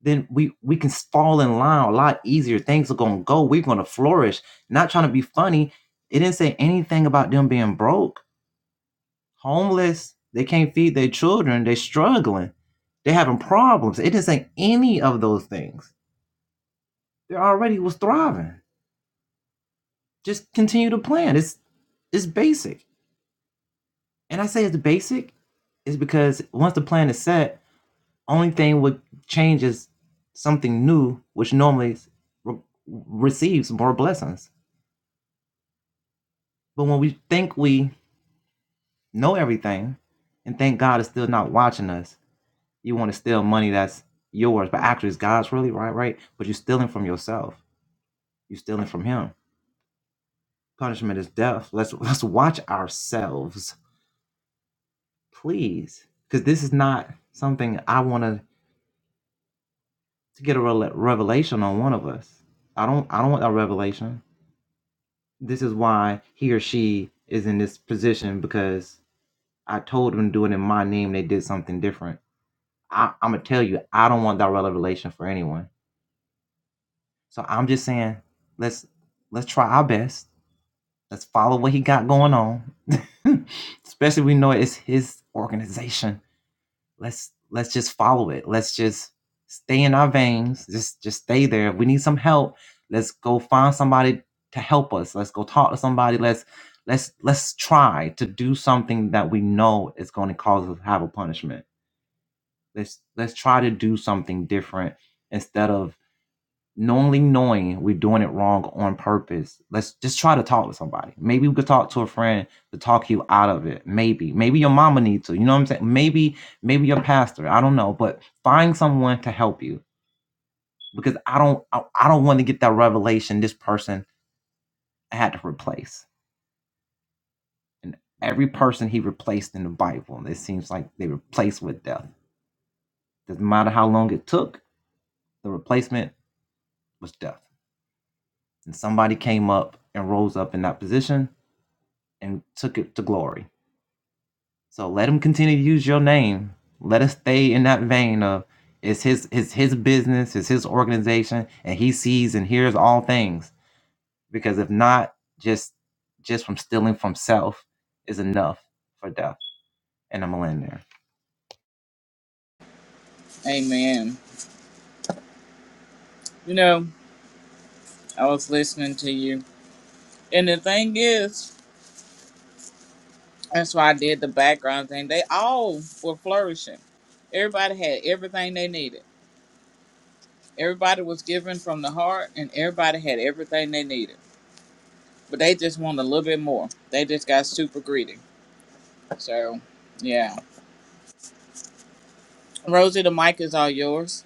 then we we can fall in line a lot easier. Things are gonna go, we're gonna flourish. Not trying to be funny. It didn't say anything about them being broke, homeless, they can't feed their children, they're struggling, they're having problems. It didn't say any of those things. They already was thriving. Just continue to plan. It's it's basic. And I say it's basic is because once the plan is set, Only thing would change is something new, which normally re- receives more blessings. But when we think we know everything and think God is still not watching us, you want to steal money that's yours, but actually it's God's really right, right? But you're stealing from yourself. You're stealing from Him. Punishment is death. Let's let's watch ourselves, please, because this is not something I want to to get a rel revelation on one of us. I don't I don't want a revelation. this is why he or she is in this position because I told them to do it in my name. They did something different. I, I'm gonna tell you, I don't want direct relation for anyone. So I'm just saying, let's let's try our best. Let's follow what he got going on. Especially we know it's his organization let's let's just follow it. Let's just stay in our veins. Just just stay there. If we need some help, let's go find somebody to help us. Let's go talk to somebody. Let's let's let's try to do something that we know is going to cause us to have a punishment. Let's let's try to do something different instead of knowingly knowing we're doing it wrong on purpose. Let's just try to talk to somebody. Maybe we could talk to a friend to talk you out of it. Maybe. Maybe your mama needs to. You know what I'm saying? Maybe, maybe your pastor. I don't know. But find someone to help you. Because I don't I, I don't want to get that revelation this person I had to replace. And every person he replaced in the Bible, it seems like they replaced with death. Doesn't matter how long it took, the replacement was death. And somebody came up and rose up in that position and took it to glory. So let him continue to use your name. Let us stay in that vein of it's his his, his business, it's his organization, and he sees and hears all things. Because if not, just just from stealing from self is enough for death. And I'm a land Amen. You know, I was listening to you. And the thing is, that's why I did the background thing. They all were flourishing. Everybody had everything they needed Everybody was giving from the heart, and everybody had everything they needed. But they just wanted a little bit more. They just got super greedy. So, yeah. Rosie, the mic is all yours.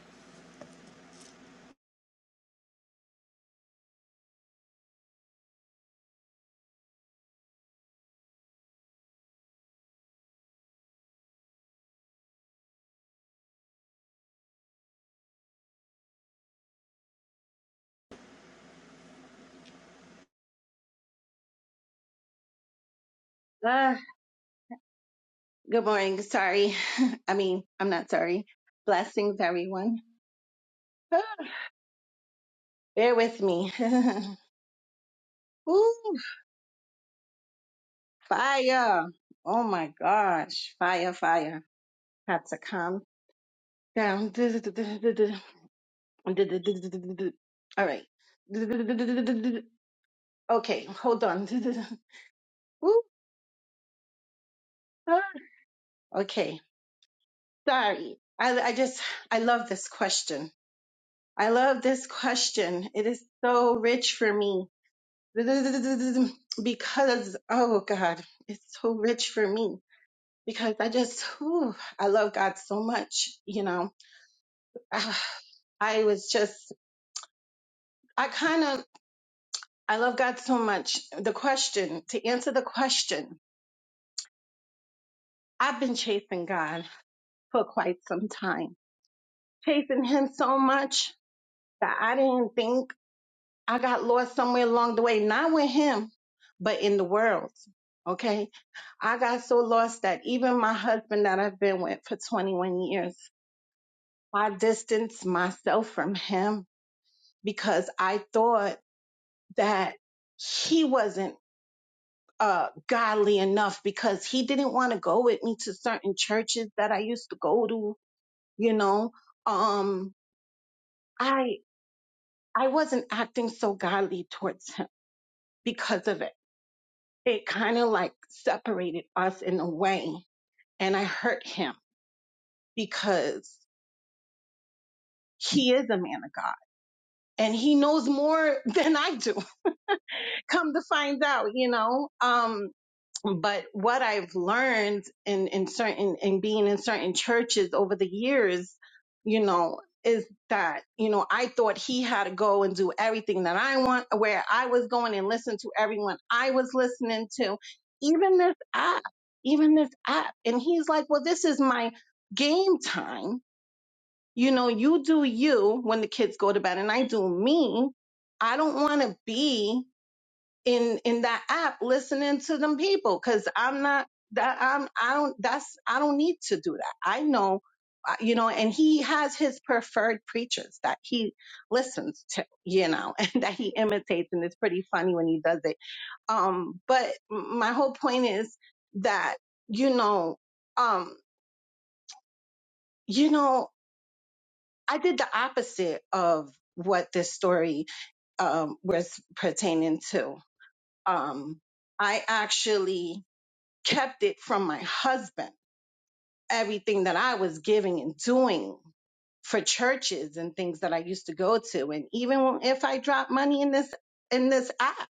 Uh, good morning. Sorry. I mean, I'm not sorry. Blessings, everyone. Bear with me. Ooh, fire. Oh my gosh. Fire, fire. Had to calm down. All right. Okay, hold on. Ooh, ah. Okay, sorry. I, I just, I love this question. I love this question. It is so rich for me because oh god it's so rich for me because i just whew, i love god so much you know Ah, i was just i kind of i love god so much the question to answer the question i've been chasing god for quite some time chasing him so much that i didn't think I got lost somewhere along the way, not with him, but in the world. Okay. I got so lost that even my husband that I've been with for 21 years, I distanced myself from him because I thought that he wasn't uh, godly enough because he didn't want to go with me to certain churches that I used to go to, you know. Um, I, I wasn't acting so godly towards him because of it. it kind of like separated us in a way. And I hurt him because he is a man of God and he knows more than I do. Come to find out, you know? Um, but what I've learned in, in certain in being in certain churches over the years, you know, is that, you know, I thought he had to go and do everything that I want where I was going and listen to everyone I was listening to, even this app, even this app. And he's like, Well, this is my game time. You know, you do you when the kids go to bed and I do me. I don't want to be in in that app listening to them people because I'm not that I'm I don't that's I don't need to do that. I know, uh, you know, and he has his preferred preachers that he listens to, you know, and that he imitates, and it's pretty funny when he does it. Um, but my whole point is that you know, um, you know, I did the opposite of what this story um was pertaining to. Um, I actually kept it from my husband, everything that I was giving and doing for churches and things that I used to go to. And even if I dropped money in this in this app,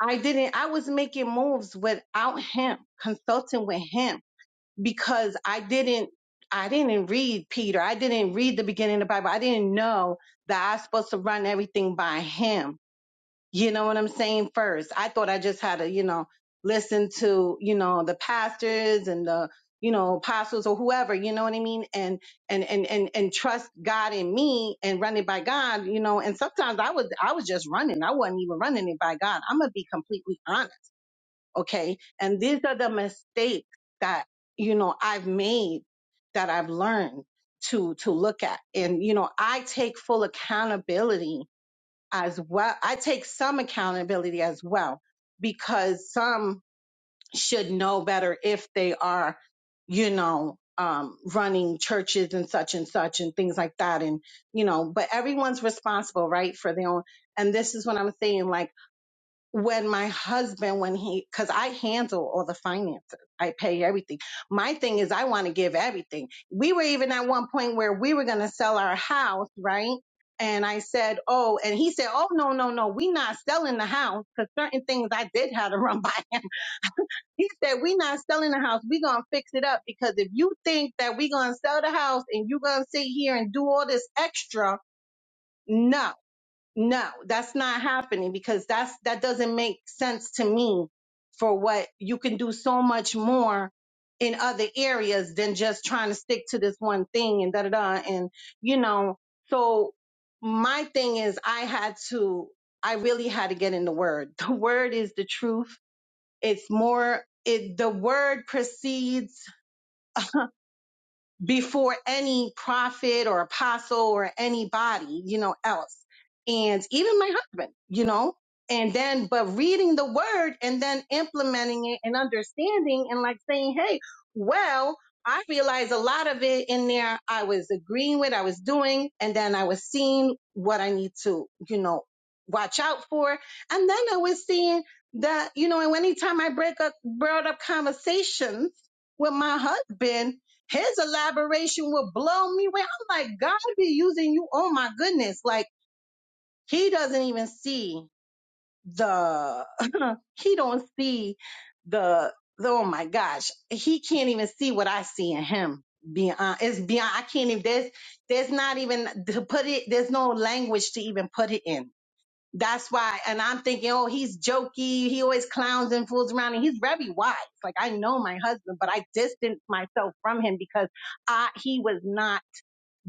I didn't I was making moves without him, consulting with him because I didn't I didn't read Peter. I didn't read the beginning of the Bible. I didn't know that I was supposed to run everything by him you know what I'm saying? First, I thought I just had to, you know, listen to, you know, the pastors and the, you know, apostles or whoever, you know what I mean? And, and, and, and, and trust God in me and run it by God, you know, and sometimes I was, I was just running. I wasn't even running it by God. I'm going to be completely honest. Okay. And these are the mistakes that, you know, I've made that I've learned to, to look at. And, you know, I take full accountability as well. I take some accountability as well because some should know better if they are, you know, um, running churches and such and such and things like that. And, you know, but everyone's responsible, right? For their own. And this is what I'm saying. Like, when my husband when he because i handle all the finances i pay everything my thing is i want to give everything we were even at one point where we were going to sell our house right and i said oh and he said oh no no no we not selling the house because certain things i did have to run by him he said we not selling the house we gonna fix it up because if you think that we gonna sell the house and you gonna sit here and do all this extra no no, that's not happening because that's that doesn't make sense to me for what you can do so much more in other areas than just trying to stick to this one thing and da da da and you know so my thing is I had to I really had to get in the word. The word is the truth. It's more it the word precedes before any prophet or apostle or anybody, you know, else. And even my husband, you know, and then, but reading the word and then implementing it and understanding and like saying, Hey, well, I realized a lot of it in there I was agreeing with, I was doing, and then I was seeing what I need to, you know, watch out for. And then I was seeing that, you know, and anytime I break up, brought up conversations with my husband, his elaboration will blow me away. I'm like, God be using you. Oh my goodness. Like he doesn't even see the, he don't see the, the, oh my gosh. He can't even see what I see in him. Beyond, it's beyond, I can't even, there's, there's not even to put it, there's no language to even put it in that's why, and I'm thinking, oh, he's jokey. He always clowns and fools around, and he's very wise. Like I know my husband, but I distanced myself from him because I he was not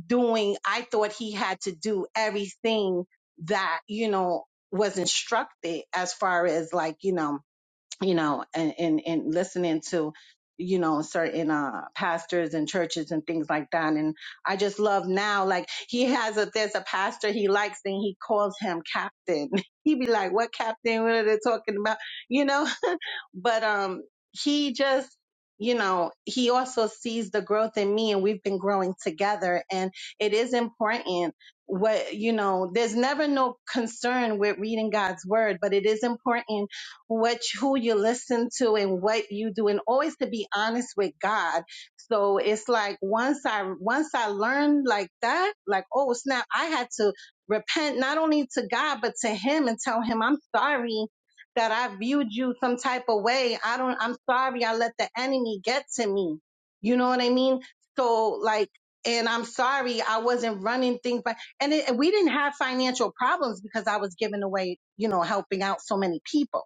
doing. I thought he had to do everything that you know was instructed as far as like you know you know, and, and, and listening to, you know, certain uh, pastors and churches and things like that. And I just love now, like he has a, there's a pastor he likes and he calls him captain. he be like, what captain? What are they talking about? You know, but, um, he just, you know, he also sees the growth in me and we've been growing together. And it is important what, you know, there's never no concern with reading God's word, but it is important what who you listen to and what you do and always to be honest with God. So it's like once I once I learned like that, like oh snap, I had to repent not only to God but to him and tell him I'm sorry that I viewed you some type of way. I don't I'm sorry I let the enemy get to me. You know what I mean? So like and I'm sorry I wasn't running things but and it, we didn't have financial problems because I was giving away, you know, helping out so many people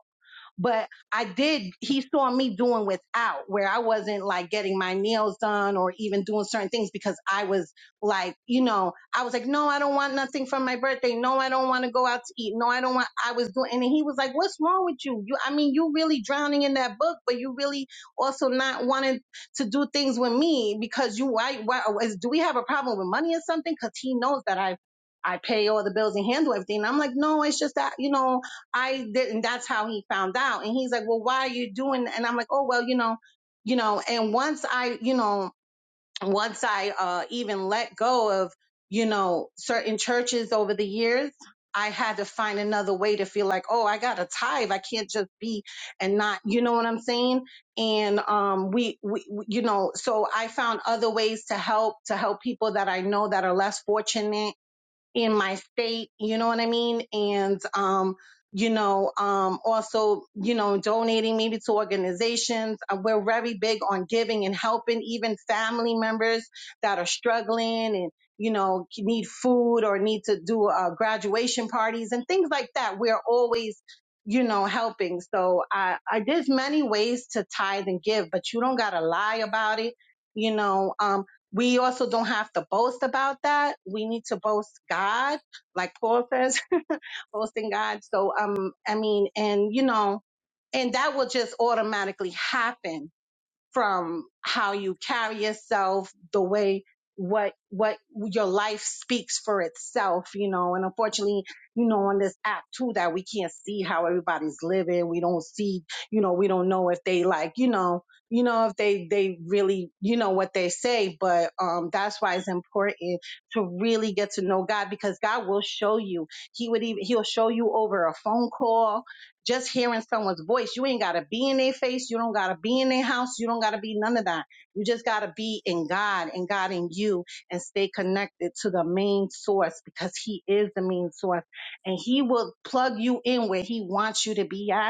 but I did, he saw me doing without where I wasn't like getting my nails done or even doing certain things because I was like, you know, I was like, no, I don't want nothing from my birthday. No, I don't want to go out to eat. No, I don't want, I was doing, and he was like, what's wrong with you? You, I mean, you really drowning in that book, but you really also not wanting to do things with me because you, why, why is, do we have a problem with money or something? Cause he knows that I, I pay all the bills and handle everything. And I'm like, no, it's just that, you know, I didn't. That's how he found out. And he's like, well, why are you doing? that?" And I'm like, oh, well, you know, you know. And once I, you know, once I uh, even let go of, you know, certain churches over the years, I had to find another way to feel like, oh, I got to tithe. I can't just be and not, you know what I'm saying? And um, we, we, we- you know, so I found other ways to help to help people that I know that are less fortunate in my state, you know what I mean? And, um, you know, um, also, you know, donating maybe to organizations. Uh, We're very big on giving and helping even family members that are struggling and, you know, need food or need to do uh, graduation parties and things like that. We're always, you know, helping. So I, I, there's many ways to tithe and give, but you don't got to lie about it. You know, um, we also don't have to boast about that. We need to boast God, like Paul says, boasting God. So, um, I mean, and you know, and that will just automatically happen from how you carry yourself, the way what what your life speaks for itself, you know. And unfortunately, you know, on this app too, that we can't see how everybody's living. We don't see, you know, we don't know if they like, you know, you know, if they they really, you know, what they say. But um, that's why it's important to really get to know God because God will show you. He would even He'll show you over a phone call just hearing someone's voice, you ain't gotta be in their face, you don't gotta be in their house, you don't gotta be none of that. You just gotta be in God and God in you and stay connected to the main source because He is the main source and He will plug you in where He wants you to be at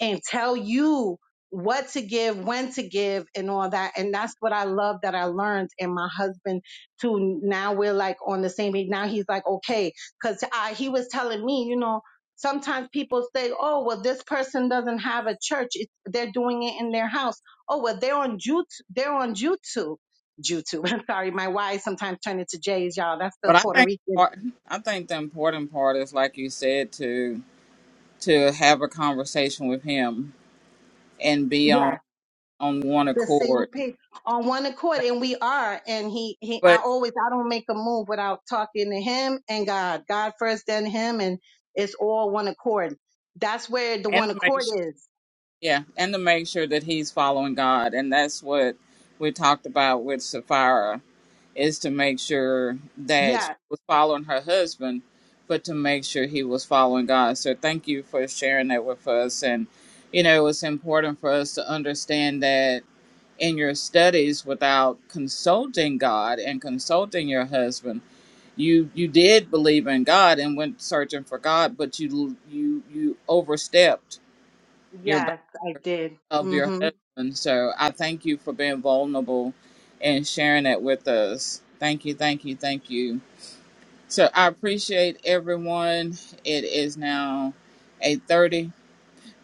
and tell you what to give, when to give, and all that. And that's what I love that I learned. And my husband too. Now we're like on the same page. Now he's like, okay, because I he was telling me, you know, sometimes people say, oh, well, this person doesn't have a church. It's, they're doing it in their house. Oh, well, they're on YouTube. They're on YouTube. YouTube. I'm sorry, my Y sometimes turn into J's, y'all. That's the But I Puerto think Rican. part, I think the important part is, like you said, to to have a conversation with him and be Yeah. on on one the same accord. page on one accord and we are and he he i But always i don't make a move without talking to him and god god first then him and it's all one accord that's where the one and to make accord sure, is yeah, and to make sure that he's following God, and that's what we talked about with Sapphira is to make sure that she yeah was following her husband, but to make sure he was following God. So thank you for sharing that with us. And, you know, it's important for us to understand that in your studies without consulting God and consulting your husband, you you did believe in God and went searching for God, but you you you overstepped your bound yes i did of your mhm husband. So I thank you for being vulnerable and sharing that with us. Thank you, thank you, thank you. So I appreciate everyone. It is now 8:30,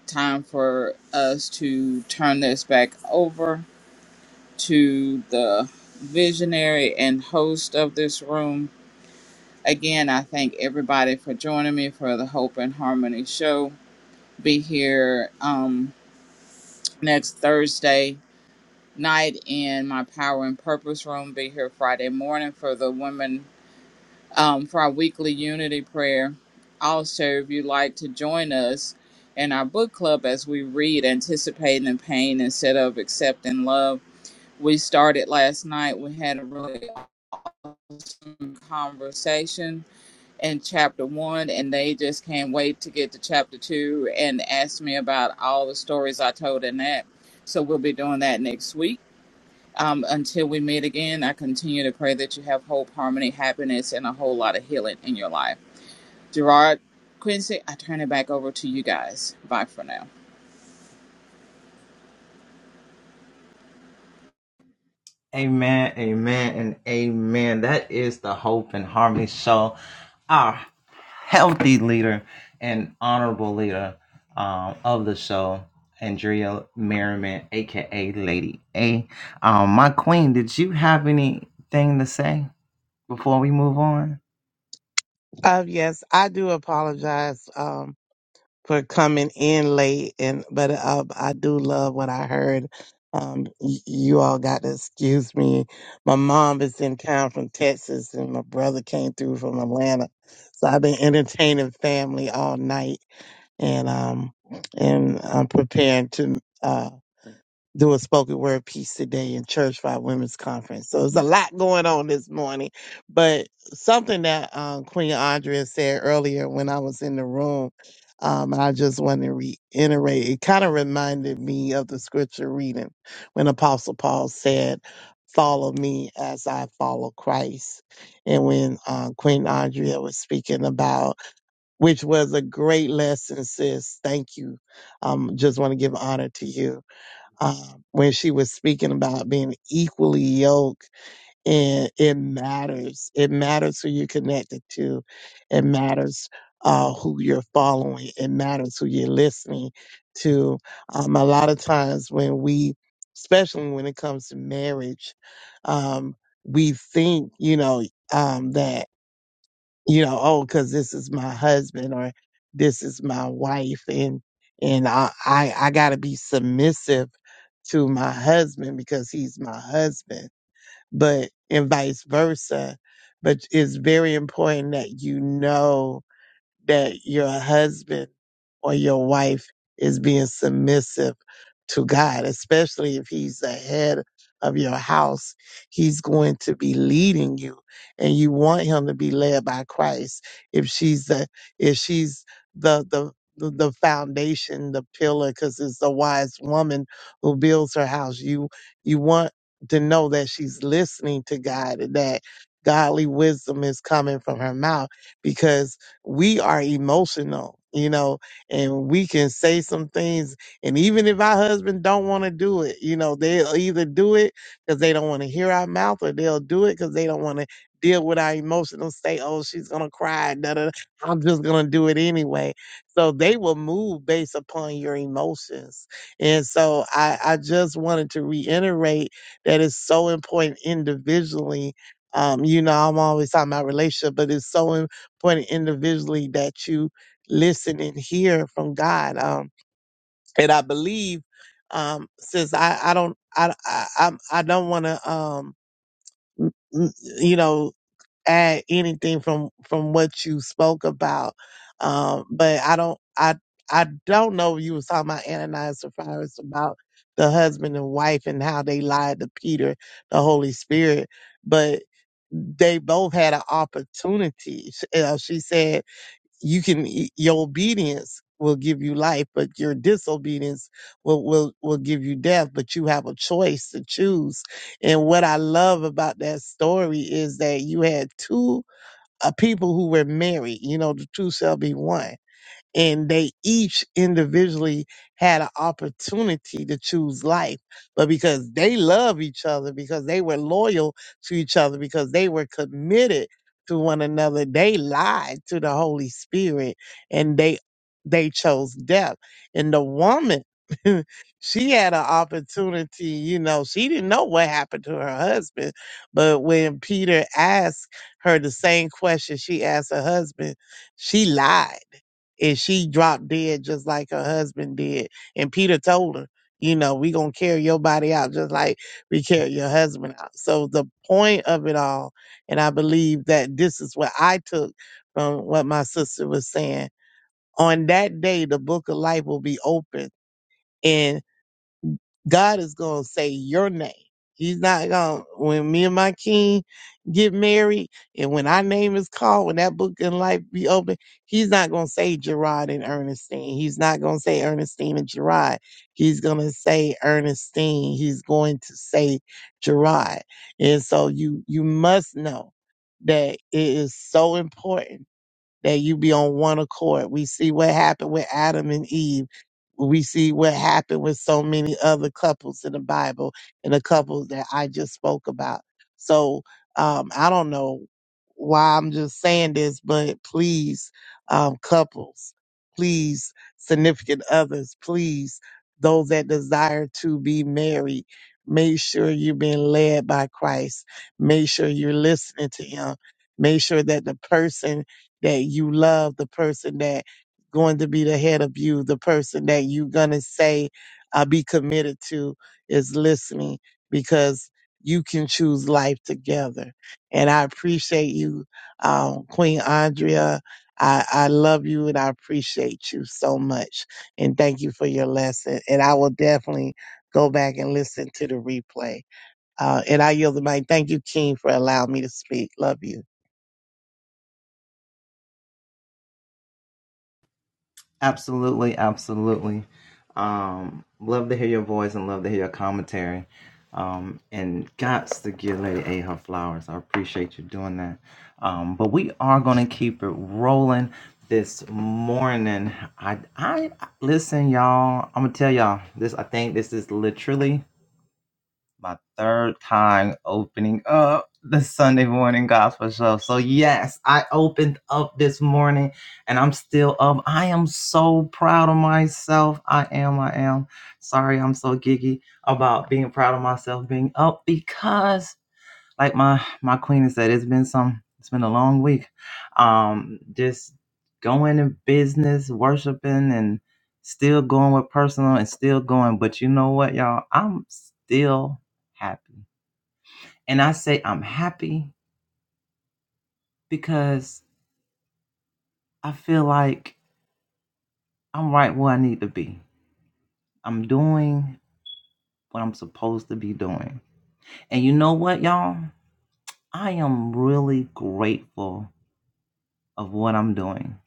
time for us to turn this back over to the visionary and host of this room. Again, I thank everybody for joining me for the Hope and Harmony show. Be here um, next Thursday night in my Power and Purpose room. Be here Friday morning for the women um, for our weekly unity prayer. Also, if you'd like to join us in our book club as we read Anticipating the Pain instead of Accepting Love, we started last night. We had a really awesome conversation in chapter one, and they just can't wait to get to chapter two and ask me about all the stories I told in that. So we'll be doing that next week. Um, until we meet again, I continue to pray that you have hope, harmony, happiness, and a whole lot of healing in your life. Gerard Quincy, I turn it back over to you guys. Bye for now. Amen, amen, and amen. That is the Hope and Harmony Show. Our healthy leader and honorable leader um, of the show, Andrea Merriman, aka Lady A. Um, my queen, did you have anything to say before we move on? Uh, yes, I do apologize um, for coming in late, and but uh, I do love what I heard. Um, y- you all got to excuse me. My mom is in town from Texas, and my brother came through from Atlanta, so I've been entertaining family all night, and um, and I'm preparing to. uh, do a spoken word piece today in Church by Women's Conference. So there's a lot going on this morning. But something that um, Queen Andrea said earlier when I was in the room, um, I just want to reiterate, it kind of reminded me of the scripture reading when Apostle Paul said, Follow me as I follow Christ. And when uh, Queen Andrea was speaking about, which was a great lesson, sis, thank you. Um, just want to give honor to you um, when she was speaking about being equally yoked and it matters it matters who you're connected to it matters uh, who you're following it matters who you're listening to um, a lot of times when we especially when it comes to marriage um, we think you know um, that you know, oh, because this is my husband or this is my wife, and and I I, I got to be submissive to my husband because he's my husband, but and vice versa. But it's very important that you know that your husband or your wife is being submissive to God, especially if he's the head of your house. He's going to be leading you and you want him to be led by Christ. If she's the if she's the the the the foundation, the pillar, because it's the wise woman who builds her house. You you want to know that she's listening to God and that godly wisdom is coming from her mouth because we are emotional, you know, and we can say some things. And even if our husband don't want to do it, you know, they'll either do it because they don't want to hear our mouth, or they'll do it because they don't want to deal with our emotional state. Oh, she's gonna cry. Da, da, da. I'm just gonna do it anyway. So they will move based upon your emotions. And so I, I just wanted to reiterate that it's so important individually um, you know, I'm always talking about relationship, but it's so important point individually that you listen and hear from God. Um, and I believe, um, since I, I don't, I, I, I'm- I don't want to, um, m- m- you know, add anything from, from what you spoke about. Um, but I don't, I, I don't know if you was talking about Ananias and Sapphira about the husband and wife and how they lied to Peter, the Holy Spirit, but they both had an opportunity. Sh- uh, She said, you can your obedience will give you life but your disobedience will will will give you death but you have a choice to choose and what i love about that story is that you had two uh, people who were married you know the two shall be one and they each individually had an opportunity to choose life but because they love each other because they were loyal to each other because they were committed to one another they lied to the holy spirit and they they chose death and the woman she had an opportunity you know she didn't know what happened to her husband but when peter asked her the same question she asked her husband she lied and she dropped dead just like her husband did. And Peter told her, you know, we gonna carry your body out just like we carry your husband out. So the point of it all, and I believe that this is what I took from what my sister was saying. On that day, the book of life will be open God is going to say your name. He's not going to, when me and my king get married and when our name is called, when that book in life be open, he's not going to say Gerard and Ernestine. He's not going to say Ernestine and Gerard. He's going to say Ernestine. He's going to say Gerard. And so you, you must know that it is so important that you be on one accord. We see what happened with Adam and Eve. We see what happened with so many other couples in the Bible and the couples that I just spoke about. So um, I don't know why I'm just saying this, but please, um, couples, please, significant others, please, those that desire to be married, make sure you're being led by Christ. Make sure you're listening to Him. Make sure that the person that you love, the person that going to be the head of you, the person that you gonna say, I'll be committed to is listening because you can choose life together. And I appreciate you, um, Queen Andrea. I, I love you and I appreciate you so much. And thank you for your lesson. And I will definitely go back and listen to the replay. Uh, and I yield the mic. Thank you, King, for allowing me to speak. Love you. Absolutely, absolutely. Um, love to hear your voice and love to hear your commentary. Um, and gots to give Lady A her flowers. I appreciate you doing that. Um, but we are gonna keep it rolling this morning. I I listen, y'all. I'm gonna tell y'all this. I think this is literally my third time opening up the Sunday morning gospel show. So, yes, I opened up this morning and I'm still up. I am so proud of myself. I am, I am. Sorry, I'm so giggy about being proud of myself being up because like my my queen has said, it's been some it's been a long week. Um just going in business, worshiping and still going with personal and still going. But you know what, y'all? I'm still happy. And I say I'm happy because I feel like I'm right where I need to be. I'm doing what I'm supposed to be doing. And you know what, y'all? I am really grateful of what I'm doing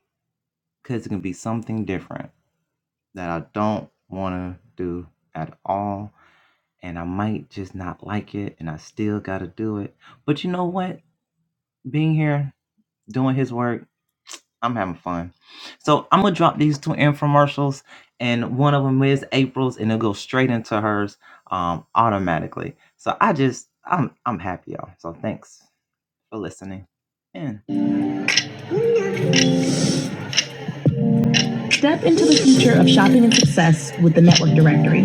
because it can be something different. that I don't want to do at all. And I might just not like it, and I still got to do it. But you know what? Being here, doing his work, I'm having fun. So I'm going to drop these two infomercials, and one of them is April's, and it'll go straight into hers um, automatically. So I just, I'm, I'm happy, y'all. So thanks for listening. And. Step into the future of shopping and success with the Network Directory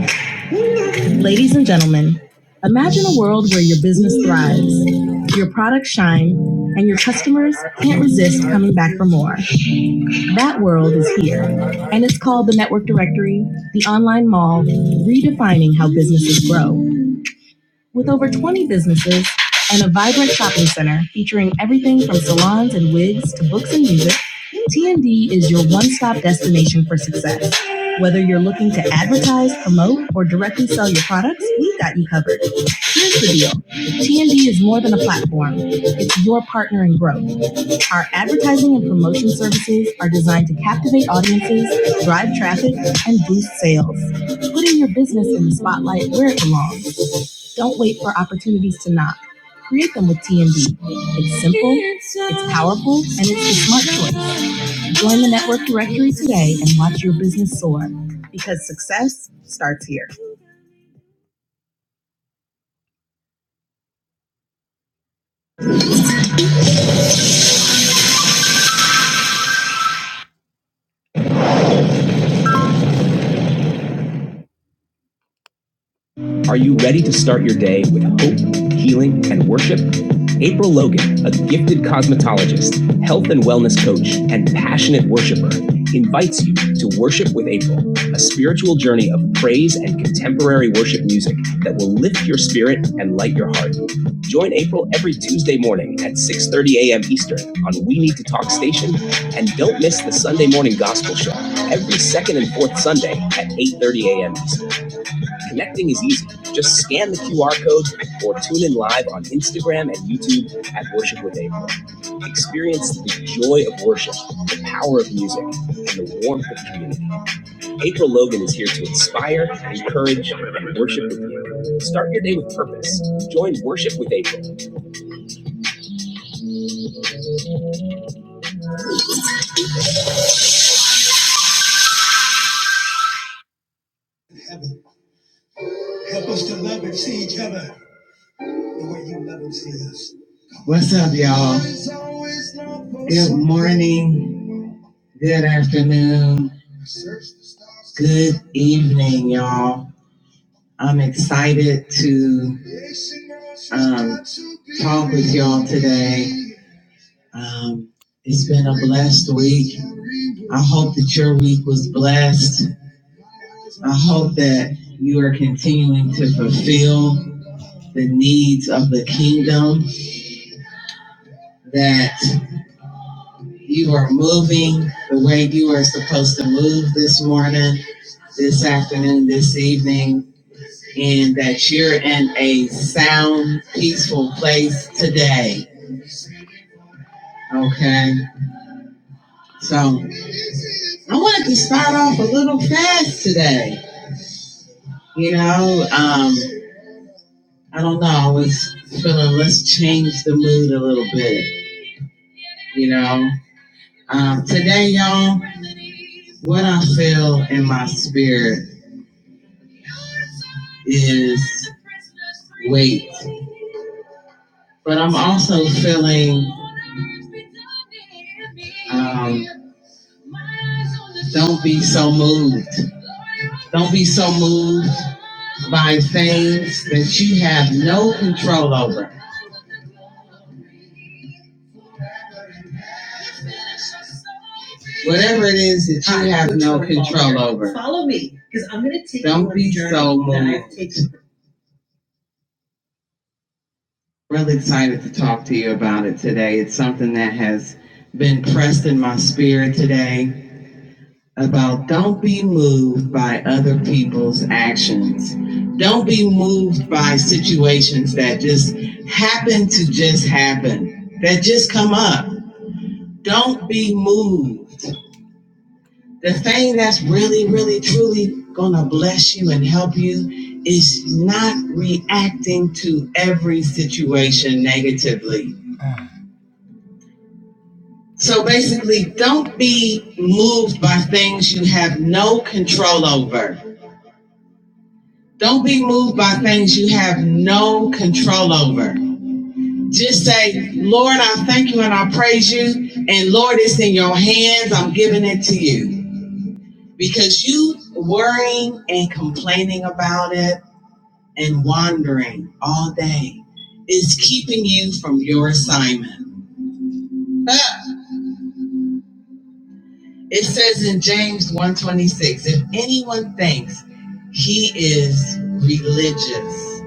Ladies and gentlemen, imagine a world where your business thrives, your products shine, and your customers can't resist coming back for more. That world is here, and it's called the Network Directory, the online mall, redefining how businesses grow. With over 20 businesses and a vibrant shopping center featuring everything from salons and wigs to books and music, TND is your one stop destination for success. Whether you're looking to advertise, promote, or directly sell your products, we've got you covered. Here's the deal TND is more than a platform, it's your partner in growth. Our advertising and promotion services are designed to captivate audiences, drive traffic, and boost sales, putting your business in the spotlight where it belongs. Don't wait for opportunities to knock. Create them with TNB. It's simple, it's powerful, and it's a smart choice. Join the network directory today and watch your business soar because success starts here. Are you ready to start your day with hope, healing, and worship? April Logan, a gifted cosmetologist, health and wellness coach, and passionate worshiper, invites you to Worship with April, a spiritual journey of praise and contemporary worship music that will lift your spirit and light your heart. Join April every Tuesday morning at 6:30 a.m. Eastern on We Need to Talk station and don't miss the Sunday morning gospel show every second and fourth Sunday at 8:30 a.m. Eastern. Connecting is easy. Just scan the QR code or tune in live on Instagram and YouTube at Worship with April. Experience the joy of worship, the power of music, and the warmth of community. April Logan is here to inspire, encourage, and worship with you. Start your day with purpose. Join Worship with April. Heaven, help us to love and see each other the way you love and see us. What's up, y'all? Good morning. Good evening, y'all. Um, talk with y'all today. Um, this your week was blessed. I hope that you are continuing to fulfill the needs of the kingdom. That you are moving the way you are supposed to move this morning, this afternoon, this evening, and that you're in a sound, peaceful place today. Okay, That's today. You know, um, I don't know. I was feeling let's change the mood a little bit. You know, um, today, y'all, what I feel in my spirit is wait. Um, don't be so moved. Don't be so moved by things that you have no control over. Whatever it is that you I have no control over. Follow me, because I'm going to take Don't you on be journey so moved. Really excited to talk to you about it today. It's something that has been pressed in my spirit today about don't be moved actions. Don't be moved by situations that just happen to just that just come up. The fact truly gonna help you is not reacting to every situation negatively So basically, don't be moved by things you have no control over. Don't be moved by things you have no control over. Just say, Lord, I thank you, praise you, and Lord, it's in your hands. I'm giving it to you. Warning of rain all day is keeping you from your assignment. Ah, It says in James one twenty six, if anyone thinks he is religious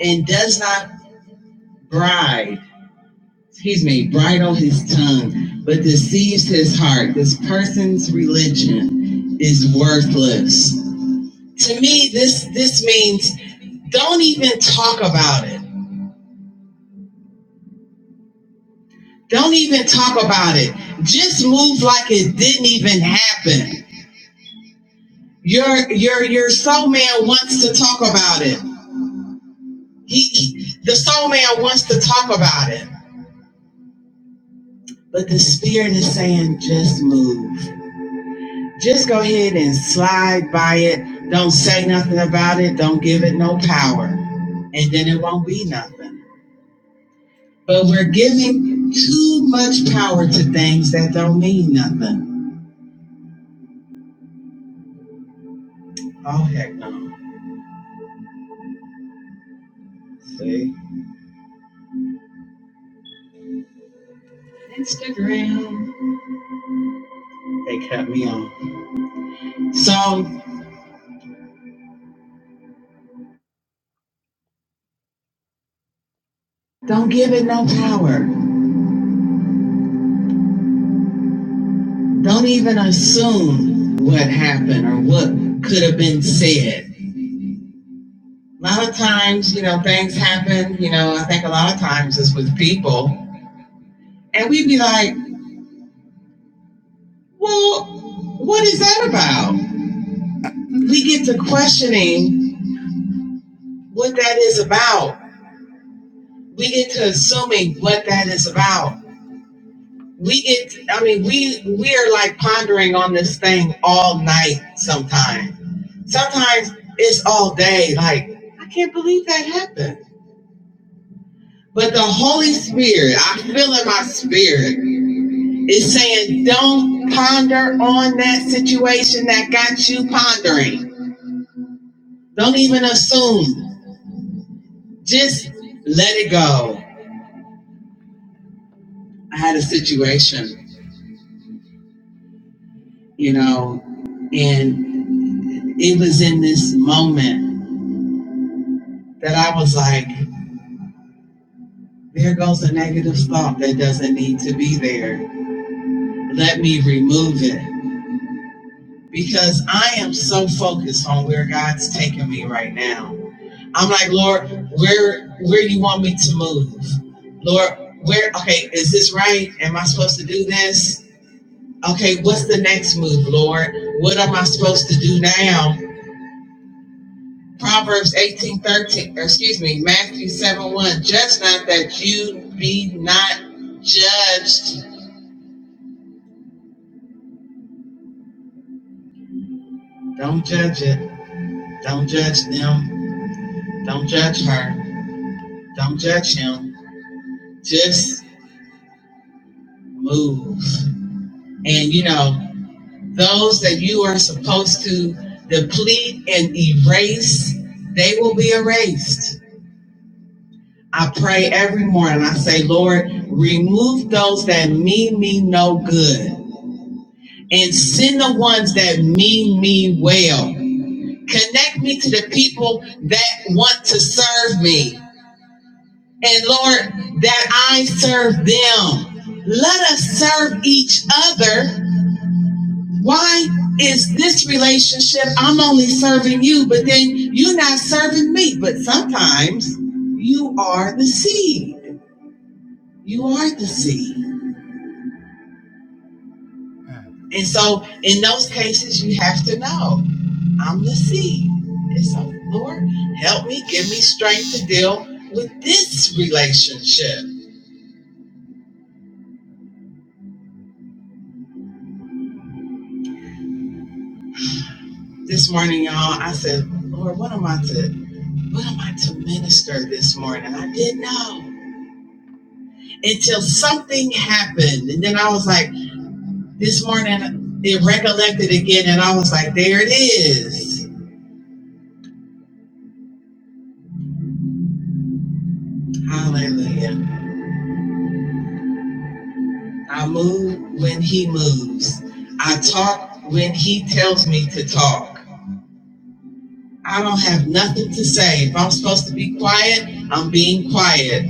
and does not bribe He's made bridle his tongue. These, this, to me, this this means don't even talk about it. Don't even talk about it. Just move like it didn't even happen. Your your your soul man wants to talk about it. he- the soul man wants to talk about it. But the spirit is saying just move. Just go ahead and slide by it. Don't say nothing about it. Don't give it no power. And then it won't be nothing. But we're giving too much power to things that don't mean nothing. Oh, heck no. See, they cut me off. So don't give it no power. And we would be like, well, what is that about? We get to questioning what that is about. We get to assuming what that is about. We, I mean, we we are like pondering on this thing all night. Sometimes, sometimes it's all day. But the Holy Spirit, I feel in my spirit, is saying, don't ponder on that situation that got you pondering. Don't even assume. Just let it go. I had a situation, you know, and that I was like, there goes a negative thought that doesn't need to be there. Let me remove it because I am so focused on where God's taking me right now. I'm like, Lord, where where do you want me to move? Lord, where okay, is this right? Am I supposed to do this? Okay, what's the next move, Lord? What am I supposed to do now? Proverbs 18 13, excuse me, Matthew 7, 1. Judge not that you be not judged. Don't judge it. Judge them. Don't judge her. Don't judge him. Just know those that you are supposed to deplete and erase, be erased. I pray every morning. I say, Lord, remove those that mean me no good and send the ones that mean me well. Connect me to the people who serve me. Let us serve each other. Why is this relationship? I'm only serving you, but then you're not serving me. But sometimes you are the seed. You are the seed. And so in those cases, you have to know. I'm the seed. And so, Lord, help me, give me strength to deal with this relationship. This morning, y'all, I said, Lord, what am I to what am I to minister this morning? I didn't know until something happened. And then I was like, this morning it recollected again, and I was like, there it is. Hallelujah. I move when he moves. I talk when he tells me to talk. I don't have nothing to say. If I'm supposed to be quiet, I'm being quiet.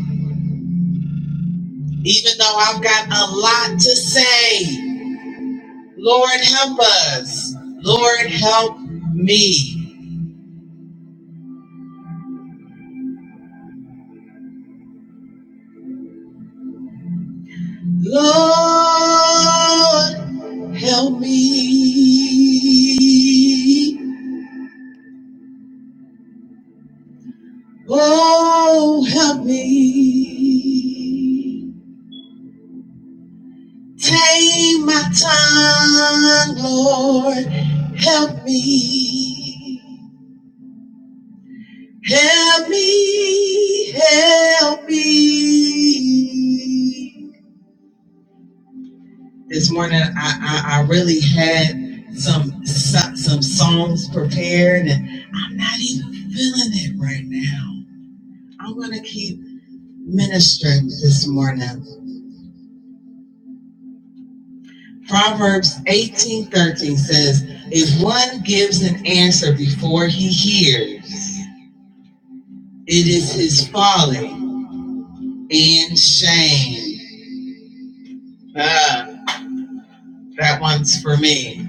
Even though I've got a lot to say. Lord, help us. Lord, help me. Lord, help me. Oh, help me. Tame my tongue, Lord, help me. Help me, help me. This morning, I, I, I really had some so- some songs prepared, and I'm not even feeling it right now. I'm gonna keep ministering this morning. Proverbs 18:13 says, "If one gives an answer before he hears, it is his folly and shame." Ah, that one's for me.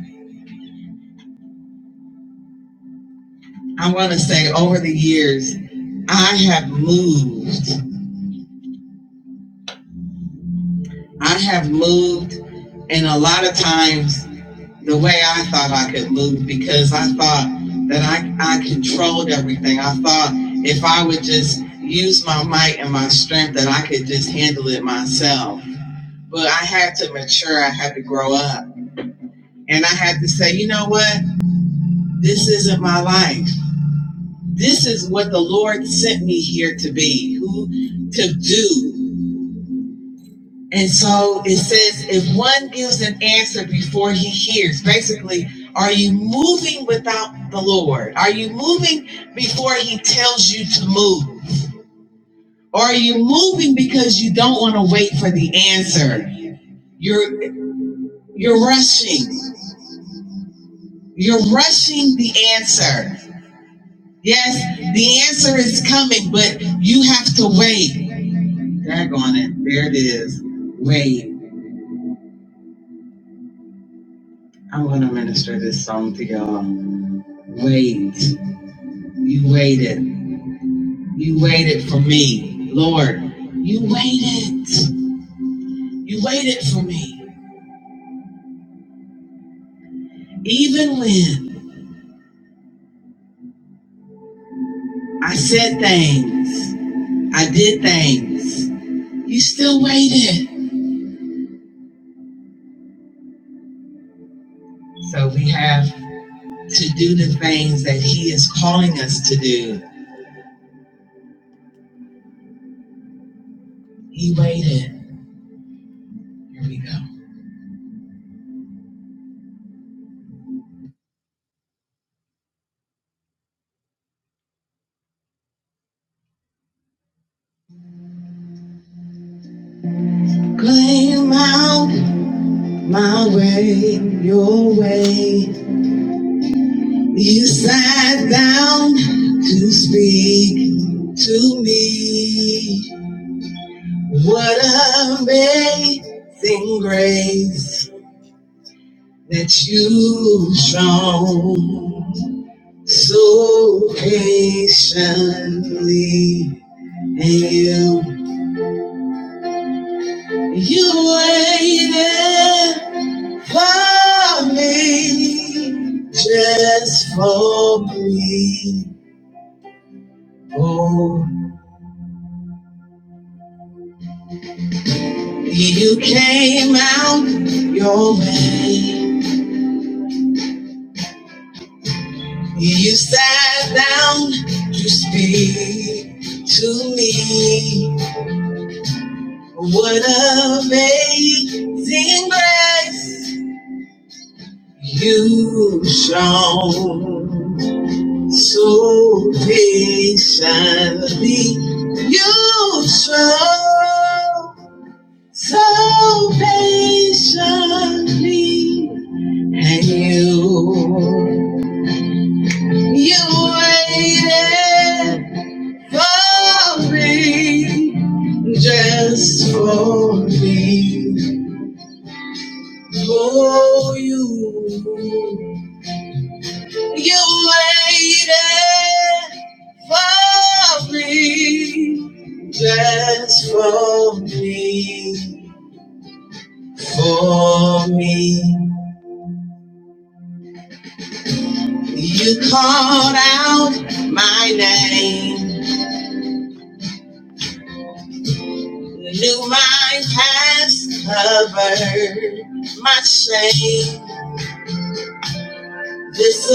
I want to say over the years, I have moved. I have moved, and a lot of times the way I thought I could move because I thought that I, I controlled everything. I thought if I would just use my might and my strength, that I could just handle it myself. But I had to mature, I had to grow up. And I had to say, you know what? This isn't my life. This is what the Lord sent me here to be, who to do And so it says, if one gives an equally moving without the Lord, are you moving before He tells you to move? Because you don't want to wait for the answer. Yes, the answer is coming, but you have to wait. Drag on it. There it is. Wait. I'm going to minister this song to y'all. Wait. You waited. You waited for me. Lord, you waited. You waited for me. Even when I said things. I did things. You still waited. So we have things he is calling us to do. He waited. We Claim out my way, your way. You sat down to speak to me. What amazing grace that you've shown so patiently. You, you waited for me, just for me. Oh, you came out your way. You sat down to speak to me. What amazing grace you shown. So patiently you show, so patiently, and you, you waited for me, just for me, for you. You waited for me Just for me, for me. You called out my name, knew my past covered my shame. This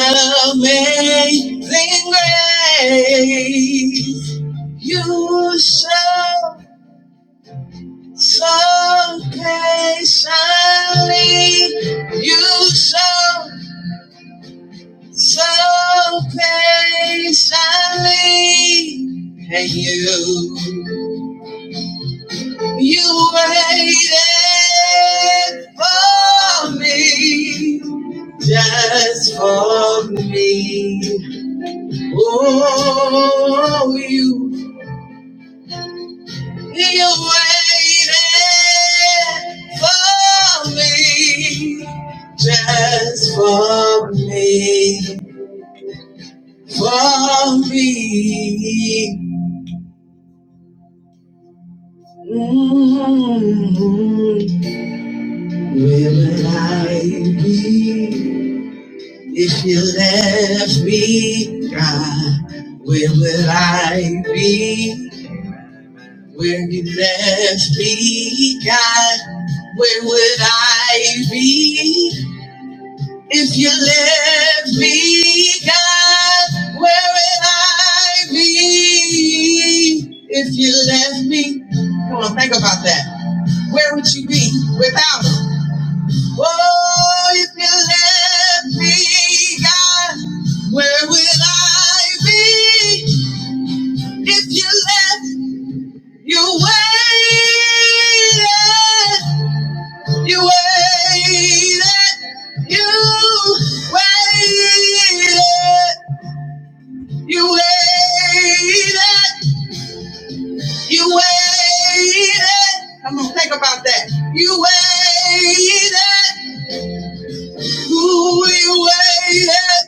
amazing grace, you show so patiently, you show So patiently, and you, you waited for me, just for me. Oh, you, you waited for me, just for me, for me. Mm, Where would I be if you left me? God, where would I be? Where you left me, God, where would I be? If you left me, God, where would I be? Where would you be without? Oh, if you let me, God, where will I be? If you let me, you waited, you waited, you waited, you waited. Come on, think about that. You waited, ooh, you waited,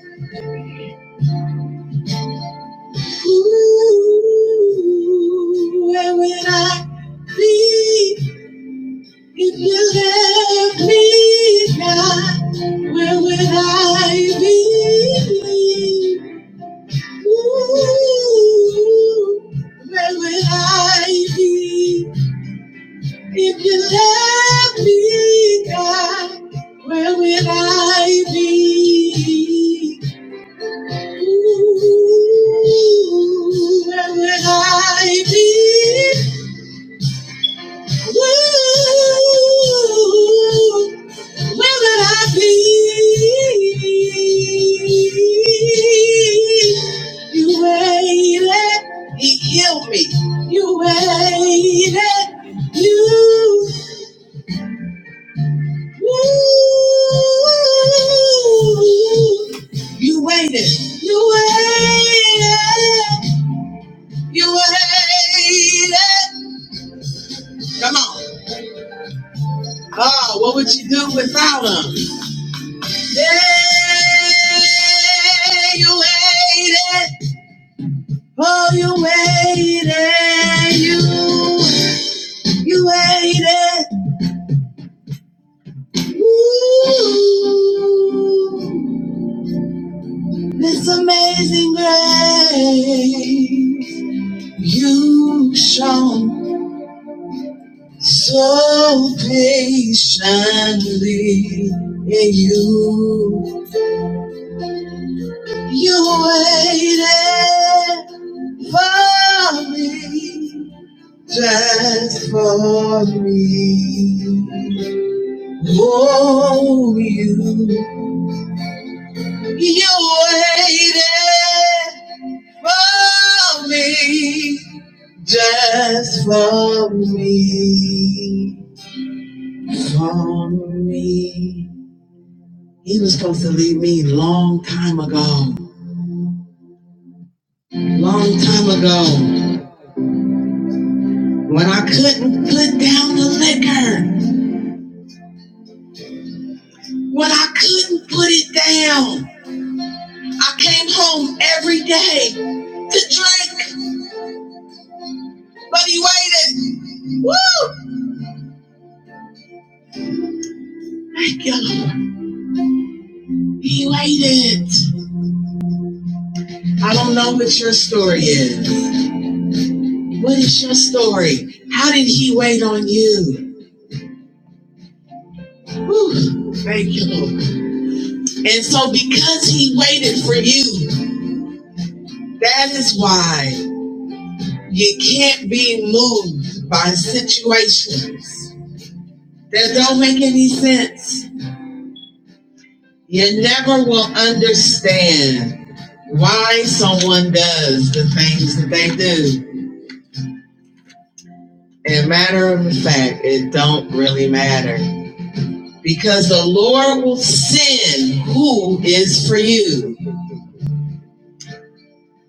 ooh, where will I be? If you let me try, where would I be? Ooh, where would I be? If you let me, God, where would I be? Ooh, where would I be? Who will I be? You waited, he healed me. You waited, you, woo. you waited, you waited, you waited. Come on. You waited. you shone. So patiently in you, you waited for me, just for me. Oh, you, you waited for me, just for me, for me. He was supposed to leave me long time ago. Long time ago. When I couldn't put down the liquor. When I couldn't put it down. I came home every day to drink. But he waited. Woo! Thank you, Lord. He waited. I don't know what your story is. What is your story? How did he wait on you? Woo! Thank you, Lord. And so because he waited for you, that is why. You can't be moved by situations that don't make any sense. You never will understand why someone does the things that they do. And matter of fact, it don't really matter because the Lord will send who is for you.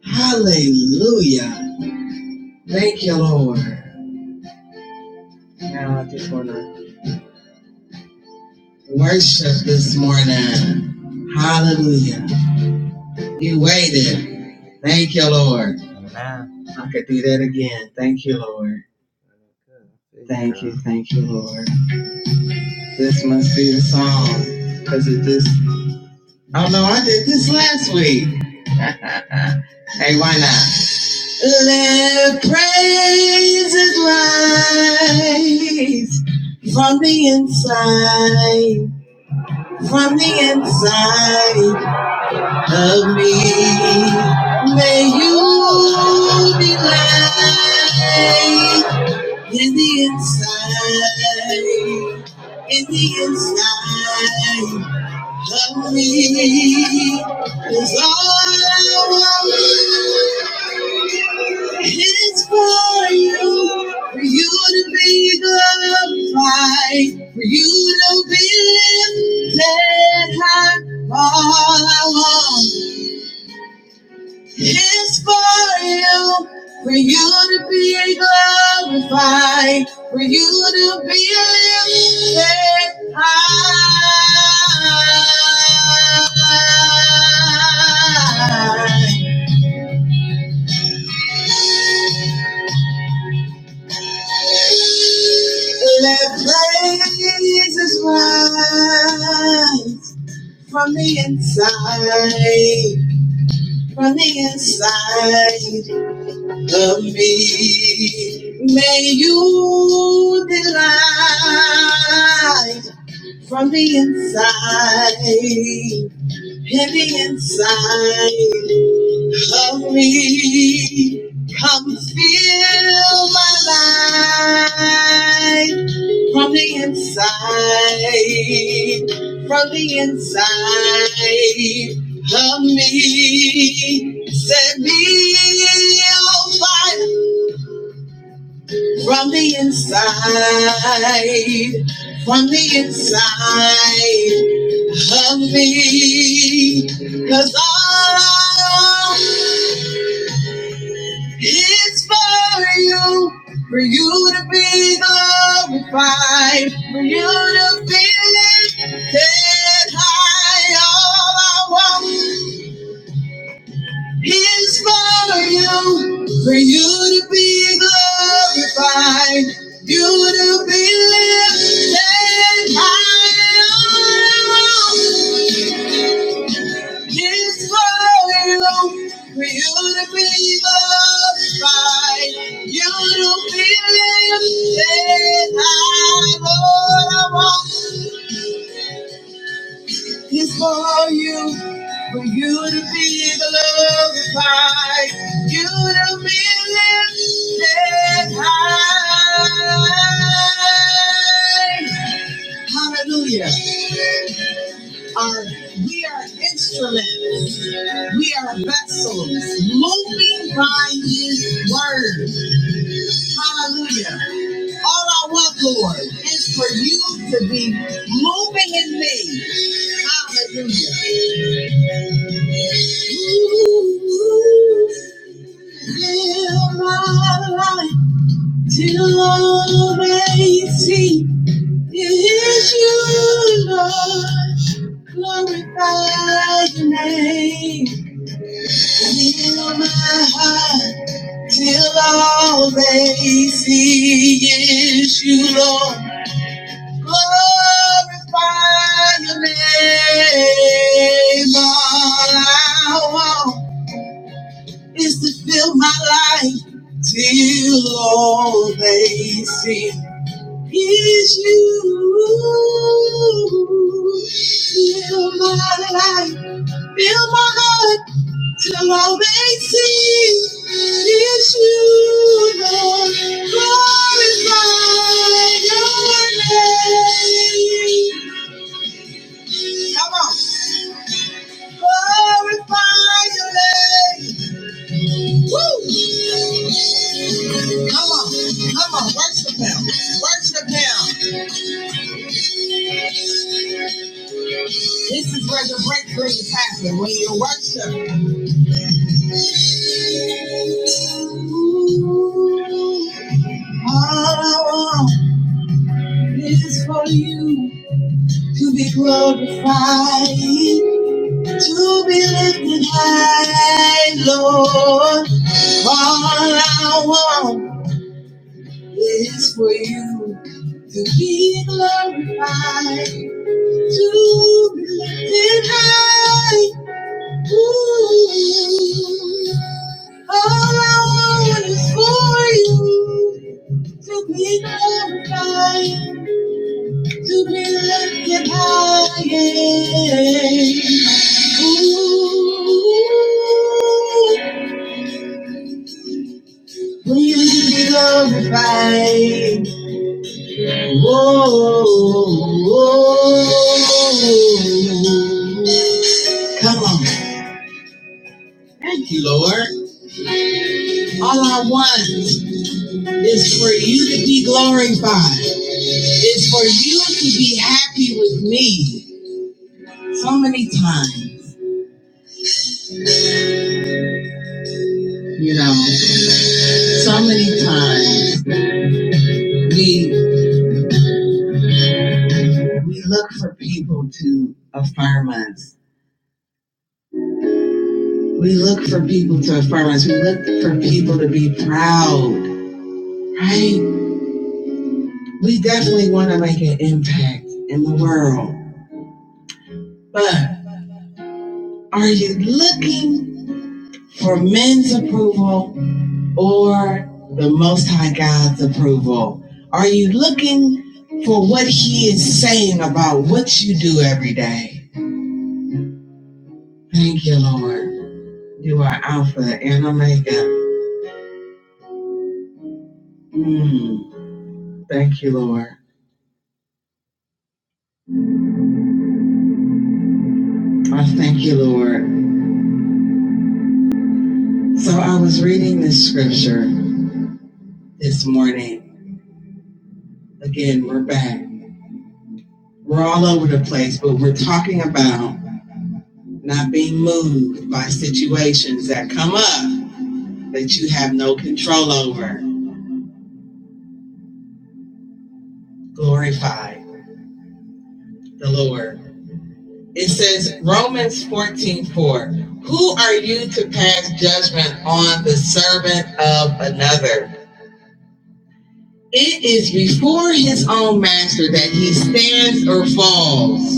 Hallelujah. Thank you, Lord. Now I just want to worship this morning. Hallelujah. You waited. Thank you, Lord. I could do that again. Thank you, Lord. Thank you, thank you, Lord. This must be the song. Because it this. Oh, no, I did this last week. Hey, why not? Let praises rise from the inside, from the inside of me. May you delight in the inside. in the inside of me is all I want. it's for you, for you to be glorified, for you to be lifted high. All I want. It's for you, for you to be glorified, for you to be lifted high. Let praises rise from the day. Set me on fire from the inside, from the of me. Cause all it's for you, for you to be glorified, for you to be lifted high. All I want is for you, for you to be glorified, you to be lifted high. All I want It's very long for you to be glorified, moving by His word. Hallelujah. All I want, Lord, is for you to be moving in me. Hallelujah. Fill my life till all may see is you, Lord. Glorify your name. Fill my heart. Till all they see is you, Lord. Glorify your name. All I want is to fill my life till all they see is you. Fill my life, fill my heart. Till I may see it's you, Lord, glorify your name. Come on. Glorify your name. Woo! Come on, come on, worship him. Worship him. This is where the breakthroughs happen, when you worship. All I want is you. Glorify him. It's for you. to be glorified, to live high. Ooh. All I want is for you to be glorified, to be lifted high. Ooh. For you to be glorified. Whoa, whoa. Come on. Thank you, Lord. All I want is for you to be glorified, is for you to be happy with me. So many times, you know, so many times we we look for people to affirm us. We look for people to affirm us. We look for people to be proud, right? We definitely want to make an impact in the world. But are you looking for men's approval or the Most High God's approval? Are you looking for what He is saying about what you do every day? Thank you, Lord. You are Alpha and Omega. Mm, thank you, Lord. I thank you, Lord. So I was reading this scripture this morning. Again, we're back. We're all over the place, but we're talking about not being moved by situations that come up that you have no control over. Glorified. the Lord. It says Romans 14 4. Who are you to pass judgment on the servant of another? It is before his own master that he stands or falls,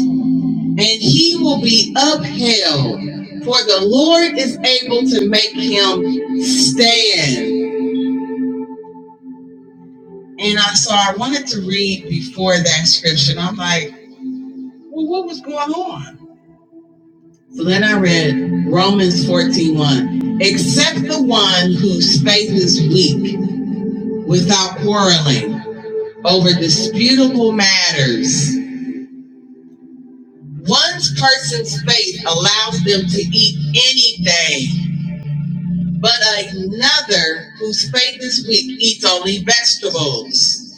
and he will be upheld. For the Lord is able to make him stand. And I so I wanted to read before that scripture. And I'm like, well, what was going on? So then I read Romans fourteen one. Except the one whose faith is weak without quarreling over disputable matters. This person's faith allows them to eat anything, but another whose faith is weak eats only vegetables.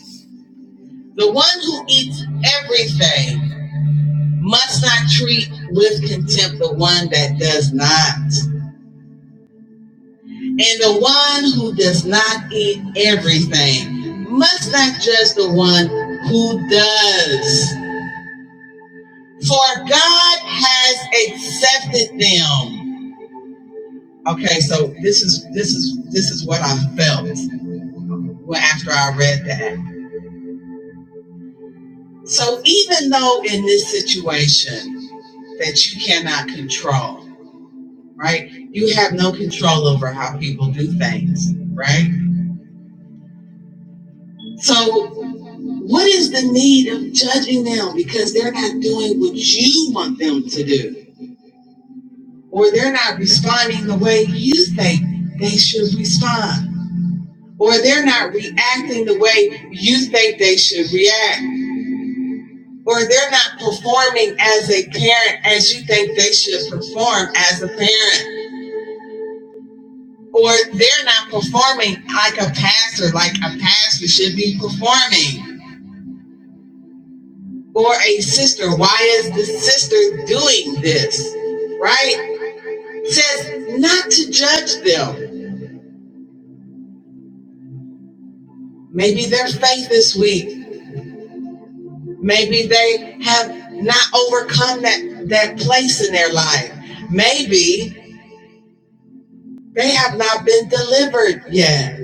The one who eats everything must not treat with contempt the one that does not. And the one who does not eat everything must not judge the one who does. For God has accepted them. Okay, so this is this is this is what I felt after I read that. So even though in this situation that you cannot control, right? You have no control over how people do things, right? So what is the need of judging them because they're not doing what you want them to do or they're not responding the way you think they should respond? or they're not reacting the way you think they should react, or they're not performing as a parent as you think they should perform as a parent, or they're not performing like a pastor, like a pastor should be performing, or a sister. Why is the sister doing this? Right? It Says not to judge them. Maybe their faith is weak. Maybe they have not overcome that, that place in their life. Maybe they have not been delivered yet.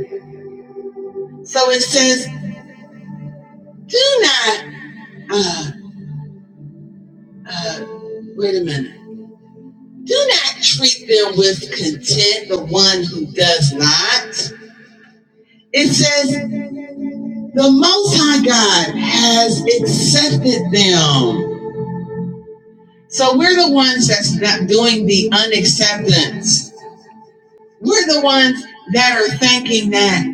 So it says, do not do not treat them with contempt. One's not so not doing the unacceptance. We're the ones that are thinking that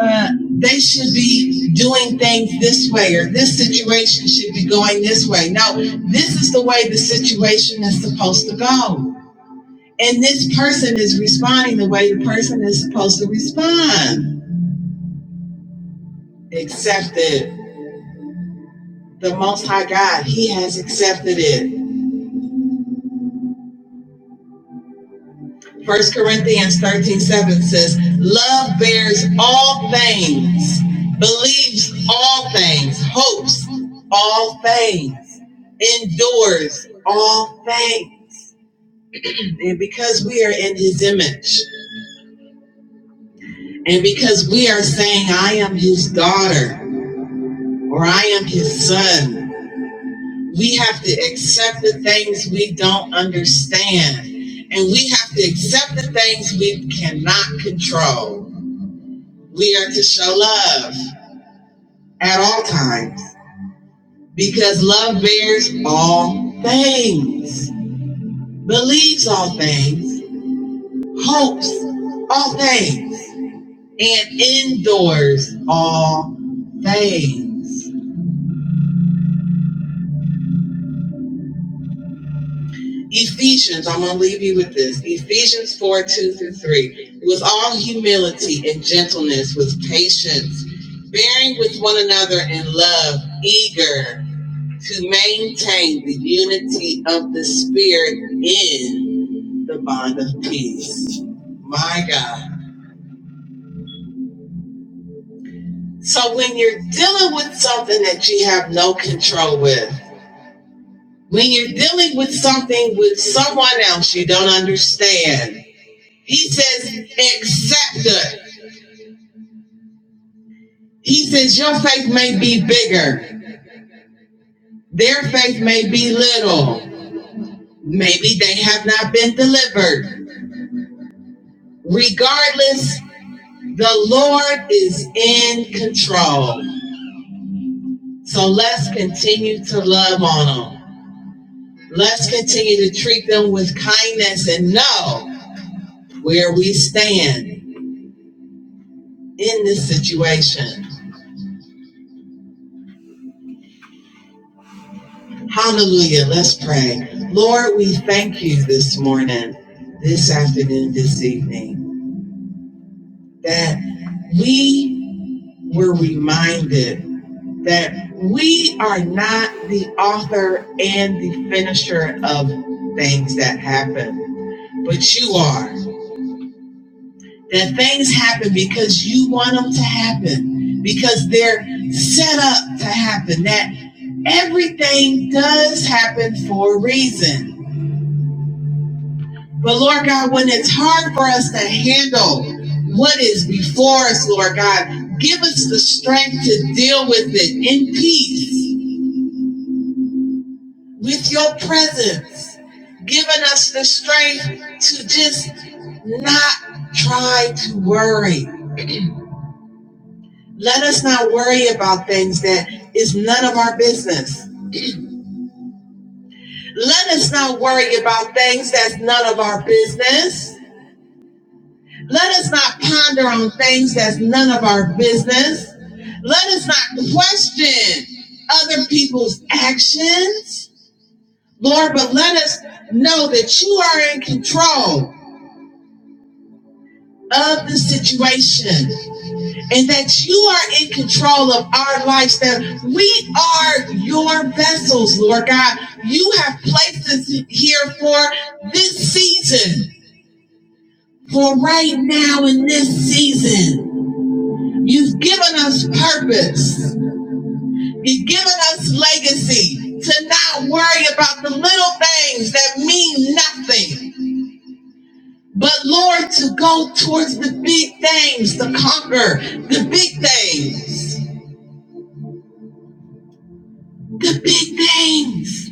uh, they should be doing things this way or this relationship going this out. This is supposed to go, and this person is a person accepted He has accepted it. First Corinthians 13 7 says, Love bears all things, believes all things, hopes all things, endures all things. And because we are in his image, and because we are saying, I am his daughter or I am his son, to accept the things we don't understand. And we have to accept the things we cannot control. We are to show love at all times because love bears all things, believes all things, hopes all things, and endures all things. Ephesians, I'm going to leave you with this. Ephesians 4 2 through 3. With all humility and gentleness, with patience, bearing with one another in love, eager to maintain the unity of the Spirit in the bond of peace. My God. So when you're dealing with something that you have no control with, when you're dealing with something with someone else you don't understand, he says, accept it. He says, your faith may be bigger, their faith may be little. Maybe they have not been delivered. Regardless, The Lord is in control. So let's continue to love on them. Let's continue to treat them with kindness and know where we stand in this situation. Hallelujah. Let's pray. Lord, this afternoon, this evening, that we were reminded that we are not the author and the finisher of things that happen, but you are. It does and for and it's hard though is before God, the strength to deal with it in peace. Give us not try to worry. Let us not worry about things that is none of our business. Let us not ponder on things that's our business. Not that you are in control of our lives, that we are your vessels, Lord God. You have placed us here for this season, for right now in this season. You've given us purpose. You've given us legacy to not worry about the little things that mean nothing, but Lord, to go toward big things, to conquer the big things, the big things,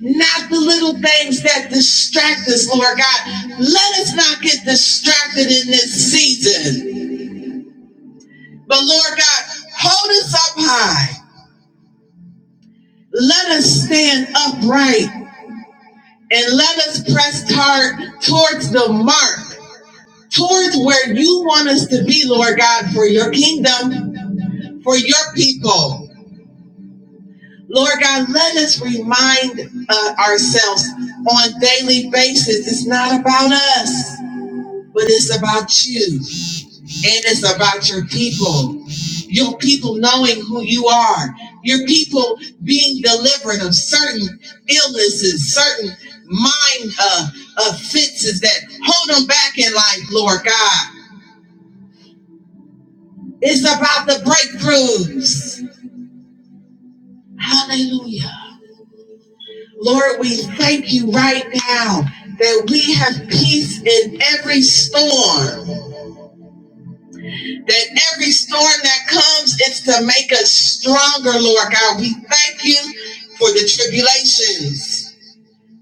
not the little things that distract us, Lord God. Let us not get distracted in this season, but Lord God, hold us up high. Let us stand upright and let us press toward towards the mark, towards where you want us to be, Lord God, for your kingdom, for your people. Lord God, let us remind uh, ourselves on a daily basis it's not about us, but it's about you. It is about your people, your people knowing who you are, your people being delivered of certain illnesses, certain mind uh, offenses that hold them back in life, Lord God. It's about the breakthroughs. Hallelujah. Lord, we thank you right now that we have peace in every storm. In every storm, it's to make us tribulations.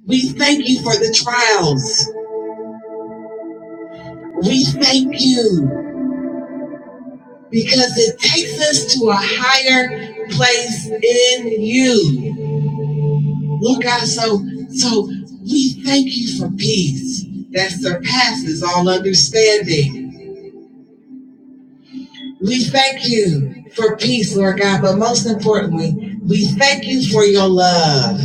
We thank you for the trials. We thank you because it takes us to a higher place in you. Lord God, so so we thank you for peace that surpasses all understanding. We thank you for peace, Lord God, but most importantly, we thank you for your love.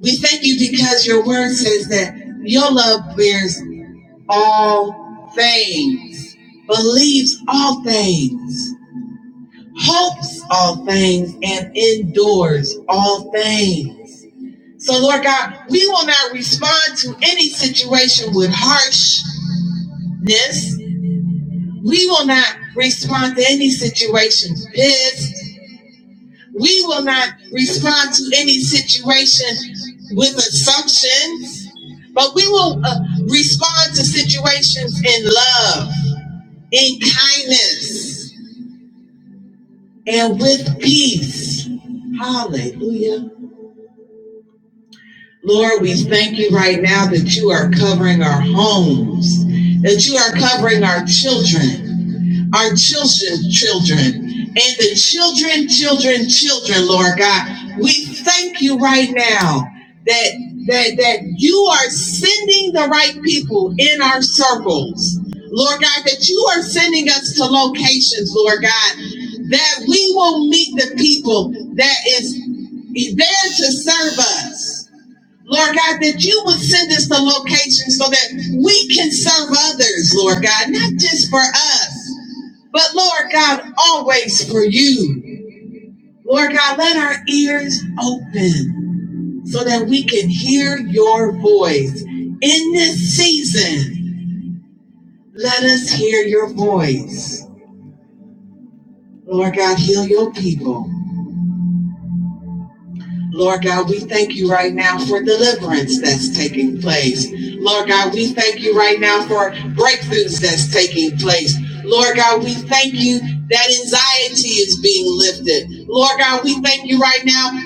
We thank you because your word says that your love bears all things, believes all things. hopes all things and endures all things. So, Lord God, we will not respond to any situation with harshness, any situation pissed. We will not respond to any situation with assumptions, but we will uh, respond to situations in love, in kindness, and with peace. Hallelujah. our children, our children's children, and the children, children, children, Lord God. We thank you right now that that that you are sending the right people in our circles. Lord God, that you are sending us to locations, Lord God, that we will meet the people that is there to serve us so that we can serve others, Lord God, not just for us, but Lord God, always for you. Lord God, let our ears open so that we can hear your voice. In this season, let us hear your voice. Lord God, heal your people. Lord God, we thank you right now for deliverance that's taking place. Lord God, we thank you right now for a breakthrough right now.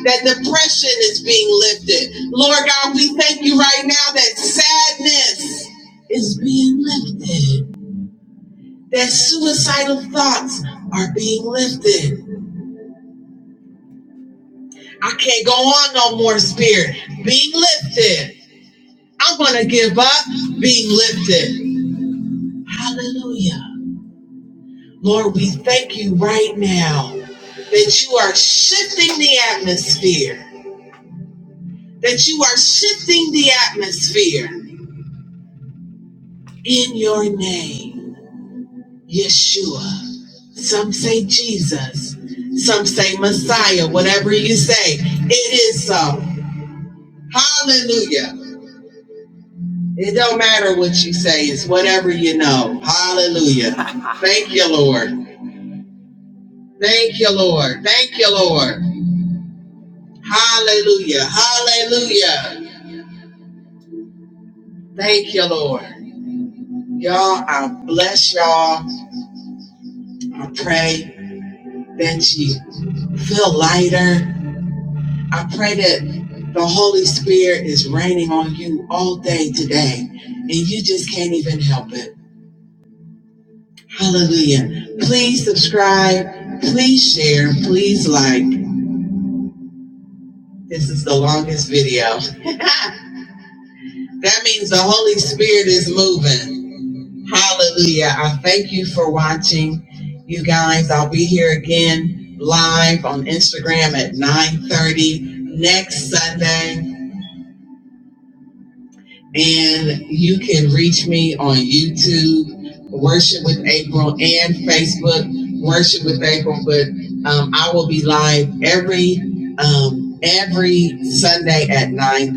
I can't go on no more, Spirit. Being lifted. I'm going to give up being lifted. Hallelujah. Lord, we thank you right now that you are shifting the atmosphere, that you are shifting the atmosphere in your name, Yeshua. Some say Jesus, some say Messiah, whatever you say. It is so. Hallelujah. It don't matter what you say, it's whatever you know. Hallelujah. Thank you, Lord. Thank you, Lord. Thank you, Lord. Hallelujah. Hallelujah. Thank you, Lord. Y'all, I bless y'all. I pray that you feel lighter. I pray that the Holy Spirit is raining on you all day today, and you just can't even help it. Hallelujah. Please subscribe. Please share. Please like. This is the longest video. Hallelujah. I thank you for watching. You guys, I'll be here again live on Instagram at 9.30 next Sunday. And you can reach me on YouTube, Worship with April, and Facebook, Worship with April. But um, I will be live every um, every Sunday at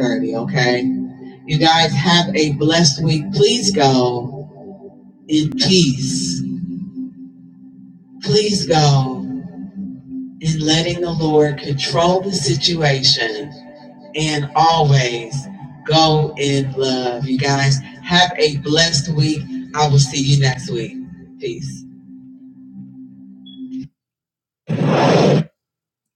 nine 30, okay? You guys have a blessed week. Please go in peace. Please go in letting the Lord control the situation and always go in love. You guys have a blessed week. I will see you next week. Peace.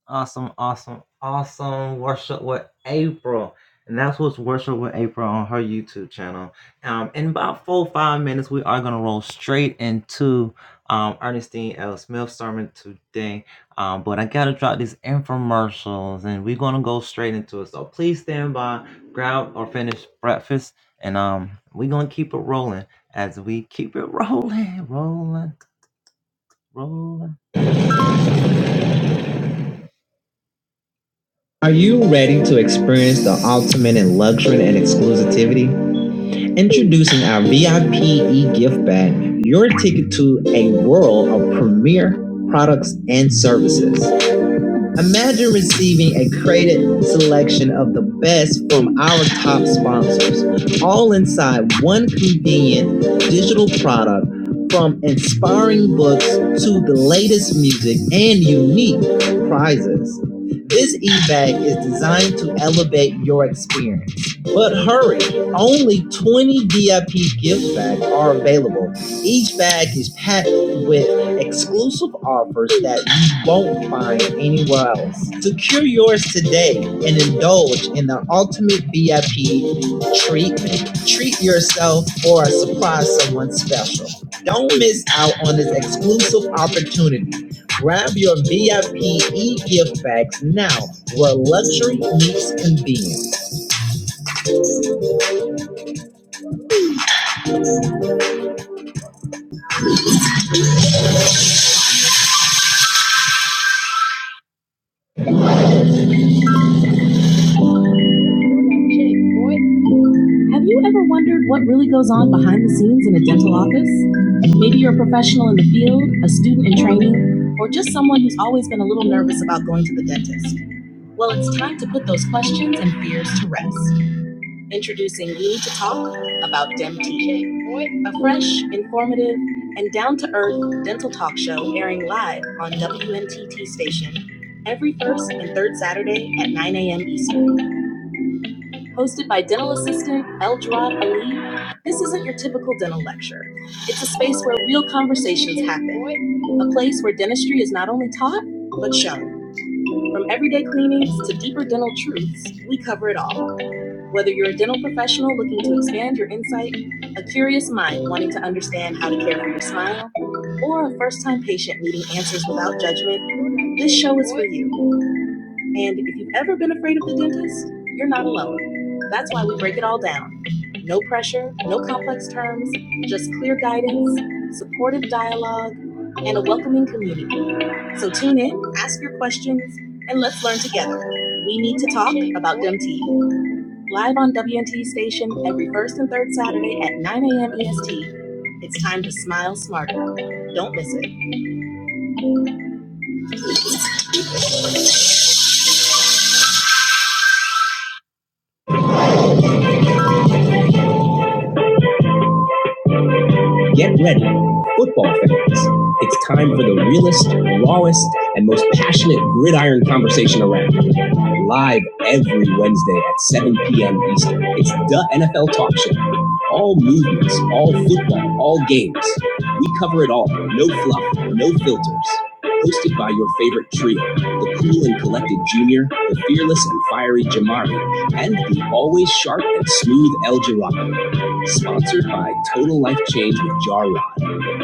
Awesome, awesome, awesome worship with April. And that's what's worship with April on her YouTube channel. Um, in about four five minutes, we are gonna roll straight into um Ernestine L. Smith's sermon today. Um, but I gotta drop these infomercials and we're gonna go straight into it. So please stand by, grab or finish breakfast, and um we're gonna keep it rolling as we keep it rolling, rolling, rolling. Are you ready to experience the ultimate in luxury and exclusivity? Introducing our VIP e-gift bag, your ticket to a world of premier products and services. Imagine receiving a curated selection of the best from our top sponsors, all inside one convenient digital product from inspiring books to the latest music and unique prizes. This e-bag is designed to elevate your experience. But hurry, only 20 VIP gift bags are available. Each bag is packed with exclusive offers that you won't find anywhere else. Secure yours today and indulge in the ultimate VIP treat Treat yourself or surprise someone special. Don't miss out on this exclusive opportunity. Grab your VIP gift bags now, where luxury meets convenience. Have you ever wondered what really goes on behind the scenes in a dental office? Maybe you're a professional in the field, a student in training, or just someone who's always been a little nervous about going to the dentist. Well, it's time to put those questions and fears to rest. Introducing need to Talk about DemTK, a fresh, informative, and down to earth dental talk show airing live on WNTT station every first and third Saturday at 9 a.m. Eastern. Hosted by dental assistant Eldra Ali, this isn't your typical dental lecture. It's a space where real conversations happen, a place where dentistry is not only taught, but shown. From everyday cleanings to deeper dental truths, we cover it all. Whether you're a dental professional looking to expand your insight, a curious mind wanting to understand how to care for your smile, or a first time patient needing answers without judgment, this show is for you. And if you've ever been afraid of the dentist, you're not alone. That's why we break it all down. No pressure, no complex terms, just clear guidance, supportive dialogue, and a welcoming community. So tune in, ask your questions, and let's learn together. We need to talk about DMT live on WNT station every first and third Saturday at 9 a.m. EST. It's time to smile smarter. Don't miss it. Get ready, football fans. It's time for the realest, rawest, and most passionate gridiron conversation around. Live every Wednesday at 7 p.m. Eastern. It's the NFL Talk Show. All movements, all football, all games. We cover it all. No fluff, no filters. Hosted by your favorite trio, the cool and collected Junior, the fearless and fiery Jamari, and the always sharp and smooth El Jirado. Sponsored by Total Life Change with Jar Rod,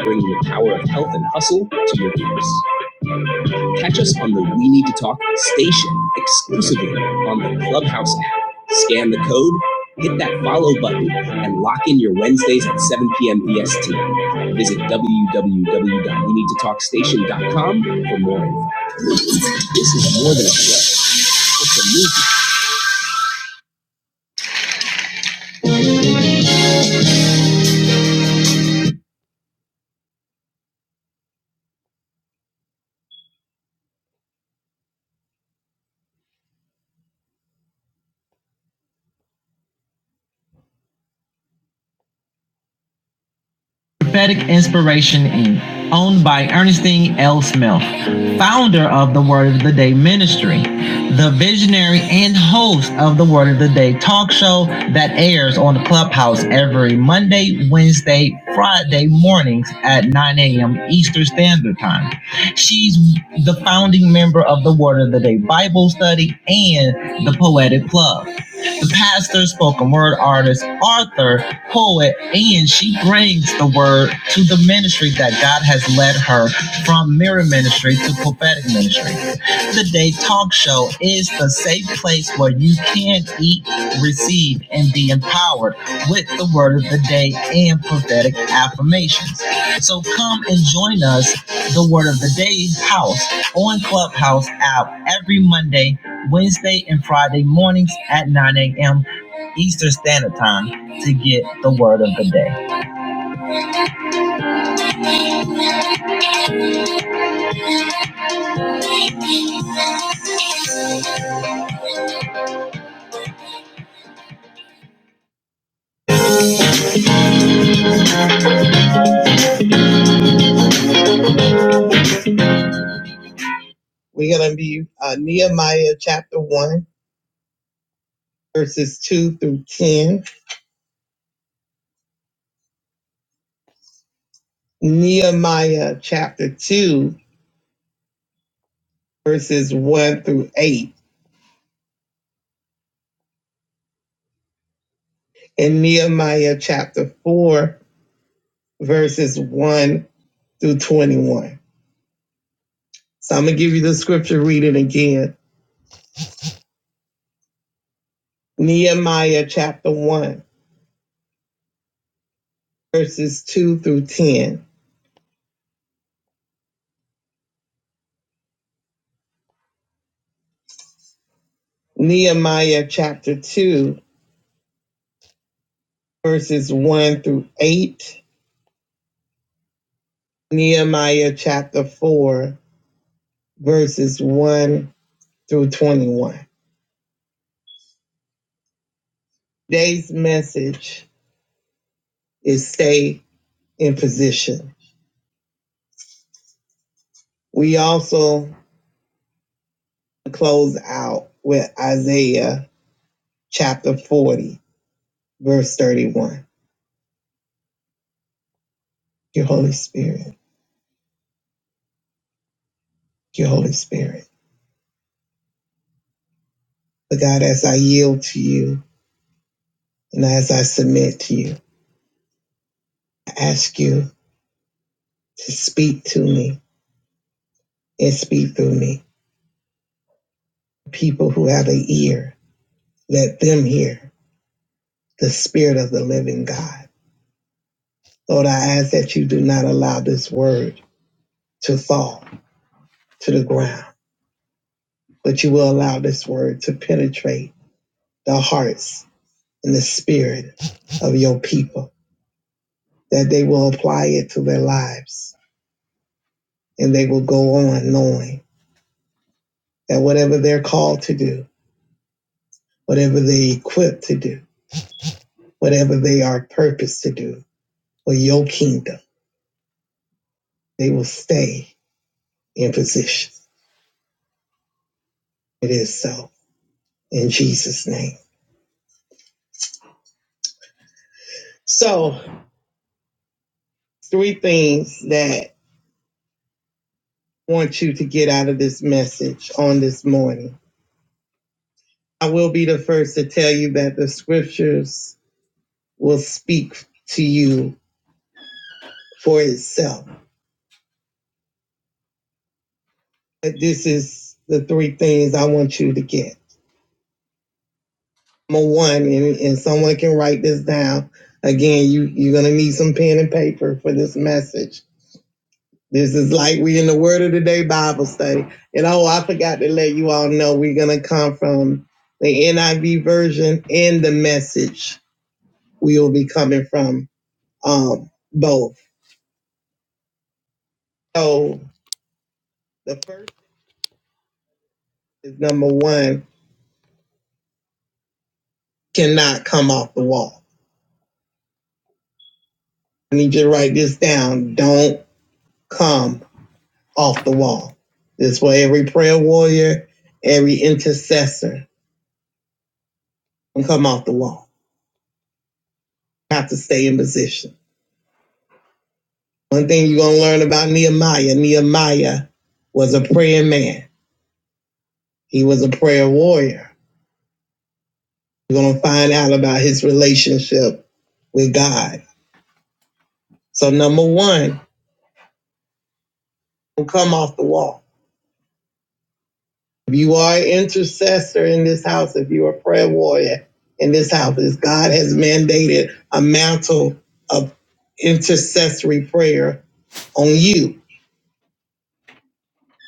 bringing the power of health and hustle to your ears. Catch us on the We Need to Talk station exclusively on the Clubhouse app. Scan the code, hit that follow button, and lock in your Wednesdays at 7 p.m. EST. Visit www.weneedtotalkstation.com for more info. This is more than a show. It's a movement. of the drink of the day that airs on Friday mornings at the time. She the word Bible study, and the Poetic Club. The pastor, spoken word artist, author, poet, and she brings the word to the ministry that God has led her from mirror ministry to prophetic ministry. The Day Talk Show is the safe place where you can eat, receive, and be empowered with the word of the day and prophetic affirmations. So come and join us. The word of power on Clubhouse app every Monday, Wednesday, and Friday mornings at 9 a.m. Eastern Standard Time to get the word of the day. We're going to be uh, Nehemiah chapter 1, verses 2 through 10, Nehemiah chapter 2, verses 1 through 8. in Nehemiah chapter 4, verses 1 through 21. So I'm going to give you the scripture, read it again. Nehemiah chapter 1, verses 2 through 10. Nehemiah chapter 2, verses 1 through 8. Nehemiah chapter 4, verses 1 through 21. Today's message is stay in position. We also close out with Isaiah chapter 40, verse 31. Thank You, Holy Spirit. Thank You, Holy Spirit. But God, as I yield to you and as I submit to you, I ask you to speak to me and speak through me. People who have an ear, let them hear the Spirit of the living God. Lord, I ask that you do not allow this word to fall to the ground, but you will allow this word to penetrate the hearts and the spirit of your people. that they will apply it to their lives and they will go on knowing that whatever they're called to do, whatever they equipped to do, whatever they are purposed to do for your kingdom, they will stay in position. It is so in Jesus' name. So, three things that I want you to get out of this message on this morning. I will be the first to tell you that the scriptures will speak to you for itself this is the three things I want you to get. Number one, and, and someone can write this down. Again, you, you're going to need some pen and paper for this message. This is like we in the Word of the Day Bible study. And oh, I forgot to let you all know we're going to come from the NIV version and the message. We will be coming from um, both. So the first is number one cannot come off the wall. I need you to write this down. Don't come off the wall. This way, every prayer warrior, every intercessor can come off the wall. You Have to stay in position. One thing you're going to learn about Nehemiah Nehemiah was a praying man, he was a prayer warrior. You're going to find out about his relationship with God. So, number one, don't come off the wall. If you are an intercessor in this house, if you are a prayer warrior in this house, as God has mandated a mantle of intercessory prayer on you,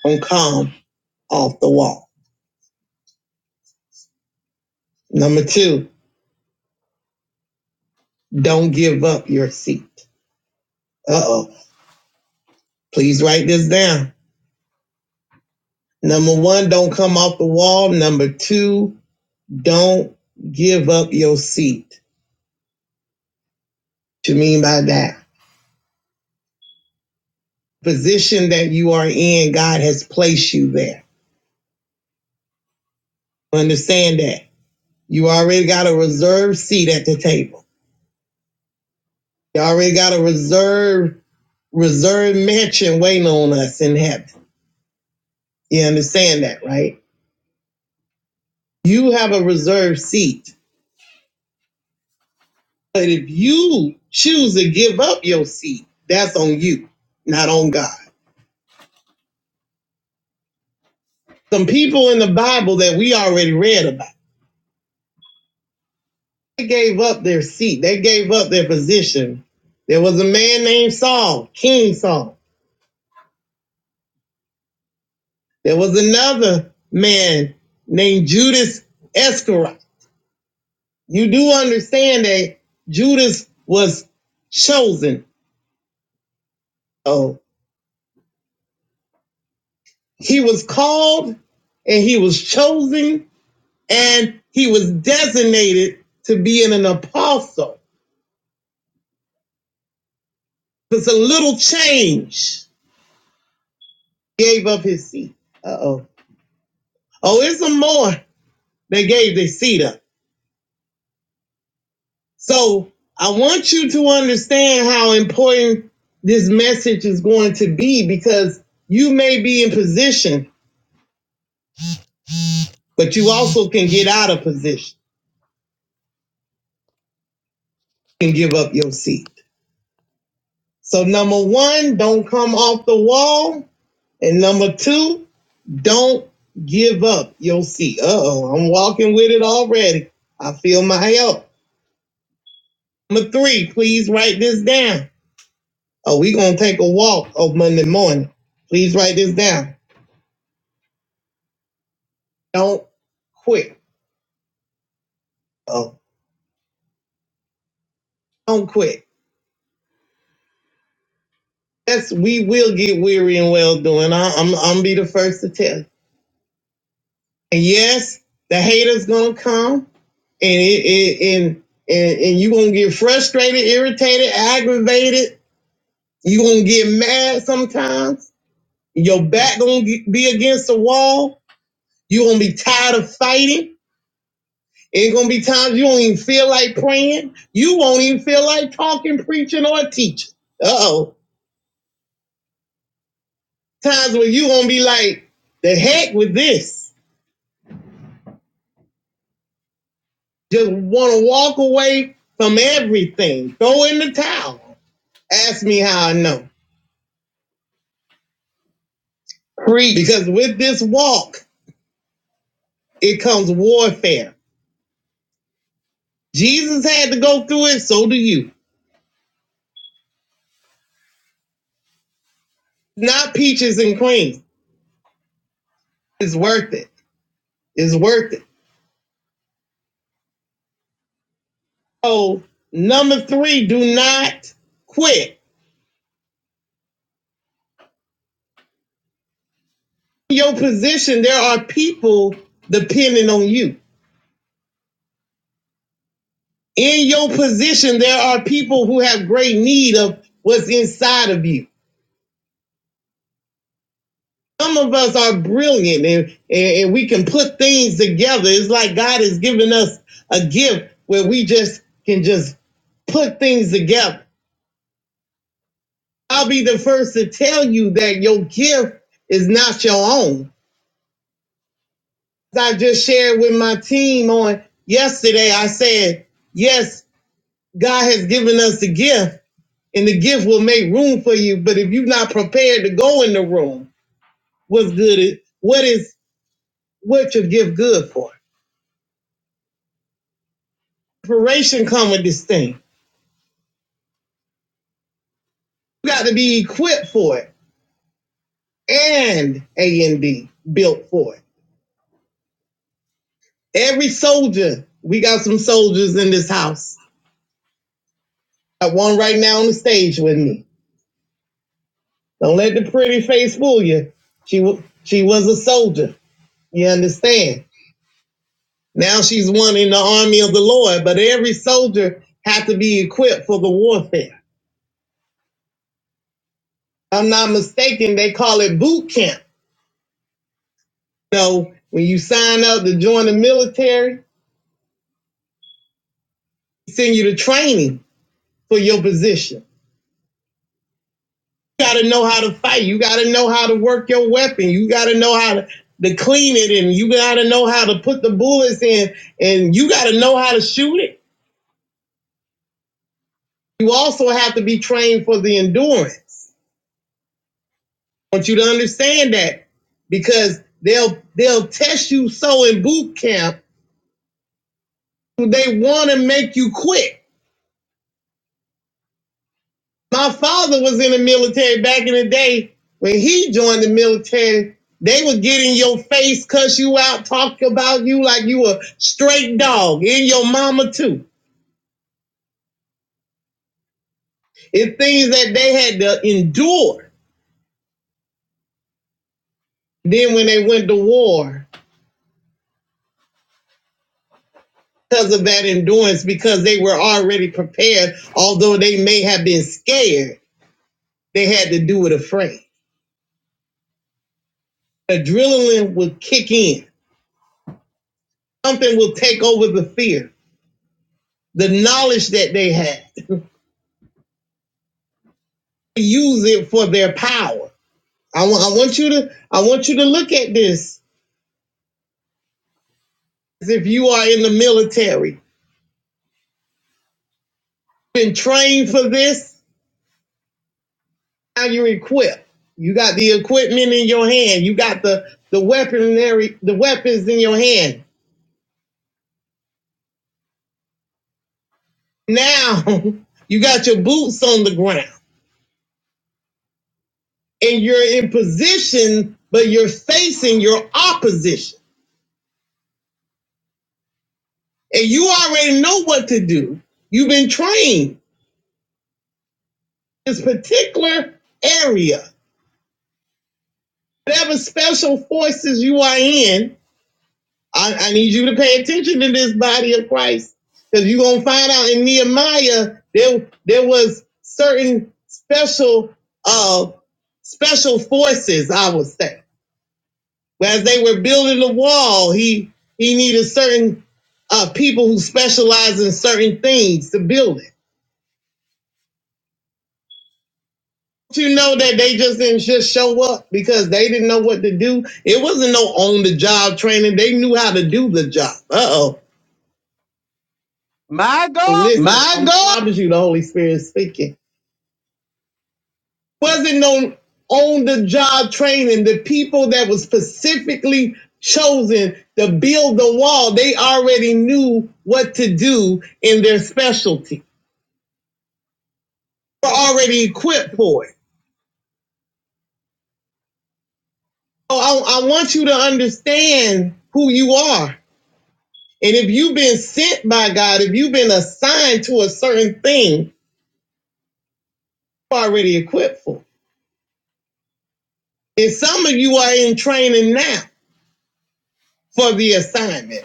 on calm off the wall. Number two, don't give up your seat. Uh oh. Please write this down. Number one, don't come off the wall. Number two, don't give up your seat. What do you mean by that? Position that you are in, God has placed you there Understand that. You already got a reserved seat at the table. You already got a reserved reserved mansion waiting on us in heaven. You understand that, right? You have a reserved seat. But if you choose to give up your seat, that's on you, not on God. Some people in the Bible that we already read about, they gave up their seat, they gave up their position. There was a man named Saul, King Saul. There was another man named Judas Iscariot. You do understand that Judas was chosen. Oh, he was called and he was chosen and he was designated to be an apostle. It's a little change. Gave up his seat. Uh oh. Oh, it's some more. They gave their seat up. So I want you to understand how important this message is going to be because you may be in position, but you also can get out of position and give up your seat. So number one, don't come off the wall. And number two, don't give up your seat. Uh oh, I'm walking with it already. I feel my help. Number three, please write this down. Oh, we gonna take a walk on Monday morning. Please write this down. Don't quit. Oh, don't quit. That's we will get weary and well doing. I- I'm I'm be the first to tell. you. And yes, the haters gonna come, and it, it and and and you gonna get frustrated, irritated, aggravated. You gonna get mad sometimes. Your back gonna get, be against the wall. You gonna be tired of fighting. It's gonna be times you don't even feel like praying. You won't even feel like talking, preaching, or teaching. Uh oh. times where you gonna be like, the heck with this. Just wanna walk away from everything. Throw in the towel. Ask me how I know. Preach. Because with this walk, it comes warfare. Jesus had to go through it, so do you. Not peaches and cream. It's worth it. It's worth it. So number three, do not quit. In your position, there are people depending on you. in your position, there are people who have great need of what's inside of you. Some of us are brilliant and, and, we can put things together. It's like God has given us a gift where we just can just put things together. I'll be the first to tell you that your gift is not your own. As I just shared with my team on yesterday, I said, yes, God has given us the gift, and the gift will make room for you. But if you're not prepared to go in the room, what's good? Is, what is what your gift good for? Preparation come with this thing. You got to be equipped for it and A and D built for it. Every soldier, we got some soldiers in this house. Got one right now on the stage with me. Don't let the pretty face fool you. She wa- she was a soldier. You understand? Now she's one in the army of the Lord, but every soldier had to be equipped for the warfare. If I'm not mistaken, they call it boot camp. So when you sign up to join the military, they send you to training for your position. You gotta know how to fight. You gotta know how to work your weapon. You gotta know how to, to clean it and you gotta know how to put the bullets in and you gotta know how to shoot it. You also have to be trained for the endurance. I want you to understand that because they'll they'll test you so in boot camp they want to make you quit my father was in the military back in the day when he joined the military they would get in your face cuss you out talk about you like you a straight dog and your mama too it's things that they had to endure then when they went to war because of that endurance because they were already prepared although they may have been scared They had to do it afraid. Adrenaline will kick in. Something will take over the fear, the knowledge that they had. they Use it for their power. I want, want you to, I want you to look at this. As if you are in the military, been trained for this, now you're equipped. You got the equipment in your hand. You got the the weaponry, the weapons in your hand. Now you got your boots on the ground. and you're in position, but you're facing your opposition. And you already know what to do. You've been trained in this particular area. Whatever special forces you are in, I, I need you to pay attention to this body of Christ. Because you're gonna find out in Nehemiah there there was certain special uh special forces, I would say as they were building the wall, he he needed certain uh, people who specialize in certain things to build it. You know that they just didn't just show up because they didn't know what to do. It wasn't no on the job training. They knew how to do the job. Uh oh. My God. Listen, My I God, I promise you, the Holy Spirit speaking. Wasn't no on the job training. The people that was specifically chosen to build the wall, they already knew what to do in their specialty. We're already equipped for it. So I, I want you to understand who you are. And if you've been sent by God, if you've been assigned to a certain thing, you're already equipped for it. And some of you are in training now for the assignment.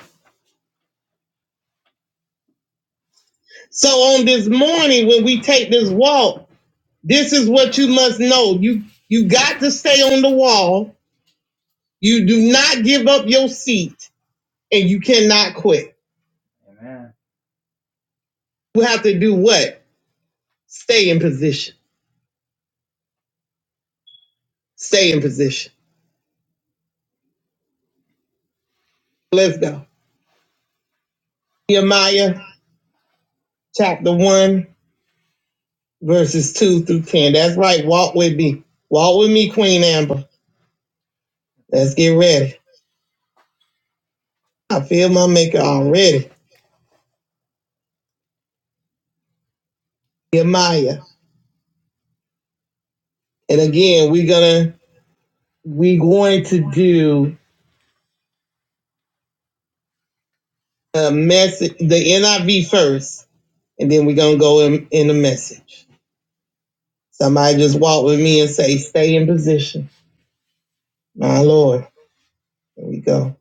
So on this morning, when we take this walk, this is what you must know. You you got to stay on the wall. You do not give up your seat and you cannot quit. You have to do what? Stay in position. Stay in position. Let's go. Nehemiah chapter 1, verses 2 through 10. That's right. Walk with me. Walk with me, Queen Amber. Let's get ready. I feel my maker already. Nehemiah. And again, we're gonna we're going to do a message the NIV first, and then we're gonna go in, in the message. Somebody just walk with me and say, stay in position. My Lord. Here we go.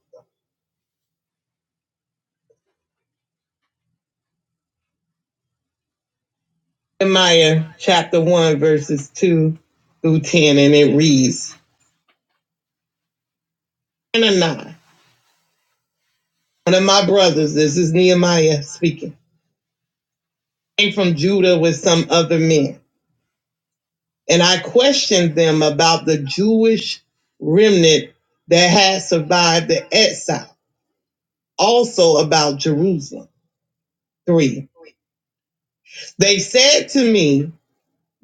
Nehemiah chapter 1, verses 2 through 10, and it reads Hananiah, one of my brothers, this is Nehemiah speaking, came from Judah with some other men. And I questioned them about the Jewish remnant that had survived the exile, also about Jerusalem. Three, they said to me,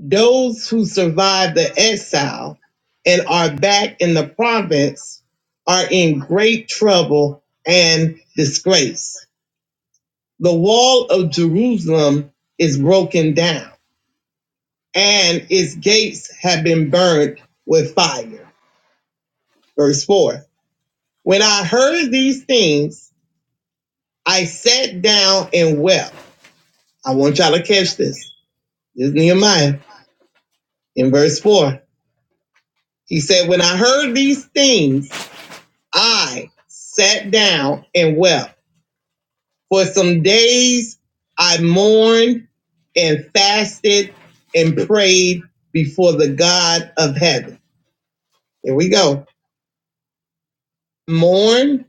Those who survive the exile and are back in the province are in great trouble and disgrace. The wall of Jerusalem is broken down and its gates have been burned with fire. Verse 4 When I heard these things, I sat down and wept. I want y'all to catch this. This is Nehemiah in verse 4. He said, When I heard these things, I sat down and wept. For some days I mourned and fasted and prayed before the God of heaven. Here we go. Mourned,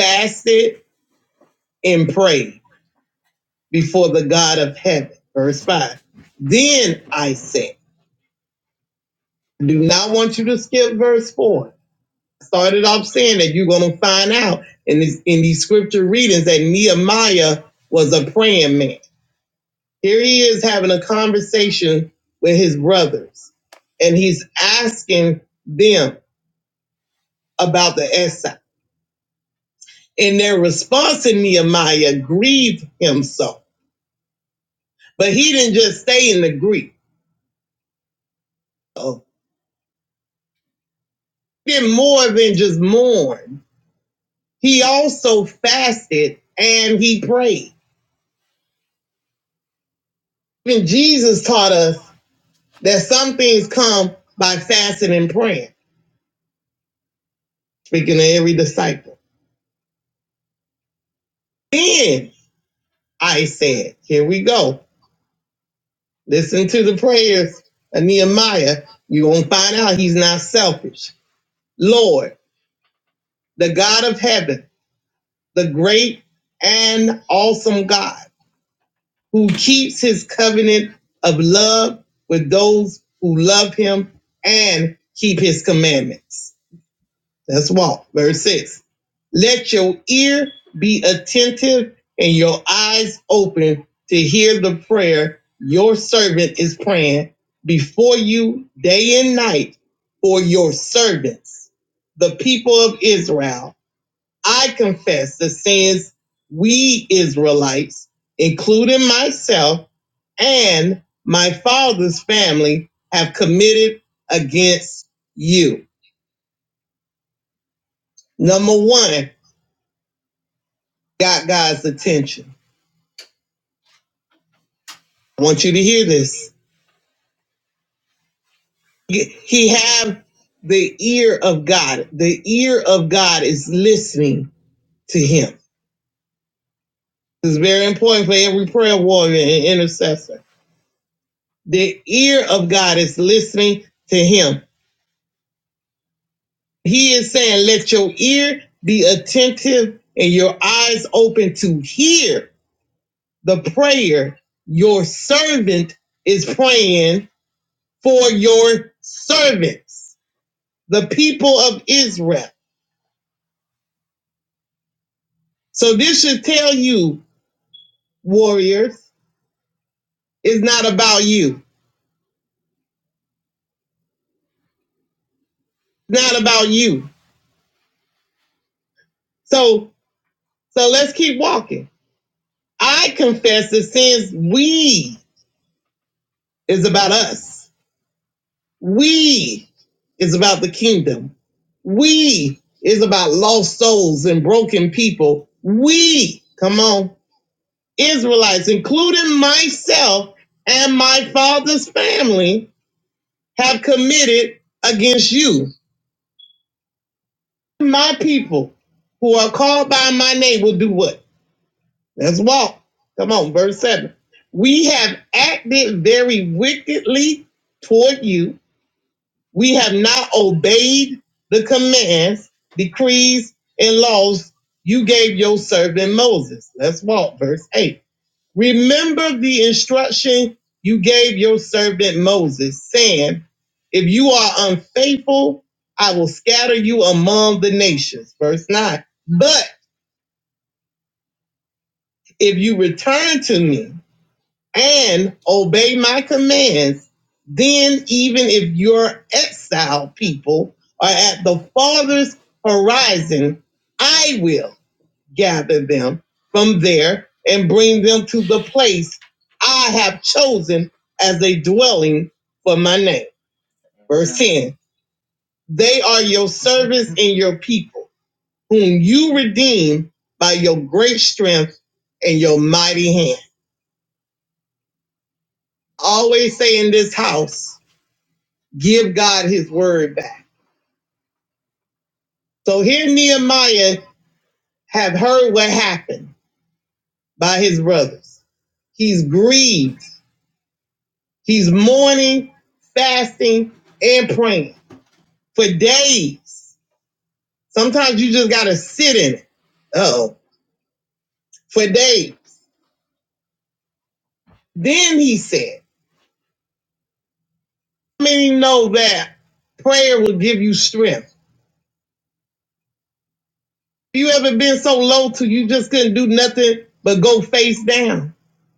fasted, and prayed before the God of heaven. Verse 5. Then I said, I do not want you to skip verse 4. I Started off saying that you're going to find out in, this, in these scripture readings that Nehemiah was a praying man. Here he is having a conversation with his brothers, and he's asking them about the exile. And their response in Nehemiah grieved him so. But he didn't just stay in the grief. So he did more than just mourn. He also fasted and he prayed. Even Jesus taught us that some things come by fasting and praying, speaking to every disciple. Then I said, here we go. Listen to the prayers of Nehemiah. You're going to find out he's not selfish. Lord, the God of heaven, the great and awesome God who keeps his covenant of love with those who love him and keep his commandments. Let's walk. Verse 6. Let your ear be attentive and your eyes open to hear the prayer your servant is praying before you day and night for your servants, the people of Israel. I confess the sins we Israelites, including myself and my father's family, have committed against you. Number one, got God's attention. I want you to hear this. He have the ear of God. The ear of God is listening to him. This is very important for every prayer warrior and intercessor. The ear of God is listening to him. He is saying, let your ear be attentive and your eyes open to hear the prayer your servant is praying for your servants. the people of Israel. So this should tell you, warriors, it's not about you. It's not about you. So so let's keep walking. I confess that since we is about us. We is about the kingdom. We is about lost souls and broken people. We, come on, Israelites, including myself and my father's family, have committed against you my people who are called by my name will do what? Let's walk. Come on, verse 7. We have acted very wickedly toward you. We have not obeyed the commands, decrees, and laws you gave your servant Moses. Let's walk, verse 8. Remember the instruction you gave your servant Moses, saying, If you are unfaithful, I will scatter you among the nations. Verse 9. But if you return to me and obey my commands, then even if your exiled people are at the farthest horizon, I will. gather them from there and bring them to the place I have chosen as a dwelling for my name. Verse 10 They are your servants and your people, whom you redeem by your great strength and your mighty hand. I Always say in this house, give God his word back. So here Nehemiah had heard what happened by his brothers. He's grieved He's mourning, fasting, and praying for days. Sometimes you just gotta sit in it. Oh, for days. Then he said, "How many know that prayer will give you strength? Have You ever been so low till you just couldn't do nothing but go face down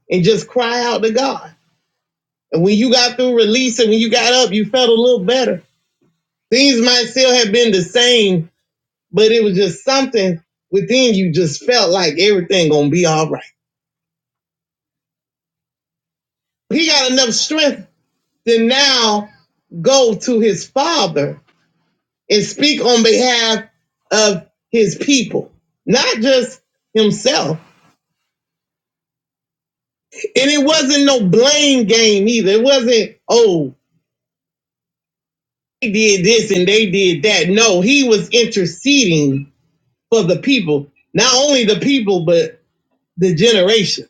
and just cry out to God? And when you got through releasing, when you got up, you felt a little better. Things might still have been the same, but it was just something within you just felt like everything gonna be all right. He got enough strength to now go to his father and speak on behalf of his people, not just himself. And it wasn't no blame game either. It wasn't, oh, they did this and they did that. No, he was interceding for the people, not only the people, but the generation.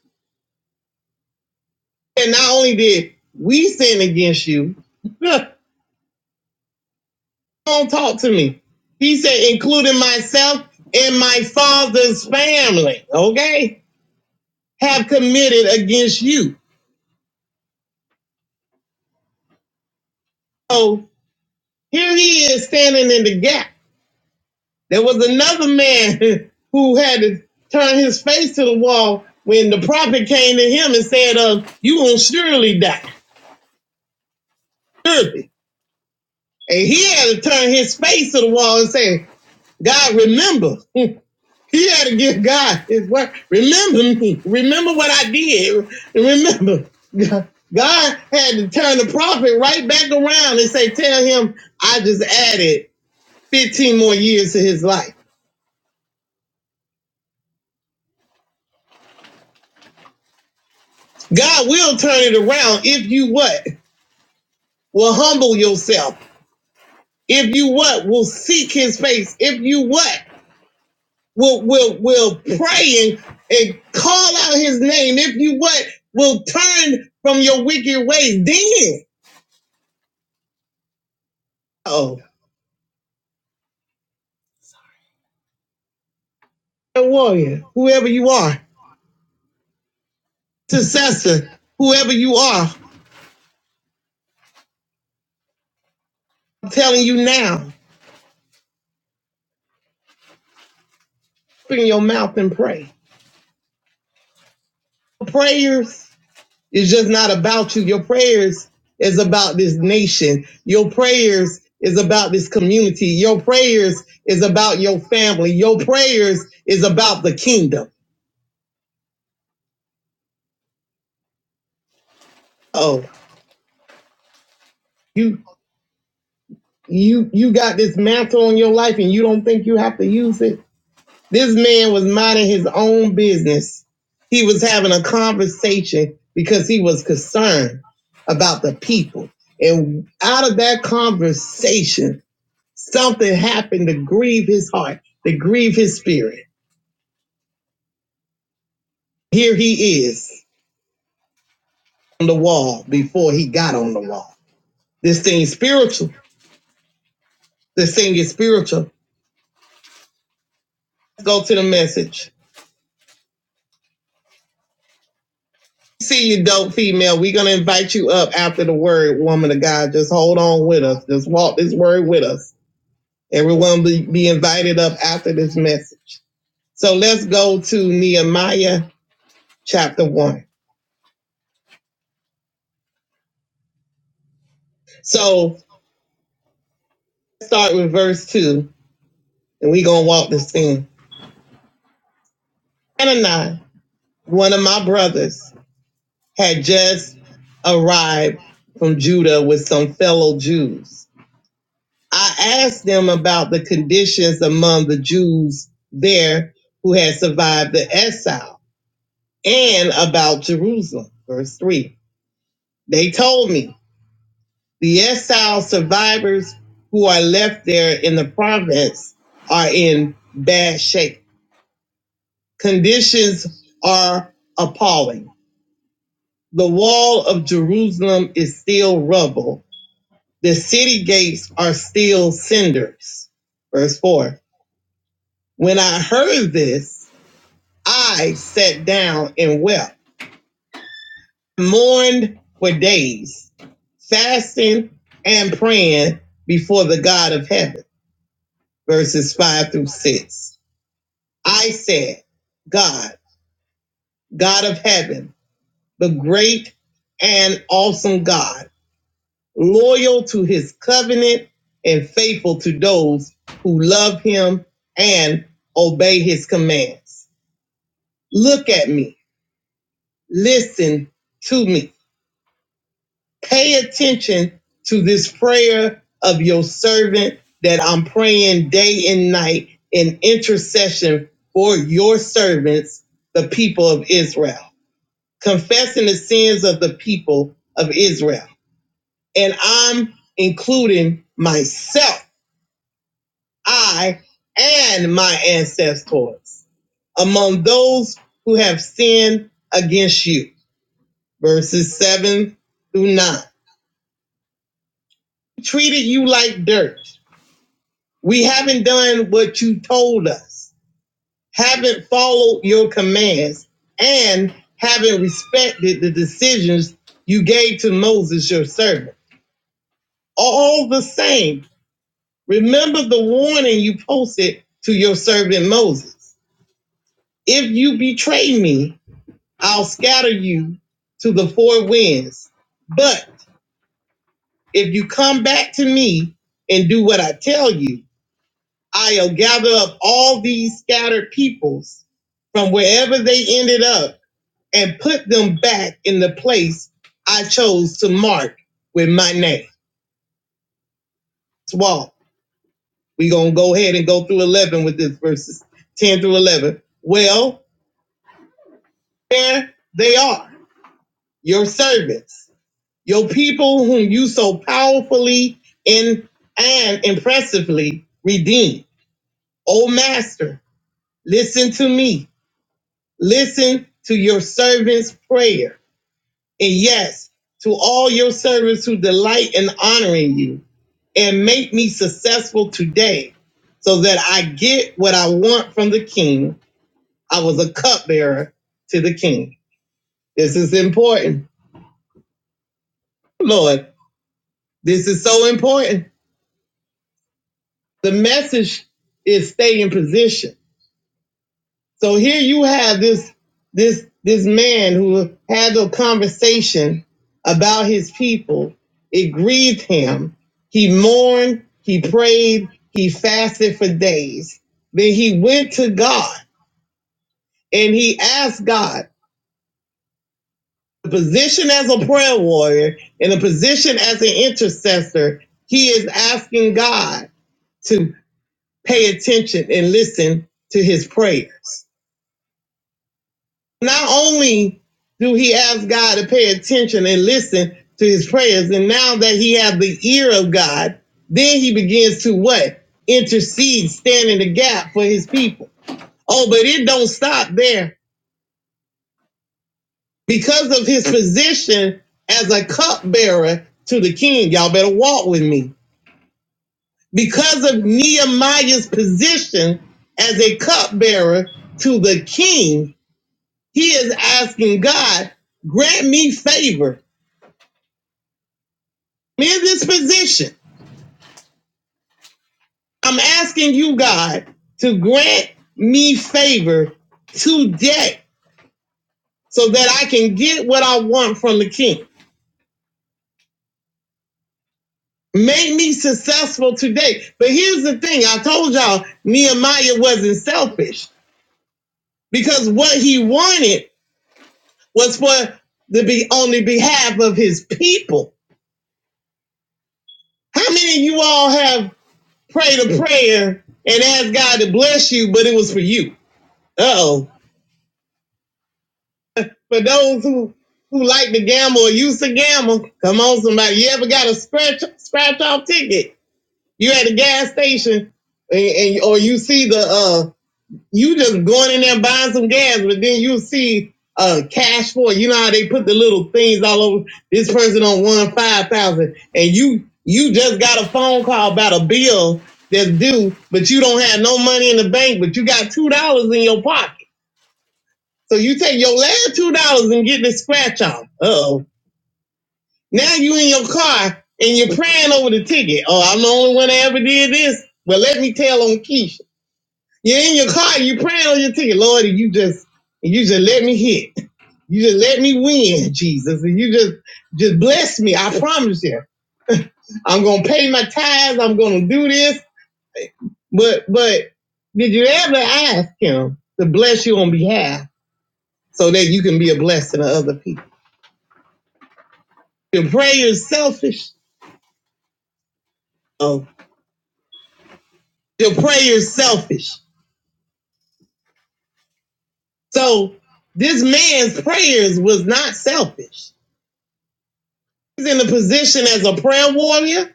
And not only did we sin against you, don't talk to me. He said, including myself and my father's family, okay, have committed against you. So here he is standing in the gap. There was another man who had to turn his face to the wall when the prophet came to him and said, uh, you will surely die. Surely. And he had to turn his face to the wall and say, God, remember. you He had to give God his word. Remember me. Remember what I did. remember, God had to turn the prophet right back around and say, Tell him I just added 15 more years to his life. God will turn it around if you what? Will humble yourself. If you what? Will seek his face. If you what? Will will will pray and, and call out his name. If you what? Will turn from your wicked ways. Then. oh. a warrior, whoever you are, successor, whoever you are. I'm telling you now, open your mouth and pray. Prayers is just not about you. Your prayers is about this nation. Your prayers is about this community. Your prayers is about your family. Your prayers is about the kingdom. Oh, you you you got this mantle on your life and you don't think you have to use it? This man was minding his own business. He was having a conversation because he was concerned about the people. And out of that conversation, something happened to grieve his heart, to grieve his spirit. Here he is on the wall before he got on the wall. This thing is spiritual. This thing is spiritual. Let's go to the message. See you, dope female. We're going to invite you up after the word, woman of God. Just hold on with us. Just walk this word with us. Everyone be, be invited up after this message. So let's go to Nehemiah chapter 1. So start with verse 2, and we're going to walk this thing. Hananiah, one of my brothers, had just arrived from Judah with some fellow Jews. I asked them about the conditions among the Jews there who had survived the exile and about Jerusalem. Verse 3. They told me. The exile survivors who are left there in the province are in bad shape. Conditions are appalling. The wall of Jerusalem is still rubble. The city gates are still cinders. Verse 4. When I heard this, I sat down and wept, mourned for days, fasting and praying before the God of heaven. Verses 5 through 6. I said, God, God of heaven, the great and awesome God, loyal to his covenant and faithful to those who love him and obey his commands. Look at me, listen to me, pay attention to this prayer of your servant that I'm praying day and night in intercession for your servants, the people of Israel. confessing the sins of the people of Israel. And I'm including myself, I and my ancestors among those who have sinned against you. Verses 7 through 9. Treated you like dirt. We haven't done what you told us, haven't followed your commands, and haven't respected the decisions you gave to Moses, your servant. All the same, Remember the warning you posted to your servant Moses. If you betray me, I'll scatter you to the four winds. But if you come back to me and do what I tell you, I'll gather up all these scattered peoples from wherever they ended up and put them back in the place I chose to mark with my name. Swallow. We're going to go ahead and go through 11 with this verses 10 through 11. Well, There they are, your servants, your people whom you so powerfully in, and impressively redeemed. O Master, listen to me. Listen to your servant's prayer. And yes, to all your servants who delight in honoring you and make me successful today so that I get what I want from the king. I was a cupbearer to the king. This is important. Lord, This is so important. The message is stay in position. So here you have this this this man who had a conversation about his people. It grieved him. He mourned, he prayed, he fasted for days. Then he went to God and he asked God, the position as a prayer warrior and the position as an intercessor, he is asking God to. pay attention and listen to his prayers. Not only do he ask God to pay attention and listen to his prayers, and now that he has the ear of God, then he begins to what? Intercede, stand in the gap for his people. Oh, but it don't stop there. Because of his position as a cupbearer to the king, y'all better walk with me. Because of Nehemiah's position as a cupbearer to the king, He is asking God, grant me favor in this position. I'm asking you, God, to grant me favor today so that I can get what I want from the king. Make me successful today. But here's the thing I told y'all Nehemiah wasn't selfish because what he wanted was for the be on the behalf of his people. How many of you all have? pray the prayer and ask God to bless you, but it was for you. Uh oh. For those who who like to gamble or used to gamble, come on, somebody. You ever got a scratch scratch off ticket? You at a gas station, and, and or you see the uh you just going in there buying some gas, but then you see uh cash for it. You know how they put the little things all over this person on one five thousand and you you just got a phone call about a bill that's due, but you don't have no money in the bank, but you got two dollars in your pocket. So you take your last two dollars and get the scratch off. Uh oh. Now you in your car and you're praying over the ticket. Oh, I'm the only one that ever did this. But let me tell on Keisha. You're in your car, you praying on your ticket, Lord, and you just and you just let me hit. You just let me win, Jesus. And you just just bless me. I promise you. I'm gonna pay my tithes, I'm gonna do this. But but did you ever ask him to bless you on behalf so that you can be a blessing to other people? Your prayer is selfish. Oh, your prayer is selfish. So this man's prayers was not selfish. He's in a position as a prayer warrior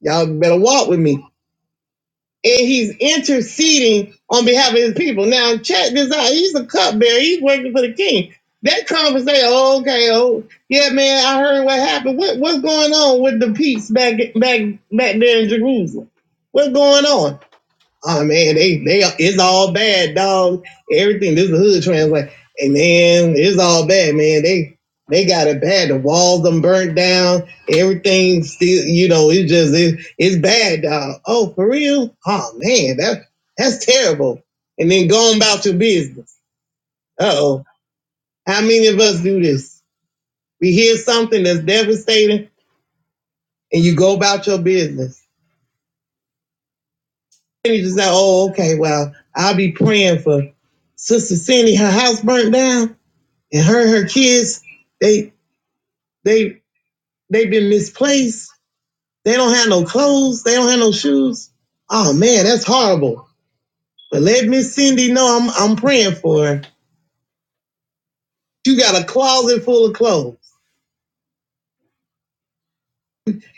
Y'all better walk with me. And he's interceding on behalf of his people. Now, check this out. He's a cupbearer. He's working for the king. That conversation, oh, okay, oh, yeah, man, I heard what happened. What, what's going on with the peace back back back there in Jerusalem? What's going on? oh man, they they it's all bad, dog. Everything this is the hood translate. Hey man, it's all bad, man. They they got it bad. The walls them burnt down. Everything still, you know, it's just it, it's bad, dog. Oh, for real? Oh man, that that's terrible. And then going about your business. Uh oh. How many of us do this? We hear something that's devastating and you go about your business. And you just say, oh, okay, well, I'll be praying for Sister Cindy. Her house burnt down, and her and her kids, they they they have been misplaced. They don't have no clothes. They don't have no shoes. Oh man, that's horrible. But let Miss Cindy know I'm I'm praying for her. You got a closet full of clothes.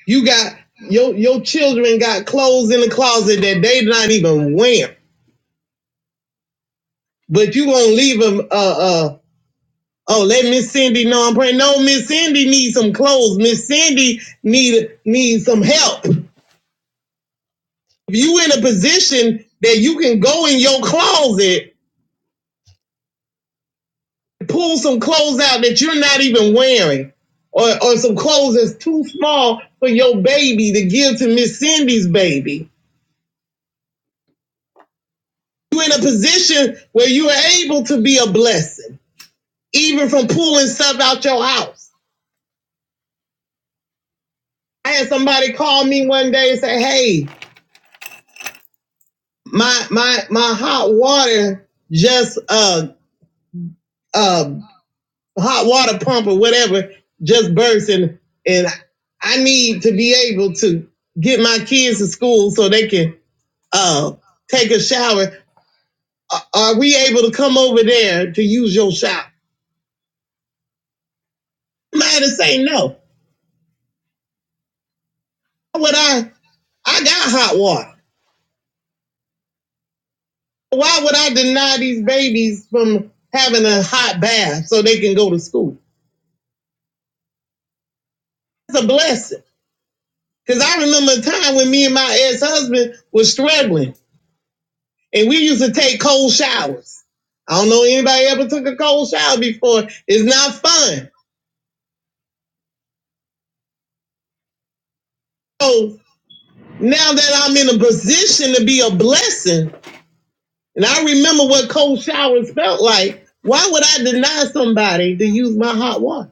You got your your children got clothes in the closet that they not even wearing. But you gonna leave them uh uh Oh, let Miss Cindy know I'm praying. No, Miss Cindy needs some clothes. Miss Cindy need needs some help. If you in a position that you can go in your closet, pull some clothes out that you're not even wearing, or, or some clothes that's too small for your baby to give to Miss Cindy's baby. You are in a position where you are able to be a blessing, even from pulling stuff out your house. I had somebody call me one day and say, "Hey, my my my hot water just uh uh hot water pump or whatever just burst and and I need to be able to get my kids to school so they can uh take a shower. A- Are we able to come over there to use your shower? I'm not gonna say no. Why would I? I got hot water. Why would I deny these babies from having a hot bath so they can go to school? It's a blessing. Cause I remember a time when me and my ex-husband was struggling and we used to take cold showers. I don't know anybody ever took a cold shower before. It's not fun. So now that I'm in a position to be a blessing, and I remember what cold showers felt like, why would I deny somebody to use my hot water?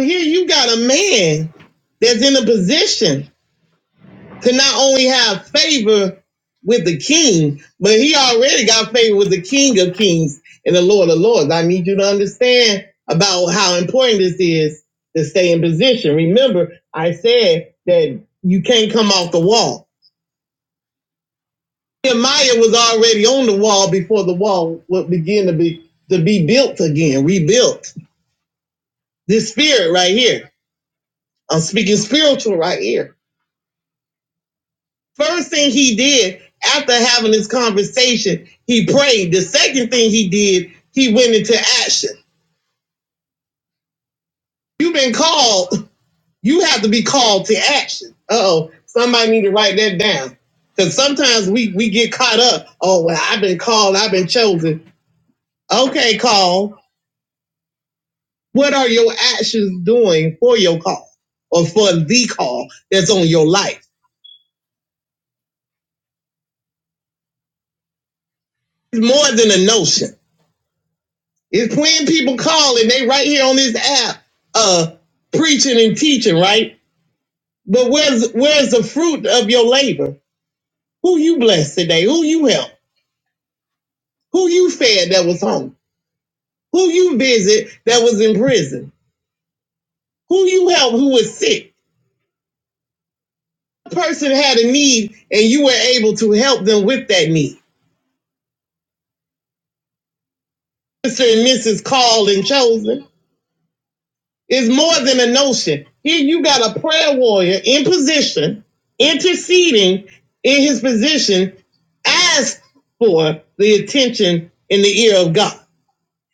So here you got a man that's in a position to not only have favor with the king, but he already got favor with the king of kings and the lord of lords. I need you to understand about how important this is to stay in position. Remember, I said that you can't come off the wall. Nehemiah was already on the wall before the wall would begin to be to be built again, rebuilt. This spirit right here. I'm speaking spiritual right here First thing he did after having this conversation, he prayed. The second thing he did, he went into action. You've been called. You have to be called to action. Oh, somebody need to write that down. Because sometimes we, we get caught up. Oh, well, I've been called. I've been chosen. Okay, call. What are your actions doing for your call or for the call that's on your life? It's more than a notion. It's when people call and they right here on this app, uh, preaching and teaching, right? But where's where's the fruit of your labor? Who you blessed today? Who you helped? Who you fed that was hungry? Who you visit that was in prison? Who you helped who was sick? A person had a need and you were able to help them with that need. Mr. and Mrs. Called and Chosen. It's more than a notion. Here you got a prayer warrior in position, interceding in his position, asked for the attention in the ear of God.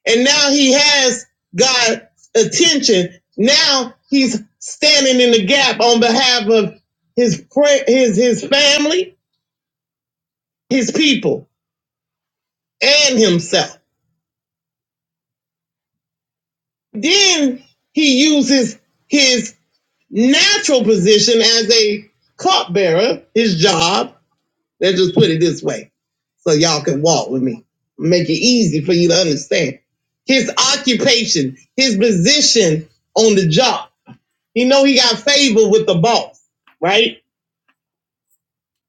And now he has God's attention. Now he's standing in the gap on behalf of his prayer, his his family, his people, and himself. Then he uses his natural position as a cupbearer, his job. Let's just put it this way so y'all can walk with me. Make it easy for you to understand. His occupation, his position on the job. You know he got favor with the boss, right?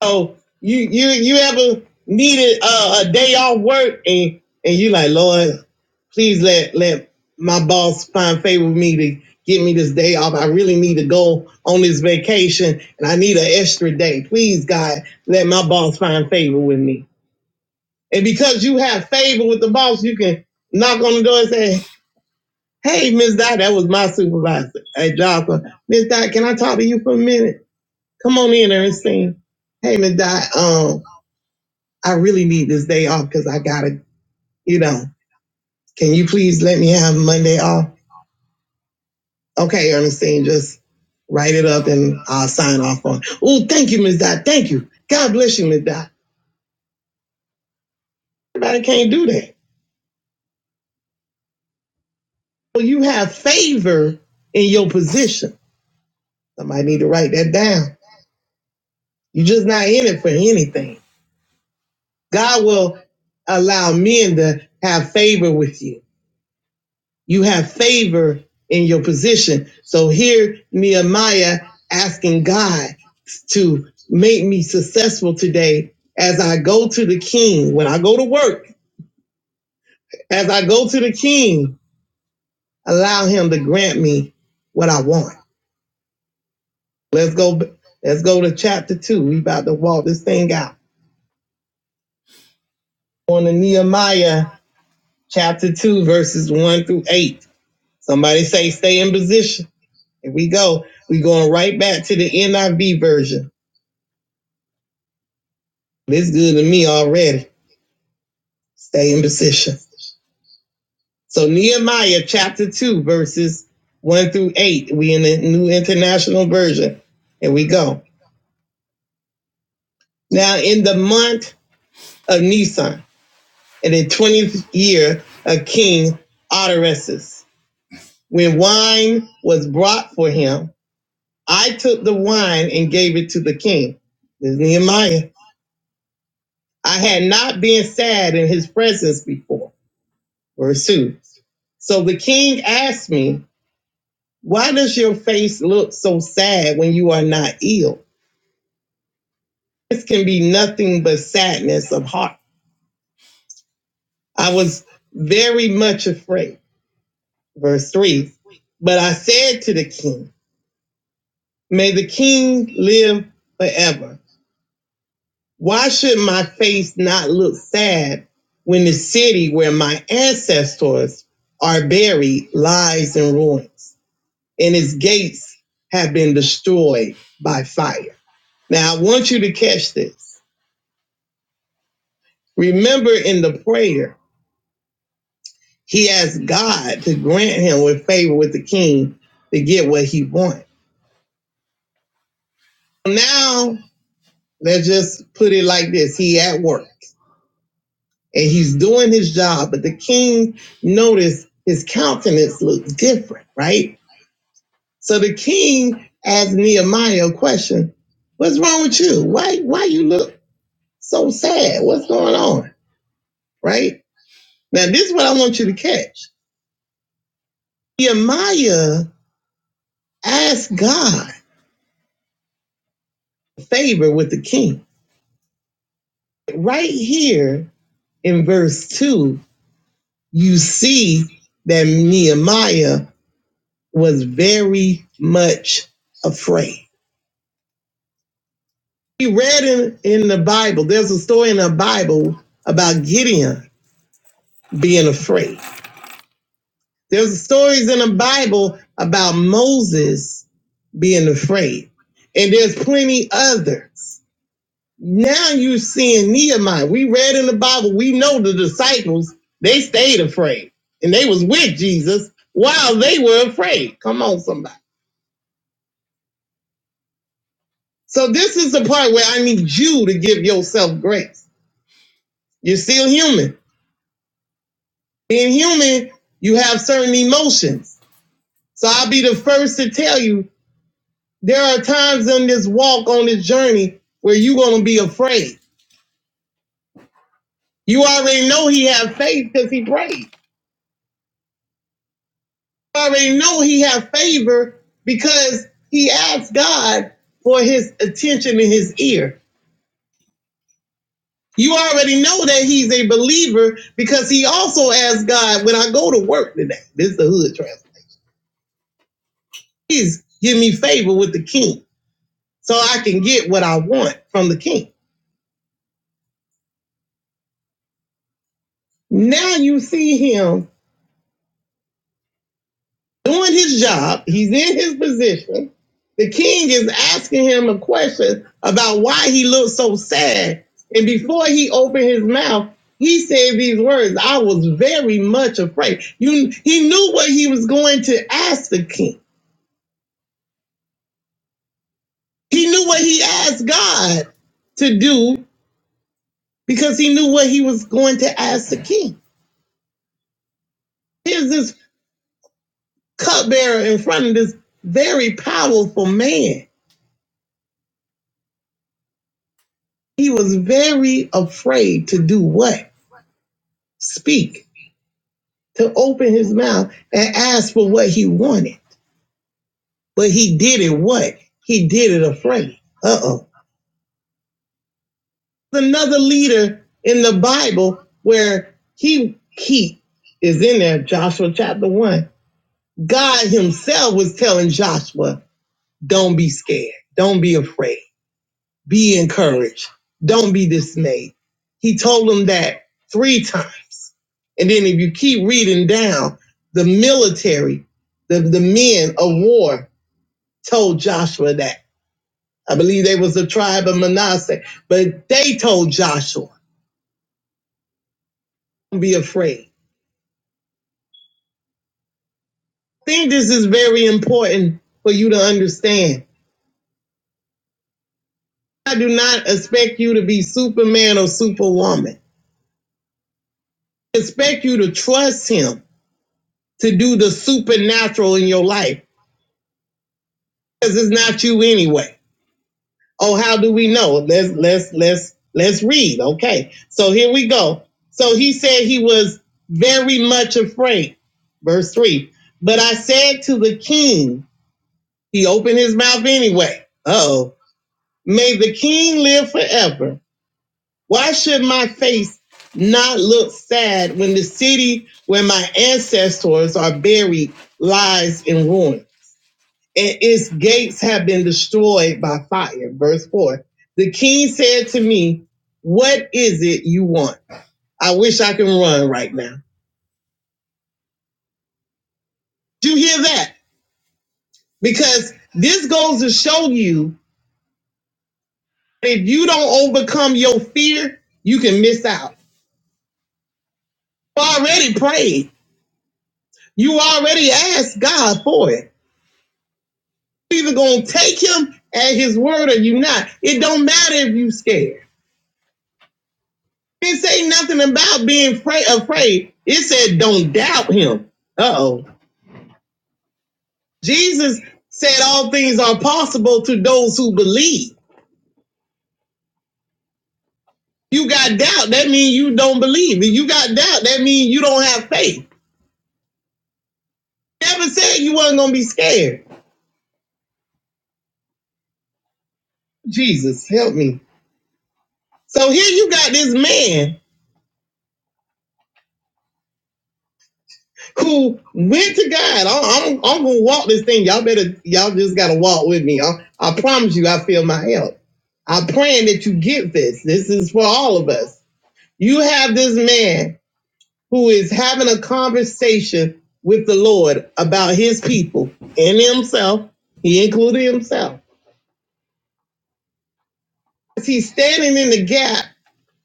So you you you ever needed a, a day off work and and you like Lord, please let let my boss find favor with me to get me this day off. I really need to go on this vacation and I need an extra day. Please God, let my boss find favor with me. And because you have favor with the boss, you can knock on the door and say, Hey, Miss Dot, that was my supervisor at Joppa. Miss Dot, can I talk to you for a minute? Come on in, Ernestine. Hey, Miss Dot, um.'" I really need this day off because I got to, you know, can you please let me have Monday off? Okay, Ernestine, just write it up and I'll sign off on. it. Oh, thank you, Ms. Dot. Thank you. God bless you, Ms. Dot. Everybody can't do that. Well, you have favor in your position. Somebody need to write that down. You're just not in it for anything. God will allow men to have favor with you. You have favor in your position. So here, Nehemiah asking God to make me successful today as I go to the king, when I go to work, as I go to the king, allow him to grant me what I want. Let's go. Let's go to chapter two. We about to walk this thing out on the Nehemiah chapter two, verses one through eight. Somebody say, stay in position. Here we go. we going right back to the NIV version. It's good to me already. Stay in position. So Nehemiah chapter two, verses one through eight. We in the New International Version. Here we go. Now in the month of Nisan, in the twentieth year of King Artaxerxes, when wine was brought for him, I took the wine and gave it to the king. This is Nehemiah. I had not been sad in his presence before. Verse two. So the king asked me Why does your face look so sad when you are not ill? This can be nothing but sadness of heart. I was very much afraid. Verse 3 But I said to the king, May the king live forever. Why should my face not look sad when the city where my ancestors are buried lies in ruins and its gates have been destroyed by fire? Now, I want you to catch this. Remember in the prayer, he asked God to grant him with favor with the king to get what he wants. Now, let's just put it like this. He at work and he's doing his job, but the king noticed his countenance looked different, right? So the king asked Nehemiah a question. What's wrong with you? Why why you look so sad? What's going on? Right? Now this is what I want you to catch. Nehemiah asked God favor with the king. Right here in verse 2, you see that Nehemiah was very much afraid. We read in, in the Bible, there's a story in the Bible about Gideon being afraid. There's stories in the Bible about Moses being afraid. And there's plenty others. Now you're seeing Nehemiah. We read in the Bible, we know the disciples, they stayed afraid and they was with Jesus while they were afraid. Come on, somebody. So this is the part where I need you to give yourself grace. You're still human. Being human, you have certain emotions. So I'll be the first to tell you there are times on this walk, on this journey, where you're gonna be afraid. You already know he had faith because he prayed. already know he had favor because he asked God for his attention in his ear. You already know that he's a believer because he also asked God, when I go to work today, this is the hood translation, please give me favor with the king so I can get what I want from the king. Now you see him doing his job. He's in his position. The king is asking him a question about why he looked so sad. And before he opened his mouth, he said these words. I was very much afraid. You, he knew what he was going to ask the king. He knew what he asked God to do because he knew what he was going to ask the king. Here's this cupbearer in front of this very powerful man. He was very afraid to do what? speak, to open his mouth and ask for what he wanted. But he did it what? He did it afraid. Uh oh. Another leader in the Bible where he he is in there, Joshua chapter one. God himself was telling Joshua, don't be scared, don't be afraid. Be encouraged. Don't be dismayed. He told them that three times. And then if you keep reading down, the military, the, the men of war told Joshua that. I believe they was the tribe of Manasseh, but they told Joshua, don't be afraid. I think this is very important for you to understand. I do not expect you to be Superman or Superwoman. I expect you to trust him to do the supernatural in your life because it's not you anyway. Oh, how do we know? Let's let's let's let's read. Okay, so here we go. So he said he was very much afraid. Verse three. But I said to the king, he opened his mouth anyway. Oh, may the king live forever. Why should my face not look sad when the city where my ancestors are buried lies in ruin? and its gates have been destroyed by fire. Verse 4. The king said to me, What is it you want? I wish I can run right now. Do you hear that? Because this goes to show you that if you don't overcome your fear, you can miss out. You already prayed. You already asked God for it. you either gonna take him at his word or you not. It don't matter if you scared. didn't say nothing about being fra- afraid. It said, don't doubt him. Uh oh. Jesus said, all things are possible to those who believe. You got doubt, that means you don't believe. If you got doubt, that means you don't have faith. Never said you wasn't going to be scared. Jesus, help me. So here you got this man. who went to God. I'm, I'm, I'm gonna walk this thing. Y'all better, y'all just gotta walk with me. I, I promise you, I feel my help. I'm praying that you get this. This is for all of us. You have this man who is having a conversation with the Lord about his people and himself. He included himself Because he's standing in the gap.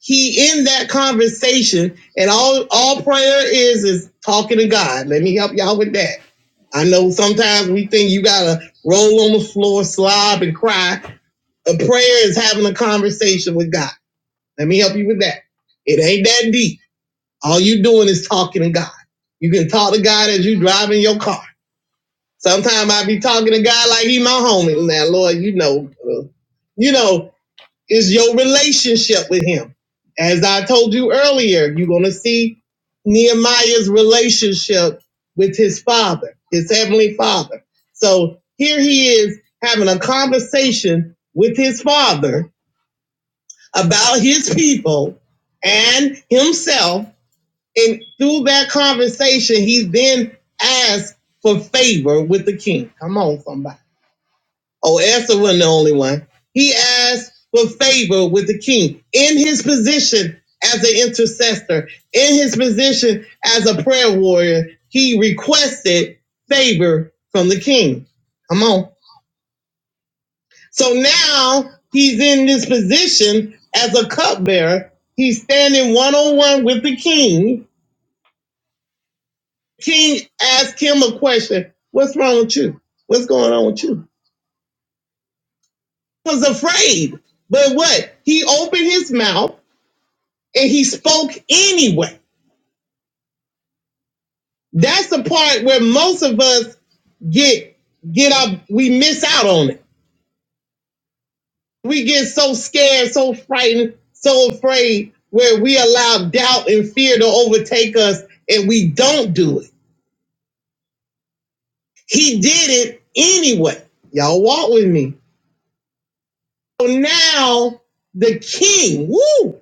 He in that conversation, and all all prayer is is talking to God. Let me help y'all with that. I know sometimes we think you gotta roll on the floor, slob, and cry. A prayer is having a conversation with God. Let me help you with that. It ain't that deep. All you doing is talking to God. You can talk to God as you driving your car. Sometimes I be talking to God like he my homie. Now, Lord, you know, uh, you know is your relationship with him. As I told you earlier, you're going to see Nehemiah's relationship with his father, his heavenly father. So here he is having a conversation with his father about his people and himself. And through that conversation, he then asks for favor with the king. Come on, somebody. Oh, Esther wasn't the only one. He asked for favor with the king in his position as an intercessor, in his position as a prayer warrior. He requested favor from the king. Come on. So now he's in this position as a cupbearer. He's standing one on one with the king. King asked him a question What's wrong with you? What's going on with you? He was afraid. But what? He opened his mouth and he spoke anyway. That's the part where most of us get get up. We miss out on it. We get so scared, so frightened, so afraid, where we allow doubt and fear to overtake us, and we don't do it. He did it anyway. Y'all walk with me. So now the king, woo,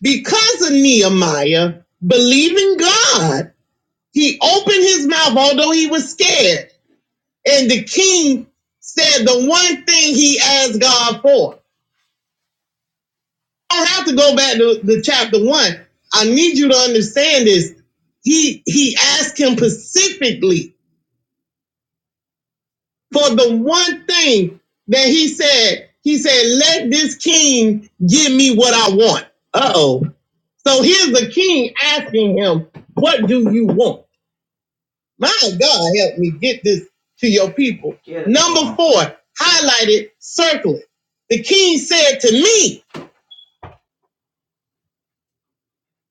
because of Nehemiah believing God, he opened his mouth, although he was scared And the king said the one thing he asked God for. I don't have to go back to, to chapter one. I need you to understand this. He he asked him specifically for the one thing that he said. He said, "Let this king give me what I want." Uh oh. So here's the king asking him, "What do you want?" My God, help me get this to your people. Get it, Number Lord. four, highlight it, circle it. The king said to me,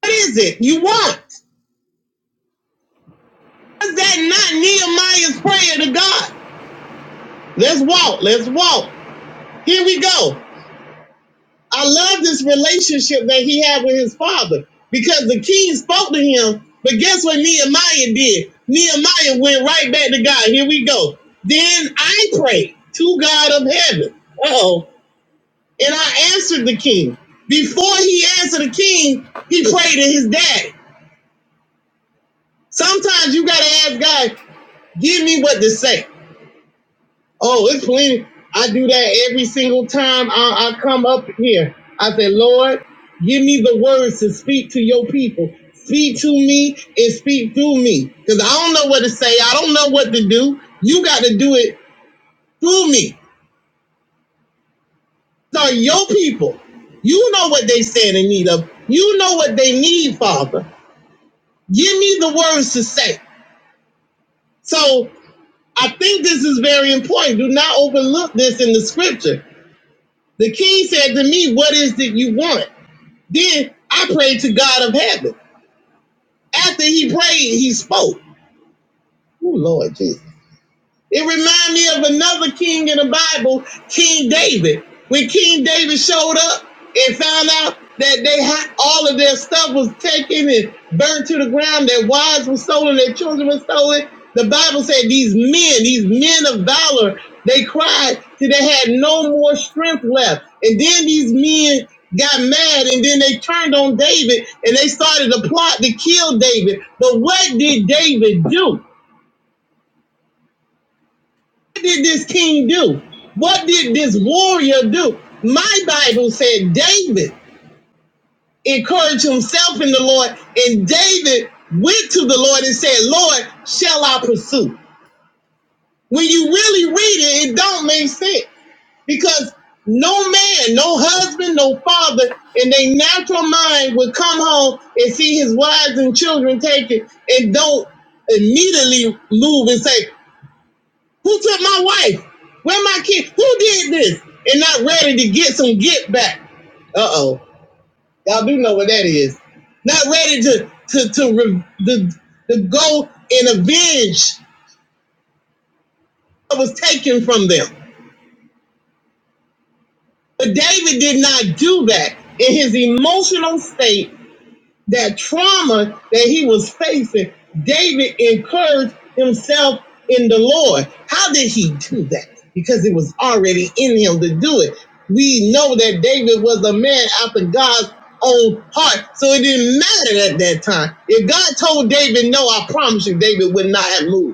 What is it you want? Is that not Nehemiah's prayer to God? Let's walk, let's walk. Here we go. I love this relationship that he had with his father because the king spoke to him, but guess what Nehemiah did? Nehemiah went right back to God. Here we go. Then I prayed to God of heaven. Uh oh. And I answered the king. Before he answered the king, he prayed to his daddy. Sometimes you gotta ask God, give me what to say. Oh, it's plenty. I do that every single time I, I come up here. I say, Lord, give me the words to speak to your people. Speak to me and speak through me. Because I don't know what to say. I don't know what to do. You got to do it through me. So your people, you know what they stand in need of. You know what they need, Father. Give me the words to say. So I think this is very important. Do not overlook this in the scripture. The king said to me, What is it you want? Then I prayed to God of heaven. After he prayed, he spoke. Oh, Lord Jesus. It reminds me of another king in the Bible, King David. When King David showed up and found out that they had all of their stuff was taken and burned to the ground, their wives were stolen, their children were stolen. The Bible said these men, these men of valor, they cried till they had no more strength left. And then these men got mad and then they turned on David and they started to plot to kill David. But what did David do? did this king do? What did this warrior do? My Bible said David encouraged himself in the Lord, and David went to the Lord and said, Lord, shall I pursue? When you really read it, it don't make sense because no man, no husband, no father in their natural mind would come home and see his wives and children taken and don't immediately move and say, Who took my wife? Where my kid? Who did this? And not ready to get some get back. Uh oh. Y'all do know what that is. Not ready to to to re, to, to go and avenge what was taken from them. But David did not do that in his emotional state. that trauma that he was facing, David encouraged himself in the Lord. How did he do that? Because it was already in him to do it. We know that David was a man after God's own heart, so it didn't matter at that time. If God told David no, I promise you, David would not have moved.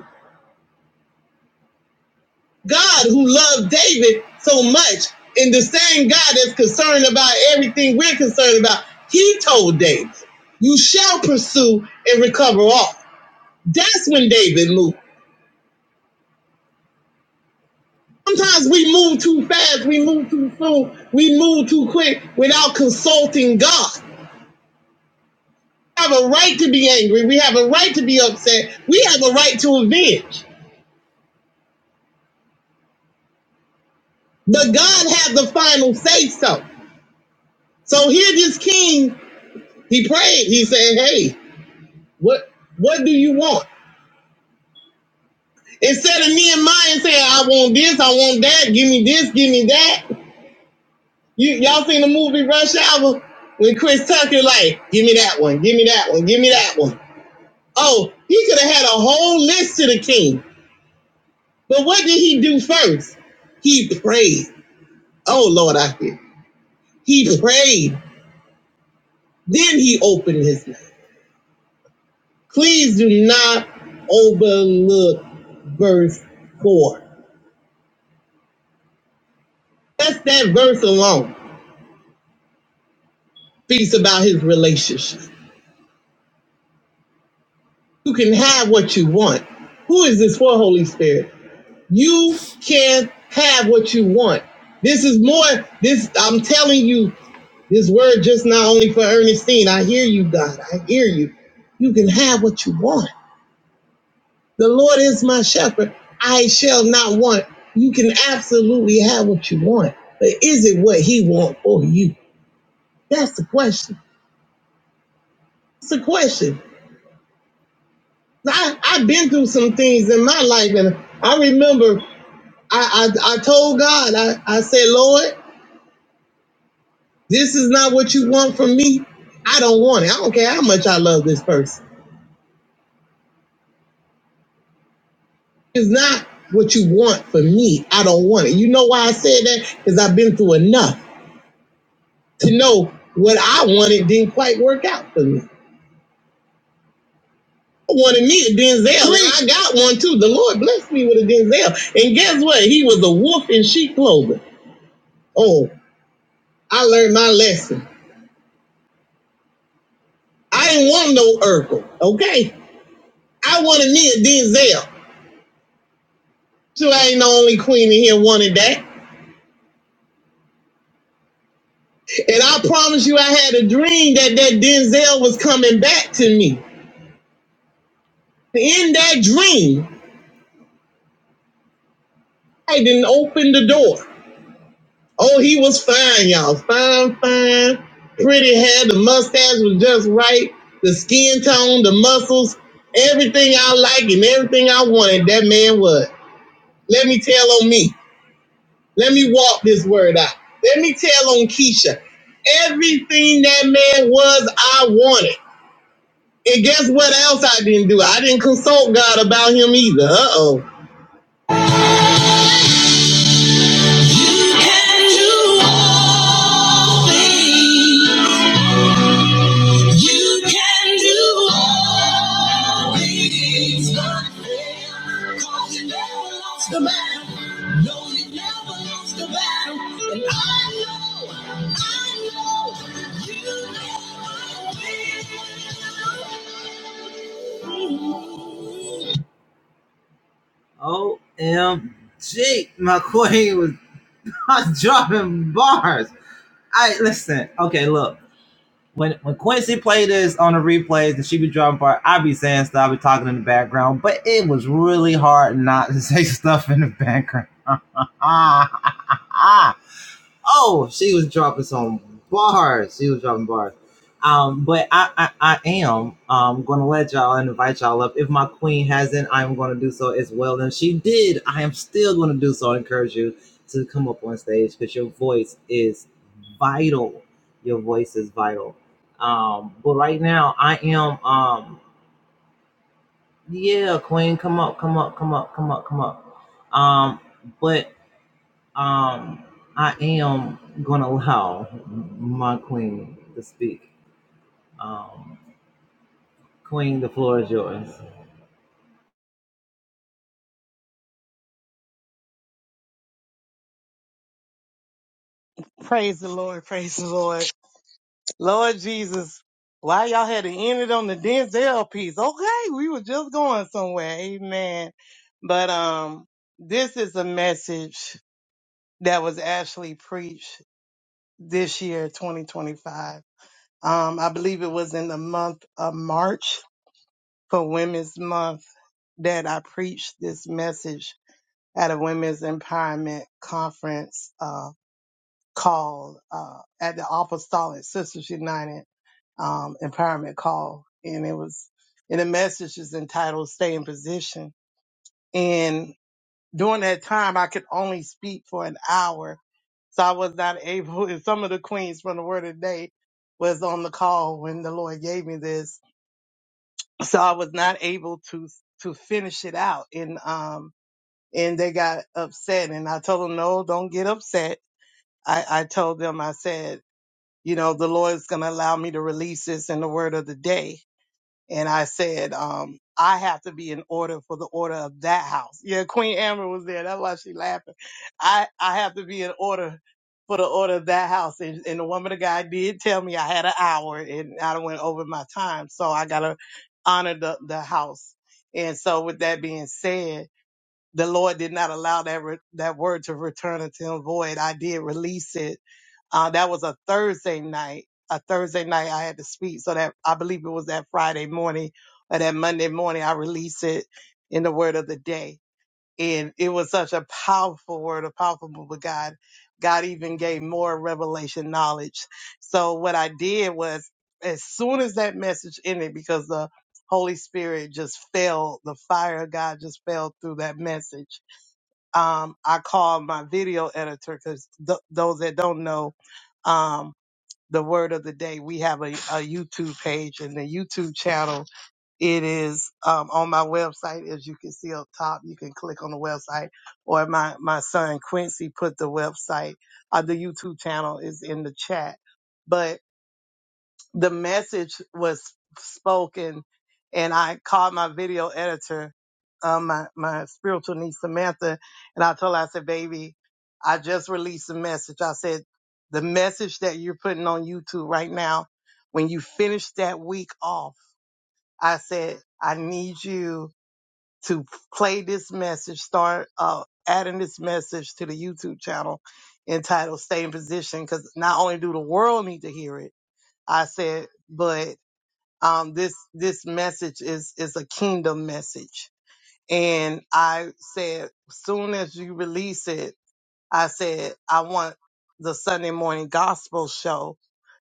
God who loved David so much, and the same God that's concerned about everything we're concerned about, he told David, You shall pursue and recover all. That's when David moved. Sometimes we move too fast, we move too soon, we move too quick without consulting God. We have a right to be angry, we have a right to be upset, we have a right to avenge. But God had the final say so. So here this king, he prayed, he said, Hey, What What do you want? Instead of me and mine saying, "I want this, I want that, give me this, give me that." You y'all seen the movie Rush Hour when Chris Tucker like, "Give me that one, give me that one, give me that one." Oh, he could have had a whole list to the king, but what did he do first? He prayed. Oh Lord, I hear. He prayed. Then he opened his mouth. Please do not overlook verse four. That's that verse alone. speaks about his relationship. You can have what you want. Who is this for, Holy Spirit? You can have what you want. This is more, this, I'm telling you, this word just not only for Ernestine. I hear you, God. I hear you. You can have what you want. The Lord is my shepherd. I shall not want. You can absolutely have what you want. But is it what he wants for you? That's the question. It's a question. I, I've been through some things in my life, and I remember I, I, I told God, I, I said, Lord, this is not what you want from me. I don't want it. I don't care how much I love this person. It's not what you want for me. I don't want it. You know why I said that? Because I've been through enough to know what I wanted didn't quite work out for me. I wanted me a Denzel, and I got one too. The Lord blessed me with a Denzel. And guess what? He was a wolf in sheep clothing. Oh, I learned my lesson. I ain't want no Urkel, okay? I wanted me a Denzel. So I ain't the only queen in here wanted that. And I promise you, I had a dream that that Denzel was coming back to me. In that dream, I didn't open the door. Oh, he was fine, y'all. Fine, fine. Pretty hair, the mustache was just right. The skin tone, the muscles, everything I like and everything I wanted, that man was. Let me tell on me. Let me walk this word out. Let me tell on Keisha. Everything that man was, I wanted. And guess what else I didn't do? I didn't consult God about him either. Uh oh. You can do all things but fail. 'cause you never lost the battle. No, you never lost the battle. And I know, I know, you never will. OMG, my queen was dropping bars. I listen, okay, look. when when Quincy played this on the replays and she be driving part, I be saying stuff, I be talking in the background, but it was really hard not to say stuff in the background. Oh, she was dropping some bars. She was dropping bars. Um, but I, I, I am um gonna let y'all and invite y'all up. If my queen hasn't, I'm gonna do so as well. And if she did, I am still gonna do so. I encourage you to come up on stage because your voice is vital. Your voice is vital. Um, but right now I am um yeah, queen, come up, come up, come up, come up, come up. Um, but um I'm gonna allow my queen to speak. Um, Queen, the floor is yours. Praise the Lord. Praise the Lord. Lord Jesus. Why y'all had to end it on the Denzel piece. Okay. We were just going somewhere. Amen. But, um, this is a message that was actually preached this year, 2025. Um, I believe it was in the month of March for Women's Month that I preached this message at a women's empowerment conference. Um, called uh, at the Apostolic Sisters United um, Empowerment Call, and it was and the message is entitled "Stay in Position." And during that time, I could only speak for an hour, so I was not able. And some of the queens from the Word of the Day was on the call when the Lord gave me this, so I was not able to to finish it out. And um and they got upset, and I told them, "No, don't get upset." I, I told them, I said, you know, the Lord's going to allow me to release this in the word of the day. And I said, um, I have to be in order for the order of that house. Yeah, Queen Amber was there. That's why she laughing. I, I have to be in order for the order of that house. And, and the woman of God did tell me I had an hour and I done went over my time. So I got to honor the, the house. And so with that being said, the Lord did not allow that re- that word to return unto him void. I did release it. Uh, that was a Thursday night. A Thursday night I had to speak, so that I believe it was that Friday morning or that Monday morning I released it in the word of the day and it was such a powerful word, a powerful move of God. God even gave more revelation knowledge. So what I did was, as soon as that message ended, because the Holy Spirit just fell, the fire of God just fell through that message. Um, I called my video editor because th- those that don't know, um, the word of the day, we have a, a YouTube page and the YouTube channel it is um, on my website, as you can see up top. You can click on the website, or my my son Quincy put the website. Uh, the YouTube channel is in the chat, but the message was spoken, and I called my video editor, um, my my spiritual niece Samantha, and I told her I said, "Baby, I just released a message. I said the message that you're putting on YouTube right now. When you finish that week off." I said, I need you to play this message, start uh, adding this message to the YouTube channel entitled Stay in Position, because not only do the world need to hear it, I said, but um, this this message is is a kingdom message. And I said, soon as you release it, I said, I want the Sunday morning gospel show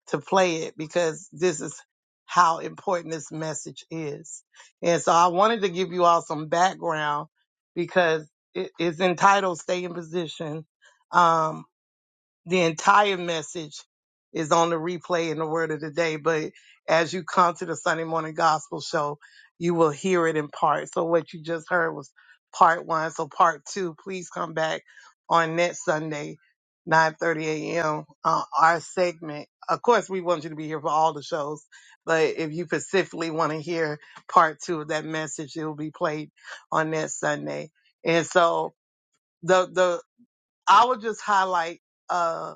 to play it because this is how important this message is. And so I wanted to give you all some background because it is entitled Stay in Position. Um, the entire message is on the replay in the word of the day. But as you come to the Sunday morning gospel show, you will hear it in part. So what you just heard was part one. So part two, please come back on next Sunday, 9.30 a.m. Uh, our segment. Of course, we want you to be here for all the shows, but if you specifically want to hear part two of that message, it will be played on next Sunday. And so the, the, I will just highlight, uh,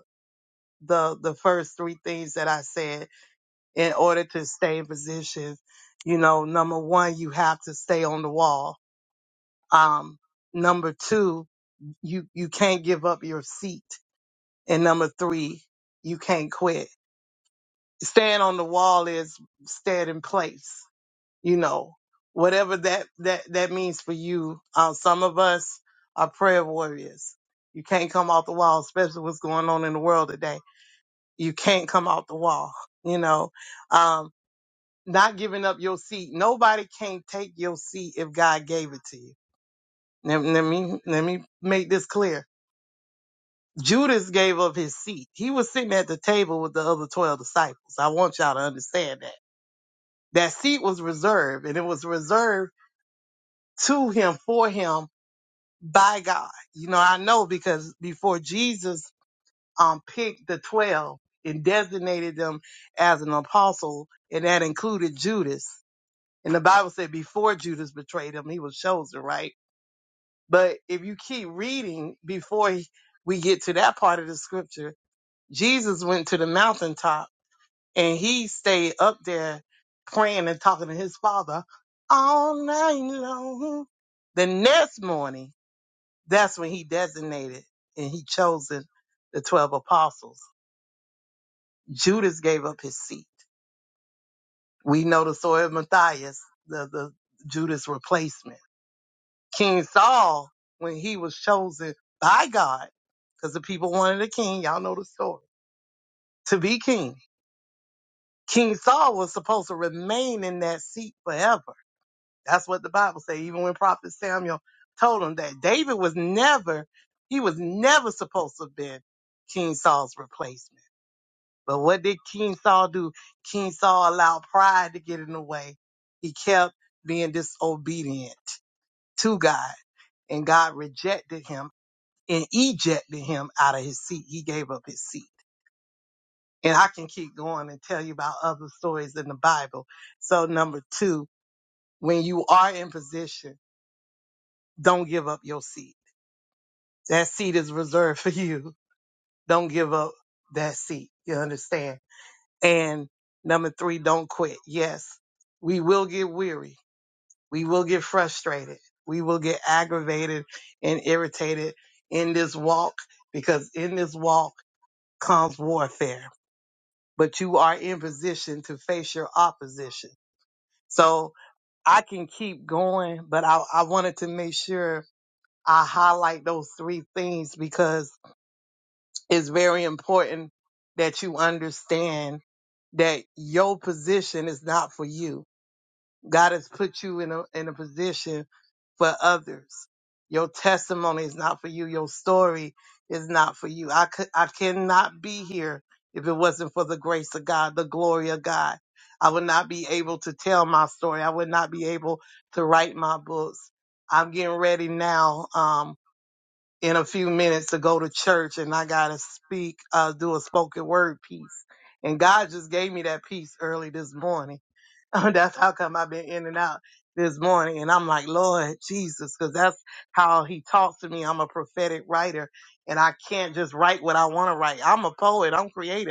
the the first three things that I said in order to stay in position. You know, number one, you have to stay on the wall. Um, number two, you you can't give up your seat, and number three, you can't quit. Staying on the wall is stand in place. You know, whatever that that that means for you. Um, some of us are prayer warriors. You can't come off the wall, especially what's going on in the world today you can't come out the wall, you know. Um, not giving up your seat. Nobody can take your seat if God gave it to you. Let, let me let me make this clear. Judas gave up his seat. He was sitting at the table with the other twelve disciples. I want y'all to understand that. That seat was reserved, and it was reserved to him for him by God. You know, I know because before Jesus um, picked the 12 and designated them as an apostle, and that included Judas. And the Bible said before Judas betrayed him, he was chosen, right? But if you keep reading before he- we get to that part of the scripture, Jesus went to the mountaintop and he stayed up there praying and talking to his father all night long. The next morning, that's when he designated and he chosen the 12 apostles. Judas gave up his seat. We know the story of Matthias, the, the Judas replacement. King Saul, when he was chosen by God, because the people wanted a king, y'all know the story, to be king. King Saul was supposed to remain in that seat forever. That's what the Bible says, even when Prophet Samuel told him that David was never, he was never supposed to have been King Saul's replacement. But what did King Saul do? King Saul allowed pride to get in the way. He kept being disobedient to God, and God rejected him and ejected him out of his seat. He gave up his seat. And I can keep going and tell you about other stories in the Bible. So, number two, when you are in position, don't give up your seat. That seat is reserved for you. Don't give up that seat. You understand? And number three, don't quit. Yes, we will get weary. We will get frustrated. We will get aggravated and irritated in this walk because in this walk comes warfare. But you are in position to face your opposition. So I can keep going, but I, I wanted to make sure I highlight those three things because it's very important that you understand that your position is not for you God has put you in a in a position for others. Your testimony is not for you. Your story is not for you. I could I cannot be here if it wasn't for the grace of God, the glory of God. I would not be able to tell my story. I would not be able to write my books. I'm getting ready now um in a few minutes to go to church and I gotta speak, uh do a spoken word piece. And God just gave me that piece early this morning that's how come I've been in and out this morning. And I'm like, Lord Jesus, because that's how he talks to me. I'm a prophetic writer and I can't just write what I want to write. I'm a poet. I'm creative.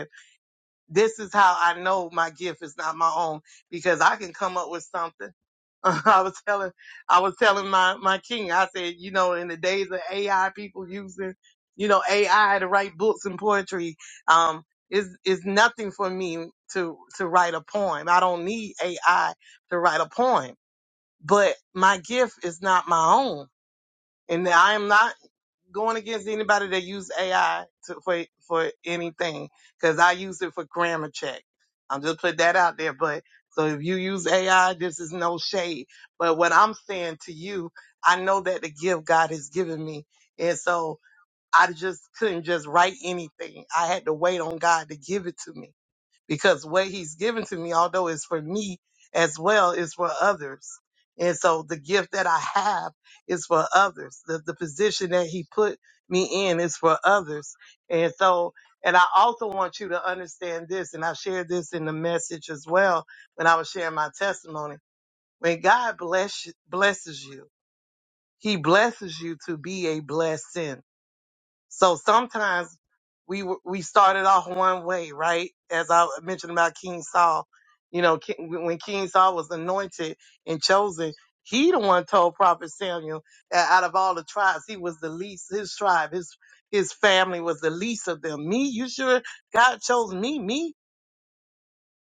This is how I know my gift is not my own because I can come up with something. I was telling, I was telling my, my king, I said, you know, in the days of AI, people using, you know, AI to write books and poetry, um, is, is nothing for me to, to write a poem. I don't need AI to write a poem, but my gift is not my own. And I am not going against anybody that use AI to, for for anything because I use it for grammar check. I'm just put that out there. But so if you use AI, this is no shade. But what I'm saying to you, I know that the gift God has given me, and so I just couldn't just write anything. I had to wait on God to give it to me because what he's given to me, although it's for me as well, is for others. And so the gift that I have is for others. The, the position that he put me in is for others. And so, and I also want you to understand this, and I shared this in the message as well when I was sharing my testimony. When God bless, blesses you, he blesses you to be a blessing so sometimes we w- we started off one way, right? As I mentioned about King Saul, you know, King, when King Saul was anointed and chosen, he the one told Prophet Samuel that out of all the tribes, he was the least. His tribe, his his family was the least of them. Me, you sure God chose me? Me,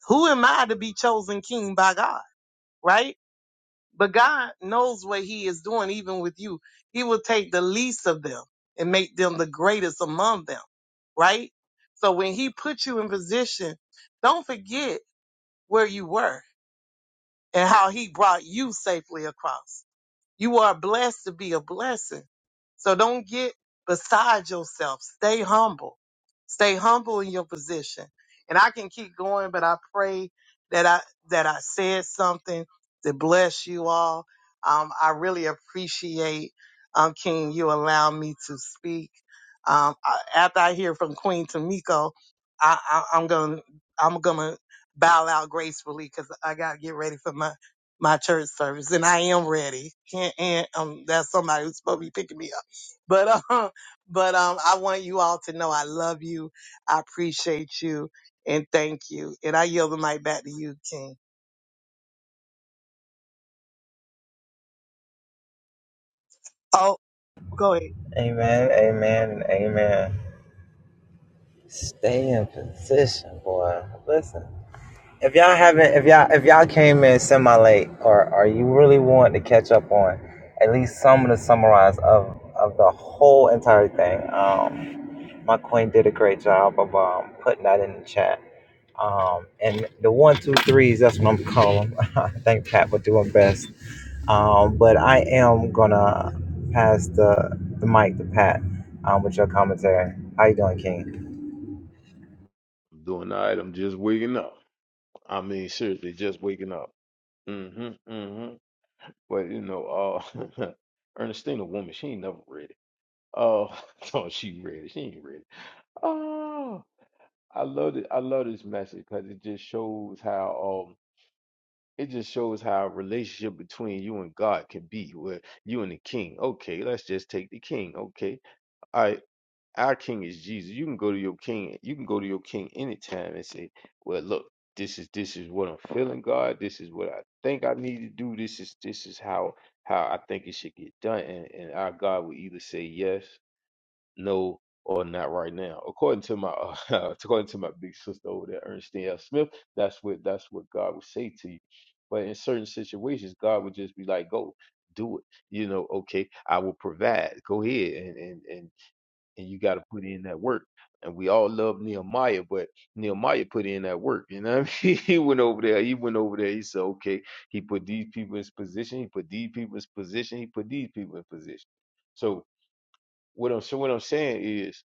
who am I to be chosen king by God? Right? But God knows what he is doing, even with you. He will take the least of them and make them the greatest among them, right? So when he put you in position, don't forget where you were and how he brought you safely across you are blessed to be a blessing. So don't get beside yourself. Stay humble. Stay humble in your position. And I can keep going, but I pray that I that I said something to bless you all. Um, I really appreciate um, King you allow me to speak. Um, I, after I hear from Queen Tamiko, I, I, I'm gonna I'm gonna bow out gracefully because I gotta get ready for my my church service, and I am ready. And, and um, that's somebody who's supposed to be picking me up. But um, but um, I want you all to know I love you, I appreciate you, and thank you. And I yield the mic back to you, King. Oh, go ahead. Amen, amen, and amen. Stay in position, boy. Listen, if y'all haven't, if y'all if y'all came in semi late, or or you really want to catch up on at least some of the summarize of of the whole entire thing, um, my queen did a great job of um putting that in the chat. Um, and the one, two, threes, that's what I'm calling. them. I think Pat would do them best. Um, but I am gonna pass the, the mic to Pat um, with your commentary. How you doing, King? I'm doing all right. I'm just waking up. I mean, seriously, just waking up. hmm hmm But you know, uh, Ernestina, woman, she ain't never ready. it. Oh, no, she ready? She ain't ready. Oh, I love it. I love this message because it just shows how um, it just shows how a relationship between you and God can be. Where you and the King. Okay, let's just take the King. Okay, all right. Our king is Jesus. You can go to your king. You can go to your king anytime and say, "Well, look, this is this is what I'm feeling, God. This is what I think I need to do. This is this is how how I think it should get done." And and our God will either say yes, no, or not right now. According to my according to my big sister over there, Ernestine L. Smith, that's what that's what God would say to you. But in certain situations, God would just be like, "Go, do it." You know, okay, I will provide. Go ahead and and and and you got to put in that work. And we all love Nehemiah, but Nehemiah put in that work. You know, what I mean? he went over there. He went over there. He said, "Okay." He put these people in his position. He put these people in his position. He put these people in position. So what I'm so what I'm saying is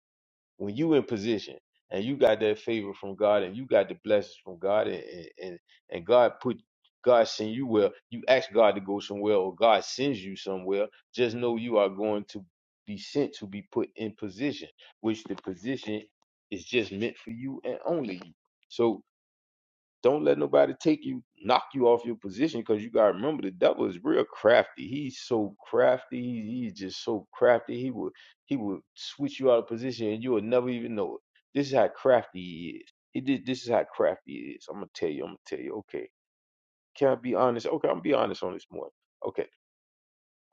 when you in position and you got that favor from God and you got the blessings from God and and, and and God put God send you where you ask God to go somewhere or God sends you somewhere, just know you are going to be sent to be put in position, which the position is just meant for you and only you. So don't let nobody take you, knock you off your position, because you gotta remember the devil is real crafty. He's so crafty. He, he's just so crafty. He will he will switch you out of position, and you will never even know it. This is how crafty he is. He did. This is how crafty he is. I'm gonna tell you. I'm gonna tell you. Okay, can I be honest? Okay, I'm gonna be honest on this morning. Okay.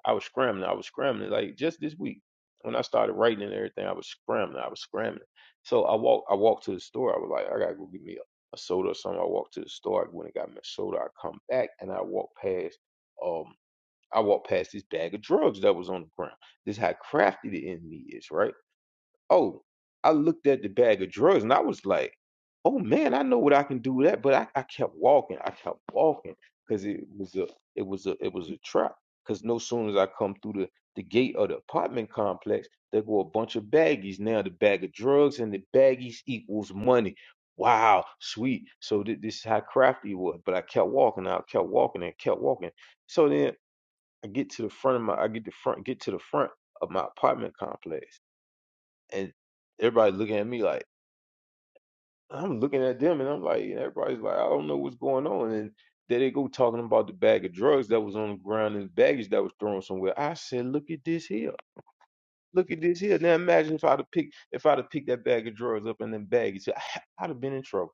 I was scrambling. I was scrambling. Like just this week, when I started writing and everything, I was scrambling. I was scrambling. So I walked. I walked to the store. I was like, I gotta go get me a, a soda or something. I walked to the store. I went and got me a soda. I come back and I walked past. Um, I walked past this bag of drugs that was on the ground. This is how crafty the enemy is, right? Oh, I looked at the bag of drugs and I was like, oh man, I know what I can do with that. But I, I kept walking. I kept walking because it was a it was a it was a trap. Cause no sooner as I come through the, the gate of the apartment complex, there go a bunch of baggies. Now the bag of drugs and the baggies equals money. Wow, sweet. So thi- this is how crafty it was. But I kept walking. I kept walking and kept walking. So then I get to the front of my I get the front get to the front of my apartment complex and everybody looking at me like I'm looking at them, and I'm like, and everybody's like, I don't know what's going on, and there they go talking about the bag of drugs that was on the ground and baggage that was thrown somewhere. I said, look at this here, look at this here. Now imagine if I'd have picked if I'd have picked that bag of drugs up and then baggage, I'd have been in trouble.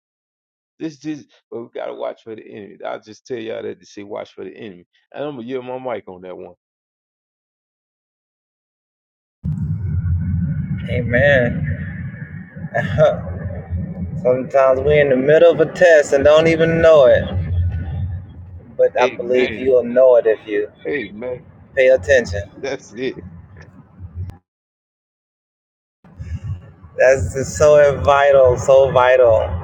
This is, but we gotta watch for the enemy. I just tell y'all that to say, watch for the enemy, and I'm gonna yell my mic on that one. Hey man, sometimes we're in the middle of a test and don't even know it. But I believe Amen. you'll know it if you Amen. pay attention. That's it. That's just so vital, so vital.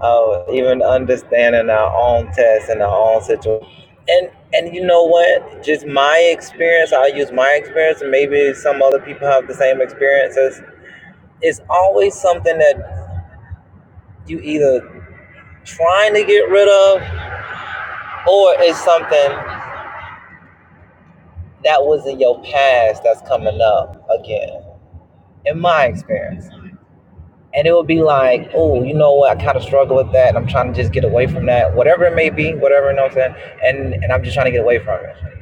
Uh, even understanding our own tests and our own situation. And and you know what? Just my experience. I'll use my experience. and Maybe some other people have the same experiences It's always something that you either trying to get rid of or it's something that was in your past that's coming up again, in my experience. And it would be like, oh, you know what? I kind of struggle with that. And I'm trying to just get away from that, whatever it may be, whatever, you know what I'm saying? And, and I'm just trying to get away from it.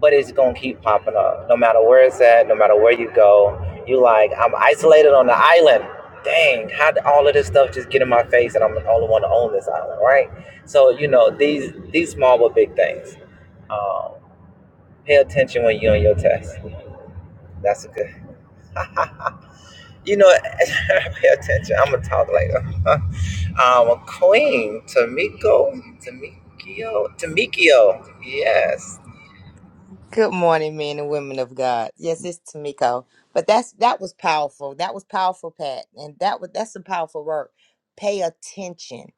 but it's gonna keep popping up no matter where it's at no matter where you go you like i'm isolated on the island dang how did all of this stuff just get in my face and i'm the only one to own this island right so you know these these small but big things um, pay attention when you're on your test that's a good you know pay attention i'm gonna talk later um, queen tamiko tamikio tamikio yes Good morning, men and women of God. Yes, it's Tamiko. But that's that was powerful. That was powerful, Pat. And that was that's a powerful word. Pay attention.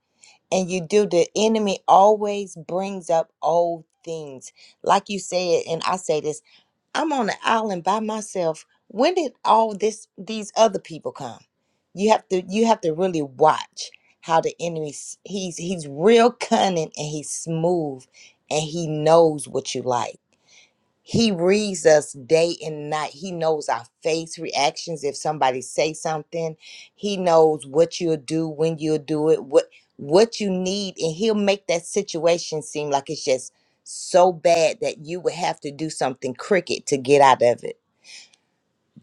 And you do the enemy always brings up old things. Like you said, and I say this, I'm on an island by myself. When did all this these other people come? You have to you have to really watch how the enemy s- he's he's real cunning and he's smooth and he knows what you like he reads us day and night. He knows our face reactions. If somebody say something, he knows what you'll do, when you'll do it, what what you need, and he'll make that situation seem like it's just so bad that you would have to do something cricket to get out of it.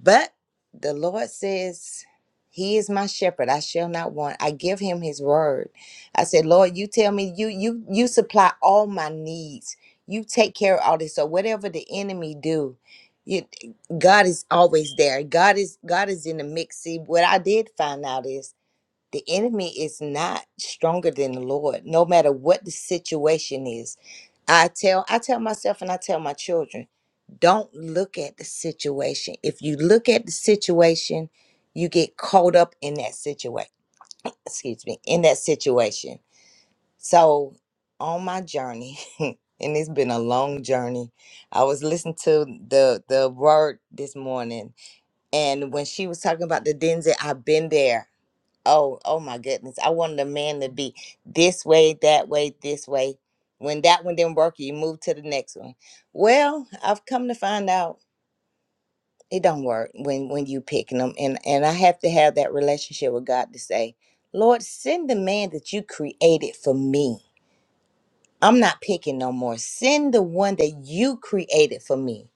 But the Lord says, He is my shepherd. I shall not want. I give him his word. I said, Lord, you tell me you you you supply all my needs. You take care of all this. So whatever the enemy do, you, God is always there. God is God is in the mix. See, what I did find out is the enemy is not stronger than the Lord, no matter what the situation is. I tell I tell myself and I tell my children don't look at the situation. If you look at the situation, you get caught up in that situation. Excuse me, in that situation. So, on my journey, and it's been a long journey, I was listening to the the word this morning, and when she was talking about the Denzel, I've been there. Oh, oh my goodness! I wanted a man to be this way, that way, this way. When that one didn't work, you move to the next one. Well, I've come to find out it don't work when when you picking them and and i have to have that relationship with god to say lord send the man that you created for me i'm not picking no more send the one that you created for me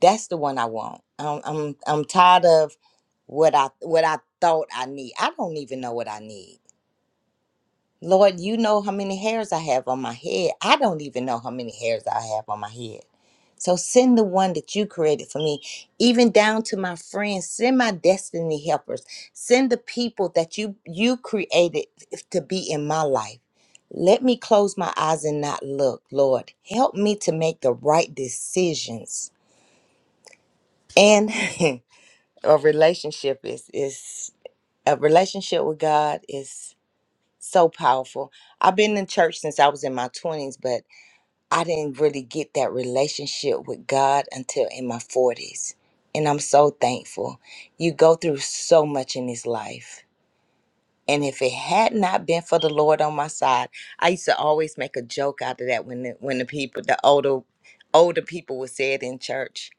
that's the one i want i'm i'm, I'm tired of what i what i thought i need i don't even know what i need Lord, you know how many hairs I have on my head. I don't even know how many hairs I have on my head. So send the one that you created for me, even down to my friends. Send my destiny helpers. Send the people that you you created f- to be in my life. Let me close my eyes and not look, Lord. Help me to make the right decisions. And a relationship is is a relationship with God so powerful. I've been in church since I was in my 20s, but I didn't really get that relationship with God until in my 40s. And I'm so thankful. You go through so much in this life. And if it had not been for the Lord on my side, I used to always make a joke out of that when the, when the people, the older older people would say it in church.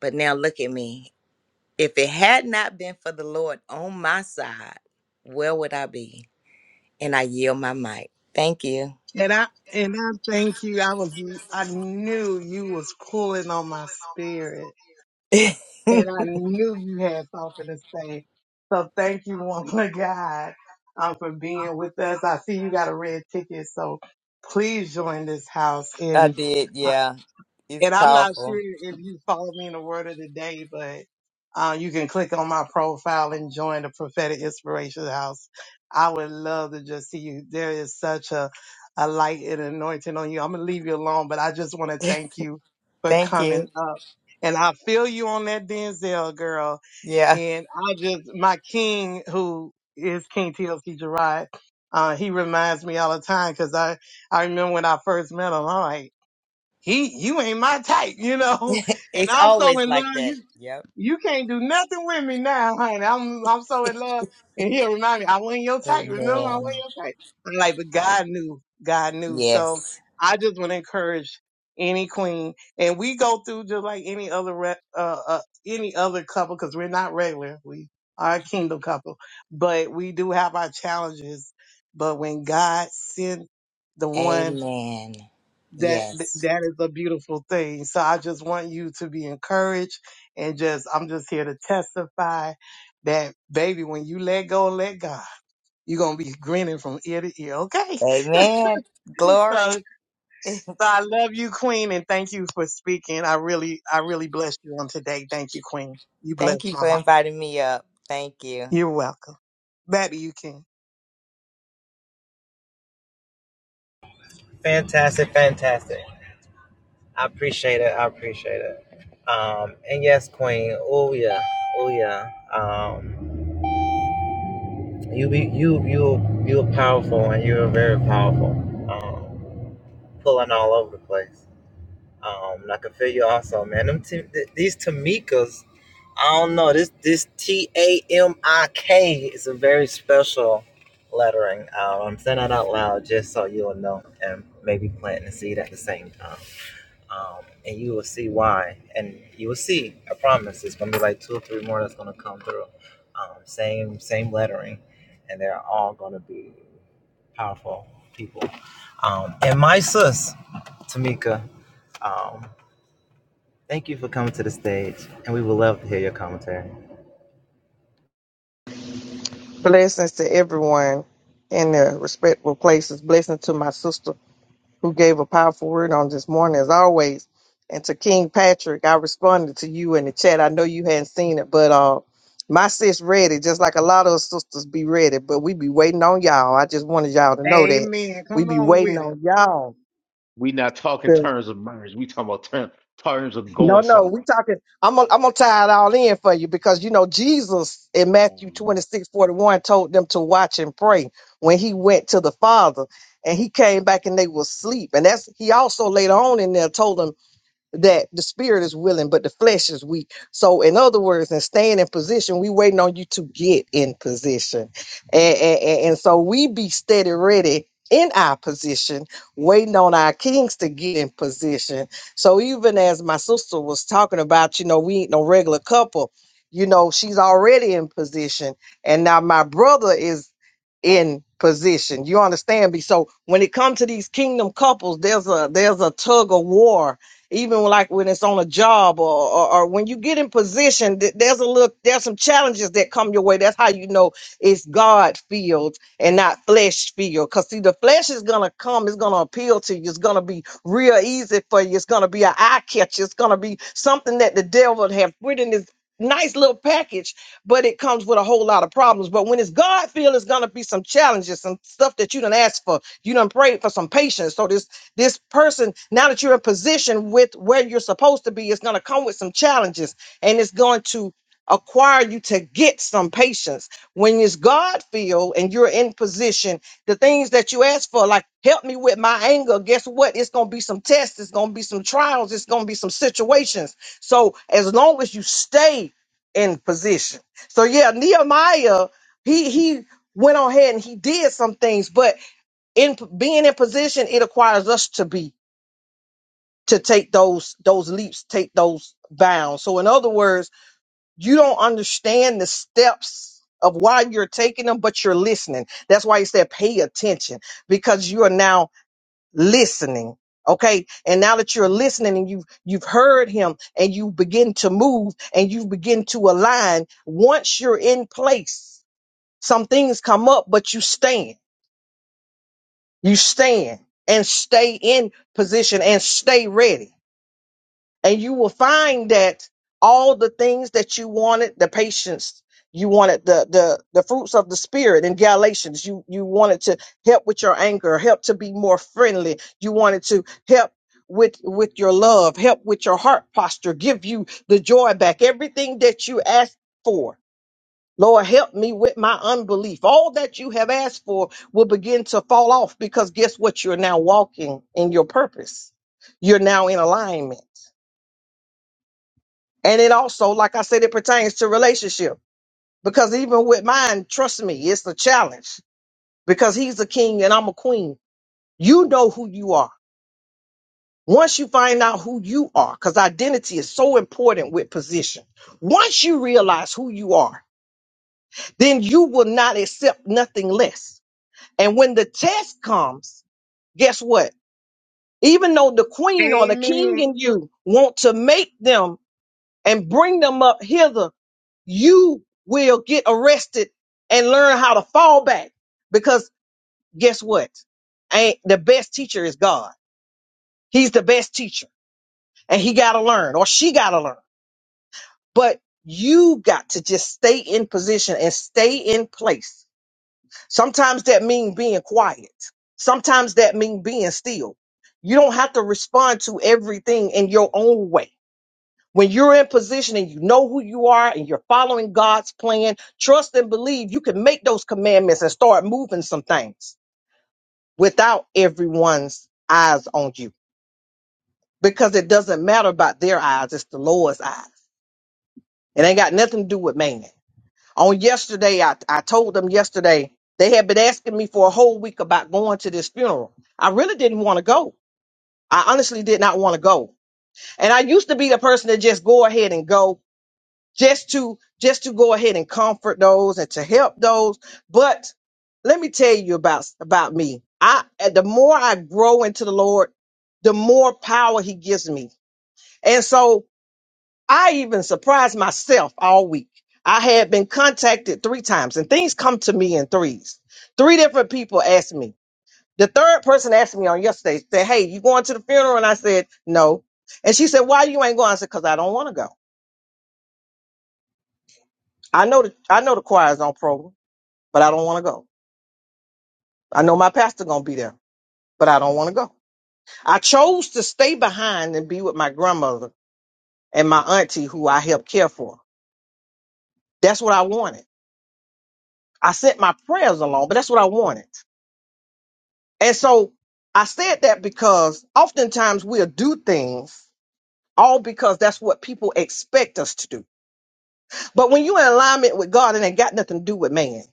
But now look at me. If it had not been for the Lord on my side, where would I be? And I yield my mic. Thank you. And I and I thank you. I was I knew you was pulling on my spirit. And I knew you had something to say. So thank you, woman of God, um, for being with us. I see you got a red ticket, so please join this house I in. did, yeah. It's And I'm not sure powerful. if you follow me in the word of the day, but uh, you can click on my profile and join the prophetic inspiration house. I would love to just see you. There is such a, a light and anointing on you. I'm going to leave you alone, but I just want to thank you for Thank coming you. up. And I feel you on that Denzel girl. Yeah. And I just, my king, who is King TLC Gerard, uh, he reminds me all the time because I, I remember when I first met him, I'm like, he you ain't my type, you know. And It's I'm so always in like love, that. you Yep. you can't do nothing with me now, honey. I'm I'm so in love. And he'll remind me, I wasn't your type, remember? I wasn't Amen. your type. I'm like, but God knew, God knew. So Yes. I just want to encourage any queen, and we go through just like any other re- uh, uh any other couple because we're not regular. We are a kingdom couple, but we do have our challenges. But when God sent the one Amen. that th- Yes. that is a beautiful thing. So I just want you to be encouraged and just I'm just here to testify that baby, when you let go, and let God. You're gonna be grinning from ear to ear, okay? Amen. So, so Glory. I love you, Queen, and thank you for speaking. I really, I really blessed you on today. Thank you, Queen. You Thank blessed you my for heart. inviting me up. Thank you. You're welcome. baby. you, can. fantastic fantastic I appreciate it. I appreciate it. Um, and yes, Queen. Oh yeah. Oh yeah. Um, you be you you you're powerful and you're very powerful. Um, pulling all over the place. Um, and I can feel you also, man. Them t- th- these Tamikas. I don't know. This this T A M I K is a very special lettering. Um, I'm saying that out loud just so you'll know and maybe planting the seed at the same time. um, and you will see why. And you will see. I promise. It's gonna be like two or three more that's gonna come through. Um, same same lettering, and they're all gonna be powerful people. Um, and my sis, Tamika, um, thank you for coming to the stage, and we would love to hear your commentary. Blessings to everyone in their respectful places. Blessings to my sister who gave a powerful word on this morning, as always. And to King Patrick, I responded to you in the chat. I know you hadn't seen it, but uh, my sis ready. just like a lot of us sisters be ready, but we be waiting on y'all. I just wanted y'all to know that Amen. we Come be on waiting with it. on y'all. We not talking terms of murders. We talking about term, terms of No, going no, we somewhere. talking. I'm gonna I'm gonna tie it all in for you because you know Jesus in Oh, Matthew Lord. 26:41 told them to watch and pray when he went to the Father and he came back and they were asleep. And that's he also later on in there told them that the spirit is willing, but the flesh is weak. So, in other words, and staying in position, we waiting on you to get in position, and, and, and and so we be steady ready in our position, waiting on our kings to get in position. So, even as my sister was talking about, you know, we ain't no regular couple. You know, she's already in position, and now my brother is in position. You understand me? So, when it comes to these kingdom couples, there's a there's a tug of war even like when it's on a job or, or, or when you get in position th- there's a little there's some challenges that come your way that's how you know it's god filled and not flesh filled because see the flesh is gonna come it's gonna appeal to you it's gonna be real easy for you it's gonna be an eye catcher it's gonna be something that the devil have put in this nice little package but it comes with a whole lot of problems but when it's god filled it's gonna be some challenges some stuff that you done asked for you done prayed for some patience so this this person, now that you're in position with where you're supposed to be, is going to come with some challenges and it's going to acquire you to get some patience. When it's God filled and you're in position, the things that you ask for, like help me with my anger, guess what? It's going to be some tests, it's going to be some trials, it's going to be some situations. So as long as you stay in position. So yeah, Nehemiah, he he went on ahead and he did some things, but in p- being in position, it acquires us to be to take those those leaps, take those bounds. So in other words, you don't understand the steps of why you're taking them, but you're listening. That's why he said pay attention because you are now listening. Okay. And now that you're listening and you've you've heard him and you begin to move and you begin to align, once you're in place, some things come up, but you stand You stand and stay in position and stay ready. And you will find that all the things that you wanted, the patience, you wanted the the the fruits of the spirit in Galatians. You you wanted to help with your anger, help to be more friendly. You wanted to help with with your love, help with your heart posture, give you the joy back, everything that you asked for Lord, help me with my unbelief. All that you have asked for will begin to fall off because guess what? You're now walking in your purpose. You're now in alignment. And it also, like I said, it pertains to relationship because even with mine, trust me, it's a challenge because he's a king and I'm a queen. You know who you are. Once you find out who you are, because identity is so important with position. Once you realize who you are, then you will not accept nothing less. And when the test comes, guess what? Even though the queen or the king Amen. and you want to make them and bring them up hither, you will get arrested and learn how to fall back. Because guess what? Ain't the best teacher is God. He's the best teacher and he got to learn or she got to learn. But you got to just stay in position and stay in place Sometimes that means being quiet. Sometimes that means being still. You don't have to respond to everything in your own way. When you're in position and you know who you are and you're following God's plan, trust and believe you can make those commandments and start moving some things without everyone's eyes on you. Because it doesn't matter about their eyes, it's the Lord's eyes. It ain't got nothing to do with man. on yesterday I, I told them yesterday they had been asking me for a whole week about going to this funeral i really didn't want to go i honestly did not want to go and i used to be the person that just go ahead and go just to just to go ahead and comfort those and to help those but let me tell you about about me i the more i grow into the lord the more power he gives me and so I even surprised myself all week. I had been contacted three times, and things come to me in threes. Three different people asked me. The third person asked me on yesterday, said, Hey, you going to the funeral? And I said, No. And she said, Why you ain't going? I said, Because I don't want to go. I know the I know the choir's on program, but I don't want to go. I know my pastor gonna be there, but I don't want to go. I chose to stay behind and be with my grandmother and my auntie who I helped care for. That's what I wanted. I sent my prayers along, but that's what I wanted. And so I said that because oftentimes we'll do things all because that's what people expect us to do. But when you're in alignment with God, it ain't got nothing to do with man.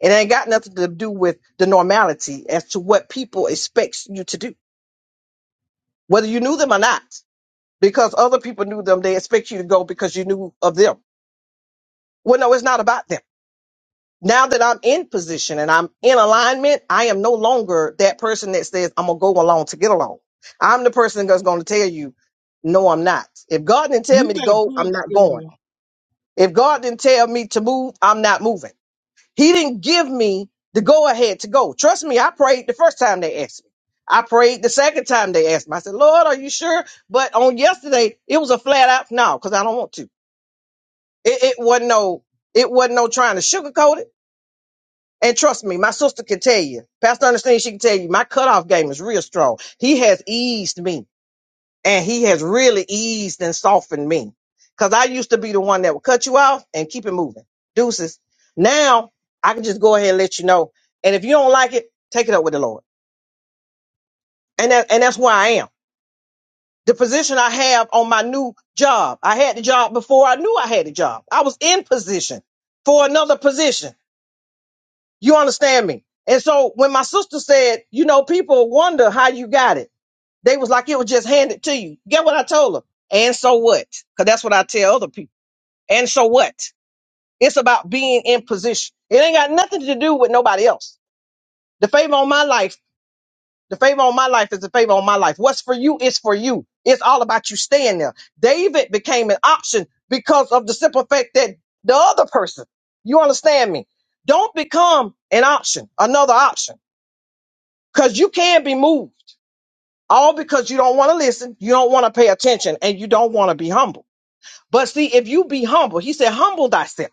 It ain't got nothing to do with the normality as to what people expect you to do, whether you knew them or not. Because other people knew them, they expect you to go because you knew of them. Well, no, it's not about them. now that I'm in position and I'm in alignment, I am no longer that person that says, I'm going to go along to get along. I'm the person that's going to tell you, no, I'm not. If God didn't tell You me to better go, I'm preach, not going. girl. If God didn't tell me to move, I'm not moving. He didn't give me the go ahead to go. Trust me, I prayed the first time they asked me. I prayed the second time they asked me. I said, Lord, are you sure? But on yesterday, it was a flat out no, because I don't want to. It, it wasn't no, it wasn't no trying to sugarcoat it. And trust me, my sister can tell you. Pastor Ernestine, she can tell you. My cutoff game is real strong. He has eased me, and he has really eased and softened me. Cause I used to be the one that would cut you off and keep it moving. Deuces. Now I can just go ahead and let you know. And if you don't like it, take it up with the Lord. And that, and that's where I am. The position I have on my new job. I had the job before I knew I had a job. I was in position for another position. You understand me? And so when my sister said, you know, people wonder how you got it, they was like, it was just handed to you. Get what I told her? And so what? Because that's what I tell other people. And so what? It's about being in position. It ain't got nothing to do with nobody else. The favor on my life, the favor on my life is the favor on my life. What's for you is for you. It's all about you staying there. David became an option because of the simple fact that the other person, you understand me? Don't become an option, another option. Because you can be moved. All because you don't want to listen, you don't want to pay attention, and you don't want to be humble. But see, if you be humble, he said, humble thyself.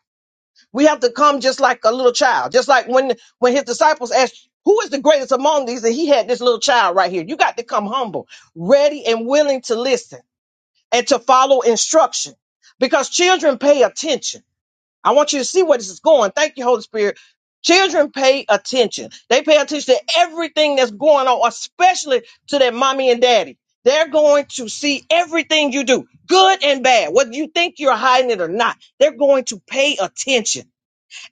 We have to come just like a little child, just like when when his disciples asked, Who is the greatest among these? And he had this little child right here. You got to come humble, ready and willing to listen and to follow instruction. Because children pay attention. I want you to see where this is going. Thank you, Holy Spirit. Children pay attention. They pay attention to everything that's going on, especially to their mommy and daddy. They're going to see everything you do, good and bad, whether you think you're hiding it or not. They're going to pay attention.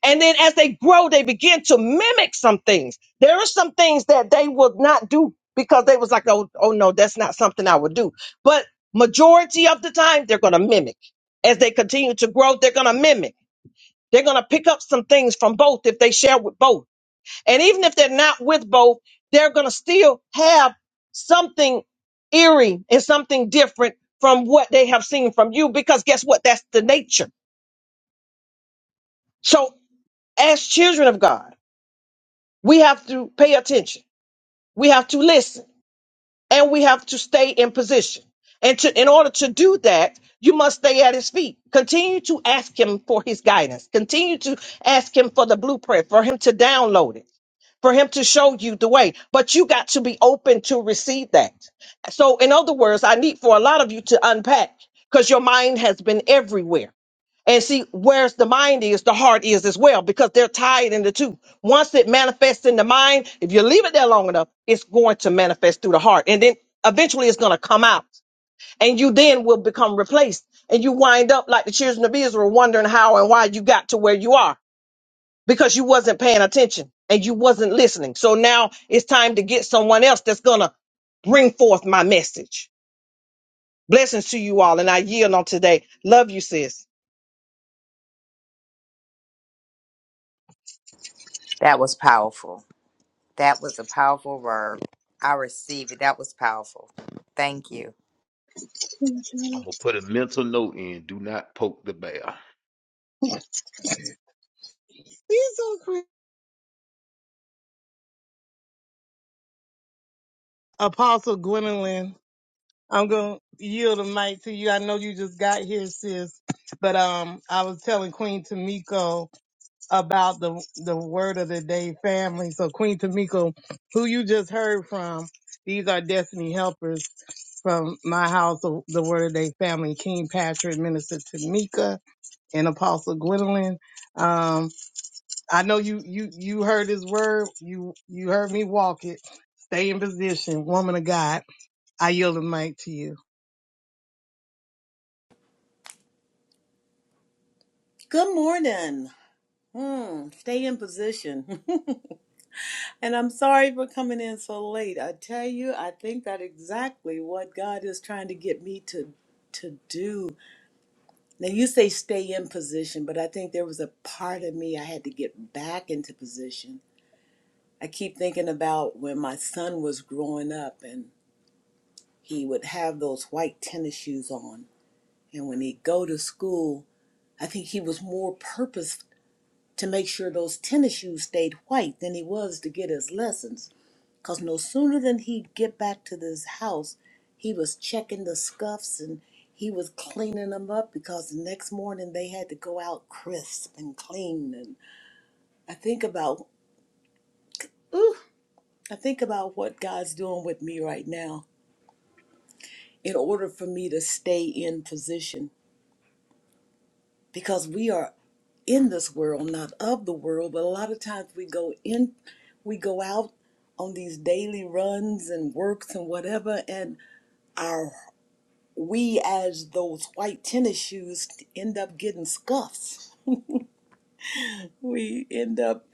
And then as they grow, they begin to mimic some things. There are some things that they will not do because they was like, oh, oh no, that's not something I would do. But majority of the time, they're going to mimic. As they continue to grow, they're going to mimic. They're going to pick up some things from both if they share with both. And even if they're not with both, they're going to still have something eerie and something different from what they have seen from you because guess what? That's the nature. So as children of God, we have to pay attention. We have to listen. and we have to stay in position. And to, in order to do that, you must stay at his feet. Continue to ask him for his guidance. Continue to ask him for the blueprint, for him to download it, for him to show you the way. But you got to be open to receive that. So, in other words, I need for a lot of you to unpack because your mind has been everywhere. And see, where's the mind is, the heart is as well, because they're tied in the two. Once it manifests in the mind, if you leave it there long enough, it's going to manifest through the heart. And then eventually it's going to come out. And you then will become replaced. And you wind up like the children of Israel wondering how and why you got to where you are because you wasn't paying attention and you wasn't listening. So now it's time to get someone else that's going to bring forth my message. Blessings to you all. And I yield on today. Love you, sis. That was powerful. That was a powerful word. I receive it. That was powerful. Thank you. I'm gonna put a mental note in. Do not poke the bear. He's so crazy. Apostle Gwendolyn. I'm gonna yield the mic to you. I know you just got here, sis, but um, I was telling Queen Tamiko about the the word of the day family. So Queen Tamiko, who you just heard from, these are destiny helpers from my house, the, the word of the day family. King Patrick, Minister Tamika, and Apostle Gwendolyn. Um, I know you you you heard his word. You you heard me walk it. Stay in position, woman of God. I yield the mic to you. Good morning. Hmm, stay in position. and I'm sorry for coming in so late. I tell you, I think that exactly what God is trying to get me to to do. Now you say stay in position, but I think there was a part of me I had to get back into position. I keep thinking about when my son was growing up and he would have those white tennis shoes on. And when he'd go to school, I think he was more purposeful to make sure those tennis shoes stayed white than he was to get his lessons. Cause no sooner than he'd get back to this house, he was checking the scuffs and he was cleaning them up because the next morning they had to go out crisp and clean. And I think about, ooh, I think about what God's doing with me right now in order for me to stay in position because we are in this world, not of the world, but a lot of times we go in, we go out on these daily runs and works and whatever, and our we as those white tennis shoes end up getting scuffs. We end up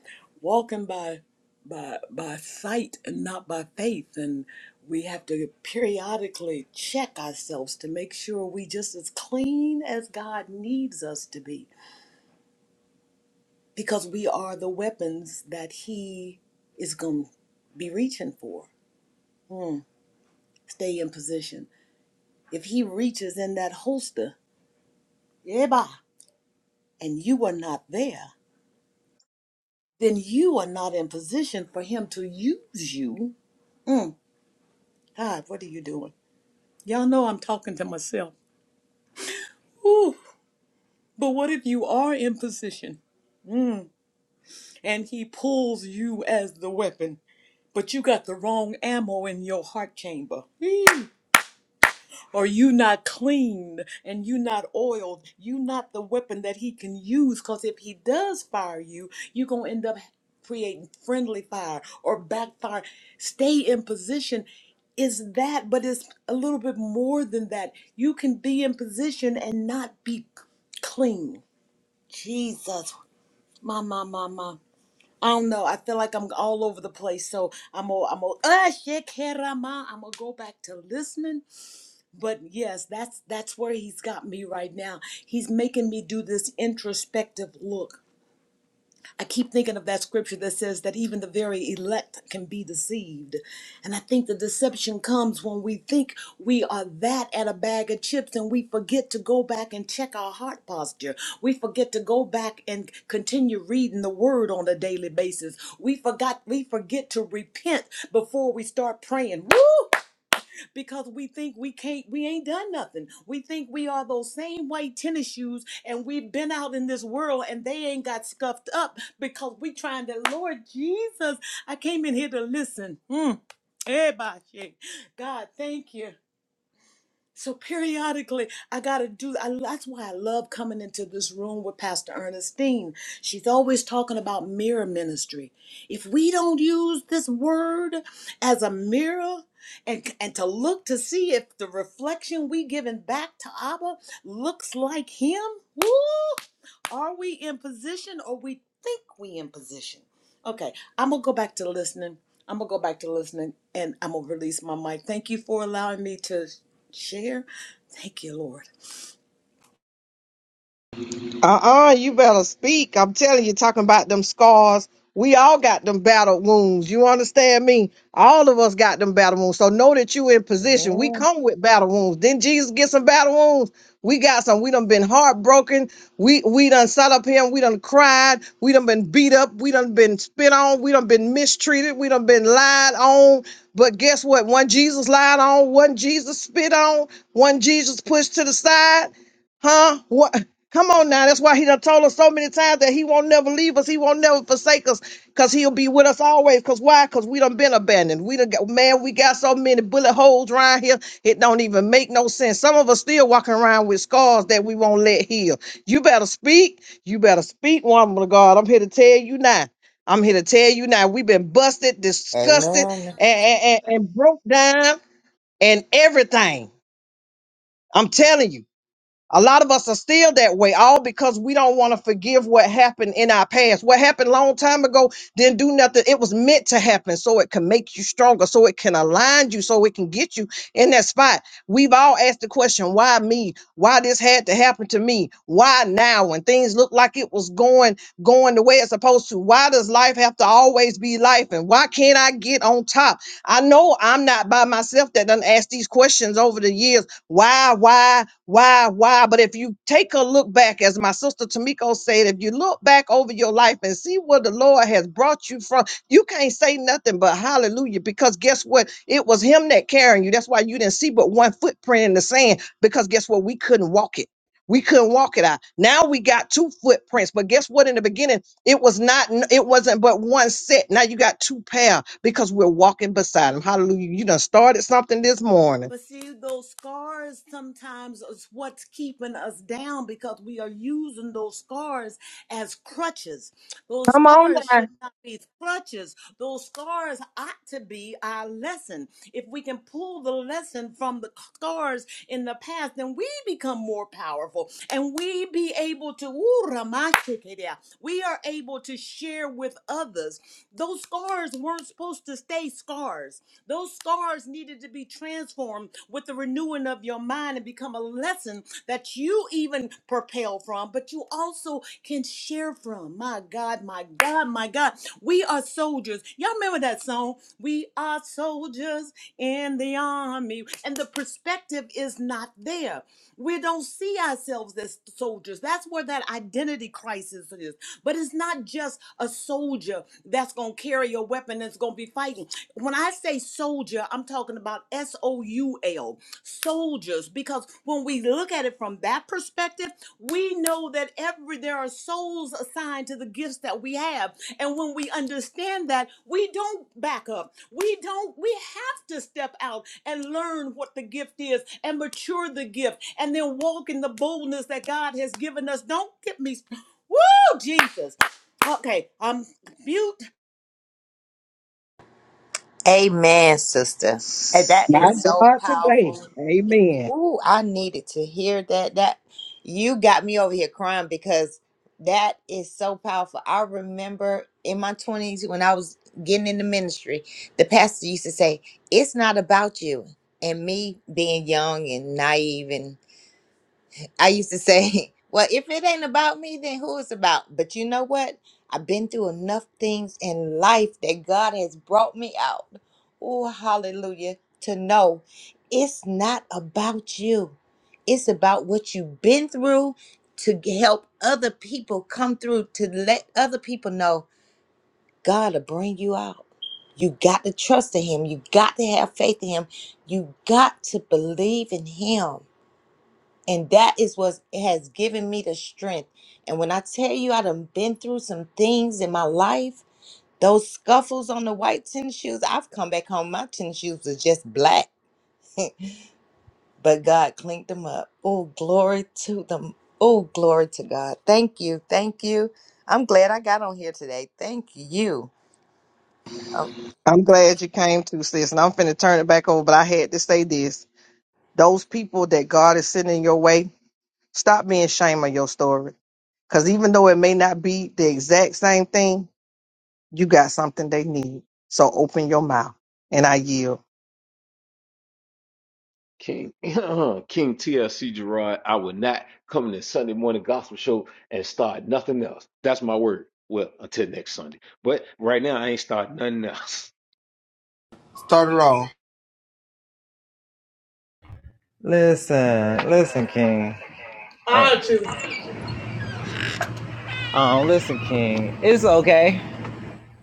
walking by by by sight and not by faith and we have to periodically check ourselves to make sure we just as clean as God needs us to be because we are the weapons that he is going to be reaching for. Hmm. Stay in position. If he reaches in that holster, yeba, and you are not there, then you are not in position for him to use you. God, what are you doing? Y'all know I'm talking to myself. Ooh, But what if you are in position and he pulls you as the weapon, but you got the wrong ammo in your heart chamber? Eee. or you not clean and you not oiled you not the weapon that he can use because if he does fire you you're going to end up creating friendly fire or backfire stay in position is that but it's a little bit more than that you can be in position and not be clean jesus my my my my I don't know. I feel like I'm all over the place, so I'm gonna, I'm gonna, uh, shit, I'm gonna go back to listening but yes that's that's where he's got me right now he's making me do this introspective look i keep thinking of that scripture that says that even the very elect can be deceived and i think the deception comes when we think we are that at a bag of chips and we forget to go back and check our heart posture we forget to go back and continue reading the word on a daily basis we forgot we forget to repent before we start praying Woo! because we think we can't we ain't done nothing we think we are those same white tennis shoes and we've been out in this world and they ain't got scuffed up because we trying to lord jesus i came in here to listen mm. eh, Bashe. god thank you so periodically, I gotta do. I, that's why I love coming into this room with Pastor Ernestine. She's always talking about mirror ministry. If we don't use this word as a mirror and and to look to see if the reflection we giving back to Abba looks like Him, woo! Are we in position or we think we in position? Okay, I'm gonna go back to listening. I'm gonna go back to listening and I'm gonna release my mic. Thank you for allowing me to share. Thank you, Lord. Uh-uh, you better speak. I'm telling you, talking about them scars. We all got them battle wounds. You understand me? All of us got them battle wounds. So know that you in position. We Amen. come with battle wounds. Didn't Jesus get some battle wounds? We got some. We done been heartbroken. We we done sat up here and we done cried. We done been beat up. We done been spit on. We done been mistreated. We done been lied on. But guess what? One Jesus lied on, one Jesus spit on, one Jesus pushed to the side. Huh? What? Come on now. That's why he done told us so many times that he won't never leave us. He won't never forsake us because he'll be with us always. Because why? Because we done been abandoned. We done got, man, we got so many bullet holes around here. It don't even make no sense. Some of us still walking around with scars that we won't let heal. You better speak. You better speak, woman of God. I'm here to tell you now. I'm here to tell you now. We've been busted, disgusted, Amen. and, and, and and broke down and everything. I'm telling you. A lot of us are still that way, all because we don't want to forgive what happened in our past. What happened long time ago didn't do nothing. It was meant to happen so it can make you stronger, so it can align you, so it can get you in that spot. We've all asked the question, why me? Why this had to happen to me? Why now when things look like it was going going the way it's supposed to? Why does life have to always be life? And why can't I get on top? I know I'm not by myself that done asked these questions over the years. Why, why, why, why? But if you take a look back, as my sister Tamiko said, if you look back over your life and see where the Lord has brought you from, you can't say nothing but hallelujah. Because guess what? It was Him that carrying you. That's why you didn't see but one footprint in the sand. Because guess what? We couldn't walk it. We couldn't walk it out. Now we got two footprints, but guess what? In the beginning, it was not. It wasn't but one set. Now you got two pair because we're walking beside Him. Hallelujah! You done started something this morning. But see, those scars sometimes is what's keeping us down because we are using those scars as crutches. Those Come on scars should not be crutches. Those scars ought to be our lesson. If we can pull the lesson from the scars in the past, then we become more powerful and we be able to, ooh, Ramashikeria, we are able to share with others. Those scars weren't supposed to stay scars. Those scars needed to be transformed with the renewing of your mind and become a lesson that you even propel from, but you also can share from. My God, my God, my God. We are soldiers. Y'all remember that song? We are soldiers in the army. And the perspective is not there. We don't see ourselves as soldiers. That's where that identity crisis is. But it's not just a soldier that's going to carry a weapon that's going to be fighting. When I say soldier, I'm talking about S O U L, soldiers, because when we look at it from that perspective, we know that every there are souls assigned to the gifts that we have. And when we understand that, we don't back up. We don't we have to step out and learn what the gift is and mature the gift and then walk in the boldness that God has given us. Don't get me Woo, Jesus. Okay, I'm mute. Amen, sister. And that My is so God, today. powerful. Amen. Ooh, I needed to hear that. That you got me over here crying because that is so powerful. I remember in my 20s when I was getting into ministry, the pastor used to say, "It's not about you." And me being young and naive I used to say, well, if it ain't about me, then who is about? But you know what? I've been through enough things in life that God has brought me out. Oh, hallelujah. To know it's not about you, it's about what you've been through to g- help other people come through, to let other people know God will bring you out. You got to trust in Him. You got to have faith in Him. You got to believe in Him and that is what has given me the strength. And when I tell you I done been through some things in my life, those scuffles on the white tennis shoes, I've come back home. My tennis shoes was just black, but God cleaned them up. Oh, glory to them. Oh, glory to God. Thank you. Thank you. I'm glad I got on here today. Thank you. Oh, I'm glad you came to, sis. And I'm finna turn it back over, but I had to say this. Those people that God is sending your way, stop being ashamed of your story. Because even though it may not be the exact same thing, you got something they need. So open your mouth and I yield. King King TLC Gerard, I will not come to Sunday morning gospel show and start nothing else. That's my word. Well, until next Sunday. But right now I ain't starting nothing else. Start it off. Listen, listen, King. Um, listen, King. It's okay,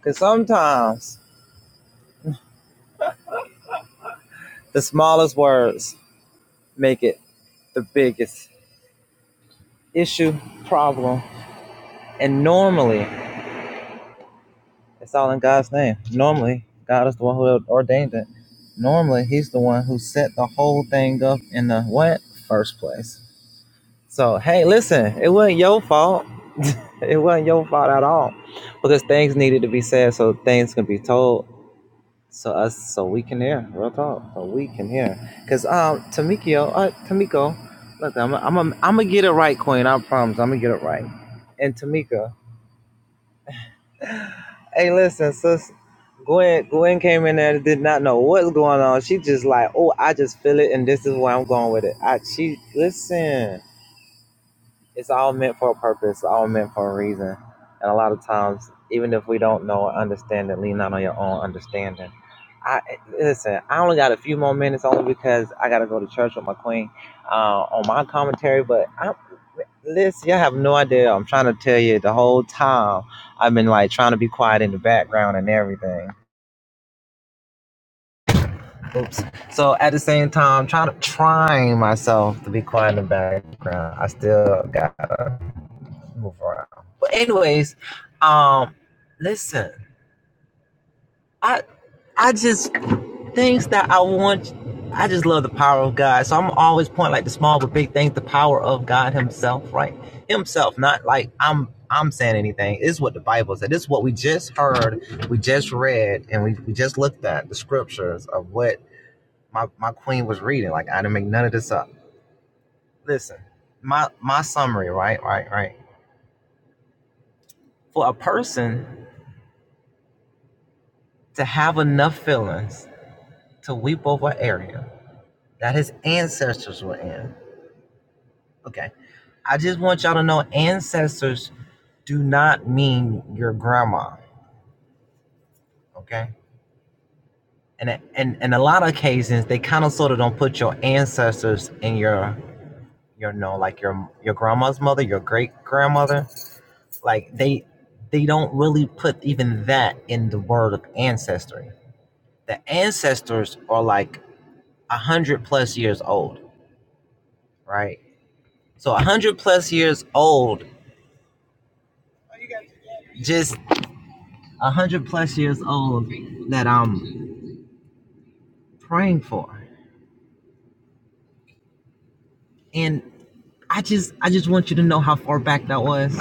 cause sometimes the smallest words make it the biggest issue, problem. And normally, it's all in God's name. Normally, God is the one who ordained it. Normally, He's the one who set the whole thing up in the what? First place. So, hey, listen, it wasn't your fault. It wasn't your fault at all. Because things needed to be said so things can be told. So us, so we can hear real talk. So we can hear, cause um, Tamikio, uh, Tamiko, look, I'm, I'm, I'm, I'm gonna get it right, Queen. I promise, I'm gonna get it right. And Tamika, Hey, listen, sis. Gwen, Gwen came in there and did not know what's going on. She just like, oh, I just feel it, and this is where I'm going with it. I, she, listen, it's all meant for a purpose, all meant for a reason. And a lot of times, even if we don't know or understand it, lean not on your own understanding. I listen. I only got a few more minutes, only because I got to go to church with my queen uh, on my commentary. But I'm Listen, you have no idea. I'm trying to tell you the whole time. I've been like trying to be quiet in the background and everything. Oops. So at the same time, trying to trying myself to be quiet in the background. I still gotta move around. But anyways, um, listen. I I just things that I want. I just love the power of God. So I'm always point like the small but big things, the power of God Himself, right? Himself, not like I'm I'm saying anything. It's what the Bible said. It's what we just heard, we just read, and we, we just looked at the scriptures of what my, my queen was reading. Like I didn't make none of this up. Listen, my my summary, right, right, right. For a person to have enough feelings to weep over an area that his ancestors were in Okay. I just want y'all to know ancestors do not mean your grandma, okay? And and in a lot of cases, they kind of sort of don't put your ancestors in your your know like your your grandma's mother, your great grandmother. Like they they don't really put even that in the word of ancestry. The ancestors are like a hundred plus years old, right? So a hundred plus years old, just a hundred plus years old that um praying for. And I just I just want you to know how far back that was,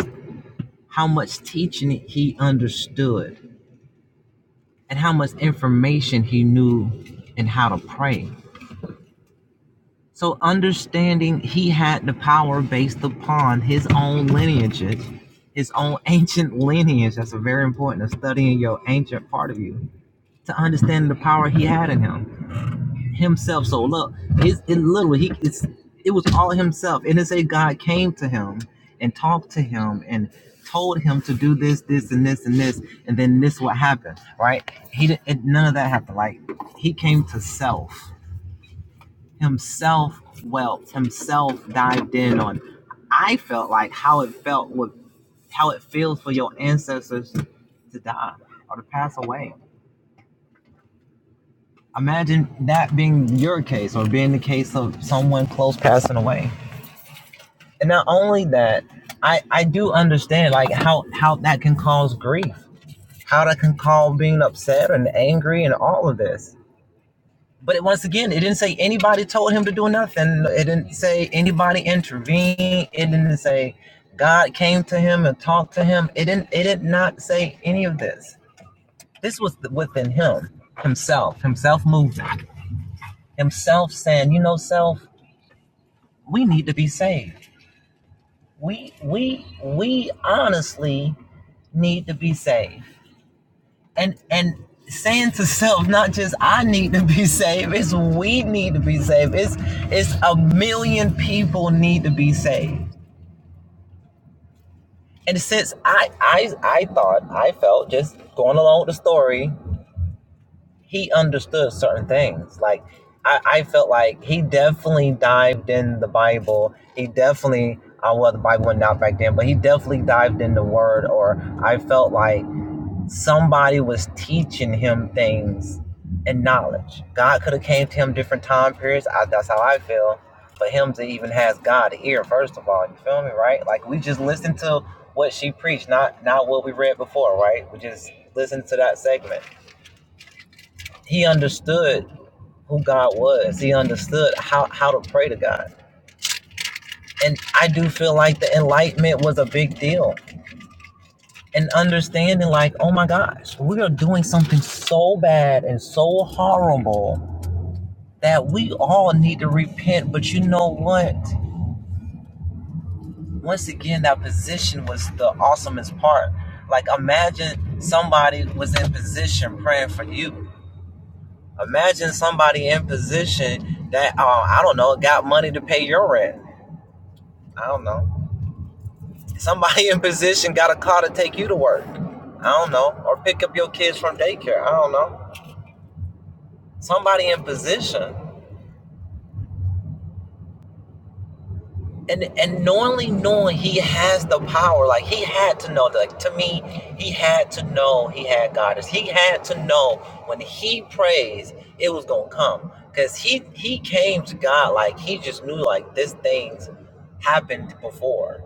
how much teaching he understood, and how much information he knew and how to pray. So understanding he had the power based upon his own lineages, his own ancient lineage. That's very important of studying your ancient part of you to understand the power he had in him. himself. So look, it's it literally he it's it was all himself. And it say God came to him and talked to him and told him to do this, this, and this, and this, and then this what happened, right? He didn't it, none of that happened. Like he came to self. Himself welt, himself dived in on I felt like how it felt with how it feels for your ancestors to die or to pass away Imagine that being your case or being the case of someone close passing away. And not only that, I, I do understand like how, how that can cause grief, how that can cause being upset and angry and all of this. But once again, it didn't say anybody told him to do nothing. It didn't say anybody intervened. It didn't say God came to him and talked to him. It didn't it did not say any of this. This was within him, himself, himself moving, he understood certain things. Like I, I felt like he definitely dived in the Bible. He definitely uh, well the Bible wasn't out back then, but he definitely dived in the Word. Or I felt like somebody was teaching him things and knowledge. God could have came to him different time periods. I, that's how I feel. For him to even has God ear, first of all, you feel me, right? Like we just listened to what she preached, not not what we read before, right? We just listened to that segment he understood who God was. He understood how, how to pray to God. And I do feel like the enlightenment was a big deal. And understanding, like, oh my gosh, we are doing something so bad and so horrible that we all need to repent. But you know what? Once again, that position was the awesomest part. Like, imagine somebody was in position praying for you. Imagine somebody in position that, uh, I don't know, got money to pay your rent. I don't know Somebody in position got a car to take you to work. I don't know. Or pick up your kids from daycare. I don't know. Somebody in position. And and knowingly knowing he has the power, like he had to know. Like to me, he had to know he had God. He had to know when he prays, it was gonna come. Cause he he came to God like he just knew like this things happened before.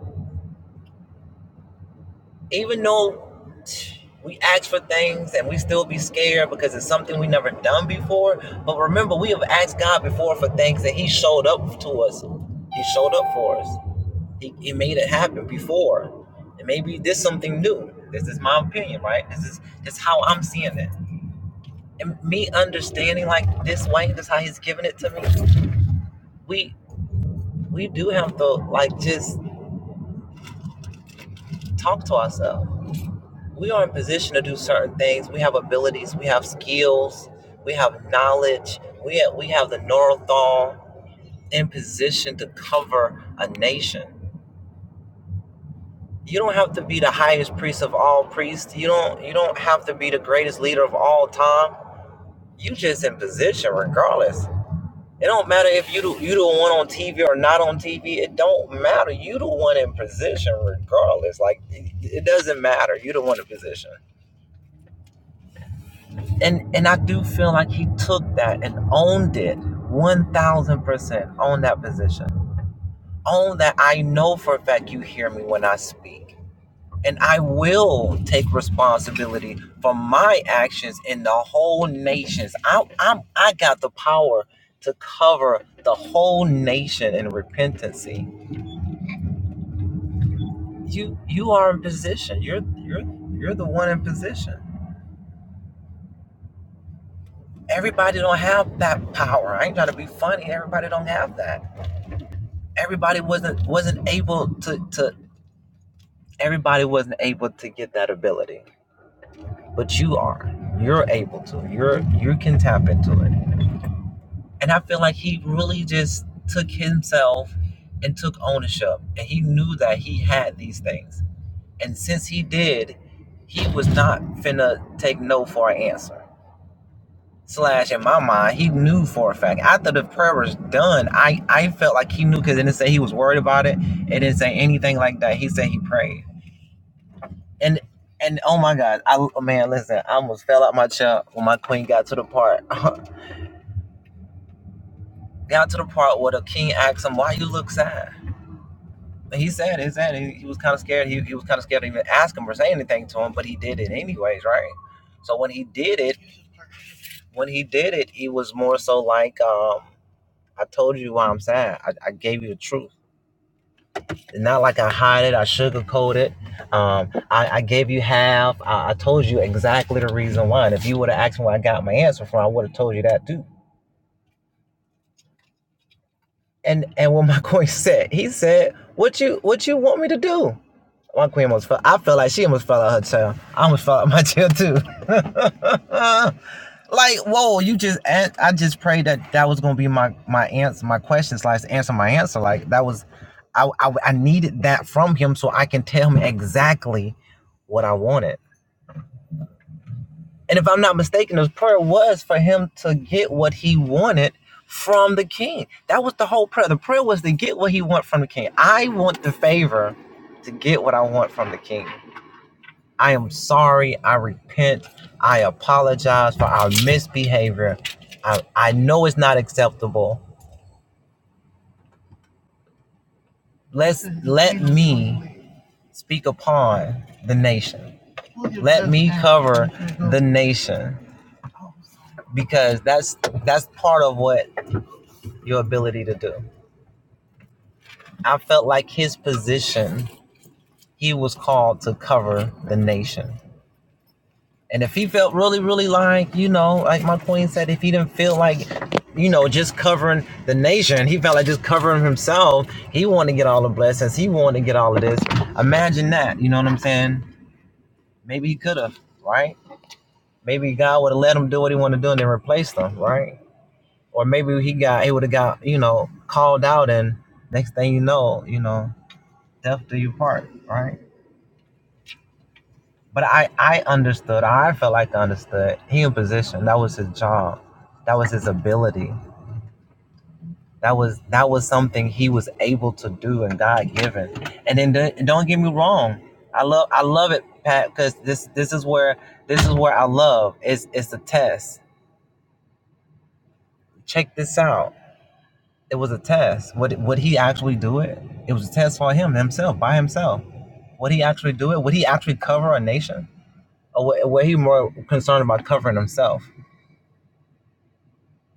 Even though We ask for things and we still be scared because it's something we never done before. But remember, we have asked God before for things that He showed up to us. He showed up for us. He, he made it happen before. And maybe this is something new. This is my opinion, right? This is this is how I'm seeing it. And me understanding like this way, this is how He's giving it to me. We we do have to like just talk to ourselves we are in position to do certain things. We have abilities, we have skills, we have knowledge, we have, we have the Norathon in position to cover a nation. You don't have to be the highest priest of all priests. You don't you don't have to be the greatest leader of all time. You just in position regardless. It don't matter if you do, you the one on TV or not on TV. It don't matter. You the one in position regardless. Like it doesn't matter. You the one in position. and and I do feel like he took that and owned it 1000% on that position. Own that I know for a fact you hear me when I speak. And I will take responsibility for my actions in the whole nations. I I'm, I got the power to cover the whole nation in repentancy. You you are in position. You're you're you're the one in position. Everybody don't have that power. I ain't trying to be funny. Everybody don't have that everybody wasn't wasn't able to to everybody wasn't able to get that ability but you are you're able to you're you can tap into it and i feel like he really just took himself and took ownership and he knew that he had these things and since he did he was not finna take no for an answer slash in my mind he knew for a fact after the prayer was done i i felt like he knew because it didn't say he was worried about it it didn't say anything like that he said he prayed And and oh my God, I man, listen, I almost fell out my chair when my queen got to the part, got to the part where the king asked him, "Why you look sad?" And he said, "He said he, he was kind of scared. He, he was kind of scared to even ask him or say anything to him, but he did it anyways, right? So when he did it, when he did it, he was more so like, um, I told you why I'm sad. I, I gave you the truth." not like I hide it, I sugarcoat it. Um, I, I gave you half. I, I told you exactly the reason why. And if you would have asked me where I got my answer from, I would have told you that too. And and what my coin said, he said, "What you what you want me to do? One queen almost fell. I felt like she almost fell out her tail. I almost fell out my tail too. like, whoa, you just I just prayed that that was gonna be my my answer, my question slash answer, my answer. Like that was, I, I I needed that from him so I can tell him exactly what I wanted. And if I'm not mistaken, his prayer was for him to get what he wanted from the king. That was the whole prayer. The prayer was to get what he want from the king. I want the favor to get what I want from the king. I am sorry. I repent. I apologize for our misbehavior. I, I know it's not acceptable. Let's let me speak upon the nation. Let me cover the nation because that's that's part of what your ability to do. I felt like his position, he was called to cover the nation. And if he felt really, really like, you know, like my queen said, if he didn't feel like, you know, just covering the nation, he felt like just covering himself. He wanted to get all the blessings. He wanted to get all of this. Imagine that. You know what I'm saying? Maybe he could have, right? Maybe God would have let him do what he wanted to do and then replaced him, right? Or maybe he got, he would have got, you know, called out and next thing you know, you know, death do you part, right? But I, I understood, or I felt like I understood. He in position. That was his job. That was his ability. That was that was something he was able to do and God given. And then don't don't get me wrong. I love I love it, Pat, because this this is where this is where I love. It's it's a test. Check this out. It was a test. Would would he actually do it? It was a test for him himself by himself. Would he actually do it? Would he actually cover a nation? Or wa- were he more concerned about covering himself?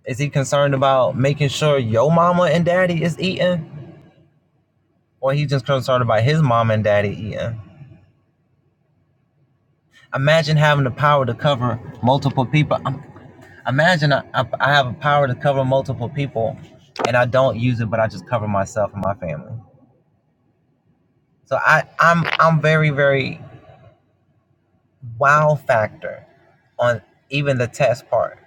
Is he concerned about making sure your mama and daddy is eating? Or he just concerned about his mama and daddy eating? Imagine having the power to cover multiple people. Um, Imagine I, I, I have a power to cover multiple people and I don't use it, but I just cover myself and my family. So I, I'm I'm very, very wow factor on even the test part.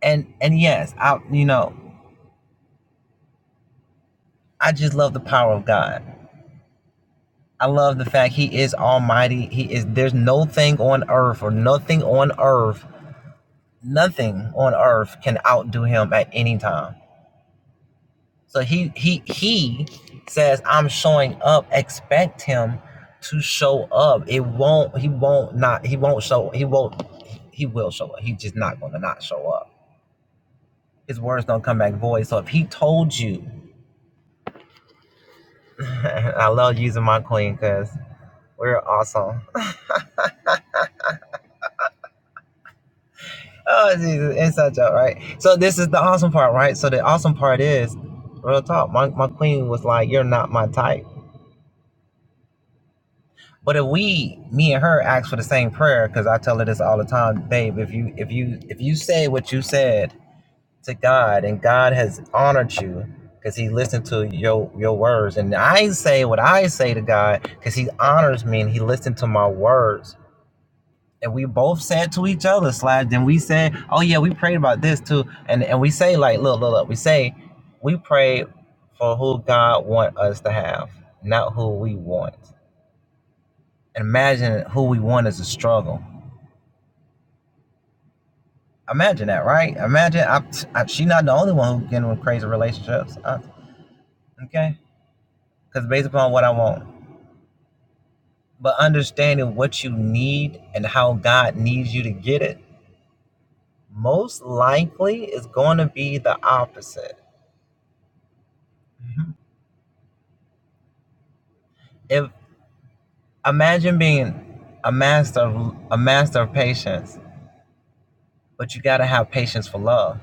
And and yes, I you know, I just love the power of God. I love the fact he is almighty. He is there's no thing on earth or nothing on earth, nothing on earth can outdo him at any time. So he he he says, I'm showing up. Expect him to show up. It won't he won't not he won't show he won't he will show up. He's just not gonna not show up. His words don't come back void. So if he told you I love using my queen because we're awesome. Oh, Jesus, inside joke, right? So this is the awesome part, right? So the awesome part is, real talk. My my queen was like, "You're not my type." But if we, me and her, ask for the same prayer, because I tell her this all the time, babe. If you if you if you say what you said to God, and God has honored you, because He listened to your your words, and I say what I say to God, because He honors me and He listened to my words and we both said to each other, Slash, then we said, Oh yeah, we prayed about this too. And and we say like, look, look, look, we say we pray for who God want us to have, not who we want. And imagine who we want is a struggle. Imagine that, right? Imagine I, I she not the only one who getting with crazy relationships. Uh, okay? Because based upon what I want. But understanding what you need and how God needs you to get it, most likely is going to be the opposite. Mhm Imagine being a master of a master of patience, but you gotta have patience for love.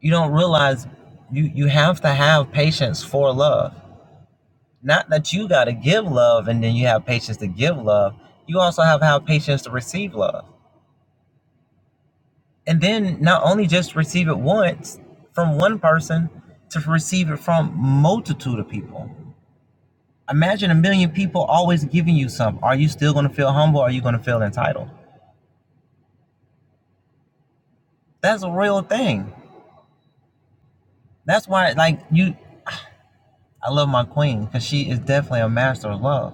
You don't realize you you have to have patience for love. Not that you gotta give love and then you have patience to give love. You also have to have patience to receive love. And then not only just receive it once from one person, to receive it from multitude of people. Imagine a million people always giving you something. Are you still gonna feel humble? Or are you gonna feel entitled? That's a real thing That's why, like you, I love my queen because she is definitely a master of love.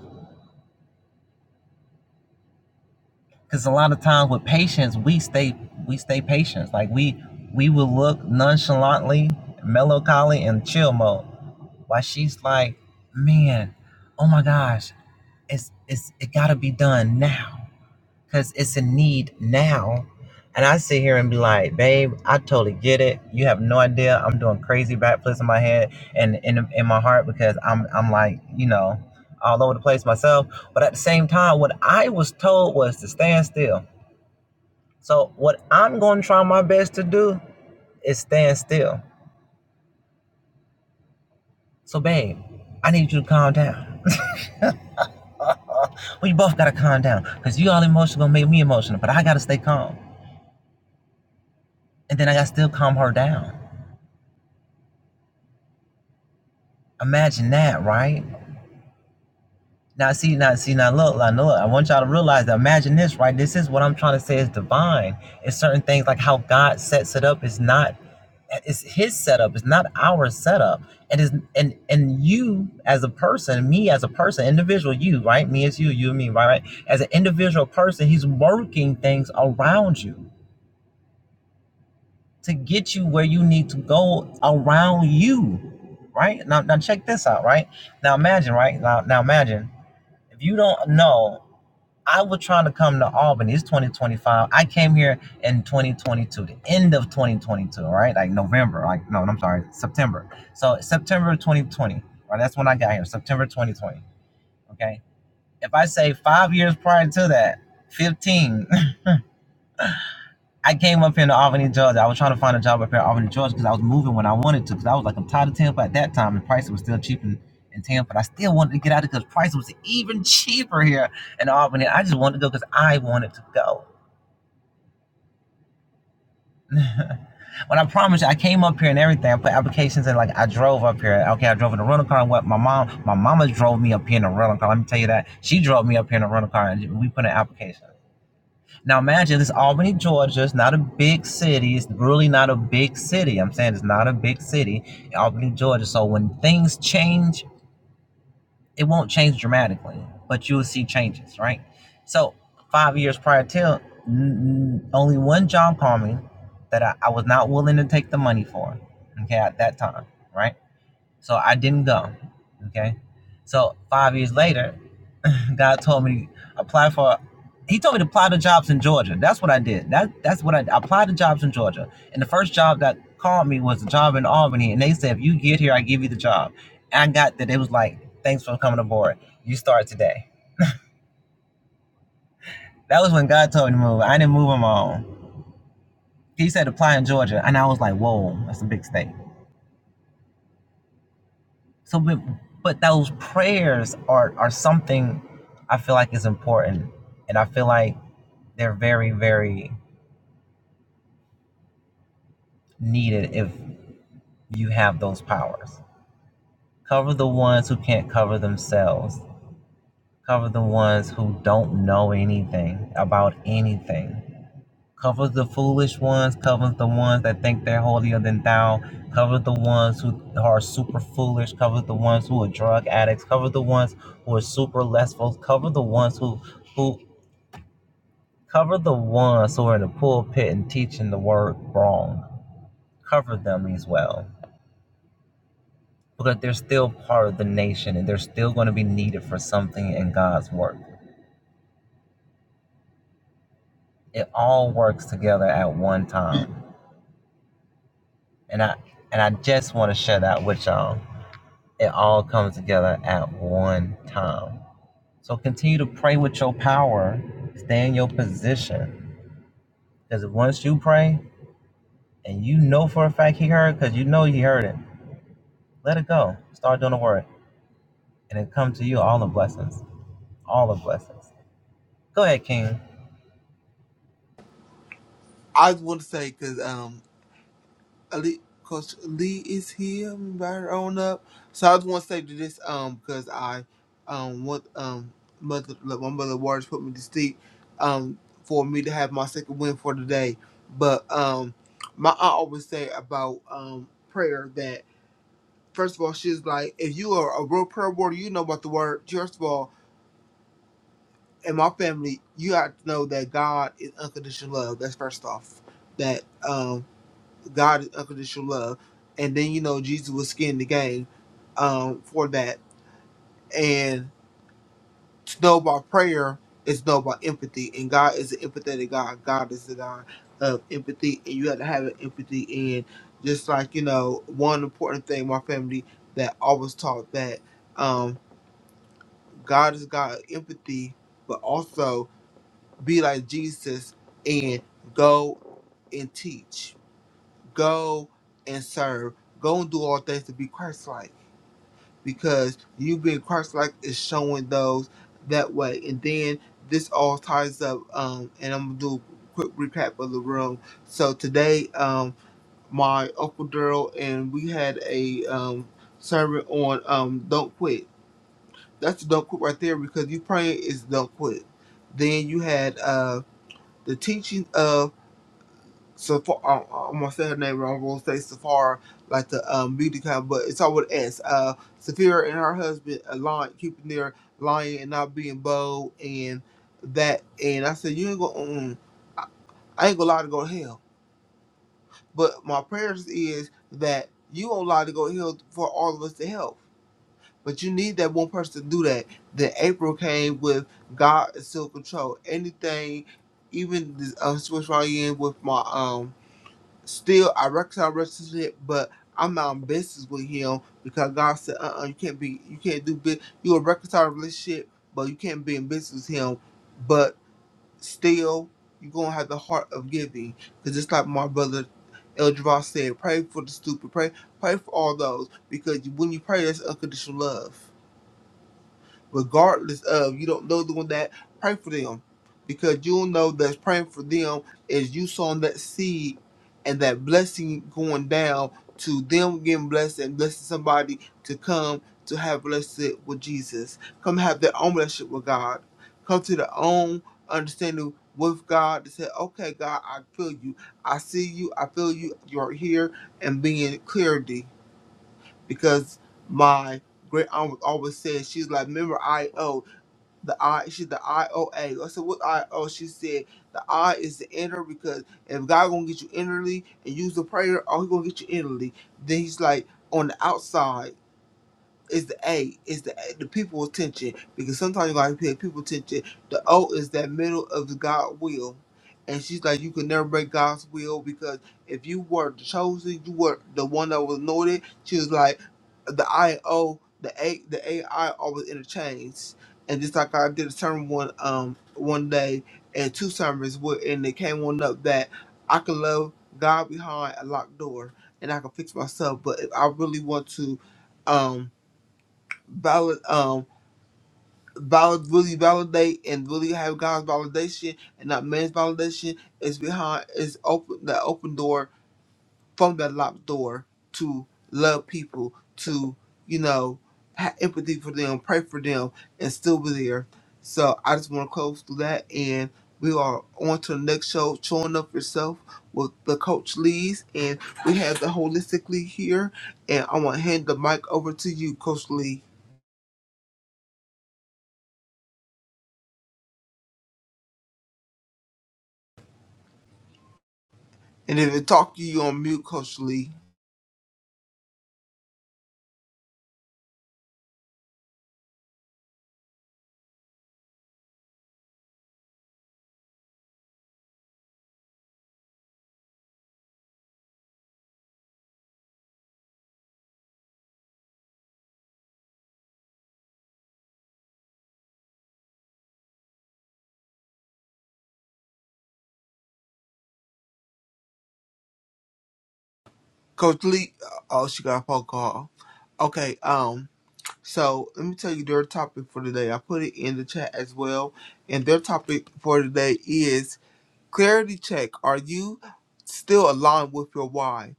Because a lot of times with patience, we stay we stay patient. Like we we will look nonchalantly, melancholy, and chill mode. While she's like, man, oh my gosh, it's it's it gotta be done now. because it's a need now. And I sit here and be like, babe, I totally get it. You have no idea. I'm doing crazy backflips in my head and in, in my heart because I'm I'm like, you know, all over the place myself. But at the same time, what I was told was to stand still. So what I'm gonna try my best to do is stand still. So babe, I need you to calm down. We both gotta calm down. Cause you all emotional gonna make me emotional, but I gotta stay calm. And then I gotta still calm her down. Imagine that, right? Now see now see now look now look I want y'all to realize that imagine this right this is what I'm trying to say is divine it's certain things like how God sets it up is not it's his setup it's not our setup and is and and you as a person me as a person individual you right me as you you and me right, right as an individual person he's working things around you to get you where you need to go around you right now now check this out right now imagine right now now imagine if you don't know I was trying to come to Albany. It's 2025. I came here in 2022, the end of 2022, right? Like November, like no, I'm sorry, September. So September 2020, right? That's when I got here, September 2020. Okay. If I say five years prior to that, 15, I came up here to Albany, Georgia. I was trying to find a job up here in Albany, Georgia, because I was moving when I wanted to. Because I was like, I'm tired of Tampa at that time, and prices were still cheap in, in Tampa. And I still wanted to get out of it because prices was even cheaper here in Albany. I just wanted to go because I wanted to go. When I promise you, I came up here and everything. I put applications in, like I drove up here. Okay, I drove in a rental car. And what my mom, my mama drove me up here in a rental car. Let me tell you that she drove me up here in a rental car, and we put an application. Now imagine this Albany, Georgia. It's not a big city. It's really not a big city. I'm saying it's not a big city, Albany, Georgia. So when things change it won't change dramatically, but you will see changes, right? So five years prior to n- n- only one job called me that I, I was not willing to take the money for, okay, at that time, right? So I didn't go. Okay. So five years later, God told me apply for. He told me to apply to jobs in Georgia. That's what I did. That that's what I, I applied to jobs in Georgia. And the first job that called me was a job in Albany, and they said if you get here, I give you the job. And I got that. It was like thanks for coming aboard. You start today. That was when God told me to move. I didn't move on my own. He said apply in Georgia, and I was like, whoa, that's a big state. So, but, but those prayers are are something I feel like is important, and I feel like they're very very needed if you have those powers. Cover the ones who can't cover themselves. Cover the ones who don't know anything about anything. Cover the foolish ones. Cover the ones that think they're holier than thou. Cover the ones who are super foolish. Cover the ones who are drug addicts. Cover the ones who are super lustful. Cover the ones who who Cover the ones who are in the pulpit and teaching the word wrong. Cover them as well. Because they're still part of the nation and they're still going to be needed for something in God's work. It all works together at one time. And I and I just want to share that with y'all. It all comes together at one time. So continue to pray with your power. Stay in your position. Because once you pray and you know for a fact he heard, because you know he heard it, let it go. Start doing the word. and it come to you all the blessings, all the blessings. Go ahead, King. I just want to say, because um, Ali, Coach Lee is here. Right on up. So I just want to say to this, um, because I, um, want um, mother, like, my mother Waters put me to sleep, um, for me to have my second win for today. But um, my aunt always say about um prayer that first of all she's like, if you are a real prayer warrior, you know about the word. First of all, in my family, you have to know that God is unconditional love. That's first off. That um. God is unconditional love, and then you know Jesus was skin in the game um, for that. And to know about prayer is know about empathy, and God is an empathetic God. God is the God of empathy, and you have to have an empathy. And just like you know, one important thing my family that always taught that um, God is God of empathy, but also be like Jesus and go and teach Go and serve. Go and do all things to be Christ-like, because you being Christ-like is showing those that way. And then this all ties up. Um, and I'm gonna do a quick recap of the room. So today, um, my uncle Daryl and we had a um sermon on um don't quit. That's the don't quit right there because you praying is don't quit. Then you had uh the teaching of Safar. Um, I'm gonna say her name wrong. I'm gonna say Safar, like the um, beauty kind, but it's all with an S. Uh, Safira and her husband, uh, lying, keeping their lying and not being bold, and that. And I said, you ain't gonna. Mm, I, I ain't gonna lie to go to hell. But my prayers is that you will not lie to go to hell for all of us to help. But you need that one person to do that. Then April came with God is still in control. Anything, even this um, switch right in with my um still I reconcile our relationship, but I'm not in business with him because God said, uh, uh you can't be, you can't do business. You a reconcile a relationship, but you can't be in business with him. But still, you gonna have the heart of giving, because just like my brother El Javon said, pray for the stupid, pray, pray for all those, because when you pray, that's unconditional love regardless of you don't know doing that, pray for them. Because you'll know that praying for them is you sowing that seed and that blessing going down to them getting blessed and blessing somebody to come to have relationship with Jesus. Come have their own relationship with God. Come to their own understanding with God to say, okay, God, I feel you. I see you. I feel you. You're here and being clarity because my great aunt always said, she's like, remember I O the I she's the I O A. I said what IO? She said the I is the inner because if God gonna get you innerly and use the prayer, oh he gonna get you innerly. Then he's like on the outside. Is the A. is the the people attention because sometimes you gotta pay people attention. The O is that middle of the God will, and she's like, you can never break God's will because if you were the chosen, you were the one that was anointed. She was like, the I and O, the A, the A I always interchanged, and just like I did a sermon one um one day and two sermons with, and they came one up that I can love God behind a locked door and I can fix myself, but if I really want to. um valid um valid really validate and really have God's validation and not man's validation is behind is open the open door from that locked door to love people to you know have empathy for them pray for them and still be there so I just want to close to that and we are on to the next show showing up yourself with the coach Lee's and we have the holistically here and I want to hand the mic over to you coach Lee And if it talk to you on mute, Coach Lee. Coach Lee, oh, she got a phone call. Okay, um, so let me tell you their topic for today. I put it in the chat as well. And their topic for today is clarity check. Are you still aligned with your why?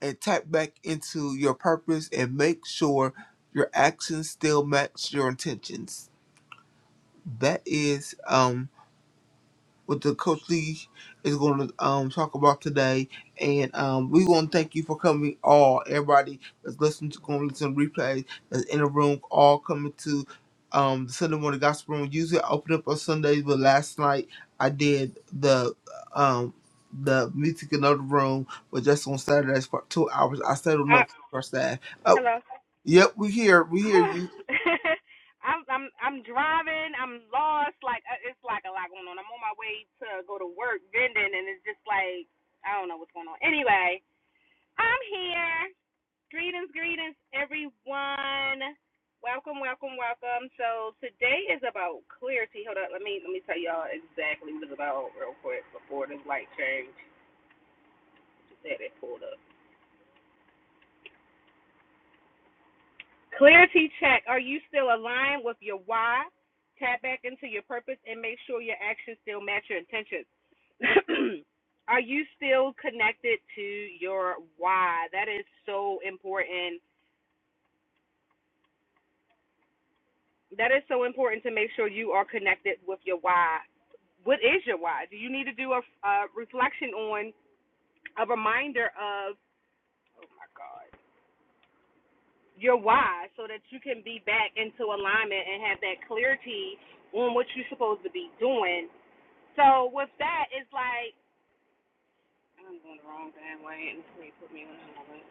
And tap back into your purpose and make sure your actions still match your intentions. That is, um, with the Coach Lee is going to um, talk about today. And um, we want to thank you for coming, all everybody that's listening to going to listen to replays that's in the room, all coming to um, the Sunday morning gospel room. Usually, I open up on Sundays, but last night I did the um, the music in another room, but just on Saturdays for two hours. I settled Uh, up for staff. Oh, hello. yep, we here, we hear you. I'm I'm I'm driving. I'm lost. Like uh, it's like a lot going on. I'm on my way to go to work vending, and it's just like I don't know what's going on. Anyway, I'm here. Greetings, greetings, everyone. Welcome, welcome, welcome. So today is about clarity. Hold up. Let me let me tell y'all exactly what it's about real quick before this light change. Just had it pulled up. Clarity check. Are you still aligned with your why? Tap back into your purpose and make sure your actions still match your intentions. Are you still connected to your why? That is so important. That is so important to make sure you are connected with your why. What is your why? Do you need to do a, a reflection on a reminder of oh my God, your why so that you can be back into alignment and have that clarity on what you're supposed to be doing So with that, it's like I'm going the wrong damn way, and please put me on another way.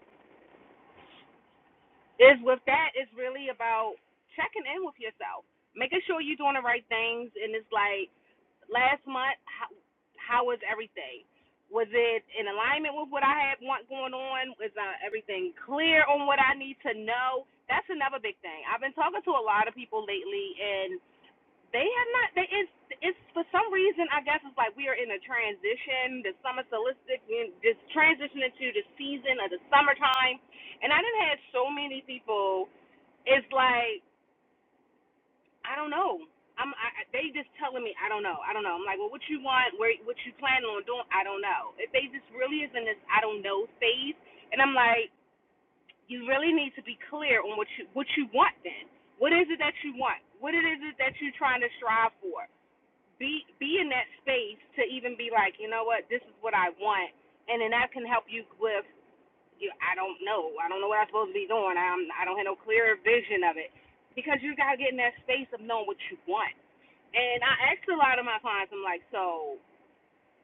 Is with that, it's really about checking in with yourself, making sure you're doing the right things. And it's like last month, how, how was everything? Was it in alignment with what I had want going on? Was uh, everything clear on what I need to know? That's another big thing. I've been talking to a lot of people lately, and They have not. They it's it's for some reason I guess it's like we are in a transition. The summer solicit we just transitioning to the season of the summertime, and I done had so many people. It's like I don't know. I'm I- they just telling me I don't know. I don't know. I'm like, well, what you want? Where what you planning on doing? I don't know. If they just really is in this I don't know phase, and I'm like, you really need to be clear on what you what you want then. What is it that you want? What it is it that you're trying to strive for? be be in that space to even be like, you know what, this is what I want, and then that can help you with, you, I don't know, I don't know what I'm supposed to be doing. I'm I don't have no clear vision of it, because you gotta get in that space of knowing what you want. And I ask a lot of my clients, I'm like, so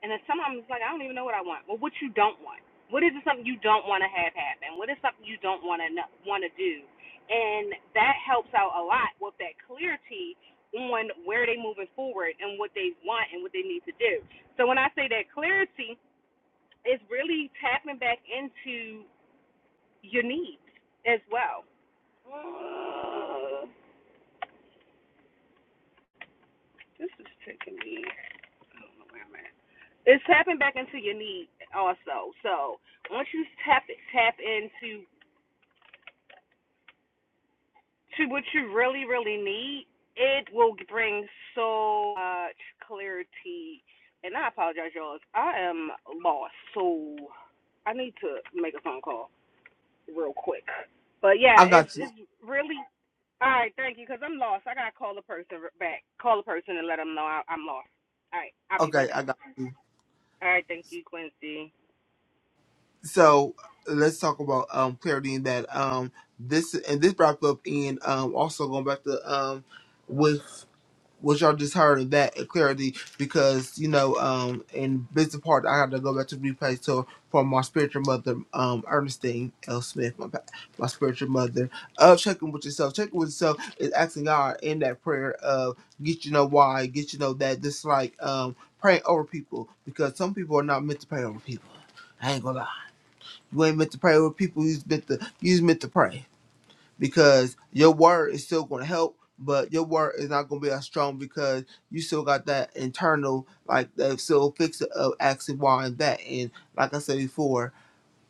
and then sometimes it's like, I don't even know what I want. Well, what you don't want? What is it something you don't want to have happen? What is something you don't want to want to do? And that helps out a lot with that clarity on where they're moving forward and what they want and what they need to do. So when I say that clarity, it's really tapping back into your needs as well. Uh, this is taking me. I don't know where I'm at. It's tapping back into your needs also. So once you tap tap into to what you really, really need, it will bring so much clarity. And I apologize, y'all. I am lost, so I need to make a phone call real quick. But yeah, I it's got you. it's really all right. Thank you, cause I'm lost. I gotta call the person back. Call the person and let them know I, I'm lost. All right, I'll be right Okay, I back. got. All right, thank you, Quincy. so let's talk about um clarity in that um this and this wrap up and um also going back to um with what y'all just heard of that clarity because you know um in business part I had to go back to replay so from my spiritual mother um Ernestine L Smith my pa- my spiritual mother of checking with yourself checking with yourself is asking God in that prayer of get you know why get you know that this like um praying over people because some people are not meant to pray over people I ain't gonna lie you ain't meant to pray with people. You just meant to you just meant to pray because your word is still going to help, but your word is not going to be as strong because you still got that internal like that still fix of asking why and that. And like I said before,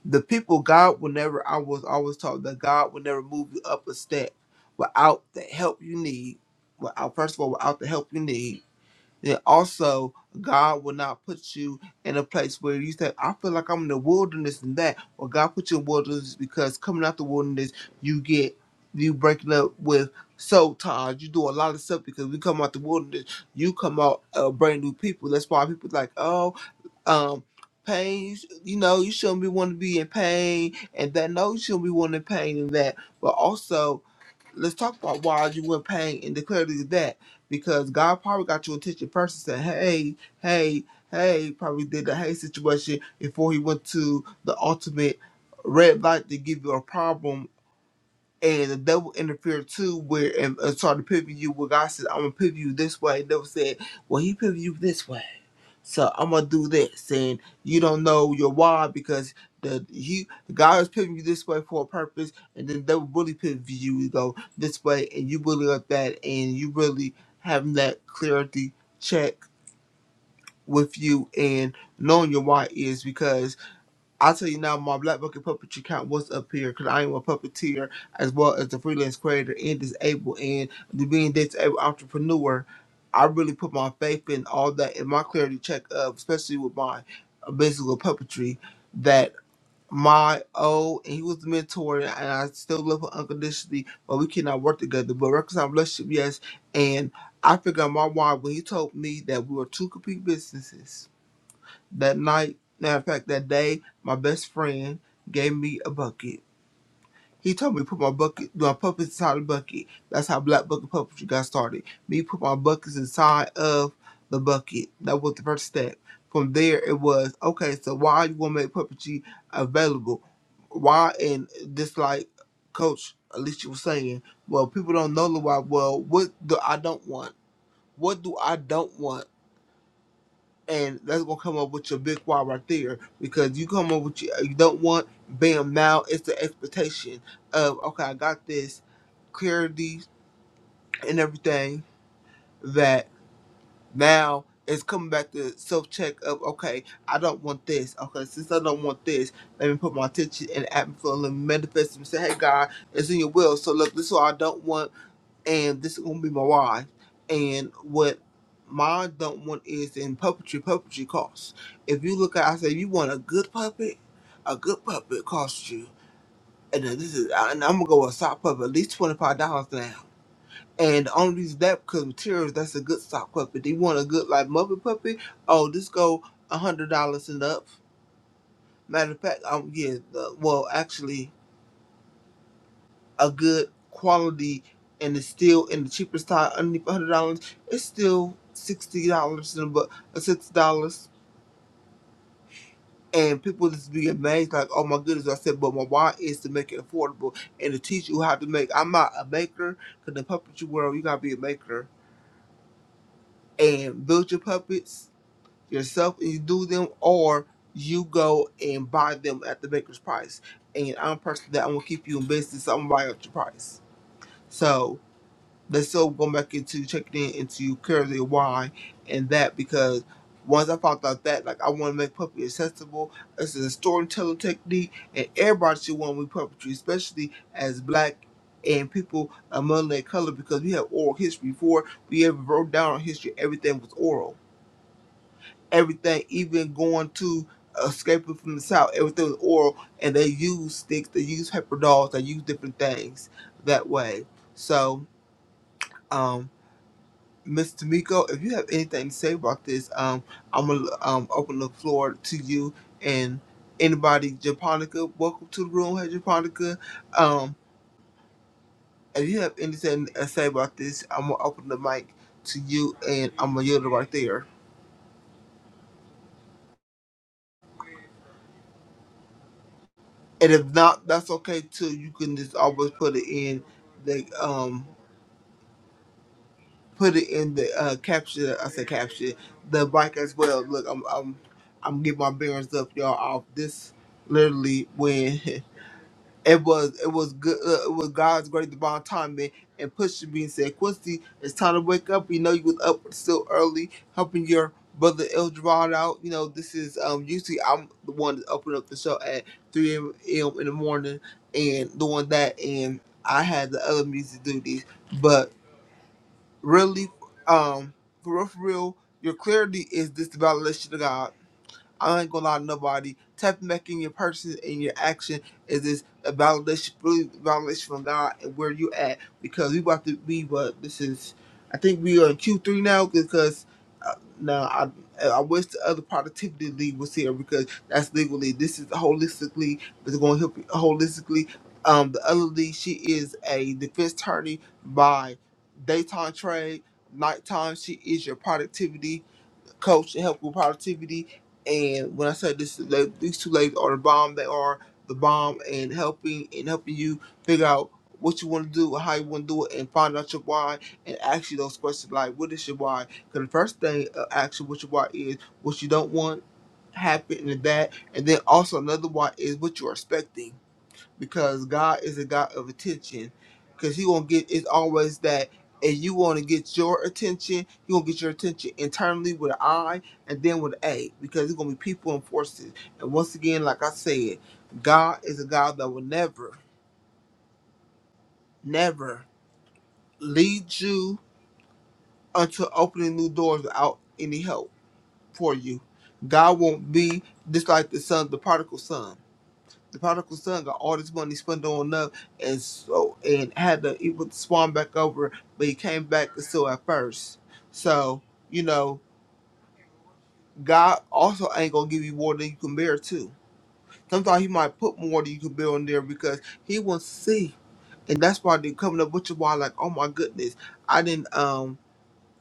the people God will never. I was always taught that God will never move you up a step without the help you need. Without first of all, without the help you need then also God will not put you in a place where you say, I feel like I'm in the wilderness and that. Or God put you in wilderness because coming out the wilderness, you get you breaking up with soul ties. You do a lot of stuff because we come out the wilderness, you come out uh, brand new people. That's why people like, oh, um, pain, you know, you shouldn't be want to be in pain and that. No, you shouldn't be wanting pain and that. But also let's talk about why you were in pain and declare these that because God probably got you attention first and said, Hey, hey, hey, probably did the hey situation before he went to the ultimate red light to give you a problem and the devil interfered too where and, and started pivoting you where God said, I'm gonna pivot you this way. The devil said, Well he pivot you this way. So I'm gonna do this, and you don't know your why because the you God is pivoting you this way for a purpose, and then they will really pivot you to go this way, and you really like that, and you really having that clarity check with you and knowing your why is because I tell you now, my Black Bucket Puppetry count was up here because I am a puppeteer as well as a freelance creator and disabled and the being disabled entrepreneur. I really put my faith in all that in my clarity check up, especially with my uh, business with puppetry, that my old and he was the mentor and I still love him unconditionally, but we cannot work together. But reconcile relationship, yes. And I figured out my why when he told me that we were two complete businesses that night, matter of fact that day, my best friend gave me a bucket. He told me to put my bucket, my puppets inside the bucket. That's how Black Bucket Puppetry got started. Me put my buckets inside of the bucket. That was the first step. From there, it was okay. So why you want to make puppetry available? Why and just like Coach Alicia was saying, well, people don't know the why. Well, what do I don't want? What do I don't want? and that's gonna come up with your big why right there because you come up with you, you don't want bam now it's the expectation of okay I got this clarity and everything that now it's coming back to self check of okay I don't want this okay since I don't want this let me put my attention and atmosphere and let me manifest and say hey God it's in your will so look this is what I don't want and this is gonna be my wife. And what my don't want is in puppetry, puppetry costs. If you look at, I say, if you want a good puppet, a good puppet costs you, and then this is, and I'm gonna go with a sock puppet, at least twenty five dollars now. And the only reason that because materials, that's a good sock puppet. Do you want a good like Muppet puppet. Oh, this go a hundred dollars and up. Matter of fact, um, yeah, the, well, actually. a good quality and it's still in the cheapest tire underneath a hundred dollars, it's still sixty dollars and but sixty dollars. And people just be amazed, like, oh my goodness. I said, but my why is to make it affordable and to teach you how to make. I'm not a maker, because in the puppetry world, you gotta be a maker and build your puppets yourself and you do them, or you go and buy them at the maker's price. And I'm a person that I'm gonna keep you in business, so I'm gonna buy up your price. So they still go back into checking in into currently why and that because once I found out that, like I want to make puppetry accessible. This is a storytelling technique, and everybody should want to read puppetry, especially as black and people among their color, because we have oral history. Before we ever wrote down our history, everything was oral. Everything, even going to escaping from the south, everything was oral, and they use sticks, they use paper dolls, they use different things that way. So. Um, Miss Tamiko, if you have anything to say about this, um, I'm gonna um open the floor to you and anybody. Japonica, welcome to the room, hey Japonica. Um, if you have anything to say about this, I'm gonna open the mic to you and I'm gonna yield it right there. And if not, that's okay too. You can just always put it in the um put it in the uh caption. I say caption the mic as well. Look, I'm I'm I'm getting my bearings up, y'all. Off this literally when. It was it was good. Uh, it was God's great divine timing. And Pusha B said, "Quincy, it's time to wake up. You know you was up still early, helping your brother El Dorado out. You know this is um usually I'm the one that opened up the show at 3 a.m. in the morning and doing that. And I had the other music duties, but really, um, for real, for real, your clarity is this the validation of God. I ain't gonna lie to nobody. Tapping back in your person and your action is this a validation, really validation from God and where you at because we about to be what this is. I think we are in Q three now because uh, now I I wish the other productivity league was here because that's legally this is holistically but it's going to help you holistically. Um, the other league she is a defense attorney by daytime trade, nighttime she is your productivity coach to help with productivity. And when I said this, la- these two ladies are the bomb. They are the bomb and helping and helping you figure out what you want to do, how you want to do it, and find out your why and ask you those questions like, what is your why? Because the first thing, uh, actually, what your why is, what you don't want happen and that. And then also another why is what you're expecting because God is a God of attention. Because He won't get. It's always that, and you want to get your attention. You want to get your attention internally with an I, and then with an A, because it's gonna be people and forces. And once again, like I said, God is a God that will never, never lead you unto opening new doors without any help for you. God won't be just like the son, the prodigal son. the prodigal son got all this money spent on love and so and had to he would spawn back over, but he came back still at first. So, you know, God also ain't gonna give you more than you can bear too. Sometimes he might put more than you can bear on there because he wants to see. And that's why they're coming up with you why like, oh my goodness, I didn't um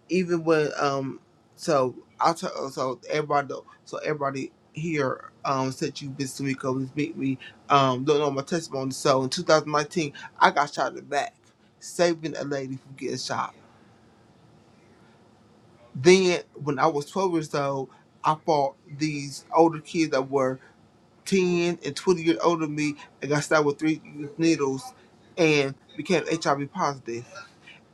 even when um so I tell so everybody so everybody here um said you been to me come meet me um don't know my testimony so in 2019 I got shot in the back saving a lady from getting shot then when I was 12 years old I fought these older kids that were 10 and 20 years older than me and got stabbed with three needles and became HIV positive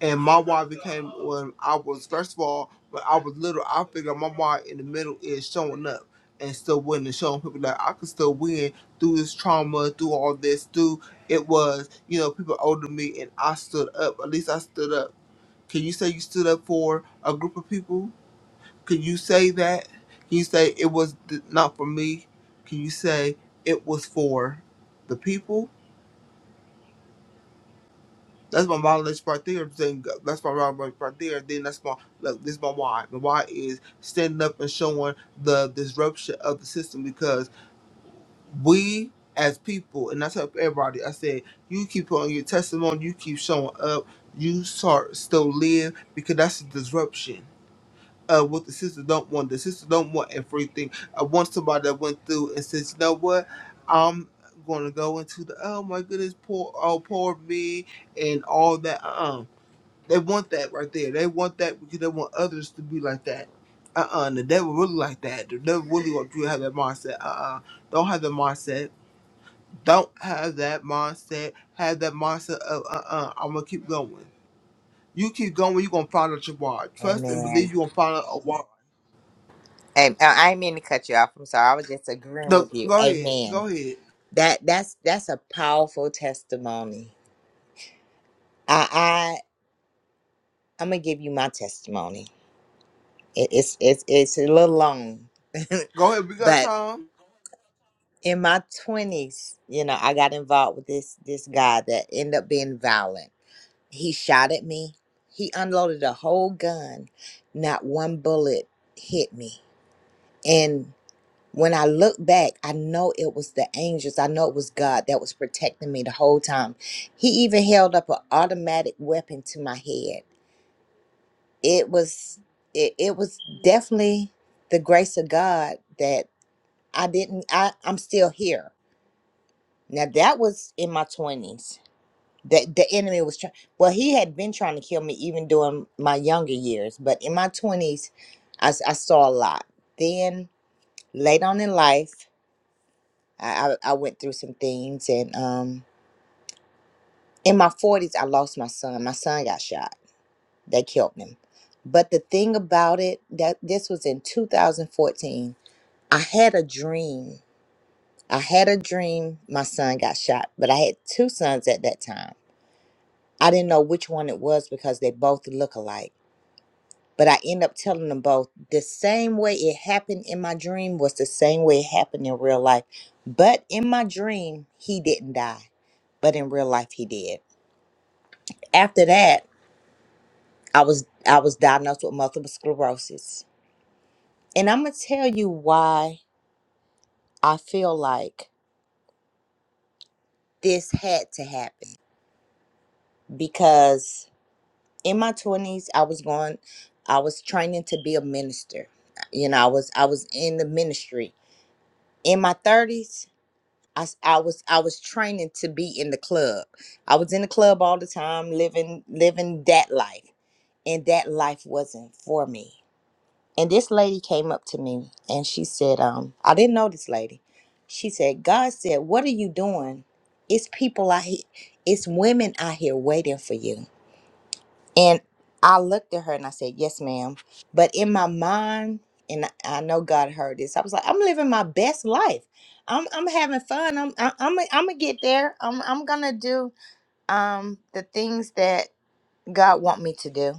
And my why became when I was first of all when I was little, I figured my why in the middle is showing up and still winning, and showing people that I can still win through this trauma, through all this, through it was you know people older than me and I stood up. At least I stood up. Can you say you stood up for a group of people? Can you say that? Can you say it was th- not for me? Can you say it was for the people? That's my knowledge part there. Then that's my knowledge part there. Then that's my look, this is my why. My why is standing up and showing the disruption of the system because we as people, and I tell everybody, I said you keep on your testimony, you keep showing up, you start still live because that's the disruption. Uh, what the sister don't want, the sister don't want everything. I want somebody that went through and says, you know what, I'm going to go into the oh my goodness, poor oh poor me and all that. Uh-uh. They want that right there. They want that because they want others to be like that. Uh uh the devil really like that. The devil really want you to have that mindset. Uh uh-uh. uh. do not have that mindset. Don't have that mindset. Have that mindset of uh uh-uh, uh, i gonna keep going. You keep going, you're gonna find out your why. Trust and believe amen. you're gonna find out a why. Hey, I I didn't mean to cut you off. I'm sorry. I was just agreeing No, with you. go ahead. Amen. Go ahead. That that's that's a powerful testimony. I. I'm gonna give you my testimony. It, it's it's it's a little long, Go ahead. We got but time. in my twenties, you know, I got involved with this this guy that ended up being violent. He shot at me. He unloaded a whole gun. Not one bullet hit me. And when I look back, I know it was the angels. I know it was God that was protecting me the whole time. He even held up an automatic weapon to my head it was it, it was definitely the grace of God that I didn't I I'm still here. Now that was in my 20s. That the enemy was trying well he had been trying to kill me even during my younger years, but in my 20s I, s- I saw a lot. Then late on in life I, I I went through some things and um in my 40s I lost my son. My son got shot. They killed him. But the thing about it that this was in 2014 I had a dream. I had a dream my son got shot, but I had two sons at that time. I didn't know which one it was because they both look alike. But I end up telling them both the same way it happened in my dream was the same way it happened in real life. But in my dream, he didn't die. But in real life he did. After that, I was I was diagnosed with multiple sclerosis. And I'm gonna tell you why I feel like this had to happen because in my 20s i was going i was training to be a minister you know i was i was in the ministry in my 30s I, s- I was i was training to be in the club i was in the club all the time living living that life and that life wasn't for me and this lady came up to me and she said um i didn't know this lady she said god said what are you doing it's people out here it's women out here waiting for you and I looked at her and I said, Yes, ma'am. But in my mind, and I I know God heard this, I was like, I'm living my best life. I'm, I'm having fun. I'm, I- I'm, I'm gonna get there. I'm, I'm gonna do um, the things that God want me to do.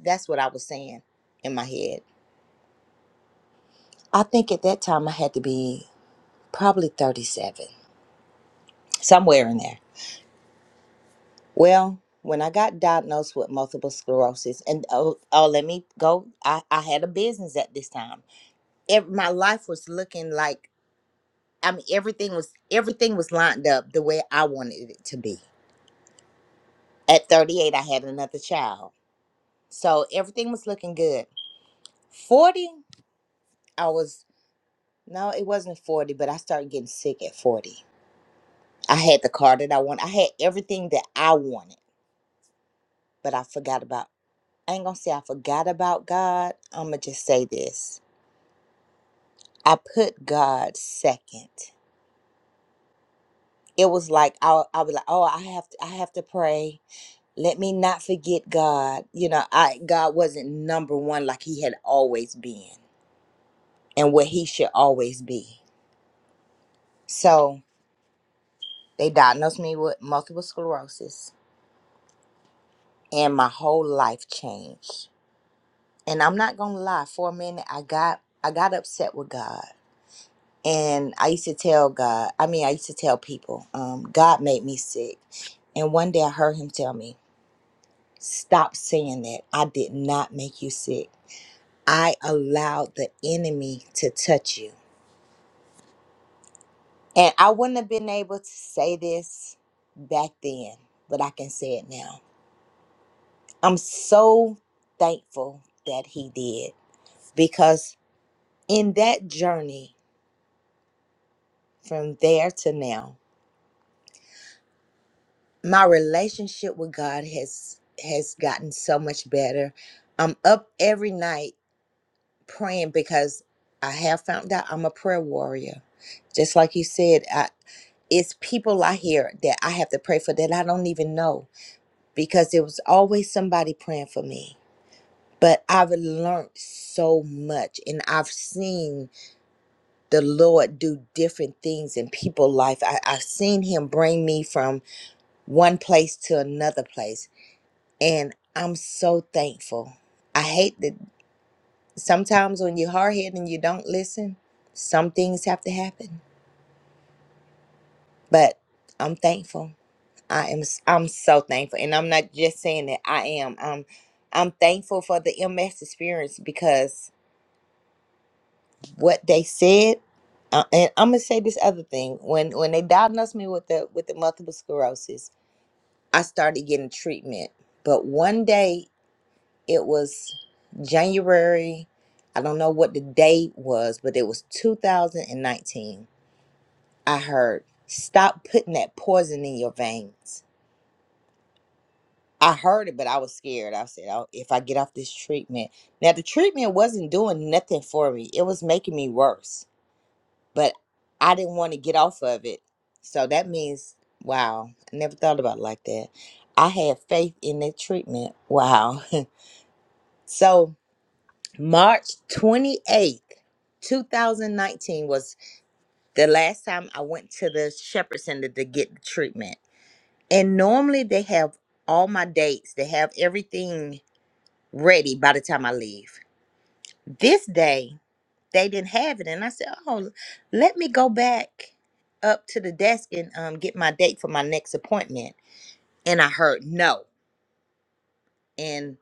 That's what I was saying in my head. I think at that time I had to be probably 37, somewhere in there. Well, when I got diagnosed with multiple sclerosis, and oh, oh let me go. I, I had a business at this time. ev- my life was looking like I mean everything was everything was lined up the way I wanted it to be. At 38 I had another child. So everything was looking good. 40 I was no it wasn't 40 but I started getting sick at 40. I had the car that I wanted. I had everything that I wanted, but I forgot about I ain't going to say I forgot about God. I'm going to just say this. I put God second. It was like I I was like, "Oh, I have to I have to pray. let me not forget God. You know, I God wasn't number one like he had always been and what he should always be. So they diagnosed me with multiple sclerosis and my whole life changed. And I'm not gonna lie, for a minute I got I got upset with God. And I used to tell God, I mean I used to tell people, um, God made me sick. And one day I heard him tell me, Stop saying that. I did not make you sick. I allowed the enemy to touch you. And I wouldn't have been able to say this back then, but I can say it now. I'm so thankful that he did because in that journey from there to now, my relationship with God has has gotten so much better. I'm up every night praying because I have found out I'm a prayer warrior. Just like you said, I, it's people I hear that I have to pray for that I don't even know because there was always somebody praying for me. But I've learned so much and I've seen the Lord do different things in people's life. I, I've seen Him bring me from one place to another place. And I'm so thankful. I hate that sometimes when you're hard headed and you don't listen, some things have to happen. But I'm thankful. I am s- I'm so thankful. And I'm not just saying that I am. I'm I'm thankful for the MS experience because what they said uh, and I'm gonna say this other thing. When when they diagnosed me with the with the multiple sclerosis, I started getting treatment. But one day it was January, I don't know what the date was, but it was 2019 I heard, stop putting that poison in your veins. I heard it, but I was scared. I said, oh, if I get off this treatment. Now, the treatment wasn't doing nothing for me, it was making me worse, but I didn't want to get off of it. So that means, wow, I never thought about it like that. I had faith in the treatment. Wow. so, March 28th, 2019 was the last time I went to the Shepherd Center to get the treatment And normally they have all my dates, they have everything ready by the time I leave. This day, they didn't have it. And I said, Oh, let me go back up to the desk and um, get my date for my next appointment. And I heard no. And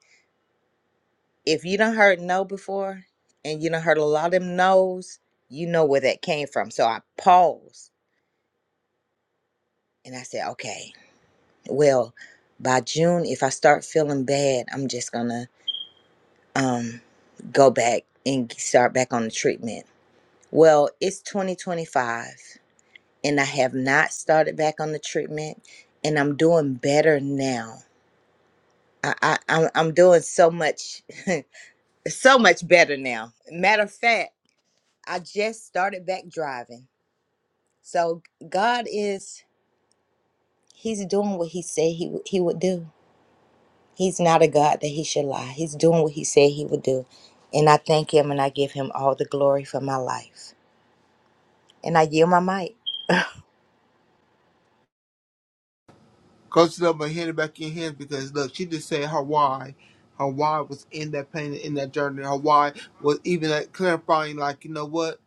if you done heard no before and you done heard a lot of them no's, you know where that came from. So I paused and I said, Okay, well, by June, if I start feeling bad, I'm just gonna um, go back and start back on the treatment. Well, it's 2025 and I have not started back on the treatment and I'm doing better now. I, I, I'm, I'm doing so much, so much better now. Matter of fact, I just started back driving. So God is, he's doing what he said he, would- he would do. He's not a God that he should lie. He's doing what he said he would do. And I thank him and I give him all the glory for my life. And I yield my mic. Coach Love but hand it back in hands because look, she just said her why. Her why was in that pain in that journey. Her why was even like clarifying like, you know what?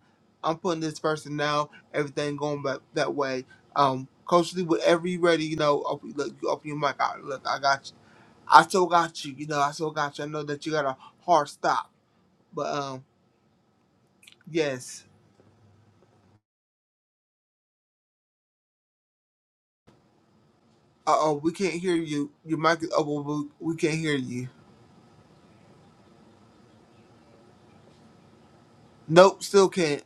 I'm putting this person now, everything going back that way. Um, Coach Lee, whatever you ready, you know, open, look, you open your mic. I, look, I got you. I still got you. You know, I still got you. I know that you got a hard stop, but um, yes. Uh oh, we can't hear you. Your mic is open. but We can't hear you. Nope, still can't.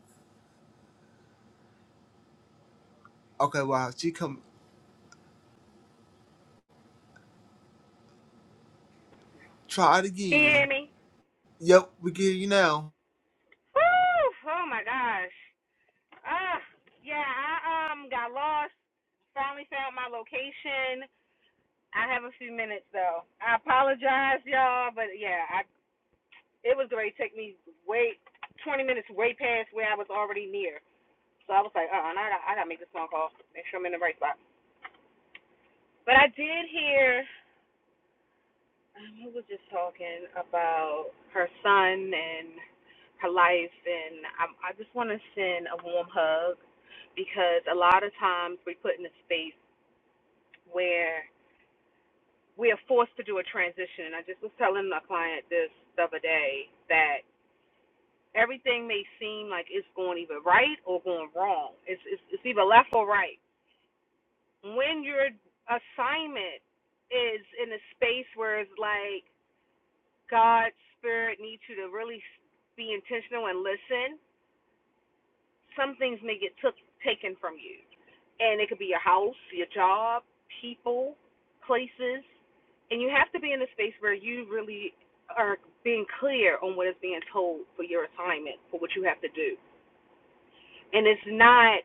Okay, wow. She come. Try it Can you again. hear me? Yep, we get you now. Woo! Oh my gosh. Ah, uh, yeah. I um got lost. Finally found my location. I have a few minutes though. I apologize, y'all, but yeah, I it was going to take me way 20 minutes way past where I was already near. So I was like, uh, uh I gotta, I gotta make this phone call, make sure I'm in the right spot. But I did hear um, who was just talking about her son and her life, and I, I just want to send a warm hug because a lot of times we put in a space where. we are forced to do a transition. And I just was telling my client this the other day that everything may seem like it's going either right or going wrong. It's it's, it's either left or right. When your assignment is in a space where it's like God's Spirit needs you to really be intentional and listen some things may get took taken from you, and it could be your house, your job, people, places, and you have to be in a space where you really are being clear on what is being told for your assignment, for what you have to do, and it's not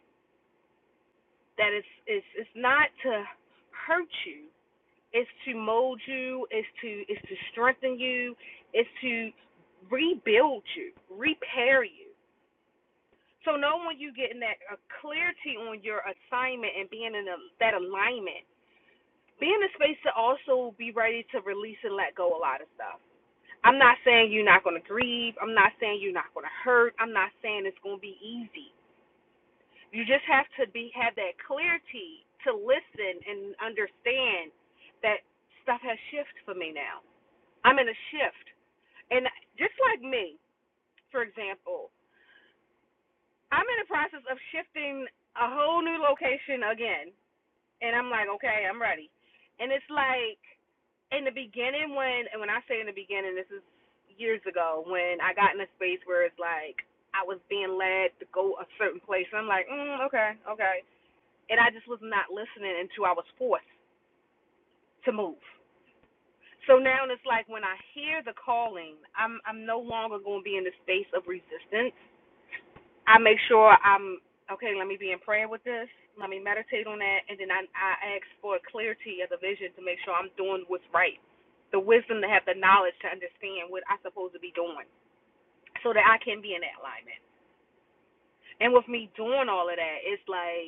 that it's it's it's not to hurt you, it's to mold you, it's to it's to strengthen you, it's to rebuild you, repair you. So knowing when you getting that uh, clarity on your assignment and being in a, that alignment, be in a space to also be ready to release and let go a lot of stuff. I'm not saying you're not going to grieve. I'm not saying you're not going to hurt. I'm not saying it's going to be easy. You just have to be have that clarity to listen and understand that stuff has shifted for me now. I'm in a shift, and just like me, for example, I'm in the process of shifting a whole new location again and I'm like, okay, I'm ready. And it's like in the beginning when and when I say in the beginning, this is years ago when I got in a space where it's like I was being led to go a certain place. And I'm like, mm, okay, okay, and I just was not listening until I was forced to move. So now it's like when I hear the calling, I'm I'm no longer going to be in the space of resistance I make sure I'm okay. Let me be in prayer with this. Let me meditate on that, and then I, I ask for clarity of the vision to make sure I'm doing what's right, the wisdom to have the knowledge to understand what I'm supposed to be doing, so that I can be in that alignment. And with me doing all of that, it's like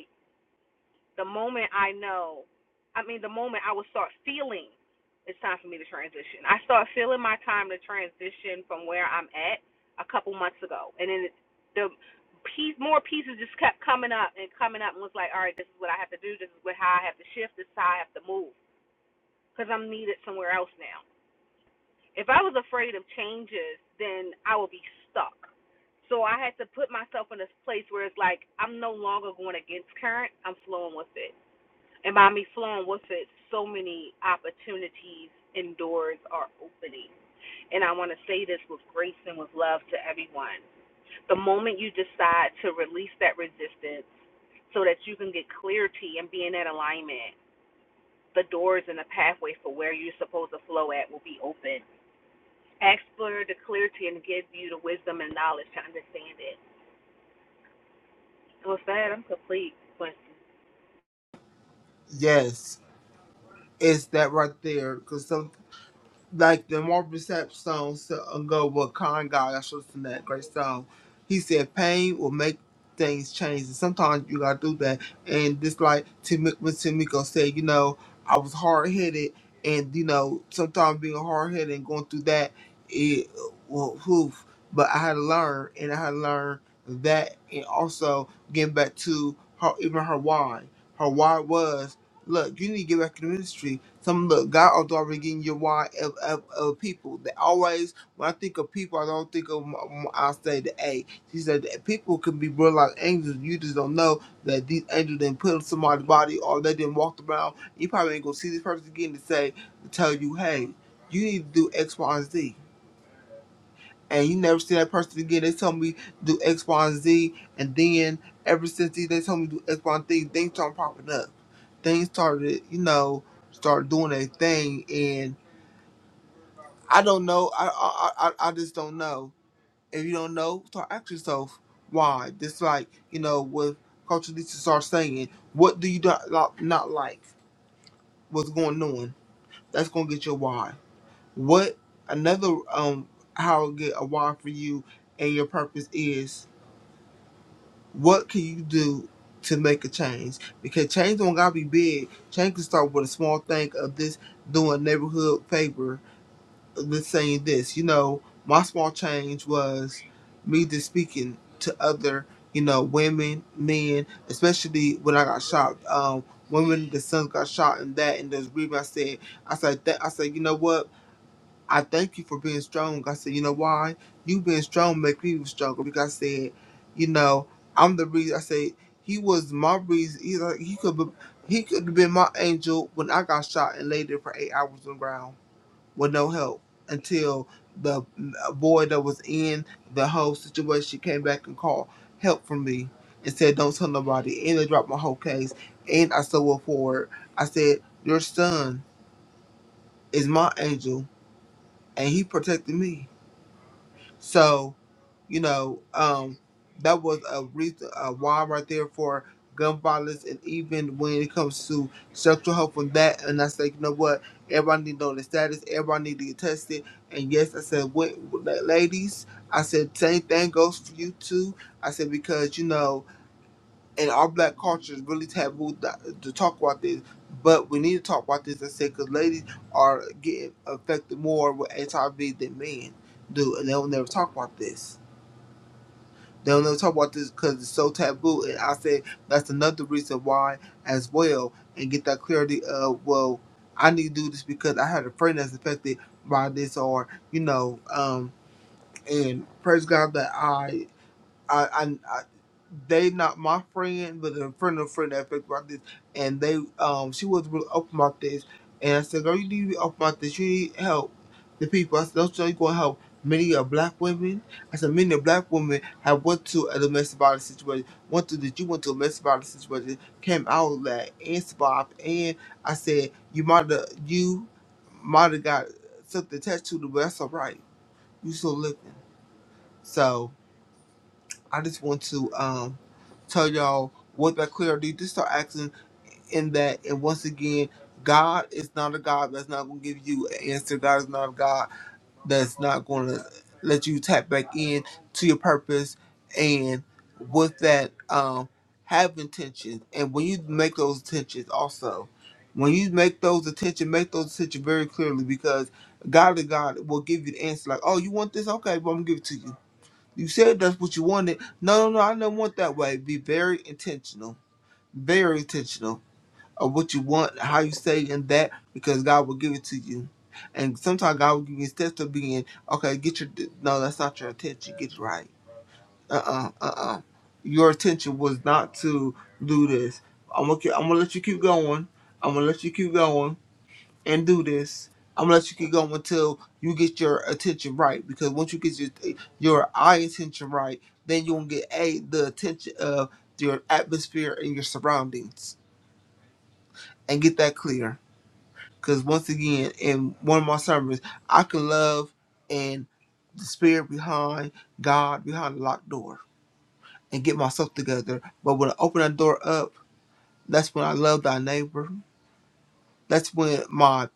the moment I know, I mean, the moment I will start feeling it's time for me to transition. I start feeling my time to transition from where I'm at a couple months ago, and then the piece, more pieces just kept coming up and coming up, and was like, all right, this is what I have to do. This is what how I have to shift. This is how I have to move because I'm needed somewhere else now. If I was afraid of changes, then I would be stuck. So I had to put myself in this place where it's like I'm no longer going against current. I'm flowing with it and by me flowing with it, so many opportunities and doors are opening. And I want to say this with grace and with love to everyone. The moment you decide to release that resistance so that you can get clarity and be in that alignment, the doors and the pathway for where you're supposed to flow at will be open. Ask for the clarity and give you the wisdom and knowledge to understand it. And with that, I'm complete, Quincy. Yes, it's that right there. Cause some like the Marvin Sapp song so- uh, go with Con God, that's what's in that great song. He said pain will make things change and sometimes you gotta do that. And just like Tim when Timiko said, you know, I was hard headed and you know, sometimes being hard headed and going through that it well oof. But I had to learn and I had to learn that and also getting back to her even her why. Her why was Look, you need to get back in the ministry. Some look, God is already getting your why of of, of people. They always, when I think of people, I don't think of, m- I say the A. She said that people can be real like angels. You just don't know that these angels didn't put in somebody's body or they didn't walk around. You probably ain't gonna see this person again to say, to tell you, hey, you need to do X, Y, and Z and you never see that person again. They tell me do X, Y, and Z, and then ever since they they told me do X, Y, and Z, things started popping up. Things started, you know, started doing their thing, and I don't know. I I I, I just don't know. If you don't know, start asking yourself why. Just like you know, with Coach Lisa start saying, what do you not not not like? What's going on? That's gonna get your why. What another um how to get a why for you and your purpose is What can you do to make a change? Because change don't gotta be big. Change can start with a small thing of this doing neighborhood favor. This saying this, you know, my small change was me just speaking to other, you know, women, men, especially when I got shot. Um, women, the sons got shot and that, and those reason I said, I said that, I said, you know what? I thank you for being strong. I said, you know why? You being strong make me stronger because I said, you know, I'm the reason. I said he was my reason. He, like, he could be, he could have been my angel when I got shot and laid there for eight hours on the ground with no help until the uh, boy that was in the whole situation came back and called help from me and said, don't tell nobody. And they dropped my whole case. And I still went forward. I said, your son is my angel and he protected me So, you know, um, that was a reason, a why right there for gun violence, and even when it comes to sexual health and that. And I said, you know what? Everybody need to know the status. Everybody need to get tested. And yes, I said, wait, ladies, I said same thing goes for you too. I said because you know and our black culture is really taboo th- to talk about this. But we need to talk about this and say because ladies are getting affected more with HIV than men do, and they'll never talk about this. They'll never talk about this because it's so taboo. And I say that's another reason why as well, and get that clarity of well, I need to do this because I had a friend that's affected by this, or you know, um, and praise God that I I, I, I they not my friend, but a friend of a friend that picked about this, and they um she was really open about this, and I said, girl, you need to be open about this. You need help. The people I said, don't you know you gonna help many of black women? I said, many of black women have went to a domestic violence situation, went through that you went to a domestic violence situation, came out of that and survived. And I said, you might have you might have got something attached to the, but that's all right. You still living. So. I just want to um tell y'all what that clarity to start asking in that and once again God is not a God that's not gonna give you an answer. God is not a God that's not gonna let you tap back in to your purpose and with that um have intentions and when you make those intentions also when you make those attention make those attention very clearly because God is God will give you the answer like oh you want this okay well I'm gonna give it to you you said that's what you wanted. No, no, no, I don't want that way. Be very intentional, very intentional of what you want, how you say, and that because God will give it to you. And sometimes God will give you steps of being okay. Get your no, that's not your attention. Get it right. Uh uh-uh, uh uh Your attention was not to do this. I'm gonna ke- I'm gonna let you keep going. I'm gonna let you keep going and do this. I'm gonna let you keep going until you get your attention right. Because once you get your your eye attention right, then you will get a the attention of your atmosphere and your surroundings, and get that clear. Because once again, in one of my sermons, I can love and the spirit behind God behind the locked door and get myself together. But when I open that door up, that's when I love thy neighbor. That's when my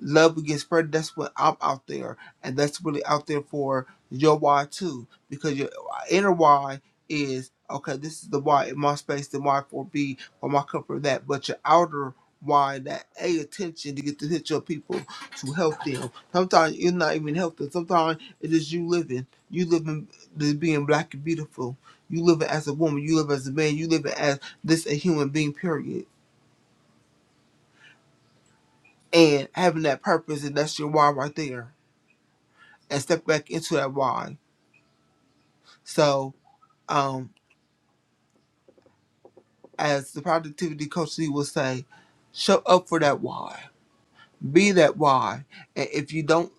love will get spread. That's what I'm out there, and that's really out there for your why too, because your inner why is okay. This is the why in my space, the why for B for my comfort that, but your outer why that a attention to get to hit your people to help them. Sometimes you're not even helping. Sometimes it is you living. You living this being black and beautiful. You live it as a woman. You live as a man. You live it as this a human being. Period. And having that purpose, and that's your why right there and step back into that bond. So, um, as the productivity coach Lee will say, show up for that why, be that why. And if you don't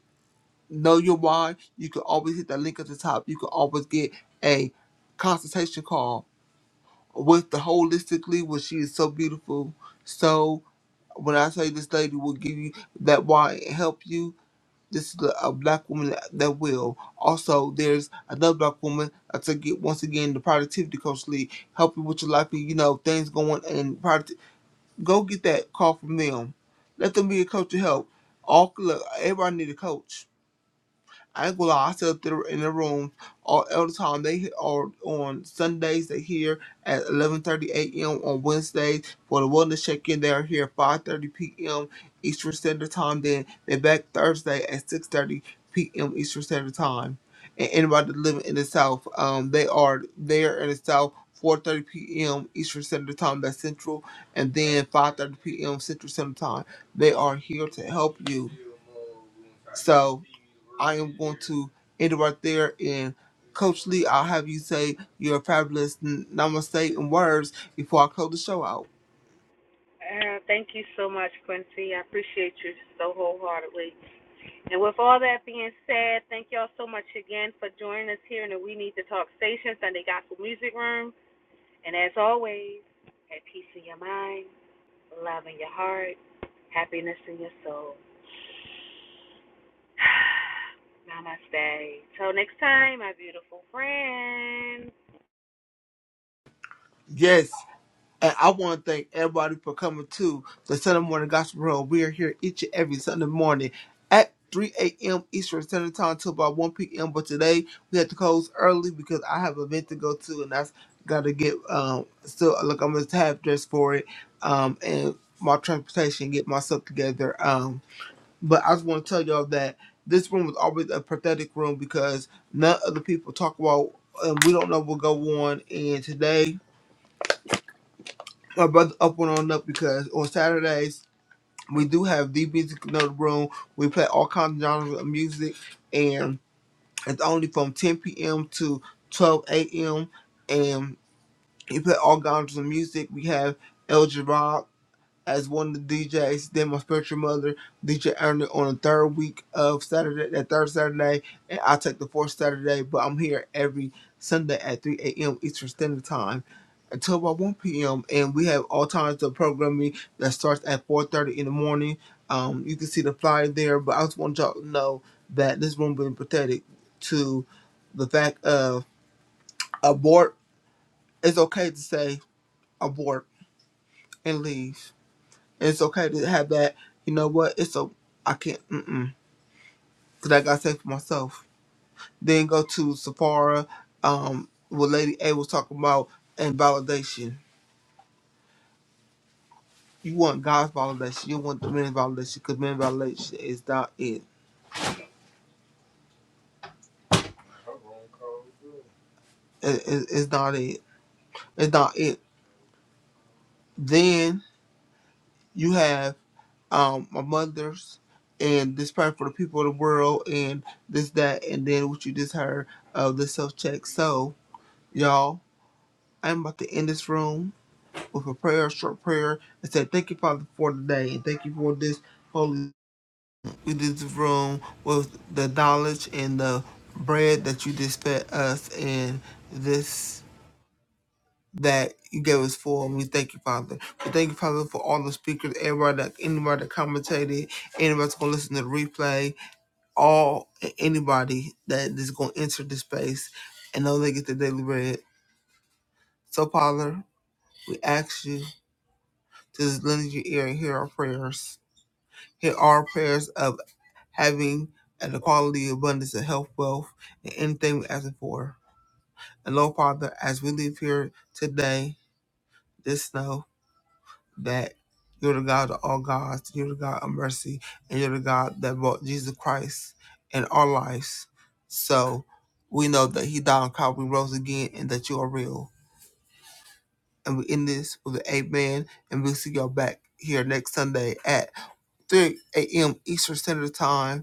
know your why, you can always hit that link at the top. You can always get a consultation call with the holistically, which she is so beautiful. So, when I say this lady will give you that why and help you, This is a a black woman that will. Also, there's another black woman. I take it once again the productivity coach lead, help you with your life. You know things going and product. Go get that call from them. Let them be a coach to help. All look, everybody need a coach I ain't I sit up there in the room all, all the time. They are on Sundays. They here at 11:30 a.m. on Wednesdays for the wellness check-in. They are here at 5:30 p.m. Eastern Standard Time. Then they're back Thursday at 6:30 p.m. Eastern Standard Time. And anybody living in the South, um, they are there in the South. 4:30 p.m. Eastern Standard Time, that's Central, and then 5:30 p.m. Central Standard Time. They are here to help you. So I am going to end it right there. And Coach Lee, I'll have you say your fabulous n- namaste and words before I close the show out. Uh, thank you so much, Quincy. I appreciate you so wholeheartedly. And with all that being said, thank y'all so much again for joining us here in the We Need to Talk Station, Sunday Gospel Music Room. And as always, have peace in your mind, love in your heart, happiness in your soul. Namaste. Till next time, my beautiful friends. Yes. And I want to thank everybody for coming to the Sunday Morning Gospel Room. We are here each and every Sunday morning at 3 a.m. Eastern Standard Time till about 1 p.m. But today we had to close early because I have an event to go to and that's got to get, um, still, look, I'm going to have dress for it um, and my transportation, get myself together. Um, But I just want to tell y'all that this room is always a pathetic room because none of the people talk about, and we don't know what go on. And today, my brother up and on up because on Saturdays we do have the music in the room. We play all kinds of genres of music, and it's only from 10 p.m. to 12 a.m. And we play all genres of music. We have El Jarrah as one of the DJs. Then my spiritual mother, DJ Ernie, on the third week of Saturday, that third Saturday, and I take the fourth Saturday. But I'm here every Sunday at 3 a.m. Eastern Standard Time until about 1 p.m. And we have all times of programming that starts at 4:30 in the morning. Um, you can see the flyer there. But I just want y'all to know that this room being pathetic to the fact of abort. It's okay to say abort and leave It's okay to have that. You know what? It's a I can't. Mm-mm, Cause I got to say for myself. Then go to Sephora. Um, what Lady A was talking about and validation. You want God's validation. You want the men's validation. Cause men's validation is not it. It- it- It's not it. It's not it. Then you have um my mother's and this prayer for the people of the world and this that and then what you just heard of the self check. So y'all, I'm about to end this room. with a prayer, a short prayer, and said, Thank you, Father, for today, and thank you for this holy this room with the knowledge and the bread that you just fed us and this that you gave us for. And we thank you, Father. We thank you, Father, for all the speakers, everybody that anybody that commentated, anybody that's gonna listen to the replay, all anybody that is gonna enter this space and know they get the daily bread. So Father, we ask you to just lend your ear and hear our prayers. Here are prayers of having an equality, abundance, and health, wealth, and anything we're asking for. And Lord Father, as we leave here today, just know that you're the God of all gods, you're the God of mercy, and you're the God that brought Jesus Christ in our lives. So we know that He died on Calvary, rose again, and that you are real. And we end this with an amen, and we'll see y'all back here next Sunday at 3 a.m. Eastern Standard Time.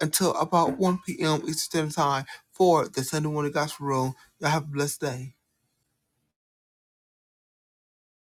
until about 1 p.m. Eastern Time for the Sunday Morning Gospel Room. Y'all have a blessed day.